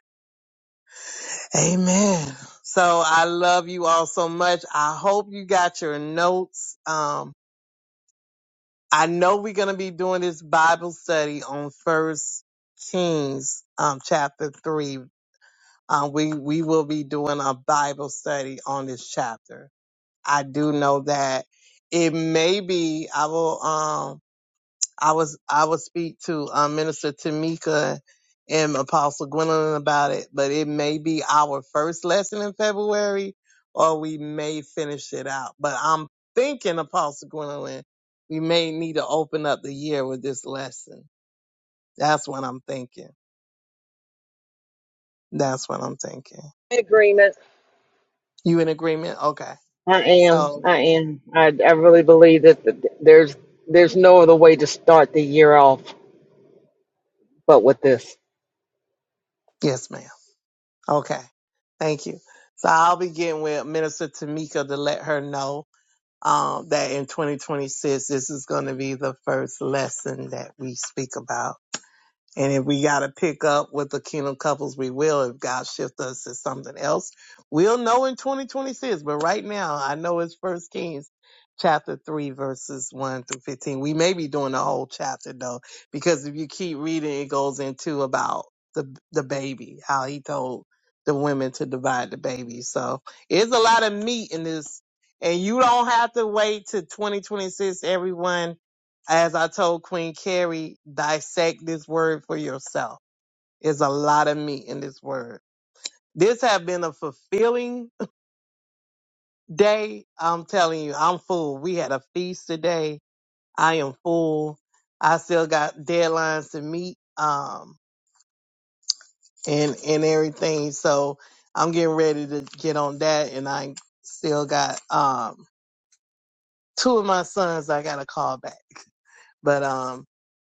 Speaker 6: Amen. So I love you all so much. I hope you got your notes. Um, I know we're going to be doing this Bible study on First Kings, um, chapter three. Um, we we will be doing a Bible study on this chapter. I do know that it may be. I will. Um, I was I would speak to um, Minister Tamika and Apostle Gwendolyn about it, but it may be our first lesson in February, or we may finish it out. But I'm thinking, Apostle Gwendolyn, we may need to open up the year with this lesson. That's what I'm thinking. That's what I'm thinking.
Speaker 5: In agreement.
Speaker 6: You in agreement? Okay.
Speaker 5: I am.
Speaker 6: So
Speaker 5: I am. I, I really believe that th- there's there's no other way to start the year off but with this.
Speaker 6: yes, ma'am. Okay. Thank you. So I'll begin with Minister Tamika to let her know. um, that in 2026, this is going to be the first lesson that we speak about and if we got to pick up with the kingdom couples, we will. If God shift us to something else, we'll know in 2026. But right now, I know it's First Kings chapter 3, verses 1 through 15. We may be doing the whole chapter though, because if you keep reading, it goes into about the, the baby, how he told the women to divide the baby. So it's a lot of meat in this. And you don't have to wait to 2026, everyone as I told Queen Carrie, dissect this word for yourself. There's a lot of meat in this word. This have been a fulfilling day. I'm telling you, I'm full. We had a feast today. I am full. I still got deadlines to meet, um, and and everything. So I'm getting ready to get on that, and I still got um two of my sons I gotta call back. But um,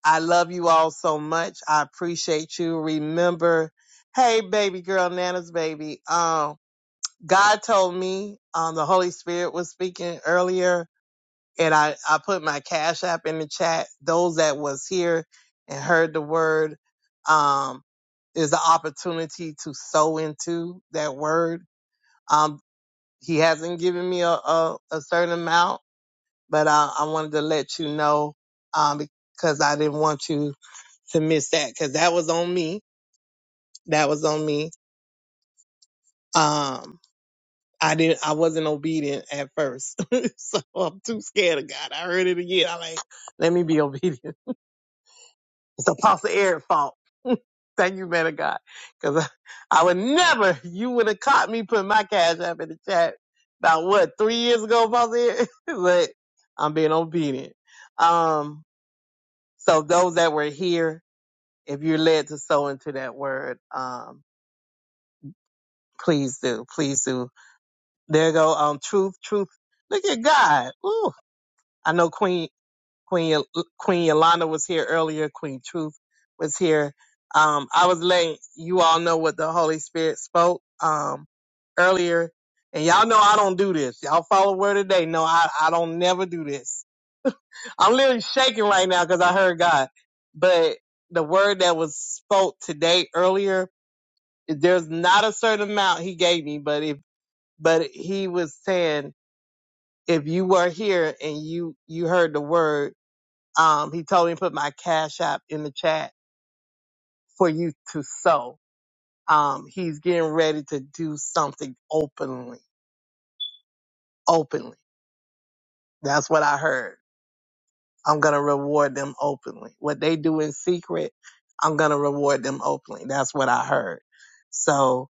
Speaker 6: I love you all so much. I appreciate you. Remember, hey, baby girl, Nana's baby. Um, God told me, um, the Holy Spirit was speaking earlier, and I, I put my cash app in the chat. Those that was here and heard the word, um, is the opportunity to sow into that word. Um, he hasn't given me a, a, a certain amount, but I, I wanted to let you know, um, because I didn't want you to miss that because that was on me. That was on me. Um, I didn't. I wasn't obedient at first, so I'm too scared of God. I heard it again. I like, let me be obedient. It's Apostle Eric's fault. Thank you, man of God, because I, I would never. You would have caught me putting my cash up in the chat about what three years ago, Apostle Eric. but I'm being obedient. Um, so those that were here, if you're led to sow into that word, um, please do, please do There go um truth, truth. Look at God. Ooh, I know Queen Queen Yo- Queen Yolanda was here earlier. Queen Truth was here. Um, I was letting you all know what the Holy Spirit spoke um earlier, and y'all know I don't do this. Y'all follow word of day. No, I I don't never do this. I'm literally shaking right now because I heard God, but the word that was spoke today earlier. There's not a certain amount he gave me, but if but he was saying if you were here and you you heard the word, um, he told me to put my cash app in the chat for you to sow. Um, he's getting ready to do something openly. Openly, that's what I heard. I'm gonna reward them openly. What they do in secret, I'm gonna reward them openly. That's what I heard. So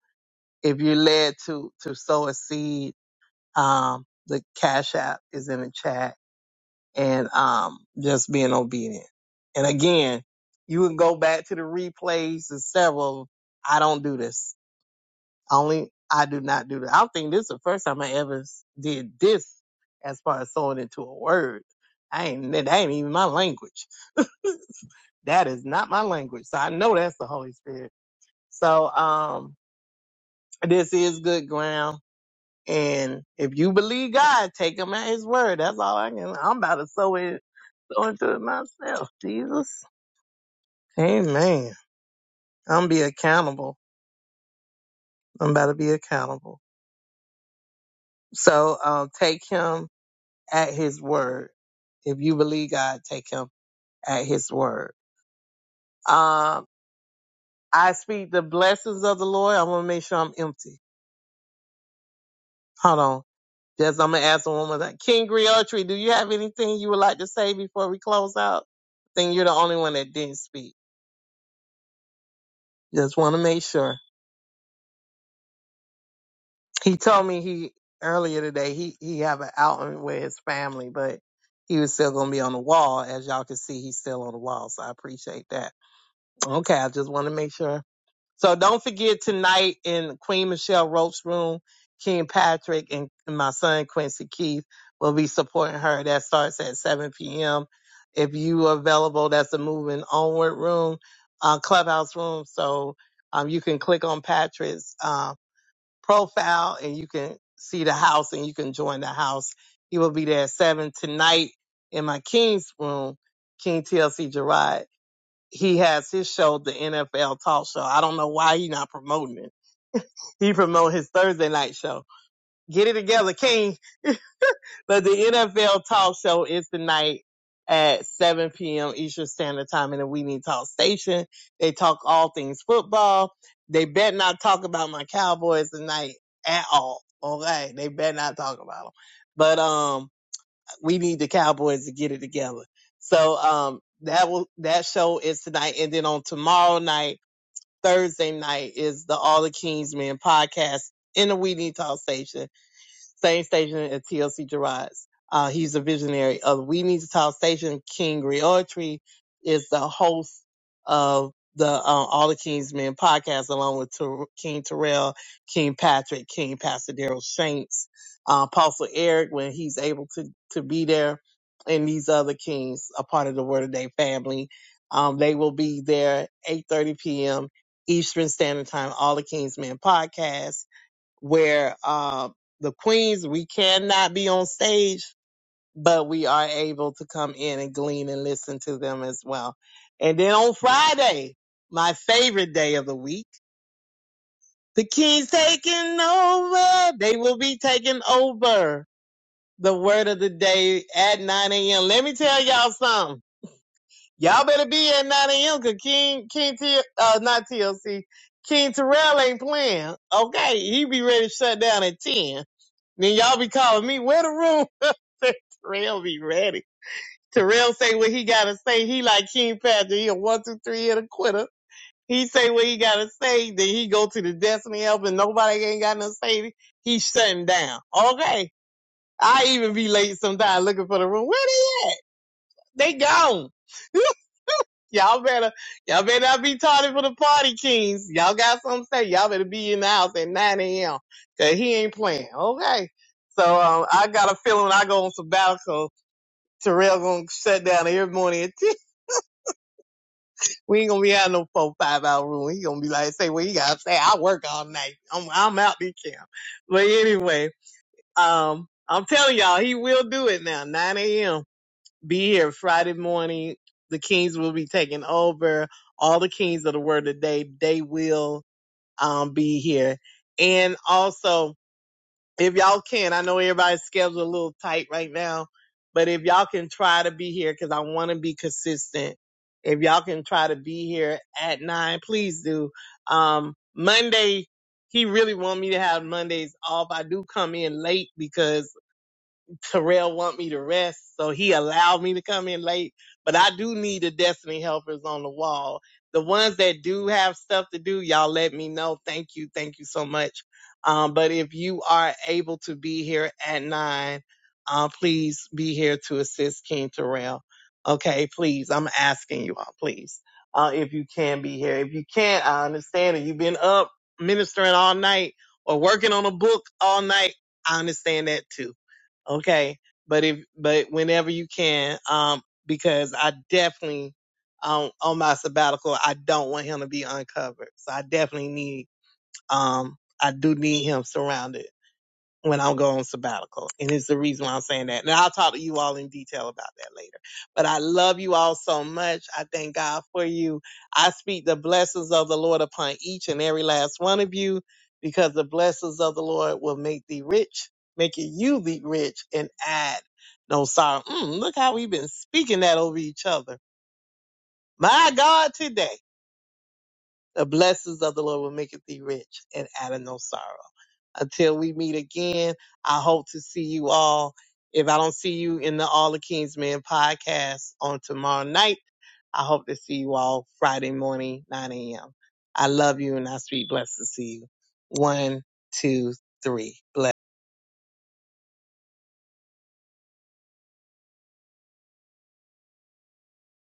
Speaker 6: if you're led to to sow a seed, um, the cash app is in the chat and um, just being obedient. And again, you can go back to the replays and several. I don't do this. Only I do not do this. I don't think this is the first time I ever did this as far as sewing into a word. I ain't that ain't even my language. That is not my language. So I know that's the Holy Spirit. So um this is good ground. And if you believe God, take him at his word. That's all I can I'm about to sew it sew into it myself. Jesus. Amen. I'm be accountable. I'm about to be accountable. So um, take him at his word. If you believe God, take him at his word. Um, I speak the blessings of the Lord. I want to make sure I'm empty. Hold on. Just I'm gonna ask the woman that King Griotry, do you have anything you would like to say before we close out? I think you're the only one that didn't speak. Just want to make sure. He told me he earlier today he he have an outing with his family, but he was still gonna be on the wall. As y'all can see, he's still on the wall, so I appreciate that. Okay, I just want to make sure. So don't forget tonight in Queen Michelle Roach's room, King Patrick and my son Quincy Keith will be supporting her. That starts at 7 p.m. If you are available, that's the moving onward room, uh, clubhouse room. So um, you can click on Patrick's. um, profile and you can see the house and you can join the house. He will be there at seven tonight in my King's room, King TLC Gerard. He has his show, the NFL Talk Show. I don't know why he's not promoting it. He promote his Thursday night show. Get it together, King. But the NFL talk show is tonight at 7 p.m. Eastern Standard Time in the We Need Talk station. They talk all things football. They better not talk about my Cowboys tonight at all. Okay. They better not talk about them. But, um, we need the Cowboys to get it together. So, um, that will, that show is tonight. And then on tomorrow night, Thursday night is the All the Kingsmen podcast in the We Need Talk station same station at TLC Gerard's. Uh, he's a visionary of We Need to Talk Station. King Griotri is the host of the uh, All the King's Men podcast, along with Ter- King Terrell, King Patrick, King Pastor Daryl Shanks, uh, Apostle Eric, when he's able to, to be there, and these other kings, a part of the Word of Day family. Um, they will be there 8.30 p.m. Eastern Standard Time, All the King's Men podcast where uh, the queens we cannot be on stage, but we are able to come in and glean and listen to them as well. And then on Friday, my favorite day of the week, the king's taking over. They will be taking over the word of the day at 9 a.m. Let me tell y'all something. Y'all better be at 9 a.m. cause King, King T, uh, not TLC, King Terrell ain't playing. Okay. He be ready to shut down at 10 Then y'all be calling me, where the room? Terrell be ready. Terrell say what he gotta say. He like King Patrick. He a one, two, three and a quitter. He say what he gotta say. Then he go to the Destiny Help and nobody ain't got nothing to say. He shutting down. Okay. I even be late sometimes looking for the room. Where they at? They gone. Y'all better, y'all better not be tardy for the party, Kings. Y'all got something to say. Y'all better be in the house at 9 a.m. Cause he ain't playing. Okay. So, um, I got a feeling when I go on sabbatical, Terrell gonna shut down every morning at 10. We ain't gonna be out in no four, five hour room. He gonna be like, say, what you gotta say, I work all night. I'm, I'm out this camp. But anyway, um, I'm telling y'all, he will do it now, 9 a.m. be here Friday morning. The Kings will be taking over. All the Kings of the Word today, they will um, be here. And also, if y'all can, I know everybody's schedule a little tight right now, but if y'all can try to be here, because I want to be consistent. If y'all can try to be here at nine, please do. Um, Monday, he really want me to have Mondays off. I do come in late because Terrell want me to rest, so he allowed me to come in late. But I do need the destiny helpers on the wall. The ones that do have stuff to do, y'all let me know. Thank you, thank you so much. Um, but if you are able to be here at nine, uh, please be here to assist King Terrell. Okay, please. I'm asking you all, please. Uh, if you can be here. If you can't, I understand that you've been up ministering all night or working on a book all night. I understand that too Okay. But if, but whenever you can, um, because I definitely, um, on my sabbatical, I don't want him to be uncovered. So I definitely need, um, I do need him surrounded when I go on sabbatical. And it's the reason why I'm saying that. And I'll talk to you all in detail about that later. But I love you all so much. I thank God for you. I speak the blessings of the Lord upon each and every last one of you because the blessings of the Lord will make thee rich, making you the rich and add no sorrow. Mm, look how we've been speaking that over each other. My God, today. The blessings of the Lord will make thee rich and add no sorrow. Until we meet again, I hope to see you all. If I don't see you in the All the Kings Men podcast on tomorrow night, I hope to see you all Friday morning, 9 a.m. I love you and I speak blessings to you. One, two, three. Bless.